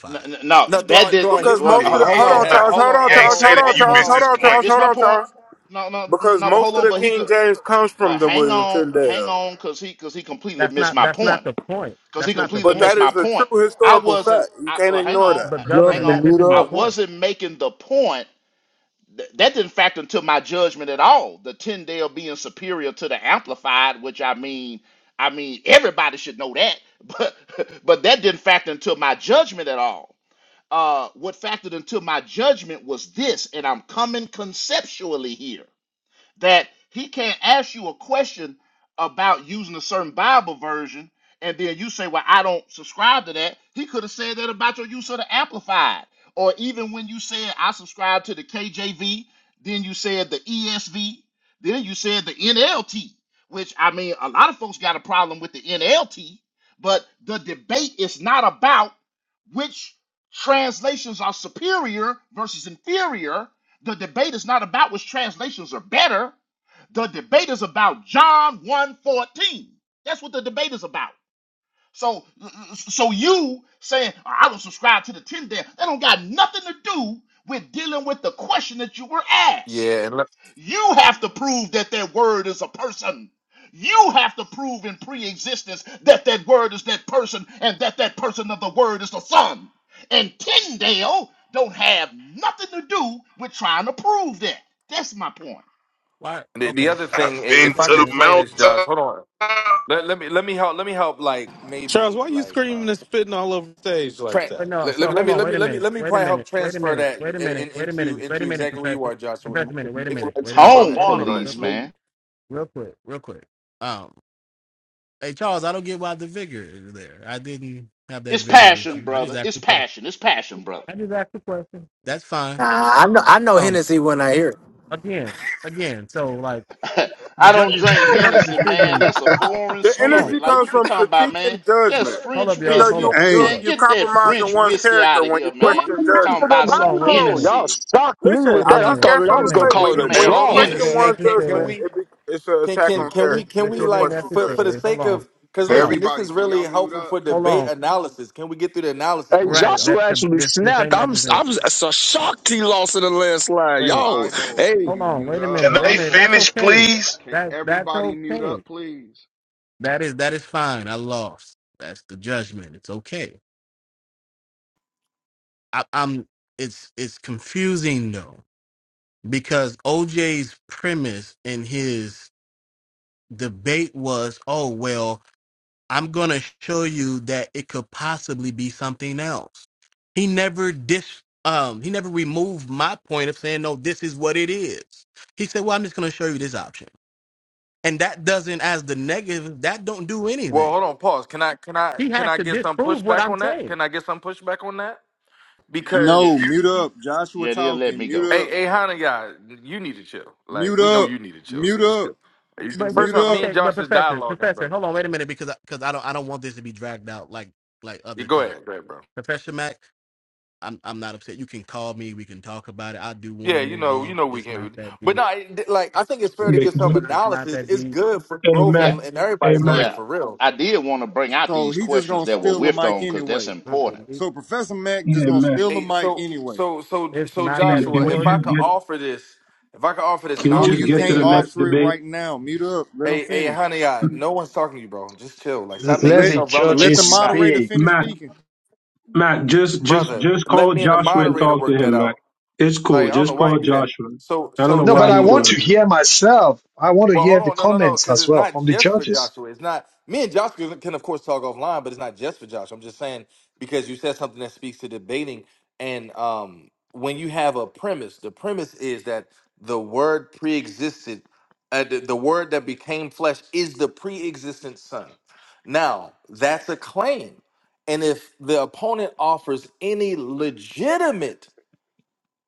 [SPEAKER 10] No, no, no,
[SPEAKER 16] No,
[SPEAKER 10] that
[SPEAKER 16] throughout
[SPEAKER 10] did.
[SPEAKER 16] throughout
[SPEAKER 24] Because
[SPEAKER 10] Well, h-
[SPEAKER 16] history,
[SPEAKER 24] most of the
[SPEAKER 16] it,
[SPEAKER 10] hold
[SPEAKER 27] It-
[SPEAKER 24] hold
[SPEAKER 10] on,
[SPEAKER 16] it
[SPEAKER 27] It's
[SPEAKER 24] on,
[SPEAKER 10] h-
[SPEAKER 16] has
[SPEAKER 27] not.
[SPEAKER 24] Charles,
[SPEAKER 16] been.
[SPEAKER 10] hold
[SPEAKER 24] hold
[SPEAKER 10] on,
[SPEAKER 24] on,
[SPEAKER 27] He
[SPEAKER 10] hold
[SPEAKER 27] ain't
[SPEAKER 24] Charles,
[SPEAKER 10] on,
[SPEAKER 27] say
[SPEAKER 24] hold
[SPEAKER 27] that.
[SPEAKER 24] on,
[SPEAKER 10] hold,
[SPEAKER 27] You
[SPEAKER 10] hold
[SPEAKER 24] Charles,
[SPEAKER 27] missed
[SPEAKER 24] hold
[SPEAKER 10] on.
[SPEAKER 27] his
[SPEAKER 24] on,
[SPEAKER 10] You
[SPEAKER 24] Charles,
[SPEAKER 27] point.
[SPEAKER 10] missed
[SPEAKER 24] hold
[SPEAKER 10] my
[SPEAKER 24] on,
[SPEAKER 10] point.
[SPEAKER 24] Charles.
[SPEAKER 10] No, no,
[SPEAKER 24] Because
[SPEAKER 10] no. But hold
[SPEAKER 24] most of
[SPEAKER 10] on.
[SPEAKER 24] the
[SPEAKER 10] But he
[SPEAKER 24] King
[SPEAKER 10] could.
[SPEAKER 24] James comes from
[SPEAKER 10] But
[SPEAKER 24] the
[SPEAKER 10] hang
[SPEAKER 24] William
[SPEAKER 10] on, hang
[SPEAKER 24] Tyndale.
[SPEAKER 10] on, cause he, cause he completely missed my point. Cause he completely
[SPEAKER 24] But
[SPEAKER 10] missed
[SPEAKER 24] that
[SPEAKER 10] my
[SPEAKER 24] is a
[SPEAKER 10] point.
[SPEAKER 24] true
[SPEAKER 10] I
[SPEAKER 24] historical
[SPEAKER 10] wasn't.
[SPEAKER 24] fact. You
[SPEAKER 10] I
[SPEAKER 24] can't
[SPEAKER 10] well, hang
[SPEAKER 24] ignore
[SPEAKER 10] on,
[SPEAKER 24] that.
[SPEAKER 10] uh, uh, hang
[SPEAKER 26] Loving to
[SPEAKER 10] on.
[SPEAKER 26] mute
[SPEAKER 10] I
[SPEAKER 26] up.
[SPEAKER 10] wasn't making the point. Th- That didn't factor into my judgment at all. The Tyndale being superior to the amplified, which I mean, I mean, everybody should know that. But but that didn't factor into my judgment at all uh, what factored into my judgment was this, and I'm coming conceptually here that he can't ask you a question about using a certain Bible version, and then you say, Well, I don't subscribe to that. He could have said that about your use of the Amplified. Or even when you said, I subscribe to the KJV, then you said the ESV, then you said the NLT, which I mean, a lot of folks got a problem with the NLT, but the debate is not about which translations are superior versus inferior the debate is not about which translations are better. The debate is about John one fourteen. That's what the debate is about. So so you saying I will subscribe to the 10 day, that don't got nothing to do with dealing with the question that you were asked.
[SPEAKER 16] Yeah, and let,
[SPEAKER 10] You have to prove that that word is a person. You have to prove in pre-existence that that word is that person and that that person of the word is the son. And Tyndale don't have nothing to do with trying to prove that. That's my point.
[SPEAKER 16] the, the other thing,
[SPEAKER 27] I've
[SPEAKER 16] i-
[SPEAKER 27] been
[SPEAKER 16] if
[SPEAKER 27] to
[SPEAKER 16] I could
[SPEAKER 27] the
[SPEAKER 16] explain this, Josh,
[SPEAKER 27] mountain.
[SPEAKER 16] hold on. Let, let me let me help. Let me help. Like
[SPEAKER 9] Charles, why
[SPEAKER 16] maybe
[SPEAKER 9] are you
[SPEAKER 16] like
[SPEAKER 9] screaming
[SPEAKER 16] um,
[SPEAKER 9] and spitting all over the stage like
[SPEAKER 16] tra-
[SPEAKER 9] that?
[SPEAKER 16] let, let, me- let me let me let me let me probably help transfer that in, in, into into exactly where you are, Joshua.
[SPEAKER 20] Like
[SPEAKER 16] If
[SPEAKER 20] Paul
[SPEAKER 16] go
[SPEAKER 20] and
[SPEAKER 10] Tone
[SPEAKER 16] ahead, go ahead.
[SPEAKER 20] Barnabas,
[SPEAKER 10] police,
[SPEAKER 20] nigga.
[SPEAKER 10] man. It's passion, brother. It's passion. It's passion, brother.
[SPEAKER 25] Nah, I know. I know Hennessy when I hear it.
[SPEAKER 10] I don't drink Hennessy, man. That's a foreign
[SPEAKER 24] The energy
[SPEAKER 10] spirit. Like,
[SPEAKER 24] comes
[SPEAKER 10] what you
[SPEAKER 24] from
[SPEAKER 10] talking about,
[SPEAKER 24] critique
[SPEAKER 10] man?
[SPEAKER 24] and
[SPEAKER 10] That's
[SPEAKER 24] judgment.
[SPEAKER 10] French
[SPEAKER 24] You know,
[SPEAKER 10] whiskey.
[SPEAKER 24] you you
[SPEAKER 26] Hey,
[SPEAKER 10] Man,
[SPEAKER 24] you
[SPEAKER 10] get that
[SPEAKER 24] compromise in
[SPEAKER 10] French
[SPEAKER 24] one's
[SPEAKER 10] whiskey
[SPEAKER 24] character
[SPEAKER 10] out of
[SPEAKER 24] when you
[SPEAKER 10] here,
[SPEAKER 28] Come
[SPEAKER 10] man.
[SPEAKER 24] question
[SPEAKER 28] on back to
[SPEAKER 10] Talking
[SPEAKER 24] judgment.
[SPEAKER 28] the
[SPEAKER 10] about some
[SPEAKER 28] Bible. Y'all
[SPEAKER 10] Hennessy.
[SPEAKER 28] shocked me
[SPEAKER 24] Listen,
[SPEAKER 28] with
[SPEAKER 24] I
[SPEAKER 28] that. I
[SPEAKER 24] just
[SPEAKER 28] thought
[SPEAKER 24] got
[SPEAKER 28] I was
[SPEAKER 24] something to say.
[SPEAKER 28] gonna call
[SPEAKER 24] When
[SPEAKER 28] it a
[SPEAKER 24] you
[SPEAKER 16] Hey,
[SPEAKER 24] when
[SPEAKER 10] Man,
[SPEAKER 24] you
[SPEAKER 16] hold
[SPEAKER 28] draw.
[SPEAKER 16] on. Yeah.
[SPEAKER 24] question
[SPEAKER 16] Hey,
[SPEAKER 10] Hennessy.
[SPEAKER 24] one's
[SPEAKER 16] can can
[SPEAKER 24] judgment,
[SPEAKER 16] we
[SPEAKER 24] it be, it's an
[SPEAKER 16] can
[SPEAKER 24] attack
[SPEAKER 16] can
[SPEAKER 24] on
[SPEAKER 16] can
[SPEAKER 24] character.
[SPEAKER 16] we can we
[SPEAKER 24] You
[SPEAKER 16] like
[SPEAKER 24] question
[SPEAKER 16] for for
[SPEAKER 24] judgment.
[SPEAKER 16] the sake of because
[SPEAKER 12] Hey
[SPEAKER 16] listen, this
[SPEAKER 12] everybody,
[SPEAKER 16] is
[SPEAKER 12] can
[SPEAKER 16] really
[SPEAKER 12] y'all mute
[SPEAKER 16] helpful
[SPEAKER 12] up?
[SPEAKER 16] for debate analysis. Can we get through the analysis
[SPEAKER 28] Hey,
[SPEAKER 16] portion, y'all?
[SPEAKER 28] Joshua actually snapped. I'm I'm so shocked he lost in the landslide. Y'all,
[SPEAKER 12] Bible,
[SPEAKER 28] hey,
[SPEAKER 12] can you mute up?
[SPEAKER 27] Can they
[SPEAKER 12] Bible,
[SPEAKER 27] finish, please?
[SPEAKER 12] can everybody mute up, please?
[SPEAKER 16] Well, hold on, pause. Can I can I can I get some pushback on that? Can I get some pushback on that? Because
[SPEAKER 10] Yeah,
[SPEAKER 26] no,
[SPEAKER 10] y-
[SPEAKER 26] mute
[SPEAKER 10] y- y-
[SPEAKER 26] up. Joshua
[SPEAKER 10] yeah, they'll let
[SPEAKER 26] talking.
[SPEAKER 10] me go.
[SPEAKER 26] Mute
[SPEAKER 16] hey,
[SPEAKER 26] up.
[SPEAKER 16] hey, Hannah, you you need to chill. Like
[SPEAKER 26] Mute
[SPEAKER 16] we know
[SPEAKER 26] up.
[SPEAKER 16] you need to chill, so
[SPEAKER 26] Mute
[SPEAKER 16] just
[SPEAKER 26] up.
[SPEAKER 16] chill. You see, First
[SPEAKER 26] Mute
[SPEAKER 16] off, me
[SPEAKER 26] up.
[SPEAKER 16] and Josh is dialoguing, brother. You go ahead, go ahead, bro. Yeah, you know, you know we can't. But no, it- like I think it's fair to
[SPEAKER 29] Yeah,
[SPEAKER 16] get some
[SPEAKER 29] yeah.
[SPEAKER 16] analysis. It's good for
[SPEAKER 29] hey
[SPEAKER 16] growth,
[SPEAKER 29] Mac,
[SPEAKER 10] Yeah,
[SPEAKER 16] and, and
[SPEAKER 29] hey
[SPEAKER 16] everybody's
[SPEAKER 29] Mac,
[SPEAKER 16] learning
[SPEAKER 10] yeah.
[SPEAKER 16] for real.
[SPEAKER 10] I did want to bring out
[SPEAKER 26] So
[SPEAKER 10] these
[SPEAKER 26] he just
[SPEAKER 10] questions
[SPEAKER 26] gonna
[SPEAKER 10] that were
[SPEAKER 26] steal the
[SPEAKER 10] whiffed
[SPEAKER 26] mic
[SPEAKER 10] on because that's
[SPEAKER 26] anyway.
[SPEAKER 10] important.
[SPEAKER 26] So Professor Mac just
[SPEAKER 29] yeah
[SPEAKER 26] gonna
[SPEAKER 29] Mac.
[SPEAKER 26] steal the
[SPEAKER 16] Hey,
[SPEAKER 26] mic
[SPEAKER 16] so
[SPEAKER 26] anyway.
[SPEAKER 16] so so so
[SPEAKER 29] Hey, can
[SPEAKER 16] Joshua,
[SPEAKER 29] we
[SPEAKER 16] if I
[SPEAKER 29] just
[SPEAKER 16] could
[SPEAKER 29] get
[SPEAKER 16] offer this, if I could offer this,
[SPEAKER 29] can
[SPEAKER 16] and
[SPEAKER 29] we
[SPEAKER 16] I
[SPEAKER 26] No,
[SPEAKER 16] don't need
[SPEAKER 29] just
[SPEAKER 16] to
[SPEAKER 26] you
[SPEAKER 29] get
[SPEAKER 16] say
[SPEAKER 29] to
[SPEAKER 26] can't
[SPEAKER 29] the
[SPEAKER 16] too much,
[SPEAKER 29] next
[SPEAKER 26] offer it
[SPEAKER 29] debate?
[SPEAKER 26] right now. Mute up. Let him
[SPEAKER 16] Hey, hey,
[SPEAKER 26] finish.
[SPEAKER 16] honey, I, no one's talking to you, bro. Just chill. Like,
[SPEAKER 2] L-
[SPEAKER 16] stop making
[SPEAKER 2] Let
[SPEAKER 26] Let
[SPEAKER 2] the
[SPEAKER 16] yourself relevant
[SPEAKER 26] let
[SPEAKER 2] judges
[SPEAKER 16] when
[SPEAKER 26] the
[SPEAKER 16] you're not,
[SPEAKER 26] moderator
[SPEAKER 2] speak.
[SPEAKER 26] finish
[SPEAKER 29] Mac,
[SPEAKER 26] speaking.
[SPEAKER 29] Mac, just just
[SPEAKER 16] brother.
[SPEAKER 29] just
[SPEAKER 16] Let
[SPEAKER 29] call
[SPEAKER 16] me and the
[SPEAKER 29] Joshua and
[SPEAKER 16] moderator
[SPEAKER 29] talk to
[SPEAKER 16] work that
[SPEAKER 29] him, Mac.
[SPEAKER 16] out.
[SPEAKER 29] It's
[SPEAKER 16] Like,
[SPEAKER 29] cool.
[SPEAKER 16] I don't know
[SPEAKER 29] Just
[SPEAKER 16] why you
[SPEAKER 29] call
[SPEAKER 16] do that.
[SPEAKER 29] Joshua.
[SPEAKER 16] So,
[SPEAKER 29] I don't
[SPEAKER 16] so
[SPEAKER 29] know
[SPEAKER 2] No, but
[SPEAKER 29] why
[SPEAKER 2] I
[SPEAKER 29] he
[SPEAKER 2] want
[SPEAKER 16] Joshua,
[SPEAKER 2] to
[SPEAKER 29] doing that.
[SPEAKER 2] hear myself. I want to
[SPEAKER 16] Well,
[SPEAKER 2] hear
[SPEAKER 16] hold
[SPEAKER 2] the
[SPEAKER 16] on, no, no, no,
[SPEAKER 2] comments
[SPEAKER 16] because
[SPEAKER 2] as
[SPEAKER 16] it's
[SPEAKER 2] well from
[SPEAKER 16] not
[SPEAKER 2] the
[SPEAKER 16] just for
[SPEAKER 2] judges.
[SPEAKER 16] Joshua. It's not me and Joshua can of course talk offline, but it's not just for Joshua. I'm just saying because you said something that speaks to debating, and um, when you have a premise, the premise is that the word pre-existed, uh, the, the word that became flesh is the pre-existent Son. Now that's a claim, and if the opponent offers any legitimate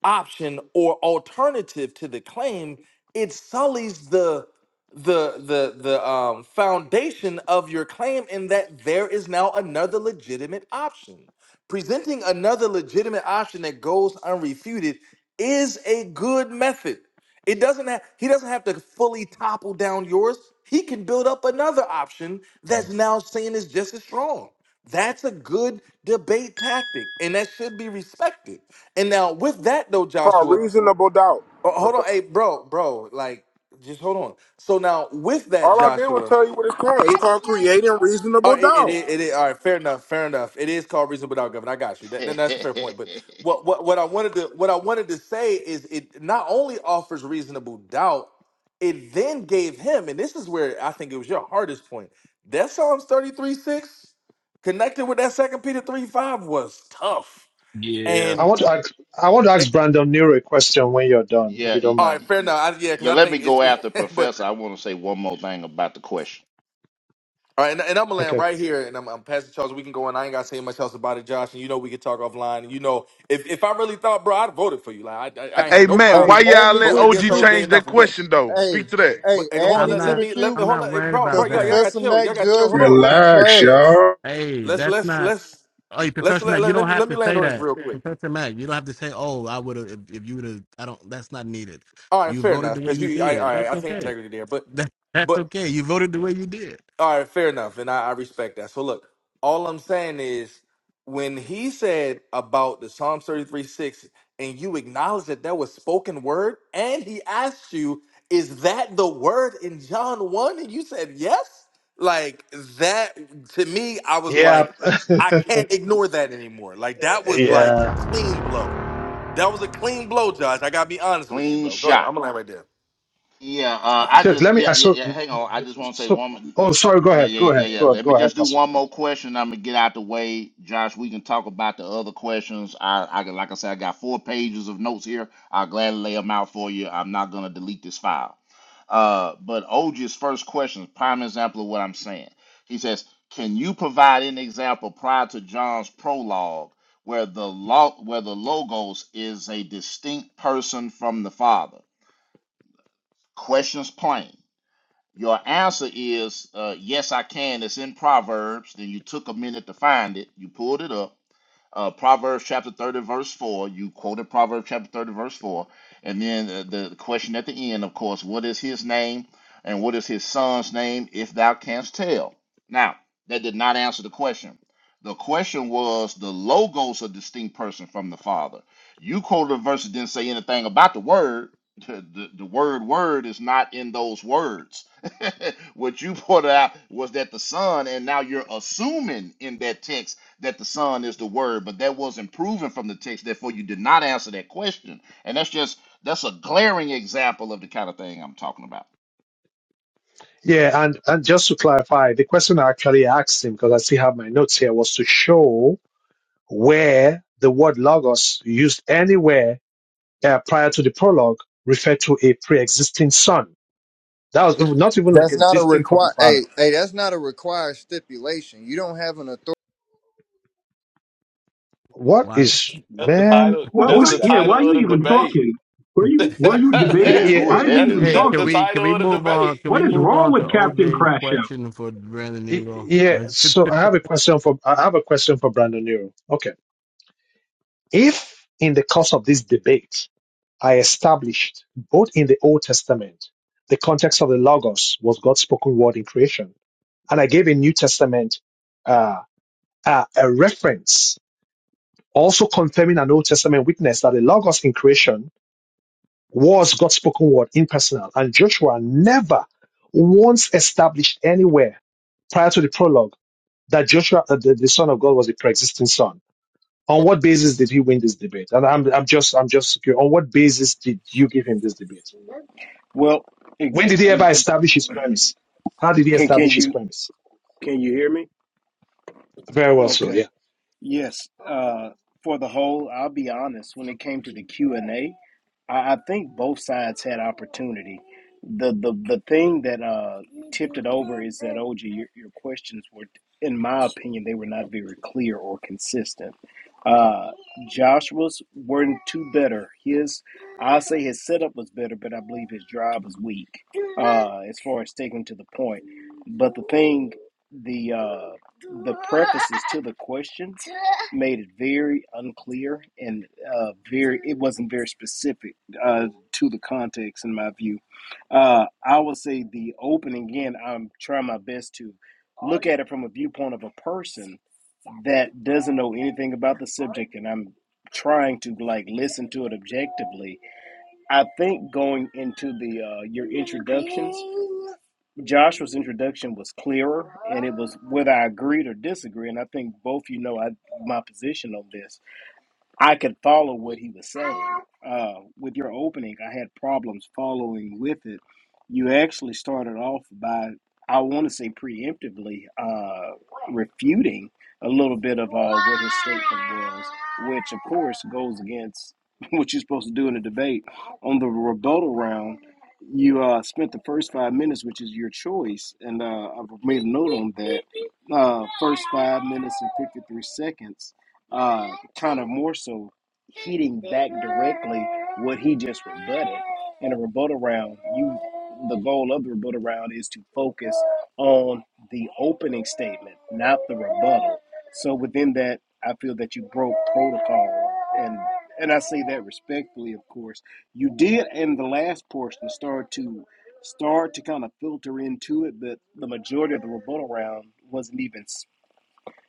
[SPEAKER 16] option or alternative to the claim, it sullies the the the the um foundation of your claim in that there is now another legitimate option. Presenting another legitimate option that goes unrefuted is a good method. It doesn't have he doesn't have to fully topple down yours. He can build up another option that's now seen as just as strong. That's a good debate tactic, and that should be respected. And now with that though,
[SPEAKER 24] Called
[SPEAKER 16] Joshua,
[SPEAKER 24] reasonable doubt,
[SPEAKER 16] oh, hold on,
[SPEAKER 24] Professor.
[SPEAKER 16] hey, bro, bro, like just hold on. So now with that,
[SPEAKER 24] All I did was
[SPEAKER 16] Joshua,
[SPEAKER 24] tell you what it's called. It's
[SPEAKER 16] it's
[SPEAKER 24] called creating
[SPEAKER 16] all
[SPEAKER 24] reasonable
[SPEAKER 16] right, it, it,
[SPEAKER 24] doubt.
[SPEAKER 16] is- it, is- all right, fair enough, fair enough. It is called reason without government. I got you.
[SPEAKER 10] yeah,
[SPEAKER 16] that- that's a fair point. But what, what what I wanted to what I wanted to say is it not only offers reasonable doubt, it then gave him, and this is where I think it was your hardest point. That Psalms 33 6 connected with that second Peter 3 5 was tough.
[SPEAKER 20] Yeah,
[SPEAKER 2] I
[SPEAKER 16] And
[SPEAKER 2] want to ask, I want to
[SPEAKER 16] eh,
[SPEAKER 2] ask Brandon Nero a question when you're done, if you
[SPEAKER 10] y-
[SPEAKER 2] don't
[SPEAKER 16] All
[SPEAKER 10] y-
[SPEAKER 16] right,
[SPEAKER 2] mind.
[SPEAKER 16] fair
[SPEAKER 10] y-
[SPEAKER 16] enough. I, yeah, because
[SPEAKER 10] yeah,
[SPEAKER 16] I
[SPEAKER 10] let me
[SPEAKER 16] think
[SPEAKER 10] go
[SPEAKER 16] it's.
[SPEAKER 10] after
[SPEAKER 16] but
[SPEAKER 10] Professor. I want to say one more thing about the question.
[SPEAKER 16] all right, and, and I'm gonna land
[SPEAKER 2] Okay.
[SPEAKER 16] right here, and I'm, I'm Pastor Charles. We can go, and I ain't gotta say much else about it, Josh. And you know, we could talk offline. And you know, if if I really thought, bro, I'd voted for you. Like I, I, I ain't had
[SPEAKER 27] Hey
[SPEAKER 16] no
[SPEAKER 27] Mac,
[SPEAKER 26] Hey,
[SPEAKER 27] why
[SPEAKER 16] problem
[SPEAKER 26] add
[SPEAKER 27] y'all
[SPEAKER 26] me
[SPEAKER 27] let
[SPEAKER 26] to
[SPEAKER 16] voting
[SPEAKER 26] the
[SPEAKER 27] OG
[SPEAKER 16] against
[SPEAKER 26] queue.
[SPEAKER 16] OJ
[SPEAKER 27] change
[SPEAKER 16] and
[SPEAKER 27] that
[SPEAKER 16] nothing. But
[SPEAKER 27] question though? Speak
[SPEAKER 26] Hey,
[SPEAKER 27] to that.
[SPEAKER 26] hey,
[SPEAKER 16] but and
[SPEAKER 26] add
[SPEAKER 16] hold on,
[SPEAKER 26] me
[SPEAKER 16] let,
[SPEAKER 26] to
[SPEAKER 16] let
[SPEAKER 26] the
[SPEAKER 16] me let
[SPEAKER 26] queue.
[SPEAKER 16] me hold on, Hey, bro, bro,
[SPEAKER 26] Cause
[SPEAKER 16] y'all y'all got
[SPEAKER 26] Professor
[SPEAKER 16] chill, y'all
[SPEAKER 26] Mac
[SPEAKER 16] got chill. Hold
[SPEAKER 26] judgment
[SPEAKER 16] on,
[SPEAKER 26] was
[SPEAKER 8] Relax,
[SPEAKER 26] trash.
[SPEAKER 8] y'all.
[SPEAKER 16] let's let's let's let's let, let, let me let me land on this real quick. All right, fair enough, because you, I, all right, I think integrity there, but. But All right, fair enough, and I, I respect that. So look, all I'm saying is when he said about the Psalm 33 6, and you acknowledge that that was spoken word, and he asked you, Is that the word in John 1? And you said yes. Like that to me, I was
[SPEAKER 2] Yeah.
[SPEAKER 16] like, I can't ignore that anymore. Like that was like a
[SPEAKER 2] yeah.
[SPEAKER 16] clean blow. That was a clean blow, Josh. I gotta be honest with you,
[SPEAKER 10] Clean
[SPEAKER 16] bro. Go ahead.
[SPEAKER 10] shot.
[SPEAKER 16] I'm gonna land right there.
[SPEAKER 10] Yeah, uh, I
[SPEAKER 2] So
[SPEAKER 10] just
[SPEAKER 2] let me.
[SPEAKER 10] yeah
[SPEAKER 2] uh,
[SPEAKER 10] yeah
[SPEAKER 2] So,
[SPEAKER 10] yeah. Hang on, I just want to say
[SPEAKER 2] so.
[SPEAKER 10] one. mo-
[SPEAKER 2] Oh, sorry. Go
[SPEAKER 10] Yeah
[SPEAKER 2] ahead. Go
[SPEAKER 10] yeah yeah
[SPEAKER 2] ahead.
[SPEAKER 10] yeah.
[SPEAKER 2] Go
[SPEAKER 10] Let me
[SPEAKER 2] go ahead,
[SPEAKER 10] just do
[SPEAKER 2] Pastor.
[SPEAKER 10] one
[SPEAKER 2] Francis.
[SPEAKER 10] more question. I'm gonna get out the way, Josh. We can talk about the other questions. I I can- like I said, I got four pages of notes here. I'll gladly lay them out for you. I'm not gonna delete this file. Uh, but OG's first question, is prime example of what I'm saying. He says, "Can you provide an example prior to John's prologue where the lo- where the logos is a distinct person from the Father?" Questions plain. Your answer is uh, yes, I can. It's in Proverbs. Then you took a minute to find it. You pulled it up uh, Proverbs chapter 30, verse 4. You quoted Proverbs chapter 30, verse 4. And then uh, the question at the end, of course, what is his name and what is his son's name, if thou canst tell? Now, that did not answer the question. The question was the logos a distinct person from the Father. You quoted a verse that didn't say anything about the word. The, the, the word word is not in those words. what you pointed out was that the son, and now you're assuming in that text that the Son is the Word, but that wasn't proven from the text. Therefore, you did not answer that question. And that's just that's a glaring example of the kind of thing I'm talking about.
[SPEAKER 2] Yeah, and and just to clarify, the question I actually asked him because I still have my notes here was to show where the word logos used anywhere uh, prior to the prologue referred to a pre-existing son. That was not even like a
[SPEAKER 26] That's not a
[SPEAKER 2] distinct from the
[SPEAKER 26] require. Hey,
[SPEAKER 2] father.
[SPEAKER 26] hey, that's not a required stipulation. You don't have an authority.
[SPEAKER 2] What is
[SPEAKER 20] that's the
[SPEAKER 2] man?
[SPEAKER 20] title.
[SPEAKER 2] Who
[SPEAKER 29] Why
[SPEAKER 20] That's
[SPEAKER 29] why
[SPEAKER 2] who's
[SPEAKER 20] the
[SPEAKER 2] that?
[SPEAKER 29] yeah, why
[SPEAKER 20] title
[SPEAKER 29] you
[SPEAKER 20] of the
[SPEAKER 29] even
[SPEAKER 20] debate.
[SPEAKER 29] talking? Were you were you
[SPEAKER 20] that's
[SPEAKER 29] debating?
[SPEAKER 10] Man,
[SPEAKER 2] Yeah,
[SPEAKER 10] who
[SPEAKER 29] Why
[SPEAKER 10] is
[SPEAKER 29] is he
[SPEAKER 10] that
[SPEAKER 29] even
[SPEAKER 10] dude?
[SPEAKER 20] that's the
[SPEAKER 29] talking?
[SPEAKER 20] title of the debate.
[SPEAKER 29] What is wrong with Captain Crash Out?
[SPEAKER 2] yeah. So I have a question for I have a question for Brandon Nero. Okay, if in the course of this debate I established both in the Old Testament the context of the Logos was God's spoken word in creation, and I gave a New Testament uh, uh, a reference also confirming an Old Testament witness that the Logos in creation was God's spoken word impersonal, and Joshua never once established anywhere prior to the prologue that Joshua, uh, the, the Son of God, was a pre-existing Son. On what basis did he win this debate? And I'm, I'm just, I'm just secure. On what basis did you give him this debate?
[SPEAKER 6] Well, it,
[SPEAKER 2] When did he ever establish his premise? How did he
[SPEAKER 6] can can
[SPEAKER 2] establish his
[SPEAKER 6] you
[SPEAKER 2] premise?
[SPEAKER 6] can you hear me?
[SPEAKER 2] Very well, so
[SPEAKER 6] Okay.
[SPEAKER 2] yeah.
[SPEAKER 6] Yes, uh, for the whole, I'll be honest. When it came to the Q and A, I, I think both sides had opportunity. The the the thing that uh, tipped it over is that OG, your, your questions were, in my opinion, they were not very clear or consistent. Uh, Joshua's weren't too better. His, I say his setup was better, but I believe his drive was weak uh, as far as sticking to the point. But the thing, the uh, the prefaces to the question made it very unclear and uh, very it wasn't very specific uh, to the context in my view. Uh, I would say the opening again. I'm trying my best to look at it from a viewpoint of a person that doesn't know anything about the subject, and I'm trying to like listen to it objectively I think going into the uh, your introductions, Joshua's introduction was clearer, and it was whether I agreed or disagreed. And I think both you know I my position on this. I could follow what he was saying. Uh, with your opening, I had problems following with it. You actually started off by, I want to say preemptively, uh, refuting a little bit of uh, what his statement was, which of course goes against what you're supposed to do in a debate. On the rebuttal round, you uh, spent the first five minutes, which is your choice, and uh, I've made a note on that. Uh, first five minutes and 53 seconds uh, kind of more so hitting back directly what he just rebutted. In a rebuttal round, you the goal of the rebuttal round is to focus on the opening statement, not the rebuttal. So within that, I feel that you broke protocol, and and I say that respectfully, of course. You did in the last portion start to start to kind of filter into it, but the majority of the rebuttal round wasn't even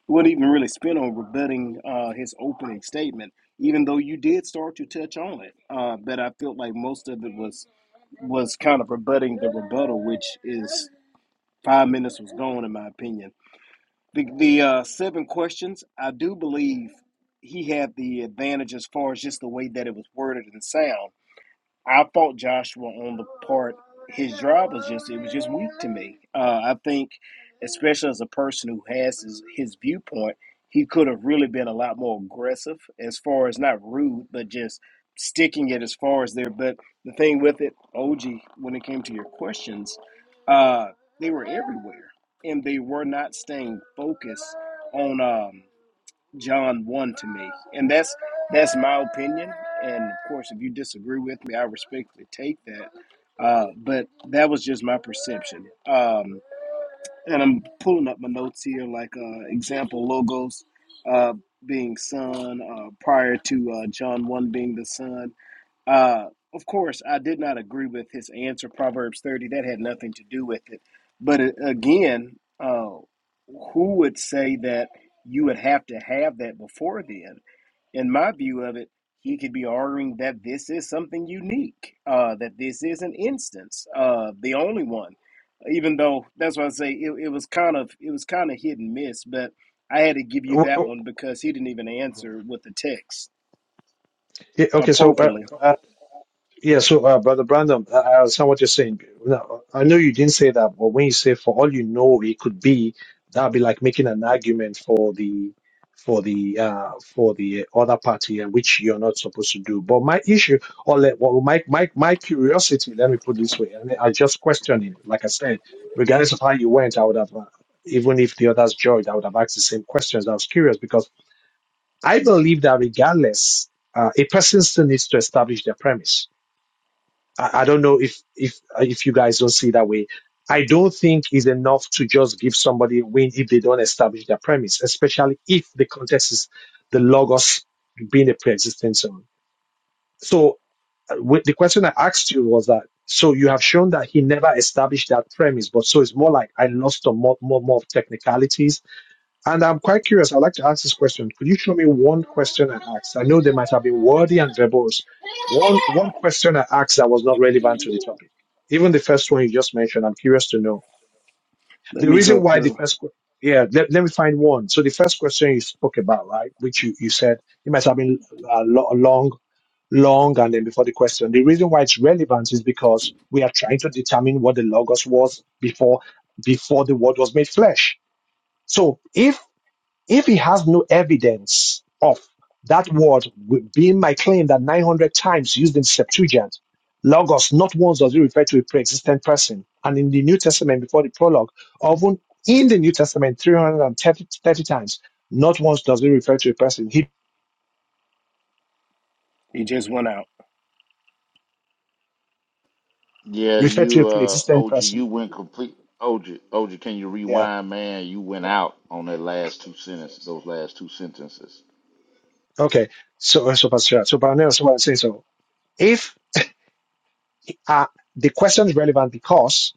[SPEAKER 6] wouldn't even really spend on rebutting uh, his opening statement, even though you did start to touch on it. Uh, but I felt like most of it was was kind of rebutting the rebuttal, which is five minutes was gone, in my opinion. The, the uh, seven questions, I do believe he had the advantage as far as just the way that it was worded and sound I fault Joshua on the part his drive was just it was just weak to me. Uh, I think, especially as a person who has his, his viewpoint, he could have really been a lot more aggressive as far as not rude, but just sticking it as far as there. But the thing with it, OG, when it came to your questions, uh, they were everywhere and they were not staying focused on. Um, John 1 to me. And that's that's my opinion. And of course, if you disagree with me, I respectfully take that. Uh, but that was just my perception. Um, and I'm pulling up my notes here, like uh, example logos uh, being sun, uh, prior to uh, John 1 being the sun. Uh, of course, I did not agree with his answer, Proverbs 30. That had nothing to do with it. But a- again, uh, who would say that you would have to have that before then? In my view of it, he could be arguing that this is something unique, uh, that this is an instance, uh, the only one. Even though that's why I say it, it was kind of it was kind of hit and miss, but I had to give you that one because he didn't even answer with the text
[SPEAKER 2] yeah, Okay, so uh,
[SPEAKER 6] appropriately
[SPEAKER 2] uh, Yeah, so uh, Brother Brandon, I I understand what you're saying. Now, I know you didn't say that, but when you say for all you know, it could be that'd be like making an argument for the for the uh for the other party, and which you're not supposed to do. But my issue, or let, well, my my my curiosity, let me put it this way, and I just question him. Like I said, regardless of how you went, I would have. Uh, even if the others joined, I would have asked the same questions. I was curious because I believe that regardless, uh, a person still needs to establish their premise I, I don't know if if uh, if you guys don't see it that way. I don't think it's enough to just give somebody a win if they don't establish their premise, especially if the context is the logos being a pre-existing zone. So uh, with- the question I asked you was that so you have shown that he never established that premise, but so it's more like I lost on more more, more of technicalities and I'm quite curious. I'd like to ask this question. Could you show me one question I asked? I know they might have been wordy and verbose. One one question I asked that was not relevant to the topic. Even the first one you just mentioned, I'm curious to know.
[SPEAKER 6] Let
[SPEAKER 2] The
[SPEAKER 6] me
[SPEAKER 2] reason
[SPEAKER 6] go
[SPEAKER 2] why the
[SPEAKER 6] through.
[SPEAKER 2] first que- yeah, let, let me find one. So the first question you spoke about, right, which you, you said it must have been uh, lo- long, long, and then before the question. The reason why it's relevant is because we are trying to determine what the logos was before before the word was made flesh. So if if he has no evidence of that word being my claim that 900 times used in Septuagint, Logos, not once does it refer to a pre-existent person. And in the New Testament, before the prologue, even in the New Testament, 330 times, not once does it refer to a person. He
[SPEAKER 6] He just went out.
[SPEAKER 10] Yeah,
[SPEAKER 2] referred to a
[SPEAKER 10] you uh
[SPEAKER 2] pre-existent
[SPEAKER 10] OG,
[SPEAKER 2] person.
[SPEAKER 10] you went complete OG, OG, can you
[SPEAKER 2] Yeah.
[SPEAKER 10] rewind, man? You went out on that last two sentences, those last two sentences.
[SPEAKER 2] Okay. So, uh, so, Pastor, so, but I know what I'm saying. So, if uh, the question is relevant because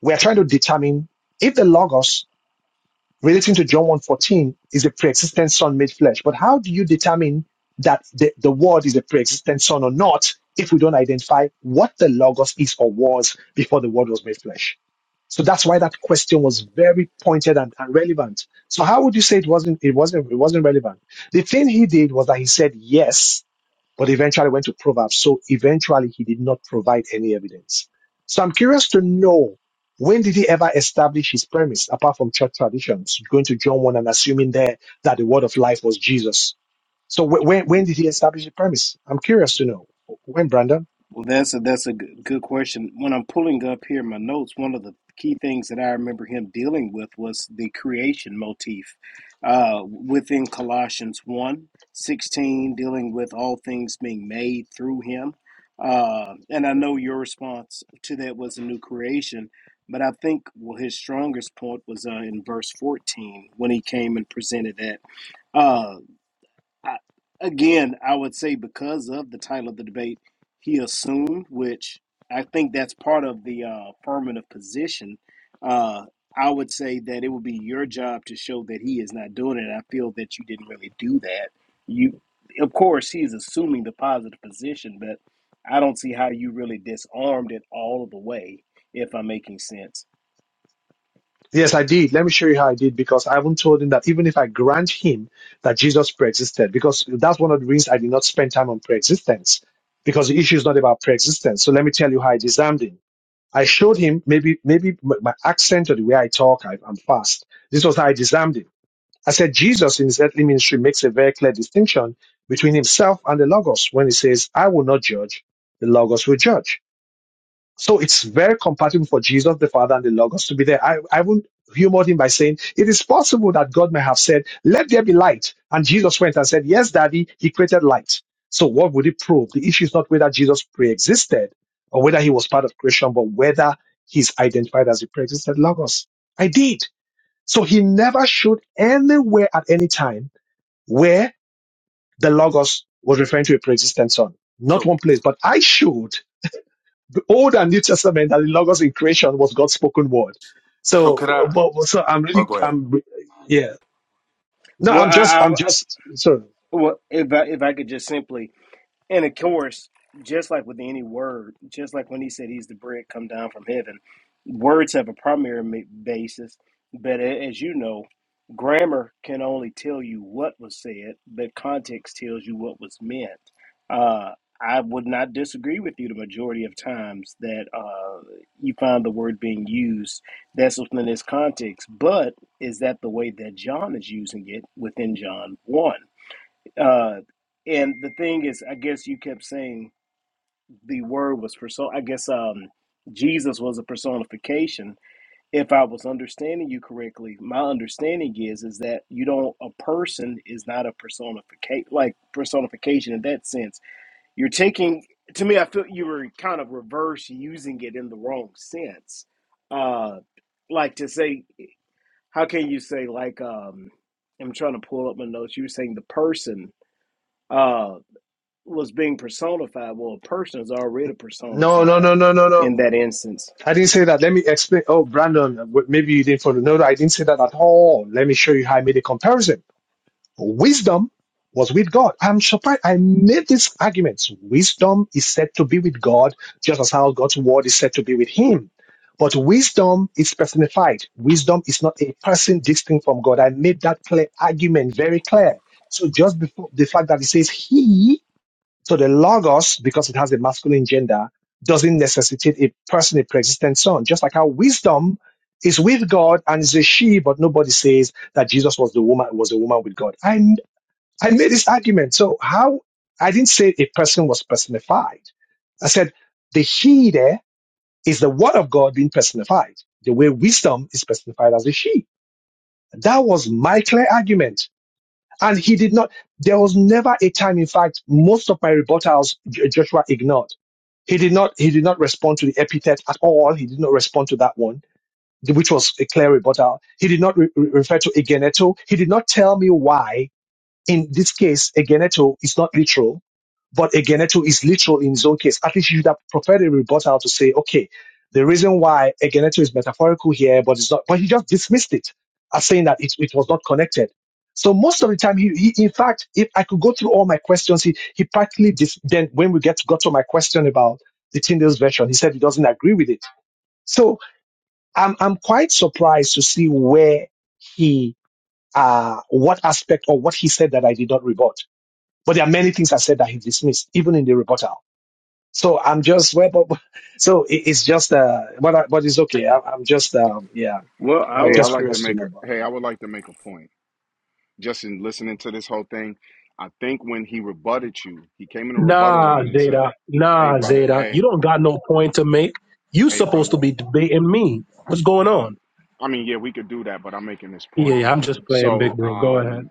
[SPEAKER 2] we are trying to determine if the Logos relating to John one fourteen is a pre-existent son made flesh. But how do you determine that the, the word is a pre-existent son or not if we don't identify what the logos is or was before the word was made flesh? So that's why that question was very pointed and, and relevant. So how would you say it wasn't it wasn't it wasn't relevant? The thing he did was that he said yes but eventually went to Proverbs. So eventually he did not provide any evidence. So I'm curious to know when did he ever establish his premise apart from church traditions, going to John 1 and assuming there that the word of life was Jesus. So wh- when, when did he establish the premise? I'm curious to know. When, Brandon?
[SPEAKER 6] Well, that's a that's a good, good question. When I'm pulling up here my notes, one of the key things that I remember him dealing with was the creation motif uh, within Colossians one 16, dealing with all things being made through him. Uh, and I know your response to that was a new creation, but I think well his strongest point was uh, in verse 14 when he came and presented that. uh, I, again, I would say because of the title of the debate, he assumed, which I think that's part of the uh, affirmative position. Uh, I would say that it would be your job to show that he is not doing it. And I feel that you didn't really do that. You, of course, he's assuming the positive position, but I don't see how you really disarmed it all the way. If I'm making sense.
[SPEAKER 2] Yes, I did. Let me show you how I did because I haven't told him that even if I grant him that Jesus preexisted, because that's one of the reasons I did not spend time on preexistence because the issue is not about preexistence. So let me tell you how I disarmed him. I showed him maybe maybe m- my accent or the way I talk, I, I'm fast. This was how I disarmed him. I said Jesus in his earthly ministry makes a very clear distinction between himself and the Logos when he says, "I will not judge; the Logos will judge." So it's very compatible for Jesus the Father and the Logos to be there. I, I wouldn't humor him by saying it is possible that God may have said, Let there be light. And Jesus went and said, Yes, Daddy, he created light. So what would it prove? The issue is not whether Jesus pre existed or whether he was part of creation, but whether he's identified as the pre existed Logos. I did. So he never showed anywhere at any time where the Logos was referring to a pre existent son. Not
[SPEAKER 16] So
[SPEAKER 2] one place, but I showed the Old and New Testament and the Logos in creation was God's spoken word.
[SPEAKER 16] so could
[SPEAKER 2] So,
[SPEAKER 16] I
[SPEAKER 2] but, so I'm
[SPEAKER 16] oh
[SPEAKER 2] really,
[SPEAKER 16] go ahead.
[SPEAKER 2] I'm, re- yeah. No,
[SPEAKER 6] Well,
[SPEAKER 2] I'm just,
[SPEAKER 6] I,
[SPEAKER 2] I'm
[SPEAKER 6] I
[SPEAKER 2] just, sorry.
[SPEAKER 6] well, if I, if I could just simply And of course, just like with any word, just like when he said he's the bread come down from heaven, words have a primary ma- basis. But a- as you know, grammar can only tell you what was said, but context tells you what was meant. Uh, I would not disagree with you the majority of times that uh, you find the word being used that's within its context. But is that the way that John is using it within John 1? Uh, and the thing is, I guess you kept saying the word was person. I guess um, Jesus was a personification. If I was understanding you correctly, my understanding is is that you don't a person is not a personification like personification in that sense. You're taking to me. I feel you were kind of reverse using it in the wrong sense. Uh, like to say, how can you say like um, I'm trying to pull up my notes. You were saying the person. uh, was being personified. Well, a person is already
[SPEAKER 2] No, no,
[SPEAKER 6] personified
[SPEAKER 2] no, no, no, no.
[SPEAKER 6] in that instance.
[SPEAKER 2] I didn't say that. Let me explain. Oh, Brandon, w- maybe you didn't follow. No, no, I didn't say that at all. Let me show you how I made a comparison. Wisdom was with God. I'm surprised. I made these arguments. Wisdom is said to be with God, just as how God's word is said to be with him. But wisdom is personified. Wisdom is not a person distinct from God. I made that clear argument very clear. So just before the fact that it says he, so the logos, because it has a masculine gender, doesn't necessitate a person, a pre-existent son. Just like how wisdom is with God and is a she, but nobody says that Jesus was the woman was a woman with God. I I made this argument. So how I didn't say a person was personified. I said the she there is the word of God being personified, the way wisdom is personified as a she. That was my clear argument. And he did not, there was never a time, in fact, most of my rebuttals J- Joshua ignored. He did not, he did not respond to the epithet at all. He did not respond to that one, which was a clear rebuttal. He did not re- re- refer to Egeneto. He did not tell me why in this case, Egeneto is not literal but again, Eto is literal in his own case. At least you should have preferred a rebuttal to say, okay, the reason why Egeneto is metaphorical here, but it's not, but he just dismissed it as saying that it, it was not connected. So most of the time, he, he in fact, if I could go through all my questions, he, he practically dis, then when we get to, got to my question about the Tyndale's version, he said he doesn't agree with it. So I'm, I'm quite surprised to see where he, uh, what aspect or what he said that I did not rebut. But there are many things I said that he dismissed, even in the rebuttal. So I'm just well, but, but- so it, it's just uh, but I, but it's okay. I, I'm just um, yeah,
[SPEAKER 6] Well,
[SPEAKER 2] I
[SPEAKER 6] I.
[SPEAKER 2] was
[SPEAKER 12] Hey,
[SPEAKER 6] I
[SPEAKER 12] I
[SPEAKER 2] just
[SPEAKER 12] like to
[SPEAKER 2] curious to
[SPEAKER 12] make
[SPEAKER 2] know
[SPEAKER 12] a
[SPEAKER 2] about.
[SPEAKER 12] hey,
[SPEAKER 2] It.
[SPEAKER 12] I would like to make a point. Just in listening to this whole thing, I think when he rebutted you, he came in a rebuttal
[SPEAKER 29] Nah,
[SPEAKER 12] round and said,
[SPEAKER 29] Zeta.
[SPEAKER 12] "Hey,
[SPEAKER 29] Nah,
[SPEAKER 12] brother,
[SPEAKER 29] Zeta. You
[SPEAKER 12] hey,
[SPEAKER 29] don't got no point to make. You
[SPEAKER 12] hey,
[SPEAKER 29] supposed to
[SPEAKER 12] brother."
[SPEAKER 29] be debating me. What's going on?
[SPEAKER 12] I mean, yeah, we could do that, but I'm making this
[SPEAKER 29] Yeah,
[SPEAKER 12] point.
[SPEAKER 29] yeah, I'm just playing big
[SPEAKER 12] So,
[SPEAKER 29] bro. Go ahead.
[SPEAKER 12] um,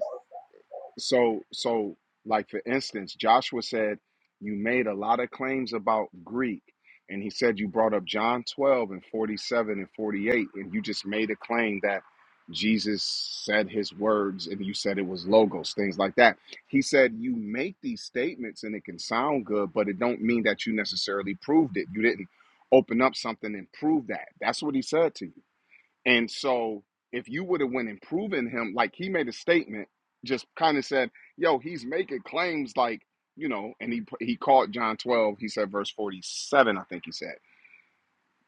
[SPEAKER 12] so so like for instance joshua said you made a lot of claims about greek and he said you brought up john 12 and 47 and 48 and you just made a claim that jesus said his words and you said it was logos things like that he said you make these statements and it can sound good but it don't mean that you necessarily proved it you didn't open up something and prove that that's what he said to you and so if you would have went and proven him, like he made a statement, just kind of said, yo, he's making claims like, you know, and he he called John 12, he said verse 47, I think he said.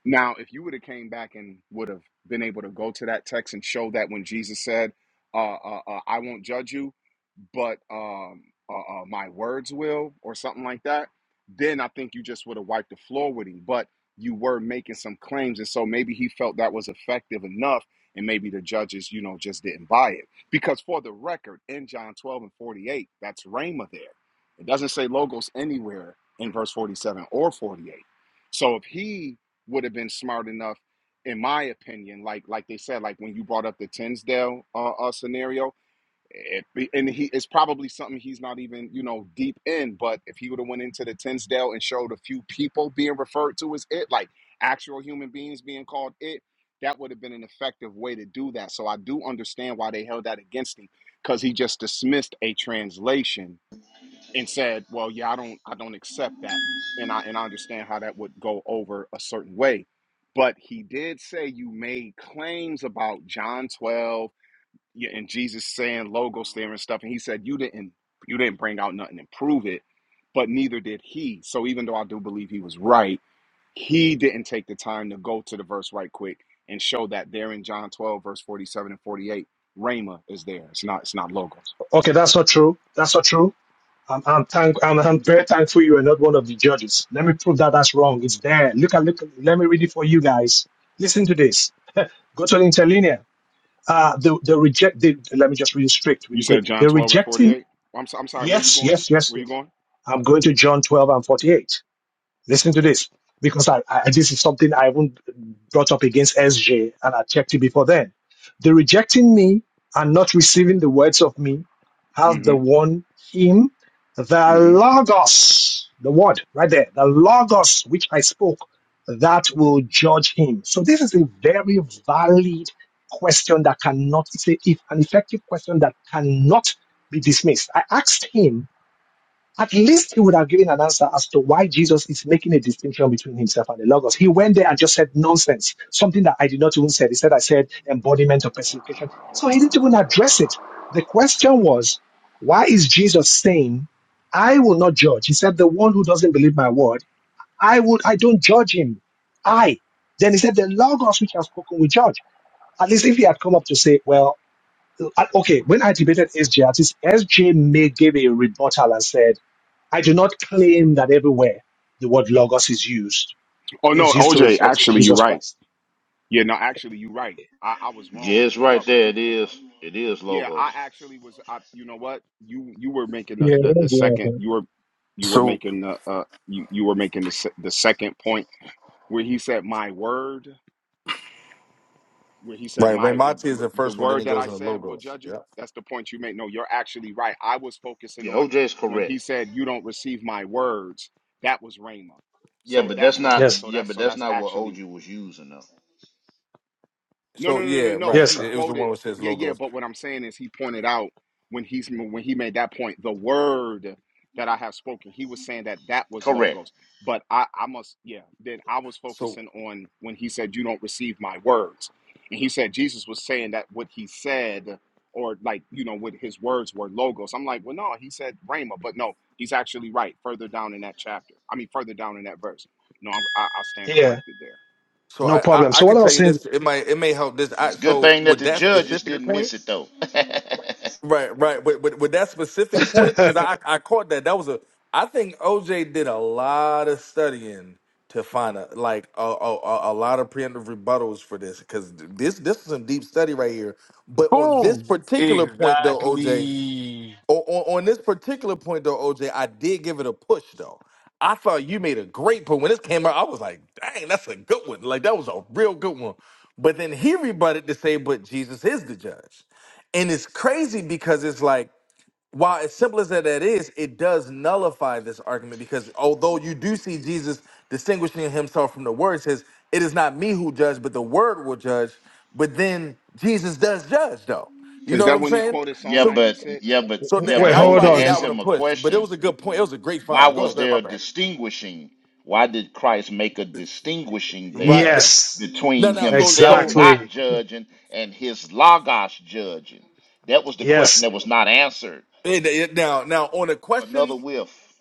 [SPEAKER 12] Now, if you would have came back and would have been able to go to that text and show that when Jesus said, uh, uh, uh, "I won't judge you, but um, uh, uh, my words will," or something like that, then I think you just would have wiped the floor with him. But you were making some claims, and so maybe he felt that was effective enough, and maybe the judges, you know, just didn't buy it. Because for the record, in John twelve and forty eight, that's Rhema there. It doesn't say logos anywhere in verse forty seven or forty eight. So if he would have been smart enough, in my opinion. Like like they said, like when you brought up the Tinsdale uh, uh, scenario, it, and he it's probably something he's not even you know deep in. But if he would have went into the Tinsdale and showed a few people being referred to as it, like actual human beings being called it, that would have been an effective way to do that. So I do understand why they held that against him because he just dismissed a translation and said, "Well, yeah, I don't I don't accept that." And I and I understand how that would go over a certain way. But he did say you made claims about John 12 yeah, and Jesus saying logos there and stuff and he said you didn't you didn't bring out nothing and prove it, but neither did he. So even though I do believe he was right, he didn't take the time to go to the verse right quick and show that there in John 12 verse 47 and 48 Rhema is there. It's not it's not logos.
[SPEAKER 2] Okay, that's not true. That's not true. I'm I'm thank I'm, I'm very thankful you are not one of the judges. Let me prove that that's wrong. It's there. Look at look. at- Let me read it for you guys. Listen to this. Go to the interlinear. Uh, the the reject. The, let me just read it straight with
[SPEAKER 12] You
[SPEAKER 2] the
[SPEAKER 12] said
[SPEAKER 2] Greek.
[SPEAKER 12] John
[SPEAKER 2] The
[SPEAKER 12] 12 and
[SPEAKER 2] rejecting.
[SPEAKER 12] 48? I'm, so, I'm sorry, where you
[SPEAKER 2] Yes,
[SPEAKER 12] going?
[SPEAKER 2] yes, yes,
[SPEAKER 12] Where you
[SPEAKER 2] yes.
[SPEAKER 12] going?
[SPEAKER 2] I'm going to John 12 and 48. Listen to
[SPEAKER 12] Okay.
[SPEAKER 2] this, because I, I, this is something I haven't brought up against SJ, and I checked it before then. The rejecting me and not receiving the words of me have the
[SPEAKER 12] Mm-hmm.
[SPEAKER 2] one him, the
[SPEAKER 12] Mm-hmm.
[SPEAKER 2] Logos, the word right there, the Logos which I spoke, that will judge him. So this is a very valid question that cannot, it's a, if, an effective question that cannot be dismissed. I asked him at least he would have given an answer as to why Jesus is making a distinction between himself and the Logos. He went there and just said nonsense, something that I did not even say. He said, I said embodiment or personification. So he didn't even address it. The question was, why is Jesus saying, I will not judge? He said, the one who doesn't believe my word, I would, I don't judge him. I. Then he said, the Logos which I've spoken will judge. At least if he had come up to say, well, uh, okay,
[SPEAKER 12] mm-hmm.
[SPEAKER 2] when I debated SJ, at least SJ may gave a rebuttal and said, I do not claim that everywhere the word logos is used
[SPEAKER 12] Oh,
[SPEAKER 2] is
[SPEAKER 12] no,
[SPEAKER 2] used to
[SPEAKER 12] OJ,
[SPEAKER 2] refer to
[SPEAKER 12] actually, you're
[SPEAKER 2] Jesus
[SPEAKER 12] right.
[SPEAKER 2] Christ.
[SPEAKER 12] Yeah, no, actually, you're right. I, I was
[SPEAKER 10] Yeah,
[SPEAKER 12] wrong.
[SPEAKER 10] it's right
[SPEAKER 12] Well,
[SPEAKER 10] there.
[SPEAKER 12] you,
[SPEAKER 10] It
[SPEAKER 12] you-
[SPEAKER 10] is. It is
[SPEAKER 12] yeah,
[SPEAKER 10] logos.
[SPEAKER 12] I actually was, I, you know what? You you were making the,
[SPEAKER 29] Yeah,
[SPEAKER 12] the,
[SPEAKER 29] that's
[SPEAKER 12] the
[SPEAKER 29] yeah.
[SPEAKER 12] second,
[SPEAKER 29] okay.
[SPEAKER 12] you were you were
[SPEAKER 16] So.
[SPEAKER 12] making the, uh, you, you were making the, se- the second point where he said, my word. where he said
[SPEAKER 16] Right, Ray
[SPEAKER 12] my
[SPEAKER 16] is the
[SPEAKER 12] the
[SPEAKER 16] first one. Then
[SPEAKER 12] word
[SPEAKER 16] it
[SPEAKER 12] that
[SPEAKER 16] goes
[SPEAKER 12] i
[SPEAKER 16] into
[SPEAKER 12] said will
[SPEAKER 16] logos.
[SPEAKER 12] judge you
[SPEAKER 16] Yeah.
[SPEAKER 12] that's the point you make no you're actually right i was focusing
[SPEAKER 10] Yeah,
[SPEAKER 12] on
[SPEAKER 10] OJ is
[SPEAKER 12] when
[SPEAKER 10] correct.
[SPEAKER 12] he said you don't receive my words that was rhema
[SPEAKER 10] Yeah,
[SPEAKER 12] so
[SPEAKER 10] but that's
[SPEAKER 12] that's what i
[SPEAKER 10] not
[SPEAKER 2] Yes,
[SPEAKER 12] so
[SPEAKER 10] yeah,
[SPEAKER 12] that's
[SPEAKER 10] but
[SPEAKER 12] so
[SPEAKER 10] that's
[SPEAKER 12] that's
[SPEAKER 10] not what
[SPEAKER 12] actually
[SPEAKER 10] OG was using though.
[SPEAKER 12] no,
[SPEAKER 16] So
[SPEAKER 12] no, no, no,
[SPEAKER 16] yeah,
[SPEAKER 12] no.
[SPEAKER 16] right.
[SPEAKER 2] yes,
[SPEAKER 12] He
[SPEAKER 2] sir.
[SPEAKER 16] It, it was the one
[SPEAKER 12] quoted,
[SPEAKER 16] which says
[SPEAKER 12] yeah, yeah.
[SPEAKER 16] logos.
[SPEAKER 12] But what I'm saying is, he pointed out when he's when he made that point, the word that I have spoken. He was saying that that was
[SPEAKER 10] Correct.
[SPEAKER 12] logos. But I, I must, yeah. Then I was
[SPEAKER 16] So
[SPEAKER 12] focusing on when he said, "You don't receive my words," and he said Jesus was saying that what he said, or like you know, what his words were logos. I'm like, well, no, he said rhema, but no, he's actually right. Further down in that chapter, I mean, further down in that verse. No, I'm, I, I stand
[SPEAKER 2] Yeah,
[SPEAKER 12] corrected there.
[SPEAKER 16] so
[SPEAKER 2] no
[SPEAKER 16] I, I
[SPEAKER 2] problem.
[SPEAKER 16] I
[SPEAKER 2] So what
[SPEAKER 16] can
[SPEAKER 2] I
[SPEAKER 16] tell
[SPEAKER 2] was
[SPEAKER 16] you
[SPEAKER 2] saying,
[SPEAKER 16] this. It might it may help this. I
[SPEAKER 10] It's a good
[SPEAKER 16] so
[SPEAKER 10] thing that
[SPEAKER 16] with
[SPEAKER 10] the
[SPEAKER 16] that
[SPEAKER 10] judges
[SPEAKER 16] specific
[SPEAKER 10] didn't miss
[SPEAKER 16] point.
[SPEAKER 10] it though.
[SPEAKER 16] Right, right. With with, with that specific point, because I I caught that. That was a. I think OJ did a lot of studying to find a like a a, a a lot of preemptive rebuttals for this because this this is some deep study right here. But on this
[SPEAKER 20] Boom.
[SPEAKER 16] particular point though, OJ.
[SPEAKER 20] Exactly.
[SPEAKER 16] O- on, on this particular point though, OJ, I did give it a push though. I thought you made a great point when this came out. I was like, "Dang, that's a good one! Like that was a real good one." But then he rebutted to say, "But Jesus is the judge," and it's crazy because it's like, while as simple as that that is, it does nullify this argument because although you do see Jesus distinguishing himself from the word, it says, "It is not me who judge, but the word will judge." But then Jesus does judge though. You know
[SPEAKER 12] Is
[SPEAKER 16] what
[SPEAKER 12] that
[SPEAKER 16] I'm
[SPEAKER 12] when he
[SPEAKER 16] saying?
[SPEAKER 12] quoted
[SPEAKER 10] yeah,
[SPEAKER 12] Psalm
[SPEAKER 16] So
[SPEAKER 10] but
[SPEAKER 12] 96?
[SPEAKER 10] yeah, but
[SPEAKER 16] so
[SPEAKER 12] Is
[SPEAKER 10] yeah,
[SPEAKER 16] that,
[SPEAKER 12] that
[SPEAKER 2] wait,
[SPEAKER 10] but
[SPEAKER 12] when
[SPEAKER 16] that's
[SPEAKER 12] he
[SPEAKER 2] hold
[SPEAKER 16] why I
[SPEAKER 10] OJ
[SPEAKER 16] gave
[SPEAKER 12] quoted
[SPEAKER 2] on.
[SPEAKER 16] that
[SPEAKER 10] asked
[SPEAKER 16] one a
[SPEAKER 12] Psalm?
[SPEAKER 10] him a
[SPEAKER 16] push. But it
[SPEAKER 10] question.
[SPEAKER 16] was a good point. It was a great
[SPEAKER 10] Why
[SPEAKER 16] find. Go
[SPEAKER 10] was
[SPEAKER 16] ahead, go ahead,
[SPEAKER 10] there
[SPEAKER 16] my
[SPEAKER 10] a
[SPEAKER 16] bad.
[SPEAKER 10] distinguishing? Why did Christ make a distinguishing
[SPEAKER 16] Right.
[SPEAKER 10] there
[SPEAKER 16] That,
[SPEAKER 2] Yes,
[SPEAKER 10] between
[SPEAKER 16] no, no. So,
[SPEAKER 10] himself
[SPEAKER 16] so
[SPEAKER 10] not
[SPEAKER 2] exactly.
[SPEAKER 10] judging and his logos judging? That was the question
[SPEAKER 2] Yes.
[SPEAKER 10] that was not answered.
[SPEAKER 16] it, it, now, now on the questions,
[SPEAKER 10] Another whiff.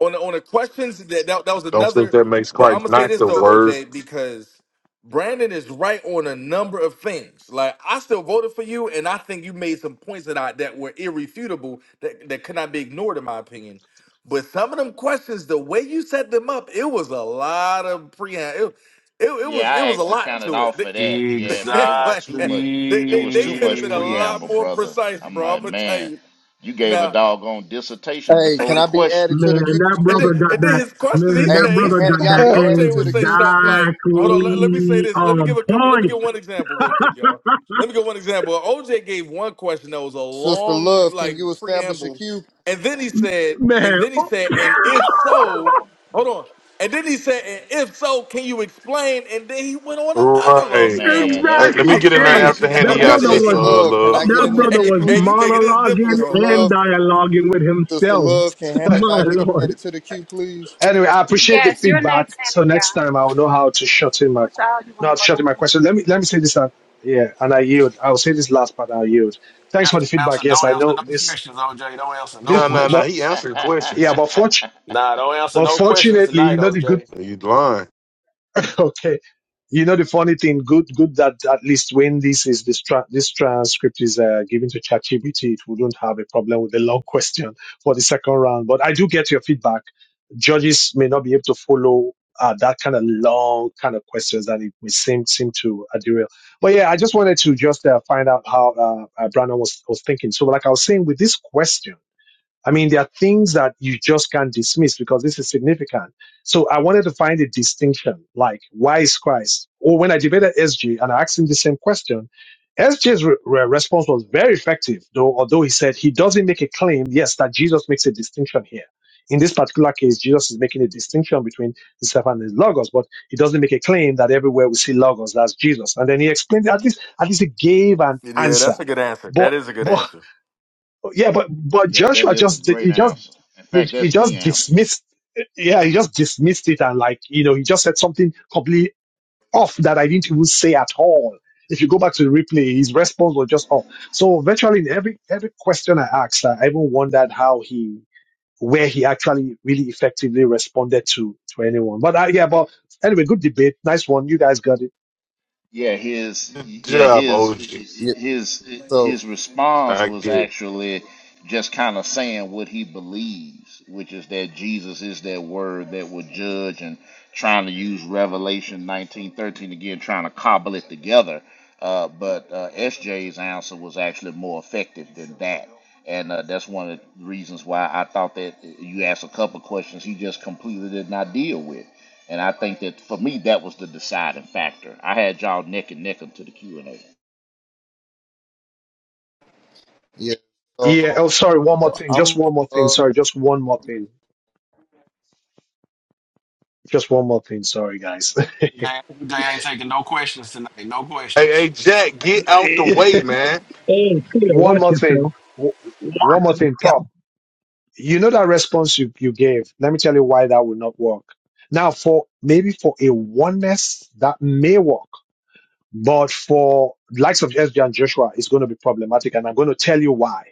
[SPEAKER 16] on the, on the questions that, that that was
[SPEAKER 27] Don't think
[SPEAKER 16] another.
[SPEAKER 27] that makes
[SPEAKER 16] But I'm
[SPEAKER 27] Christ
[SPEAKER 16] gonna say
[SPEAKER 27] not
[SPEAKER 16] this
[SPEAKER 27] the
[SPEAKER 16] though,
[SPEAKER 27] word.
[SPEAKER 16] OJ, because Brandon is right on a number of things. Like I still voted for you, and I think you made some points that I that were irrefutable that that could not be ignored in my opinion. But some of them questions, the way you set them up, it was a lot of pre. It, it, it was
[SPEAKER 10] Yeah, I
[SPEAKER 16] it was a
[SPEAKER 10] actually
[SPEAKER 16] lot
[SPEAKER 10] counted
[SPEAKER 16] to
[SPEAKER 10] off
[SPEAKER 16] it.
[SPEAKER 10] of that. Yeah, man, it was
[SPEAKER 16] like
[SPEAKER 20] Exactly.
[SPEAKER 10] too much.
[SPEAKER 16] they,
[SPEAKER 10] It
[SPEAKER 16] they,
[SPEAKER 10] was
[SPEAKER 16] they
[SPEAKER 10] too
[SPEAKER 16] could have
[SPEAKER 10] much
[SPEAKER 16] been a lot
[SPEAKER 10] preamble,
[SPEAKER 16] more
[SPEAKER 10] brother.
[SPEAKER 16] precise,
[SPEAKER 10] I'm
[SPEAKER 16] bro. I'm
[SPEAKER 10] like,
[SPEAKER 16] gonna tell
[SPEAKER 10] man,
[SPEAKER 16] you
[SPEAKER 10] you gave a
[SPEAKER 16] now.
[SPEAKER 10] doggone dissertation
[SPEAKER 26] Hey,
[SPEAKER 10] before
[SPEAKER 26] can
[SPEAKER 10] the
[SPEAKER 26] I be
[SPEAKER 10] question.
[SPEAKER 26] added to
[SPEAKER 29] Man,
[SPEAKER 26] the queue to
[SPEAKER 29] that
[SPEAKER 16] And then,
[SPEAKER 26] speak?
[SPEAKER 29] brother got
[SPEAKER 16] and then
[SPEAKER 29] that
[SPEAKER 16] his question, he
[SPEAKER 29] man,
[SPEAKER 26] Hey,
[SPEAKER 29] that
[SPEAKER 16] said, he
[SPEAKER 26] can
[SPEAKER 29] brother
[SPEAKER 26] Hannah
[SPEAKER 16] said,
[SPEAKER 29] got
[SPEAKER 26] y'all
[SPEAKER 29] that
[SPEAKER 26] be
[SPEAKER 2] anyway,
[SPEAKER 26] added
[SPEAKER 16] OJ
[SPEAKER 26] to
[SPEAKER 16] would
[SPEAKER 26] the
[SPEAKER 16] say
[SPEAKER 26] queue to
[SPEAKER 16] something
[SPEAKER 26] speak?
[SPEAKER 16] like,
[SPEAKER 29] exactly
[SPEAKER 16] hold on, let, let me say this. Let me
[SPEAKER 29] on
[SPEAKER 16] give a couple, let me
[SPEAKER 29] point.
[SPEAKER 16] give one example real quick, y'all. Let me give one example. OJ gave one question that was a
[SPEAKER 26] Sister
[SPEAKER 16] long,
[SPEAKER 26] Love, can you
[SPEAKER 16] like,
[SPEAKER 26] establish a
[SPEAKER 16] preamble.
[SPEAKER 26] queue?
[SPEAKER 16] And then he said, and
[SPEAKER 29] Man.
[SPEAKER 16] then he
[SPEAKER 29] oh,
[SPEAKER 16] said, and if so, hold on. And then he said, and if so, can you explain? And then he went on another long
[SPEAKER 27] Right.
[SPEAKER 10] Man,
[SPEAKER 16] preamble.
[SPEAKER 10] that
[SPEAKER 27] Hey, let
[SPEAKER 10] was
[SPEAKER 27] me
[SPEAKER 16] I'm
[SPEAKER 29] exactly.
[SPEAKER 27] get in there
[SPEAKER 29] Hey,
[SPEAKER 10] crazy
[SPEAKER 27] after
[SPEAKER 16] like,
[SPEAKER 29] that
[SPEAKER 27] handing
[SPEAKER 26] Hey,
[SPEAKER 10] work.
[SPEAKER 27] y'all
[SPEAKER 29] brother
[SPEAKER 26] Sister
[SPEAKER 27] sister
[SPEAKER 16] OJ,
[SPEAKER 29] was
[SPEAKER 27] uh,
[SPEAKER 26] Love, can
[SPEAKER 27] love.
[SPEAKER 26] I get
[SPEAKER 29] that
[SPEAKER 26] in the
[SPEAKER 29] brother
[SPEAKER 26] queue,
[SPEAKER 29] was
[SPEAKER 16] OJ, man, you
[SPEAKER 26] please?
[SPEAKER 16] making this
[SPEAKER 26] Sister
[SPEAKER 16] difficult,
[SPEAKER 29] monologuing and
[SPEAKER 16] bro.
[SPEAKER 26] Love,
[SPEAKER 29] dialoguing with
[SPEAKER 26] Sister
[SPEAKER 29] himself.
[SPEAKER 26] Love, can Hannah y'all
[SPEAKER 29] My
[SPEAKER 26] get
[SPEAKER 29] lord.
[SPEAKER 26] added to the queue, please?
[SPEAKER 2] I appreciate the
[SPEAKER 11] Yes, you're
[SPEAKER 2] feedback.
[SPEAKER 11] next,
[SPEAKER 2] So
[SPEAKER 11] Hannah.
[SPEAKER 2] next
[SPEAKER 11] Yeah.
[SPEAKER 2] time I'll know how to shut in my
[SPEAKER 11] Which
[SPEAKER 2] qu-
[SPEAKER 11] aisle you want to
[SPEAKER 2] not
[SPEAKER 11] go
[SPEAKER 2] shut in my
[SPEAKER 11] down?
[SPEAKER 2] question. Let me let me say this. uh, Yeah, and I yield. I'll say this last part. I'll yield. Thanks
[SPEAKER 20] That's
[SPEAKER 2] for the
[SPEAKER 20] don't answer.
[SPEAKER 2] feedback. Yes, I
[SPEAKER 20] Don't answer
[SPEAKER 2] know
[SPEAKER 20] no
[SPEAKER 2] this.
[SPEAKER 20] questions, OJ. Don't answer no
[SPEAKER 2] This,
[SPEAKER 27] No, no, no.
[SPEAKER 2] but
[SPEAKER 27] He
[SPEAKER 20] questions.
[SPEAKER 27] answered
[SPEAKER 2] yeah,
[SPEAKER 27] questions.
[SPEAKER 2] but fortunately.
[SPEAKER 10] yeah,
[SPEAKER 20] Nah, don't answer
[SPEAKER 2] But
[SPEAKER 20] no questions
[SPEAKER 2] fortunately,
[SPEAKER 20] tonight,
[SPEAKER 2] you know the good.
[SPEAKER 20] OJ.
[SPEAKER 27] You lying.
[SPEAKER 2] okay. You know the funny thing, good, good that at least when this is this tra- this transcript is uh, given to ChatGPT, it wouldn't have a problem with the long question for the second round. But I do get your feedback. Judges may not be able to follow uh, that kind of long kind of questions that it may seem seem to uh, derail. But yeah, I just wanted to just uh, find out how uh, uh, Brandon was was thinking. So like I was saying, with this question I mean, there are things that you just can't dismiss because this is significant. So I wanted to find a distinction, like why is Christ? Or when I debated SJ and I asked him the same question, SJ's re- re- response was very effective, though. Although he said he doesn't make a claim, yes, that Jesus makes a distinction here. In this particular case, Jesus is making a distinction between himself and his logos, but he doesn't make a claim that everywhere we see logos, that's Jesus. And then he explained at least at least he gave an
[SPEAKER 16] Yeah,
[SPEAKER 2] answer.
[SPEAKER 16] that's a good answer.
[SPEAKER 2] But
[SPEAKER 16] That is a good
[SPEAKER 2] but
[SPEAKER 16] answer.
[SPEAKER 2] yeah, but but
[SPEAKER 10] that
[SPEAKER 2] Joshua
[SPEAKER 10] is a
[SPEAKER 2] just
[SPEAKER 10] great
[SPEAKER 2] he just
[SPEAKER 10] answer. In
[SPEAKER 2] he,
[SPEAKER 10] fact,
[SPEAKER 2] he
[SPEAKER 10] that's the
[SPEAKER 2] just
[SPEAKER 10] answer.
[SPEAKER 2] dismissed yeah he just dismissed it and like you know he just said something completely off that i didn't even say at all if you go back to the replay his response was just off so virtually in every every question i asked i even wondered how he where he actually really effectively responded to to anyone but uh, yeah but anyway good debate nice one you guys got it
[SPEAKER 10] Yeah, his
[SPEAKER 27] Good
[SPEAKER 10] yeah
[SPEAKER 27] job,
[SPEAKER 10] his
[SPEAKER 27] OG.
[SPEAKER 26] Yeah.
[SPEAKER 10] his
[SPEAKER 26] So
[SPEAKER 10] his response
[SPEAKER 27] I
[SPEAKER 10] was
[SPEAKER 27] get it.
[SPEAKER 10] actually just kind of saying what he believes, which is that Jesus is that word that will judge, and trying to use Revelation nineteen thirteen again, trying to cobble it together. Uh, but uh, S J's answer was actually more effective than that and uh, that's one of the reasons why I thought that you asked a couple of questions he just completely did not deal with. And I think that for me, that was the deciding factor. I had y'all neck and neck to the Q and A.
[SPEAKER 26] yeah.
[SPEAKER 2] yeah
[SPEAKER 26] So
[SPEAKER 2] oh sorry one more thing just
[SPEAKER 26] I'm.
[SPEAKER 2] one more thing
[SPEAKER 26] Uh,
[SPEAKER 2] sorry just one more thing just one more thing sorry guys
[SPEAKER 20] They, they ain't taking no questions tonight. No
[SPEAKER 27] Hey, hey,
[SPEAKER 20] questions.
[SPEAKER 27] Jack, get out the way, man.
[SPEAKER 29] Hey, Peter,
[SPEAKER 2] One
[SPEAKER 29] watch
[SPEAKER 2] more thing.
[SPEAKER 29] yourself.
[SPEAKER 2] W- One more thing,
[SPEAKER 29] Yeah.
[SPEAKER 2] prop. You know that response you, you gave. Let me tell you why that would not work. Now, for maybe for a oneness that may work, but for likes of SJ and Joshua, it's going to be problematic. And I'm going to tell you why.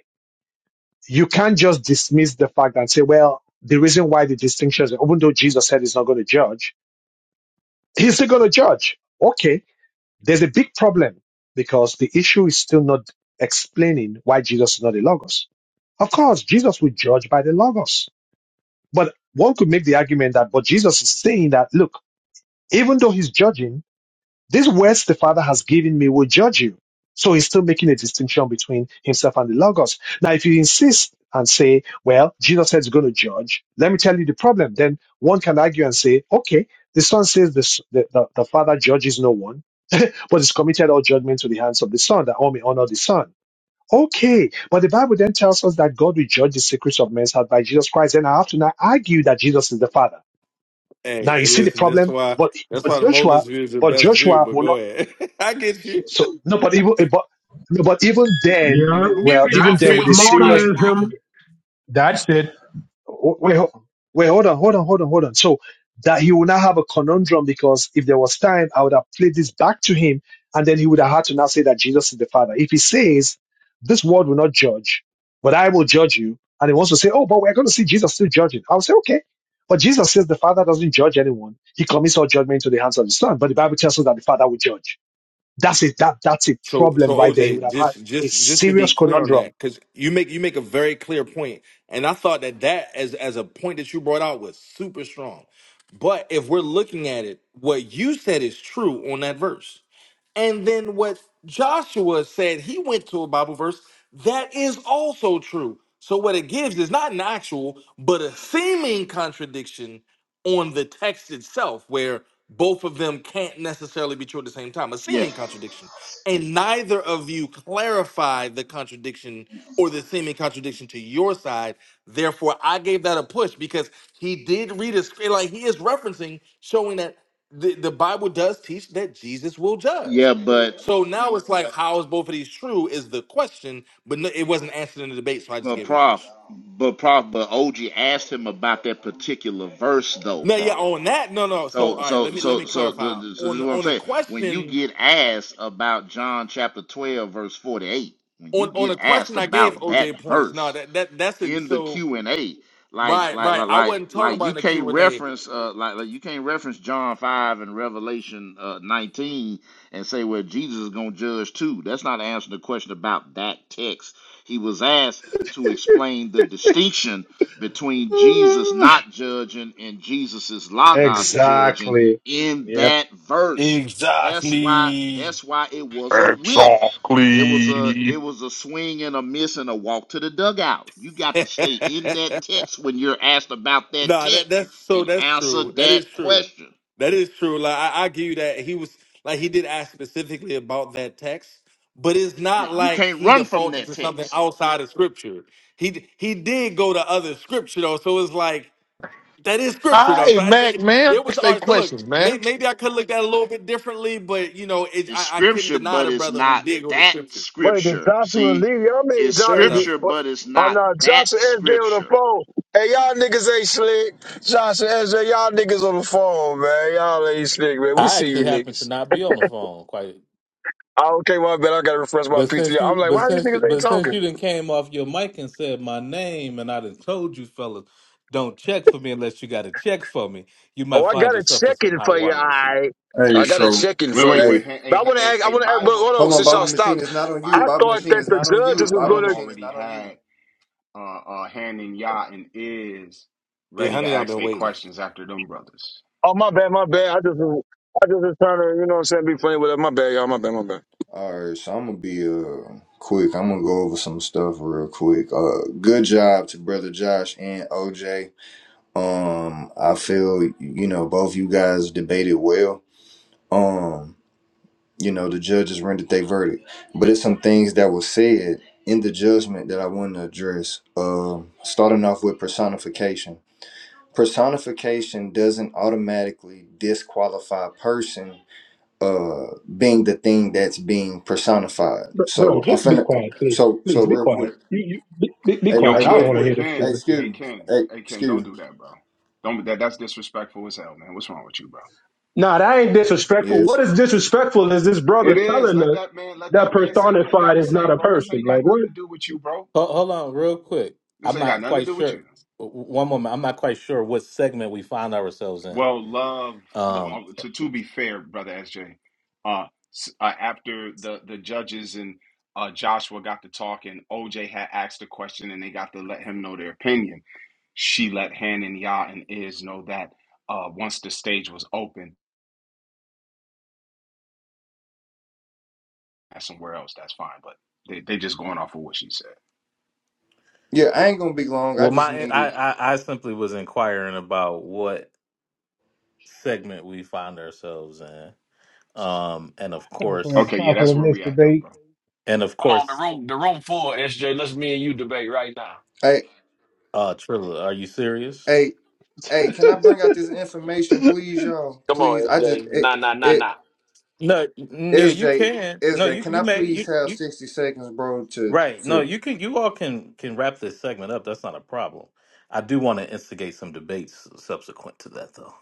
[SPEAKER 2] You can't just dismiss the fact and say, well, the reason why the distinction is, even though Jesus said he's not going to judge, he's still going to judge. Okay There's a big problem because the issue is still not explaining why Jesus is not a logos. Of course, Jesus will judge by the logos. But one could make the argument that, but Jesus is saying that, look, even though he's judging, these words the Father has given me will judge you. So he's still making a distinction between himself and the Logos. Now, if you insist and say, well, Jesus says he's going to judge, let me tell you the problem. Then one can argue and say, okay, the Son says this, the, the, the Father judges no one, but he's committed all judgment to the hands of the Son, that all may honor the Son. Okay, but the Bible then tells us that God will judge the secrets of men's heart by Jesus Christ. And I have to now argue that Jesus is the Father.
[SPEAKER 16] Hey,
[SPEAKER 2] Now you
[SPEAKER 16] and
[SPEAKER 2] see the
[SPEAKER 16] listen, that's
[SPEAKER 2] problem,
[SPEAKER 16] why
[SPEAKER 2] but,
[SPEAKER 16] that's
[SPEAKER 2] but
[SPEAKER 16] why the
[SPEAKER 2] Joshua,
[SPEAKER 16] molars view is the
[SPEAKER 2] but
[SPEAKER 16] best view.
[SPEAKER 2] Joshua
[SPEAKER 16] But
[SPEAKER 2] will
[SPEAKER 16] go
[SPEAKER 2] not
[SPEAKER 16] ahead, I get you.
[SPEAKER 2] so no, but even eh, but no, but even then, eh,
[SPEAKER 29] Yep.
[SPEAKER 20] Nigga,
[SPEAKER 2] well,
[SPEAKER 20] mute
[SPEAKER 2] even
[SPEAKER 20] your
[SPEAKER 29] That's
[SPEAKER 2] then
[SPEAKER 29] it.
[SPEAKER 2] with a
[SPEAKER 20] filthy
[SPEAKER 2] serious
[SPEAKER 20] mic, bro.
[SPEAKER 29] Modalism. That's it.
[SPEAKER 2] wait, ho- wait, hold on, hold on, hold on, hold on. So that he will now have a conundrum because if there was time, I would have played this back to him, and then he would have had to now say that Jesus is the Father. If he says, "This world will not judge, but I will judge you," and he wants to say, "Oh, but we're going to see Jesus still judging," I'll say, "Okay." But Jesus says the Father doesn't judge anyone. He commits all judgment into the hands of the Son. But the Bible tells us that the Father will judge. That's it. That that's a
[SPEAKER 16] So
[SPEAKER 2] problem
[SPEAKER 16] so
[SPEAKER 2] right there. He would
[SPEAKER 16] OJ,
[SPEAKER 2] have had
[SPEAKER 16] just
[SPEAKER 2] a
[SPEAKER 16] just just to be
[SPEAKER 2] serious
[SPEAKER 16] clear on
[SPEAKER 2] conundrum.
[SPEAKER 16] that, because you make you make a very clear point, and I thought that that as as a point that you brought out was super strong. But if we're looking at it, what you said is true on that verse, and then what Joshua said he went to a Bible verse that is also true. So what it gives is not an actual, but a seeming contradiction on the text itself, where both of them can't necessarily be true at the same time. A
[SPEAKER 10] Yeah,
[SPEAKER 16] seeming contradiction and neither of you clarify the contradiction or the seeming contradiction to your side. Therefore, I gave that a push because he did read a script, like he is referencing, showing that the, the Bible does teach that Jesus will
[SPEAKER 10] yeah,
[SPEAKER 16] judge.
[SPEAKER 10] but
[SPEAKER 16] So now it's like, how is both of these true? Is the question, but no, it wasn't answered in the debate, so I just
[SPEAKER 10] but
[SPEAKER 16] gave it a
[SPEAKER 10] Prof,
[SPEAKER 16] push.
[SPEAKER 10] but Prof, but OG asked him about that particular verse though,
[SPEAKER 16] No, yeah,
[SPEAKER 10] Prof.
[SPEAKER 16] on that, no, no. So all
[SPEAKER 10] So
[SPEAKER 16] right,
[SPEAKER 10] so
[SPEAKER 16] let me let
[SPEAKER 10] so
[SPEAKER 16] me
[SPEAKER 10] so, the,
[SPEAKER 16] clarify
[SPEAKER 10] the- so this is
[SPEAKER 16] on
[SPEAKER 10] what I'm
[SPEAKER 16] on a
[SPEAKER 10] saying. When you
[SPEAKER 16] question
[SPEAKER 10] get asked about John chapter 12 verse 48, when you
[SPEAKER 16] on on
[SPEAKER 10] get
[SPEAKER 16] a
[SPEAKER 10] asked
[SPEAKER 16] question I gave
[SPEAKER 10] about
[SPEAKER 16] OJ
[SPEAKER 10] that
[SPEAKER 16] points.
[SPEAKER 10] verse
[SPEAKER 16] No, that that that's it.
[SPEAKER 10] in the
[SPEAKER 16] So
[SPEAKER 10] Q and A. Like,
[SPEAKER 16] Right,
[SPEAKER 10] like,
[SPEAKER 16] right.
[SPEAKER 10] like,
[SPEAKER 16] I
[SPEAKER 10] like,
[SPEAKER 16] wasn't talking
[SPEAKER 10] like
[SPEAKER 16] about
[SPEAKER 10] you
[SPEAKER 16] in the Q
[SPEAKER 10] can't
[SPEAKER 16] and A.
[SPEAKER 10] reference, uh, like, like you can't reference John five and Revelation uh, nineteen and say, well, Jesus is gonna judge too. That's not answering the question about that text. He was asked to explain the distinction between Jesus
[SPEAKER 2] Mm,
[SPEAKER 10] not judging and Jesus's logos judging
[SPEAKER 2] Exactly.
[SPEAKER 10] in
[SPEAKER 2] Yep.
[SPEAKER 10] that verse. That's why.
[SPEAKER 20] Exactly.
[SPEAKER 10] That's why it was a whiff. It was a
[SPEAKER 27] Exactly.
[SPEAKER 10] it was a swing and a miss and a walk to the dugout. You got to stay in that text when you're asked about that
[SPEAKER 16] Nah, that
[SPEAKER 10] text
[SPEAKER 16] that's so
[SPEAKER 10] and
[SPEAKER 16] that's
[SPEAKER 10] answer
[SPEAKER 16] true. That is
[SPEAKER 10] that
[SPEAKER 16] true.
[SPEAKER 10] question.
[SPEAKER 16] That is true. Like I, I give you that he was like he did ask specifically about that text, but it's
[SPEAKER 10] Yeah,
[SPEAKER 16] not
[SPEAKER 10] you
[SPEAKER 16] like
[SPEAKER 10] can't
[SPEAKER 16] he
[SPEAKER 10] run from
[SPEAKER 16] defaulted
[SPEAKER 10] that
[SPEAKER 16] to something
[SPEAKER 10] text.
[SPEAKER 16] outside of scripture. He d- he did go to other scripture though, so it's like that is scripture
[SPEAKER 27] All
[SPEAKER 16] though. So
[SPEAKER 27] right,
[SPEAKER 16] I,
[SPEAKER 27] Mac,
[SPEAKER 16] it,
[SPEAKER 27] man.
[SPEAKER 16] it was
[SPEAKER 27] Ask
[SPEAKER 16] all
[SPEAKER 27] they
[SPEAKER 16] right. So look,
[SPEAKER 27] questions,
[SPEAKER 16] may,
[SPEAKER 27] man.
[SPEAKER 16] maybe I could look at it a little bit differently, but you know, it,
[SPEAKER 10] It's
[SPEAKER 16] I I couldn't
[SPEAKER 10] scripture,
[SPEAKER 16] deny
[SPEAKER 10] but
[SPEAKER 16] the
[SPEAKER 10] it's
[SPEAKER 16] brother who
[SPEAKER 10] not
[SPEAKER 16] did go to
[SPEAKER 10] that
[SPEAKER 16] scripture.
[SPEAKER 28] wait, did
[SPEAKER 10] scripture.
[SPEAKER 28] Joshua
[SPEAKER 10] See,
[SPEAKER 28] leave? Y'all made
[SPEAKER 10] it's
[SPEAKER 16] Fair
[SPEAKER 28] Joshua. Is
[SPEAKER 16] enough.
[SPEAKER 28] it,
[SPEAKER 10] scripture,
[SPEAKER 28] what,
[SPEAKER 10] but it's
[SPEAKER 28] oh
[SPEAKER 10] not
[SPEAKER 28] no,
[SPEAKER 10] that
[SPEAKER 28] Joshua SJ on the
[SPEAKER 10] scripture.
[SPEAKER 28] phone. Hey, y'all niggas ain't slick. Joshua SJ, y'all niggas on the phone, man. Y'all ain't slick, man. We
[SPEAKER 9] I
[SPEAKER 28] see you
[SPEAKER 9] actually happen to
[SPEAKER 28] niggas.
[SPEAKER 9] not be on the phone. Quite
[SPEAKER 28] Oh, okay, my bad. I gotta refresh my
[SPEAKER 9] But
[SPEAKER 28] PTR.
[SPEAKER 9] since
[SPEAKER 28] I'm
[SPEAKER 9] you,
[SPEAKER 28] like,
[SPEAKER 9] but
[SPEAKER 28] why these
[SPEAKER 9] since, you-
[SPEAKER 28] niggas ain't
[SPEAKER 9] but since
[SPEAKER 28] talking?
[SPEAKER 9] you didn't came off your mic and said my name, and I done told you fellas, don't check for me unless you got a check for me. You
[SPEAKER 28] Oh,
[SPEAKER 9] might
[SPEAKER 28] I
[SPEAKER 9] find
[SPEAKER 28] got a
[SPEAKER 9] yourself in some
[SPEAKER 28] check-in
[SPEAKER 9] hot
[SPEAKER 28] for you.
[SPEAKER 9] water this evening.
[SPEAKER 28] I
[SPEAKER 26] hey.
[SPEAKER 28] I got a
[SPEAKER 26] So
[SPEAKER 28] check-in
[SPEAKER 12] Wait,
[SPEAKER 28] for
[SPEAKER 12] wait,
[SPEAKER 28] you.
[SPEAKER 26] hey.
[SPEAKER 12] wait. Hey, hey,
[SPEAKER 28] But I
[SPEAKER 12] hey,
[SPEAKER 28] want to
[SPEAKER 12] hey,
[SPEAKER 28] ask. I
[SPEAKER 12] hey,
[SPEAKER 28] want to ask. But hold
[SPEAKER 12] Bible,
[SPEAKER 28] on,
[SPEAKER 26] Hold on,
[SPEAKER 28] since
[SPEAKER 26] Bible
[SPEAKER 28] y'all
[SPEAKER 12] Bible,
[SPEAKER 26] Machine
[SPEAKER 28] stopped,
[SPEAKER 26] is not on you.
[SPEAKER 28] I
[SPEAKER 12] Bible.
[SPEAKER 26] Bible
[SPEAKER 28] thought
[SPEAKER 26] Machine
[SPEAKER 12] They,
[SPEAKER 28] that
[SPEAKER 26] is
[SPEAKER 28] the
[SPEAKER 26] not
[SPEAKER 12] they,
[SPEAKER 26] on you.
[SPEAKER 28] judges
[SPEAKER 12] uh,
[SPEAKER 28] was
[SPEAKER 26] Bible
[SPEAKER 28] going
[SPEAKER 12] love
[SPEAKER 28] to.
[SPEAKER 26] Machine is
[SPEAKER 12] already
[SPEAKER 26] not on you.
[SPEAKER 12] had uh, uh, hand in Yah and is
[SPEAKER 16] Yeah,
[SPEAKER 12] ready to
[SPEAKER 16] honey, I've
[SPEAKER 12] ask
[SPEAKER 16] been
[SPEAKER 12] their
[SPEAKER 16] waiting.
[SPEAKER 12] questions after them brothers.
[SPEAKER 28] Oh my bad, my bad. I just was- I just was trying to, you know, what I'm saying, be funny with it. My bad, y'all. My bad, my bad.
[SPEAKER 26] Alright, so I'm gonna be uh quick. I'm gonna go over some stuff real quick. Uh good job to brother Josh and OJ. Um I feel you know both you guys debated well. Um, you know, the judges rendered their verdict. But it's some things that were said in the judgment that I want to address. Um starting off with personification. Personification doesn't automatically disqualify a person uh being the thing that's being personified.
[SPEAKER 29] Bro, bro,
[SPEAKER 26] So I'm
[SPEAKER 29] just be
[SPEAKER 26] finna
[SPEAKER 29] quiet, please.
[SPEAKER 26] so so
[SPEAKER 29] Please be
[SPEAKER 26] real quick.
[SPEAKER 29] quiet. You, you be, be, be
[SPEAKER 26] Hey,
[SPEAKER 12] Yo,
[SPEAKER 26] hey
[SPEAKER 29] quiet. I don't
[SPEAKER 26] real
[SPEAKER 29] want to
[SPEAKER 12] Ken,
[SPEAKER 29] hear
[SPEAKER 26] quick.
[SPEAKER 29] this
[SPEAKER 26] Hey,
[SPEAKER 12] Ken,
[SPEAKER 26] excuse
[SPEAKER 29] foolishness.
[SPEAKER 12] hey,
[SPEAKER 26] me.
[SPEAKER 12] Ken,
[SPEAKER 26] Hey,
[SPEAKER 12] hey, Ken, don't
[SPEAKER 26] excuse me.
[SPEAKER 12] do that, bro. Don't that. That's disrespectful as hell, man. What's wrong with you, bro?
[SPEAKER 29] Nah, that ain't disrespectful. What
[SPEAKER 26] Yes.
[SPEAKER 29] is disrespectful is this
[SPEAKER 12] It
[SPEAKER 29] brother
[SPEAKER 12] is.
[SPEAKER 29] telling
[SPEAKER 12] Let
[SPEAKER 29] us
[SPEAKER 12] that man, let
[SPEAKER 29] that
[SPEAKER 12] that man say what he got
[SPEAKER 29] personified
[SPEAKER 12] to
[SPEAKER 29] is not
[SPEAKER 12] say,
[SPEAKER 29] a
[SPEAKER 12] bro. This
[SPEAKER 29] person.
[SPEAKER 12] ain't
[SPEAKER 29] Like
[SPEAKER 12] got
[SPEAKER 29] what?
[SPEAKER 12] nothing to do with you, bro.
[SPEAKER 9] Hold, hold on, real quick.
[SPEAKER 12] This
[SPEAKER 9] I'm
[SPEAKER 12] ain't got
[SPEAKER 9] not
[SPEAKER 12] nothing to
[SPEAKER 9] quite
[SPEAKER 12] do with
[SPEAKER 9] sure.
[SPEAKER 12] you.
[SPEAKER 9] w- One moment, I'm not quite sure what segment we find ourselves in.
[SPEAKER 12] Well, love, lo-
[SPEAKER 9] Um,
[SPEAKER 12] uh, to to be fair, brother SJ, uh, s- uh after the the judges and uh Joshua got to talk and OJ had asked a question and they got to let him know their opinion. She let Han and Yah and Iz know that uh once the stage was open, that's somewhere else, that's fine, but they they just going off of what she said.
[SPEAKER 26] Yeah, I ain't gonna be long. I
[SPEAKER 9] well,
[SPEAKER 26] just
[SPEAKER 9] my I,
[SPEAKER 26] need
[SPEAKER 9] I I simply was inquiring about what segment we find ourselves in. Um, and of
[SPEAKER 30] Time for the
[SPEAKER 9] course,
[SPEAKER 12] Okay, yeah,
[SPEAKER 30] time for
[SPEAKER 12] that's
[SPEAKER 30] the
[SPEAKER 12] where
[SPEAKER 30] next
[SPEAKER 12] we at though,
[SPEAKER 30] debate.
[SPEAKER 12] bro.
[SPEAKER 9] and of
[SPEAKER 20] Come on, the
[SPEAKER 9] course,
[SPEAKER 20] room, the room full, SJ. Let's me and you debate right now.
[SPEAKER 26] hey
[SPEAKER 9] uh, Trilla, are you serious?
[SPEAKER 26] hey hey, can I bring out this information, please, y'all?
[SPEAKER 20] Come
[SPEAKER 26] Please.
[SPEAKER 20] on,
[SPEAKER 26] I just
[SPEAKER 20] SJ.
[SPEAKER 26] it
[SPEAKER 20] Nah, nah, nah,
[SPEAKER 26] it
[SPEAKER 20] nah.
[SPEAKER 9] No, n- yeah, you
[SPEAKER 26] SJ
[SPEAKER 9] can. No,
[SPEAKER 26] SJ,
[SPEAKER 9] you
[SPEAKER 26] can
[SPEAKER 9] you
[SPEAKER 26] I
[SPEAKER 9] may
[SPEAKER 26] please
[SPEAKER 9] you
[SPEAKER 26] have
[SPEAKER 9] you
[SPEAKER 26] sixty seconds, bro, to
[SPEAKER 9] right. No,
[SPEAKER 26] to
[SPEAKER 9] you can. You all can can wrap this segment up. That's not a problem. I do want to instigate some debates subsequent to that, though.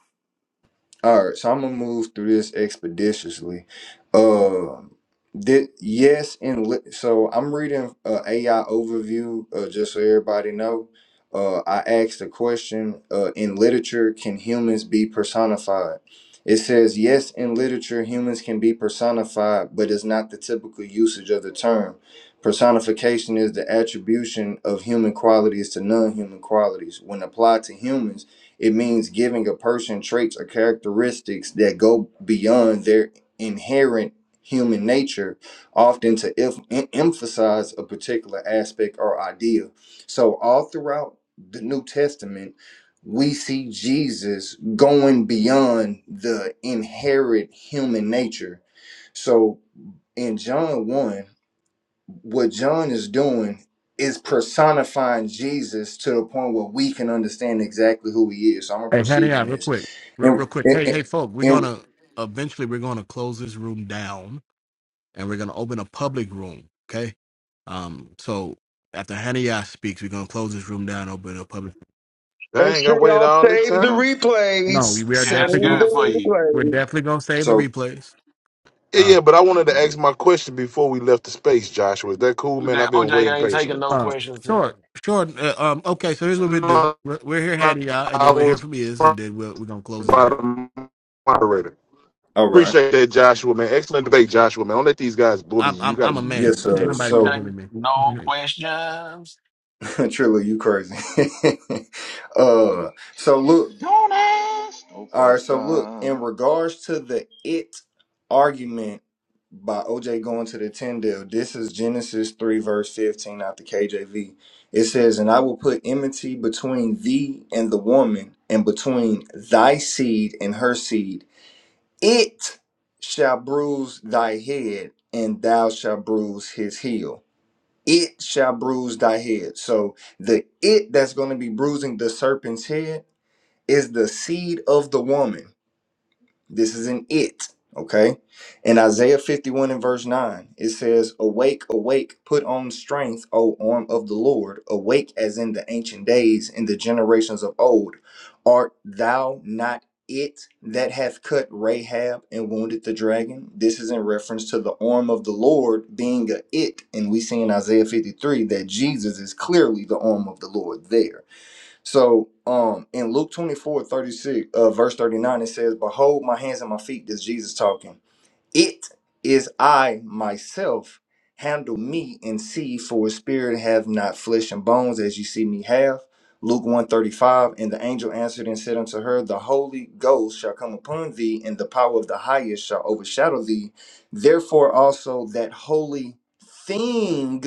[SPEAKER 26] All right, so I'm gonna move through this expeditiously. Um, did yes, and li- so I'm reading uh, AI overview uh, just so everybody know. Uh, I asked a question uh, in literature: Can humans be personified? It says yes, in literature, humans can be personified, but it's not the typical usage of the term. Personification is the attribution of human qualities to non-human qualities when applied to humans it means giving a person traits or characteristics that go beyond their inherent human nature, often to em- em- emphasize a particular aspect or idea. So, all throughout the New Testament, we see Jesus going beyond the inherent human nature. So, in John 1, what John is doing is personifying Jesus to the point where we can understand exactly who he is. So I'm gonna proceed in this, and and, and- and
[SPEAKER 28] Make
[SPEAKER 27] Dang, I
[SPEAKER 28] sure
[SPEAKER 27] waited
[SPEAKER 28] y'all
[SPEAKER 27] all this
[SPEAKER 28] save the
[SPEAKER 27] time.
[SPEAKER 28] replays.
[SPEAKER 20] Yeah,
[SPEAKER 28] Save
[SPEAKER 20] that's good for
[SPEAKER 28] the
[SPEAKER 20] you.
[SPEAKER 28] replays.
[SPEAKER 26] so
[SPEAKER 27] Yeah, yeah, but I wanted to ask
[SPEAKER 26] Mhm.
[SPEAKER 27] my question before we left the space, Joshua. Is that cool, man?
[SPEAKER 20] OJ,
[SPEAKER 27] I've been waiting
[SPEAKER 20] OJ ain't taking
[SPEAKER 27] patiently.
[SPEAKER 20] no questions tonight.
[SPEAKER 27] No, no, I was first by the moderator.
[SPEAKER 26] all right,
[SPEAKER 27] Appreciate that, Joshua, man. Excellent debate, Joshua, man. Don't let these guys bully you. You got to.
[SPEAKER 20] No
[SPEAKER 26] yes, sir.
[SPEAKER 20] questions,
[SPEAKER 26] So
[SPEAKER 20] OJ. No questions.
[SPEAKER 26] Trilla, you crazy? uh, so look.
[SPEAKER 10] Don't ask no
[SPEAKER 26] All right, so look, in
[SPEAKER 10] question.
[SPEAKER 26] regards to the it argument by OJ going to the Tyndale, this is Genesis 3, verse 15 out the KJV. It says, And I will put enmity between thee and the woman, and between thy seed and her seed. It shall bruise thy head, and thou shalt bruise his heel. It shall bruise thy head. So the it that's going to be bruising the serpent's head is the seed of the woman this isn't it. Okay. In Isaiah 51 and verse 9, it says, Awake, awake, put on strength, O arm of the Lord. Awake as in the ancient days, in the generations of old. Art thou not it that hath cut Rahab and wounded the dragon? This is in reference to the arm of the Lord being a it. And we see in Isaiah 53 that Jesus is clearly the arm of the Lord there. So um in Luke 24 36, uh, verse 39, it says, Behold my hands and my feet, this Jesus talking. It is I myself. Handle me and see, for a spirit have not flesh and bones as you see me have. Luke 135. And the angel answered and said unto her, The Holy Ghost shall come upon thee, and the power of the highest shall overshadow thee. Therefore also that holy thing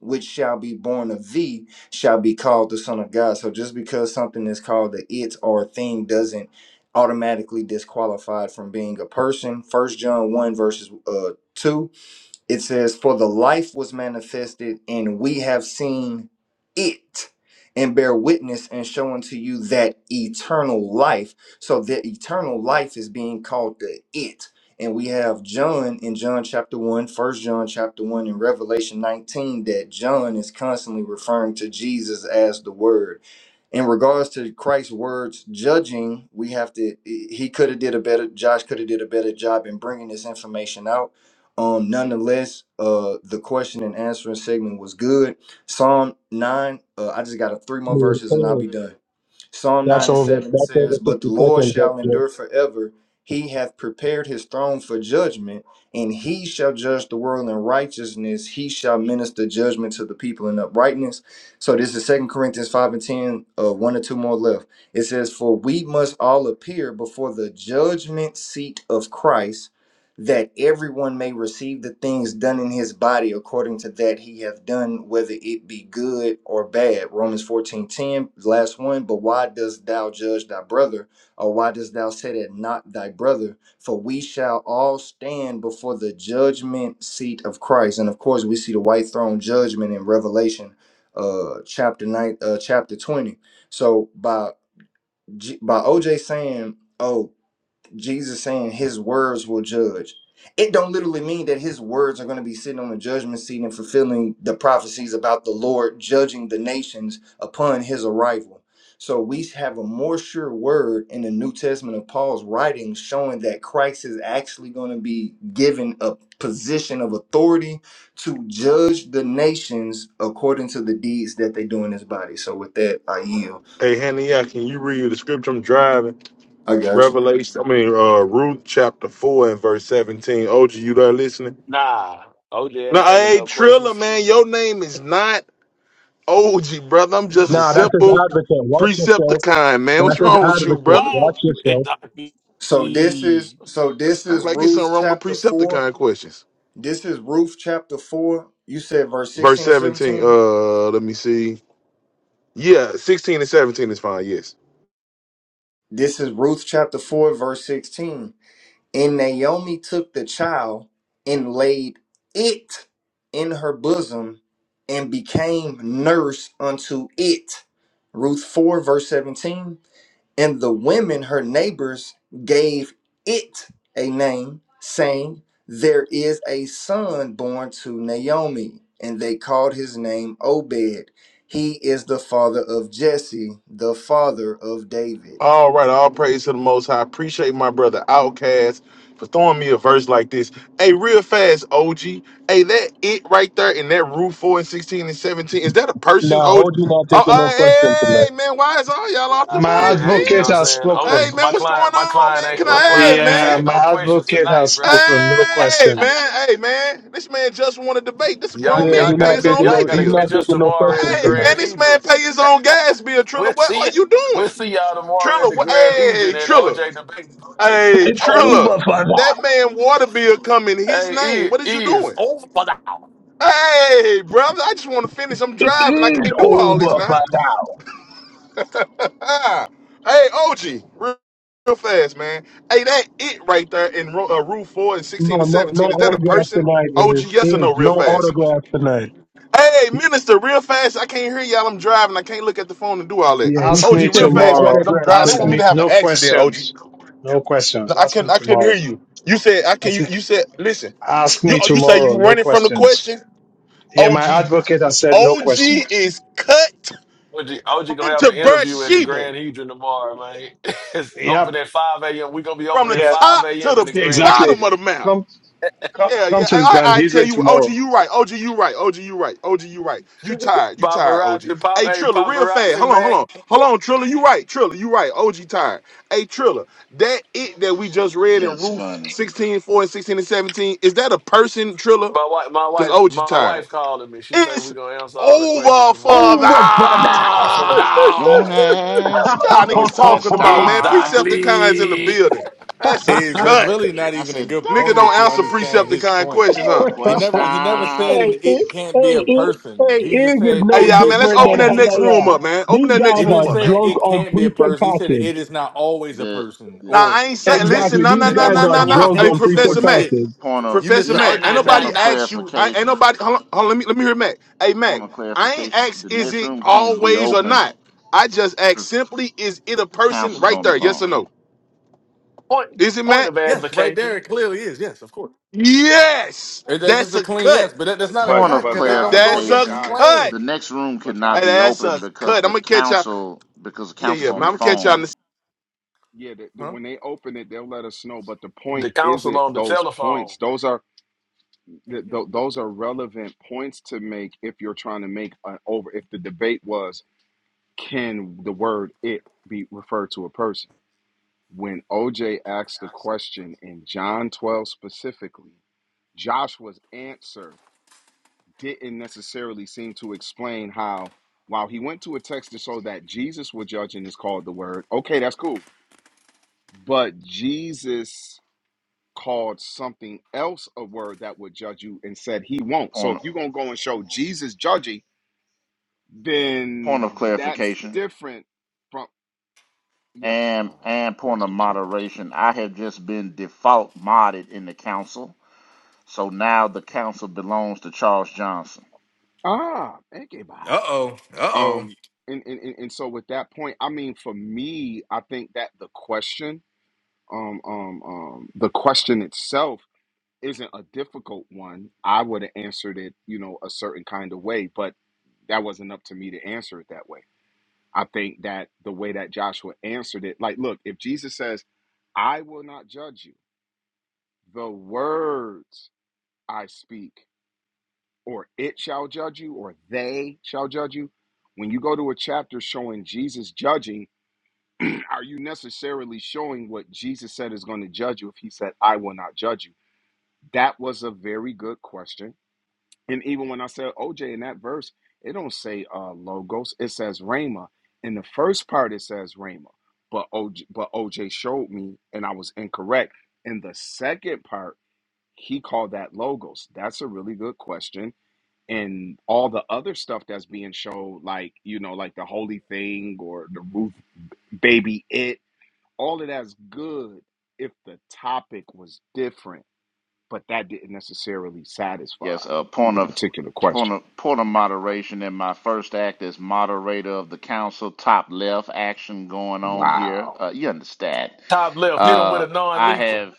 [SPEAKER 26] which shall be born of thee shall be called the Son of God. So just because something is called the it or a thing doesn't automatically disqualified from being a person. First John 1 verses uh 2 it says, For the life was manifested, and we have seen it, and bear witness and show unto you that eternal life. So that eternal life is being called the it. And we have John in John chapter one, First John chapter 1, and Revelation 19, that John is constantly referring to Jesus as the Word in regards to Christ's words judging, we have to. He could have did a better. Josh could have did a better job in bringing this information out um, nonetheless, uh, the question and answering segment was good. Psalm 9, uh, I just got a three more
[SPEAKER 29] Man,
[SPEAKER 26] verses and I'll
[SPEAKER 29] hey,
[SPEAKER 26] be done. Psalm
[SPEAKER 29] That's
[SPEAKER 26] 9 and
[SPEAKER 29] over.
[SPEAKER 26] 7
[SPEAKER 29] That's over
[SPEAKER 26] says, But the
[SPEAKER 29] sixty
[SPEAKER 26] Lord
[SPEAKER 29] seconds up
[SPEAKER 26] shall
[SPEAKER 29] here.
[SPEAKER 26] endure forever. He hath prepared his throne for judgment, and he shall judge the world in righteousness. He shall minister judgment to the people in uprightness. So this is Second Corinthians 5 and 10, uh, one or two more left. It says, For we must all appear before the judgment seat of Christ that everyone may receive the things done in his body according to that he hath done, whether it be good or bad. Romans 14 10, last one. But why dost thou judge thy brother, or why dost thou set at not thy brother? For we shall all stand before the judgment seat of Christ. And of course, we see the white throne judgment in Revelation uh chapter 9 uh chapter 20 so by G- by oj saying oh. Jesus saying his words will judge. It don't literally mean that his words are going to be sitting on the judgment seat and fulfilling the prophecies about the Lord judging the nations upon his arrival. So we have a more sure word in the New Testament of Paul's writings showing that Christ is actually going to be given a position of authority to judge the nations according to the deeds that they do in his body. So with that, I yield.
[SPEAKER 27] Hey, Hannah, yeah, can you read the scripture I'm driving?
[SPEAKER 26] I got you.
[SPEAKER 27] Revelation, I mean, uh, Ruth chapter 4 and verse 17. OG, you there listening?
[SPEAKER 20] Nah, OJ
[SPEAKER 27] No,
[SPEAKER 20] ain't taking
[SPEAKER 27] hey,
[SPEAKER 20] no
[SPEAKER 27] Triller,
[SPEAKER 20] questions.
[SPEAKER 27] man, your name is not. OG, brother. I'm just a
[SPEAKER 29] Nah, that's his
[SPEAKER 27] simple
[SPEAKER 29] advocate. Watch yourself.
[SPEAKER 27] Precepticon, man.
[SPEAKER 29] That's
[SPEAKER 27] What's
[SPEAKER 29] his
[SPEAKER 27] wrong with you,
[SPEAKER 29] advocate.
[SPEAKER 27] brother?
[SPEAKER 20] Boom!
[SPEAKER 29] Watch yourself.
[SPEAKER 26] So this is
[SPEAKER 20] Exactly.
[SPEAKER 26] so
[SPEAKER 27] It's
[SPEAKER 26] this
[SPEAKER 27] not
[SPEAKER 26] is
[SPEAKER 27] like it's something
[SPEAKER 26] Ruth
[SPEAKER 27] wrong with
[SPEAKER 26] chapter four.
[SPEAKER 27] Precepticon questions.
[SPEAKER 26] This is Ruth chapter four. You said verse
[SPEAKER 27] Verse
[SPEAKER 26] sixteen and
[SPEAKER 27] 17.
[SPEAKER 26] seventeen.
[SPEAKER 27] Uh, let me see. Yeah, 16 and 17 is fine. Yes.
[SPEAKER 26] This is Ruth chapter four, verse sixteen. And Naomi took the child and laid it in her bosom and became nurse unto it. Ruth four, verse seventeen. And the women, her neighbors, gave it a name, saying, There is a son born to Naomi. And they called his name Obed. He is the father of Jesse, the father of David.
[SPEAKER 27] All right, all praise to the Most High. Appreciate my brother Outcast for throwing me a verse like this. Hey, real fast, OG. Hey, that it right there in that rule four and sixteen and seventeen. Is that a person? Oh, oh uh, hey man, why is all y'all off the
[SPEAKER 2] My
[SPEAKER 27] mic,
[SPEAKER 20] OJ ain't, you
[SPEAKER 2] advocate
[SPEAKER 20] know
[SPEAKER 27] man?
[SPEAKER 20] what I'm
[SPEAKER 2] has
[SPEAKER 20] saying?
[SPEAKER 27] Hey
[SPEAKER 2] spoken.
[SPEAKER 20] OJ,
[SPEAKER 27] man,
[SPEAKER 20] my
[SPEAKER 27] what's going
[SPEAKER 20] client, my
[SPEAKER 27] on,
[SPEAKER 20] client
[SPEAKER 27] man? Can
[SPEAKER 20] ain't, my
[SPEAKER 27] I? Hey
[SPEAKER 20] client ain't
[SPEAKER 2] Yeah,
[SPEAKER 27] man,
[SPEAKER 20] taking
[SPEAKER 2] my
[SPEAKER 20] no questions
[SPEAKER 2] advocate
[SPEAKER 20] tonight,
[SPEAKER 2] has
[SPEAKER 20] bro.
[SPEAKER 2] spoken. No
[SPEAKER 27] hey
[SPEAKER 2] questions.
[SPEAKER 27] man, hey man. This man just want to debate. This a
[SPEAKER 20] Y'all,
[SPEAKER 27] grown
[SPEAKER 29] Yeah,
[SPEAKER 27] man. He
[SPEAKER 20] y'all
[SPEAKER 29] he's
[SPEAKER 27] pay
[SPEAKER 20] gotta
[SPEAKER 29] not
[SPEAKER 27] his
[SPEAKER 20] catch,
[SPEAKER 27] own
[SPEAKER 29] taking
[SPEAKER 20] y'all
[SPEAKER 29] no.
[SPEAKER 27] light
[SPEAKER 29] He's
[SPEAKER 20] gotta
[SPEAKER 27] bill.
[SPEAKER 29] not
[SPEAKER 20] catch us
[SPEAKER 29] taking no
[SPEAKER 20] tomorrow in the
[SPEAKER 29] questions
[SPEAKER 27] Hey man,
[SPEAKER 29] tonight.
[SPEAKER 20] Grand
[SPEAKER 27] this
[SPEAKER 20] Hedron.
[SPEAKER 27] man pay his own gas bill. Triller,
[SPEAKER 20] We'll
[SPEAKER 27] what
[SPEAKER 20] see,
[SPEAKER 27] are
[SPEAKER 20] ya-
[SPEAKER 27] you
[SPEAKER 20] we'll
[SPEAKER 27] doing?
[SPEAKER 20] see y'all tomorrow in
[SPEAKER 27] Triller,
[SPEAKER 20] the
[SPEAKER 27] wh-
[SPEAKER 20] Grand
[SPEAKER 27] hey
[SPEAKER 20] Hedron at
[SPEAKER 27] Triller,
[SPEAKER 20] OJ debate party.
[SPEAKER 27] Hey, Trilla,
[SPEAKER 29] For that,
[SPEAKER 27] that man water bill come in his name.
[SPEAKER 20] Hey,
[SPEAKER 27] What
[SPEAKER 20] it
[SPEAKER 27] is you
[SPEAKER 20] is
[SPEAKER 27] doing?
[SPEAKER 20] over now.
[SPEAKER 27] Hey, brother, I just want to finish. I'm
[SPEAKER 29] it
[SPEAKER 27] driving. I
[SPEAKER 29] is
[SPEAKER 27] can't do all
[SPEAKER 29] over
[SPEAKER 27] this now.
[SPEAKER 29] for that.
[SPEAKER 27] hey, OG, real, real fast, man. Hey, that it right there in ro- uh, Rule 4 and
[SPEAKER 29] No,
[SPEAKER 27] 16 and
[SPEAKER 29] no, no
[SPEAKER 27] 17. Is that a
[SPEAKER 29] autographs
[SPEAKER 27] person?
[SPEAKER 29] tonight.
[SPEAKER 27] OG,
[SPEAKER 29] Is
[SPEAKER 27] yes or
[SPEAKER 29] is
[SPEAKER 27] no, real
[SPEAKER 29] no
[SPEAKER 27] fast?
[SPEAKER 29] autographs tonight.
[SPEAKER 27] Hey, minister, real fast. I can't hear y'all. I'm driving. I can't look at the phone and do all that.
[SPEAKER 29] Yeah, he,
[SPEAKER 2] Ask
[SPEAKER 29] he
[SPEAKER 27] OG,
[SPEAKER 2] me
[SPEAKER 27] real
[SPEAKER 29] says no
[SPEAKER 27] fast, man,
[SPEAKER 2] tomorrow.
[SPEAKER 27] because I'm
[SPEAKER 29] autographs
[SPEAKER 27] driving. They
[SPEAKER 2] Ask
[SPEAKER 27] want me
[SPEAKER 29] tonight.
[SPEAKER 27] to
[SPEAKER 2] me
[SPEAKER 27] have an
[SPEAKER 2] no
[SPEAKER 27] accident,
[SPEAKER 2] questions.
[SPEAKER 27] OG.
[SPEAKER 2] No questions.
[SPEAKER 27] No, I
[SPEAKER 2] Ask me
[SPEAKER 27] couldn't. I couldn't hear
[SPEAKER 2] tomorrow.
[SPEAKER 27] you. You said I
[SPEAKER 2] I
[SPEAKER 27] can. You,
[SPEAKER 2] said,
[SPEAKER 27] you said listen.
[SPEAKER 2] ask
[SPEAKER 27] You
[SPEAKER 2] me
[SPEAKER 27] oh, you say you
[SPEAKER 2] tomorrow. No
[SPEAKER 27] running from the
[SPEAKER 2] questions.
[SPEAKER 27] question.
[SPEAKER 2] Yeah, my
[SPEAKER 27] OG,
[SPEAKER 2] advocate has said no
[SPEAKER 27] OG
[SPEAKER 2] questions.
[SPEAKER 27] is cut
[SPEAKER 20] OG, OG gonna have
[SPEAKER 27] into
[SPEAKER 20] an interview at the
[SPEAKER 27] Bathsheba
[SPEAKER 20] Grand Hedron tomorrow, man. it's open
[SPEAKER 2] Yep.
[SPEAKER 20] at 5 a.m. we gonna be
[SPEAKER 27] from
[SPEAKER 20] open
[SPEAKER 27] the
[SPEAKER 20] at
[SPEAKER 2] Yeah.
[SPEAKER 20] 5
[SPEAKER 27] top to
[SPEAKER 20] a.m. in the
[SPEAKER 27] the
[SPEAKER 20] Grand
[SPEAKER 2] Exactly.
[SPEAKER 27] bottom of the
[SPEAKER 20] Hedron.
[SPEAKER 27] map.
[SPEAKER 2] Come, come,
[SPEAKER 27] Yeah,
[SPEAKER 2] come
[SPEAKER 27] yeah.
[SPEAKER 2] to the
[SPEAKER 27] I, I,
[SPEAKER 2] Grand
[SPEAKER 27] I tell
[SPEAKER 2] Hedron
[SPEAKER 27] you, OG,
[SPEAKER 2] tomorrow.
[SPEAKER 27] you right. OG, you right. OG, you right. OG, you right. You tired. You tired. OG.
[SPEAKER 20] Paparazzi, pop,
[SPEAKER 27] Hey,
[SPEAKER 20] hey,
[SPEAKER 27] Triller, real fast.
[SPEAKER 20] paparazzi,
[SPEAKER 27] Hold on, hold
[SPEAKER 20] man.
[SPEAKER 27] on, hold on. Triller, you right. Triller, you right. OG tired. Hey, Triller, that it that we just read in
[SPEAKER 10] That's
[SPEAKER 27] Ruth
[SPEAKER 10] funny.
[SPEAKER 27] 16 4 and 16 and 17, is that a person, Triller?
[SPEAKER 20] My wife, my
[SPEAKER 27] Cause
[SPEAKER 20] wife,
[SPEAKER 27] OG
[SPEAKER 20] my
[SPEAKER 27] tired.
[SPEAKER 20] wife calling me. She said we're
[SPEAKER 27] It's
[SPEAKER 20] gonna answer all the questions
[SPEAKER 27] over
[SPEAKER 29] Oh,
[SPEAKER 20] tomorrow.
[SPEAKER 27] for
[SPEAKER 29] bro.
[SPEAKER 20] For now,
[SPEAKER 10] Don't
[SPEAKER 27] now.
[SPEAKER 10] ask
[SPEAKER 27] Y'all
[SPEAKER 10] no
[SPEAKER 27] niggas talking about man.
[SPEAKER 10] questions.
[SPEAKER 27] Precepticons in the
[SPEAKER 20] exactly.
[SPEAKER 27] building. That's a
[SPEAKER 16] Is that's
[SPEAKER 27] cut.
[SPEAKER 16] really not
[SPEAKER 10] I
[SPEAKER 16] even a
[SPEAKER 10] said,
[SPEAKER 16] good
[SPEAKER 27] Nigga
[SPEAKER 10] "Don't
[SPEAKER 16] point
[SPEAKER 27] don't
[SPEAKER 16] if you
[SPEAKER 27] answer
[SPEAKER 16] understand his
[SPEAKER 10] ask
[SPEAKER 27] Precepticon
[SPEAKER 16] point.
[SPEAKER 27] questions,
[SPEAKER 10] no
[SPEAKER 27] huh?
[SPEAKER 29] hey,
[SPEAKER 16] He never he never said an
[SPEAKER 29] it,
[SPEAKER 16] it
[SPEAKER 10] questions."
[SPEAKER 16] can't
[SPEAKER 29] hey,
[SPEAKER 16] be a
[SPEAKER 29] it, hey,
[SPEAKER 16] person. He
[SPEAKER 29] is
[SPEAKER 16] just
[SPEAKER 29] is
[SPEAKER 16] said
[SPEAKER 29] no
[SPEAKER 27] Hey
[SPEAKER 16] it
[SPEAKER 27] y'all, man.
[SPEAKER 16] isn't
[SPEAKER 27] Let's
[SPEAKER 29] different than
[SPEAKER 27] open that
[SPEAKER 16] always a
[SPEAKER 27] next
[SPEAKER 16] person.
[SPEAKER 27] room
[SPEAKER 29] Hanaya.
[SPEAKER 27] up, man. Open
[SPEAKER 29] These
[SPEAKER 27] that next
[SPEAKER 16] He
[SPEAKER 29] guys
[SPEAKER 16] didn't
[SPEAKER 29] are
[SPEAKER 27] room up,
[SPEAKER 16] say
[SPEAKER 27] man.
[SPEAKER 29] drunk
[SPEAKER 16] it
[SPEAKER 29] on
[SPEAKER 16] can't be a
[SPEAKER 29] precept
[SPEAKER 16] person. He said
[SPEAKER 29] package.
[SPEAKER 16] it is not always a
[SPEAKER 10] The
[SPEAKER 16] person
[SPEAKER 10] the
[SPEAKER 27] Now
[SPEAKER 16] or
[SPEAKER 27] I ain't saying.
[SPEAKER 16] something that
[SPEAKER 27] Listen,
[SPEAKER 29] Exactly,
[SPEAKER 16] could
[SPEAKER 27] no,
[SPEAKER 29] these
[SPEAKER 27] no,
[SPEAKER 16] that,
[SPEAKER 27] no,
[SPEAKER 16] that
[SPEAKER 29] guys
[SPEAKER 27] no,
[SPEAKER 16] word
[SPEAKER 29] are
[SPEAKER 27] no,
[SPEAKER 16] that
[SPEAKER 27] no.
[SPEAKER 16] word
[SPEAKER 29] drunk
[SPEAKER 27] Hey,
[SPEAKER 16] him
[SPEAKER 29] on
[SPEAKER 16] is the same
[SPEAKER 29] precept
[SPEAKER 16] word
[SPEAKER 27] Professor
[SPEAKER 16] as
[SPEAKER 27] Mac.
[SPEAKER 16] it.
[SPEAKER 29] package.
[SPEAKER 10] point of
[SPEAKER 16] You missed
[SPEAKER 27] Professor
[SPEAKER 16] the
[SPEAKER 20] Nah,
[SPEAKER 27] Mac, ain't
[SPEAKER 20] nah,
[SPEAKER 16] argument
[SPEAKER 20] nah,
[SPEAKER 10] point
[SPEAKER 16] though.
[SPEAKER 27] nobody
[SPEAKER 10] of
[SPEAKER 20] nah.
[SPEAKER 27] asked you. I, ain't
[SPEAKER 10] clarification.
[SPEAKER 27] nobody. Hold on, hold on, let me let me hear Mac. Hey Mac,
[SPEAKER 10] Point of
[SPEAKER 27] I ain't
[SPEAKER 10] clarification.
[SPEAKER 27] asked
[SPEAKER 10] The
[SPEAKER 27] is
[SPEAKER 10] next
[SPEAKER 27] it
[SPEAKER 10] room can't be
[SPEAKER 27] always or
[SPEAKER 10] open
[SPEAKER 27] not. I just asked
[SPEAKER 10] because
[SPEAKER 27] simply, is it a
[SPEAKER 10] the
[SPEAKER 27] person
[SPEAKER 10] council's
[SPEAKER 27] right
[SPEAKER 10] on the
[SPEAKER 27] there? Yes
[SPEAKER 10] phone.
[SPEAKER 27] or no?
[SPEAKER 20] Point,
[SPEAKER 27] Is it
[SPEAKER 20] point
[SPEAKER 27] Mac?
[SPEAKER 20] of
[SPEAKER 16] Yes, right there
[SPEAKER 20] advocation.
[SPEAKER 16] it clearly is. Yes, of course.
[SPEAKER 27] Yes.
[SPEAKER 16] And that's just
[SPEAKER 27] That's
[SPEAKER 16] a
[SPEAKER 27] a
[SPEAKER 16] clean
[SPEAKER 27] cut.
[SPEAKER 16] yes, but that, that's not a
[SPEAKER 12] But
[SPEAKER 10] Point
[SPEAKER 16] cut
[SPEAKER 10] of
[SPEAKER 12] but
[SPEAKER 16] because that don't go
[SPEAKER 12] guys,
[SPEAKER 27] That's
[SPEAKER 12] but
[SPEAKER 27] a
[SPEAKER 16] against his
[SPEAKER 10] clarification.
[SPEAKER 12] guys, the,
[SPEAKER 27] cut.
[SPEAKER 16] claim.
[SPEAKER 10] The next room
[SPEAKER 12] but
[SPEAKER 27] Hey,
[SPEAKER 10] cannot
[SPEAKER 12] guys,
[SPEAKER 10] be
[SPEAKER 12] the,
[SPEAKER 27] that's a
[SPEAKER 10] open
[SPEAKER 12] hey,
[SPEAKER 10] because
[SPEAKER 27] cut. I'm
[SPEAKER 10] the
[SPEAKER 27] gonna catch y'all.
[SPEAKER 10] council because the
[SPEAKER 27] Yeah, yeah.
[SPEAKER 10] council's
[SPEAKER 27] Man,
[SPEAKER 10] on
[SPEAKER 27] I'm
[SPEAKER 10] the
[SPEAKER 27] gonna catch y'all. in
[SPEAKER 10] phone.
[SPEAKER 27] a
[SPEAKER 12] yeah, the, the,
[SPEAKER 16] Huh?
[SPEAKER 12] when they open it, they'll let us know. But the point
[SPEAKER 20] The counsel
[SPEAKER 12] isn't
[SPEAKER 20] on the
[SPEAKER 12] those
[SPEAKER 20] telephone.
[SPEAKER 12] points; those are th- th- those are relevant points to make if you're trying to make an over if the debate was can the word it be referred to a person when oj asked the question in john 12 specifically joshua's answer didn't necessarily seem to explain how while he went to a text to show that jesus would judge and is called the word okay that's cool but jesus called something else a word that would judge you and said he won't. So
[SPEAKER 10] Point
[SPEAKER 12] if
[SPEAKER 10] of,
[SPEAKER 12] you're gonna go and show Jesus judging,
[SPEAKER 10] point of
[SPEAKER 12] then that's
[SPEAKER 10] clarification
[SPEAKER 12] different from yes,
[SPEAKER 10] and and
[SPEAKER 12] uh,
[SPEAKER 10] point of
[SPEAKER 12] Pastor Charles.
[SPEAKER 10] moderation. I have just been default modded in the council So now the council belongs to Charles Johnson.
[SPEAKER 12] Ah, thank you. bye.
[SPEAKER 16] Uh oh. Uh oh.
[SPEAKER 12] Um, and, and and and so with that point, I mean, for me, I think that the question, um, um, um, the question itself isn't a difficult one. I would have answered it, you know, a certain kind of way, but that wasn't up to me to answer it that way. I think that the way that Joshua answered it, like, look, if Jesus says, I will not judge you, the words I speak, or it shall judge you, or they shall judge you. When you go to a chapter showing Jesus judging, are you necessarily showing what Jesus said is going to judge you if he said, I will not judge you? That was a very good question And even when I said OJ in that verse, it don't say uh logos, it says Rhema. In the first part it says Rhema, but OJ but OJ showed me and I was incorrect. In the second part, he called that logos. That's a really good question. And all the other stuff that's being showed, like, you know, like the holy thing or the roof baby it, all of that's good if the topic was different, but that didn't necessarily satisfy
[SPEAKER 10] Yes, a point
[SPEAKER 12] the
[SPEAKER 10] of
[SPEAKER 12] particular question.
[SPEAKER 10] point of point of moderation in my first act as moderator of the council. Top left action going on here.
[SPEAKER 12] Wow.
[SPEAKER 10] Uh, you understand?
[SPEAKER 20] Top left, hit him with
[SPEAKER 10] Uh,
[SPEAKER 20] a
[SPEAKER 10] I
[SPEAKER 20] non-lethal.
[SPEAKER 10] have.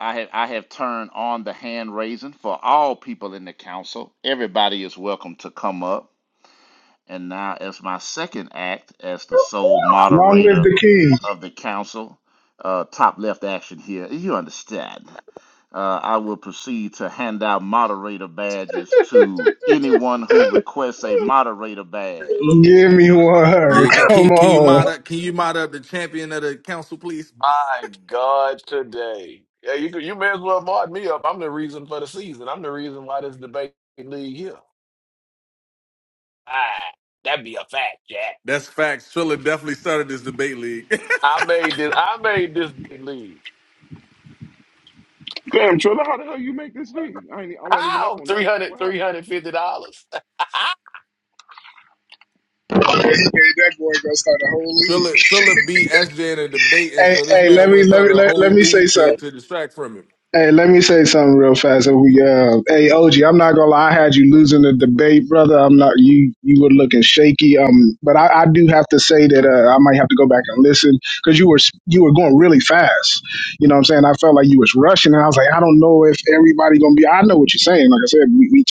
[SPEAKER 10] I have, I have turned on the hand raising for all people in the council. Everybody is welcome to come up. And now, as my second act, as the sole
[SPEAKER 8] Long live
[SPEAKER 10] moderator
[SPEAKER 8] the king.
[SPEAKER 10] of the council, uh, top left action here, you understand. Uh, I will proceed to hand out moderator badges to anyone who requests a moderator badge.
[SPEAKER 8] Give me one.
[SPEAKER 16] Yeah, can, can, you-
[SPEAKER 8] Come
[SPEAKER 16] can you mod
[SPEAKER 8] on.
[SPEAKER 16] up? Can you mod up the champion of the council, please?
[SPEAKER 20] My God, today. Yeah, you could- you may as well mark me up. I'm the reason for the season. I'm the reason why this debate league here. Ah, that'd be a fact, Jack.
[SPEAKER 16] That's facts. Triller definitely started this debate league.
[SPEAKER 20] I made this. I made this league.
[SPEAKER 12] Damn, Trilla, how the hell you make this league? I ain't, e, I wasn't even up
[SPEAKER 20] How?
[SPEAKER 12] on
[SPEAKER 20] three
[SPEAKER 12] that.
[SPEAKER 20] hundred
[SPEAKER 12] What
[SPEAKER 20] three
[SPEAKER 12] happened?
[SPEAKER 20] hundred fifty dollars
[SPEAKER 8] Hey, that boy gonna start a whole league.
[SPEAKER 16] Triller Triller beat SJ in a debate, and
[SPEAKER 8] Hey,
[SPEAKER 16] so this
[SPEAKER 8] hey,
[SPEAKER 16] man
[SPEAKER 8] let me
[SPEAKER 16] went
[SPEAKER 8] let me
[SPEAKER 16] started a
[SPEAKER 8] let, let
[SPEAKER 16] whole
[SPEAKER 8] me say
[SPEAKER 16] league
[SPEAKER 8] something.
[SPEAKER 16] to to distract from him.
[SPEAKER 8] Hey, let me say something real fast. And we, uh, hey, OG, I'm not gonna lie. I had you losing the debate, brother. I'm not you. You were looking shaky. Um, but I, I do have to say that uh, I might have to go back and listen because you were you were going really fast. You know what I'm saying? I felt like you was rushing, and I was like, I don't know if everybody gonna be. I know what you're saying. Like I said, we, we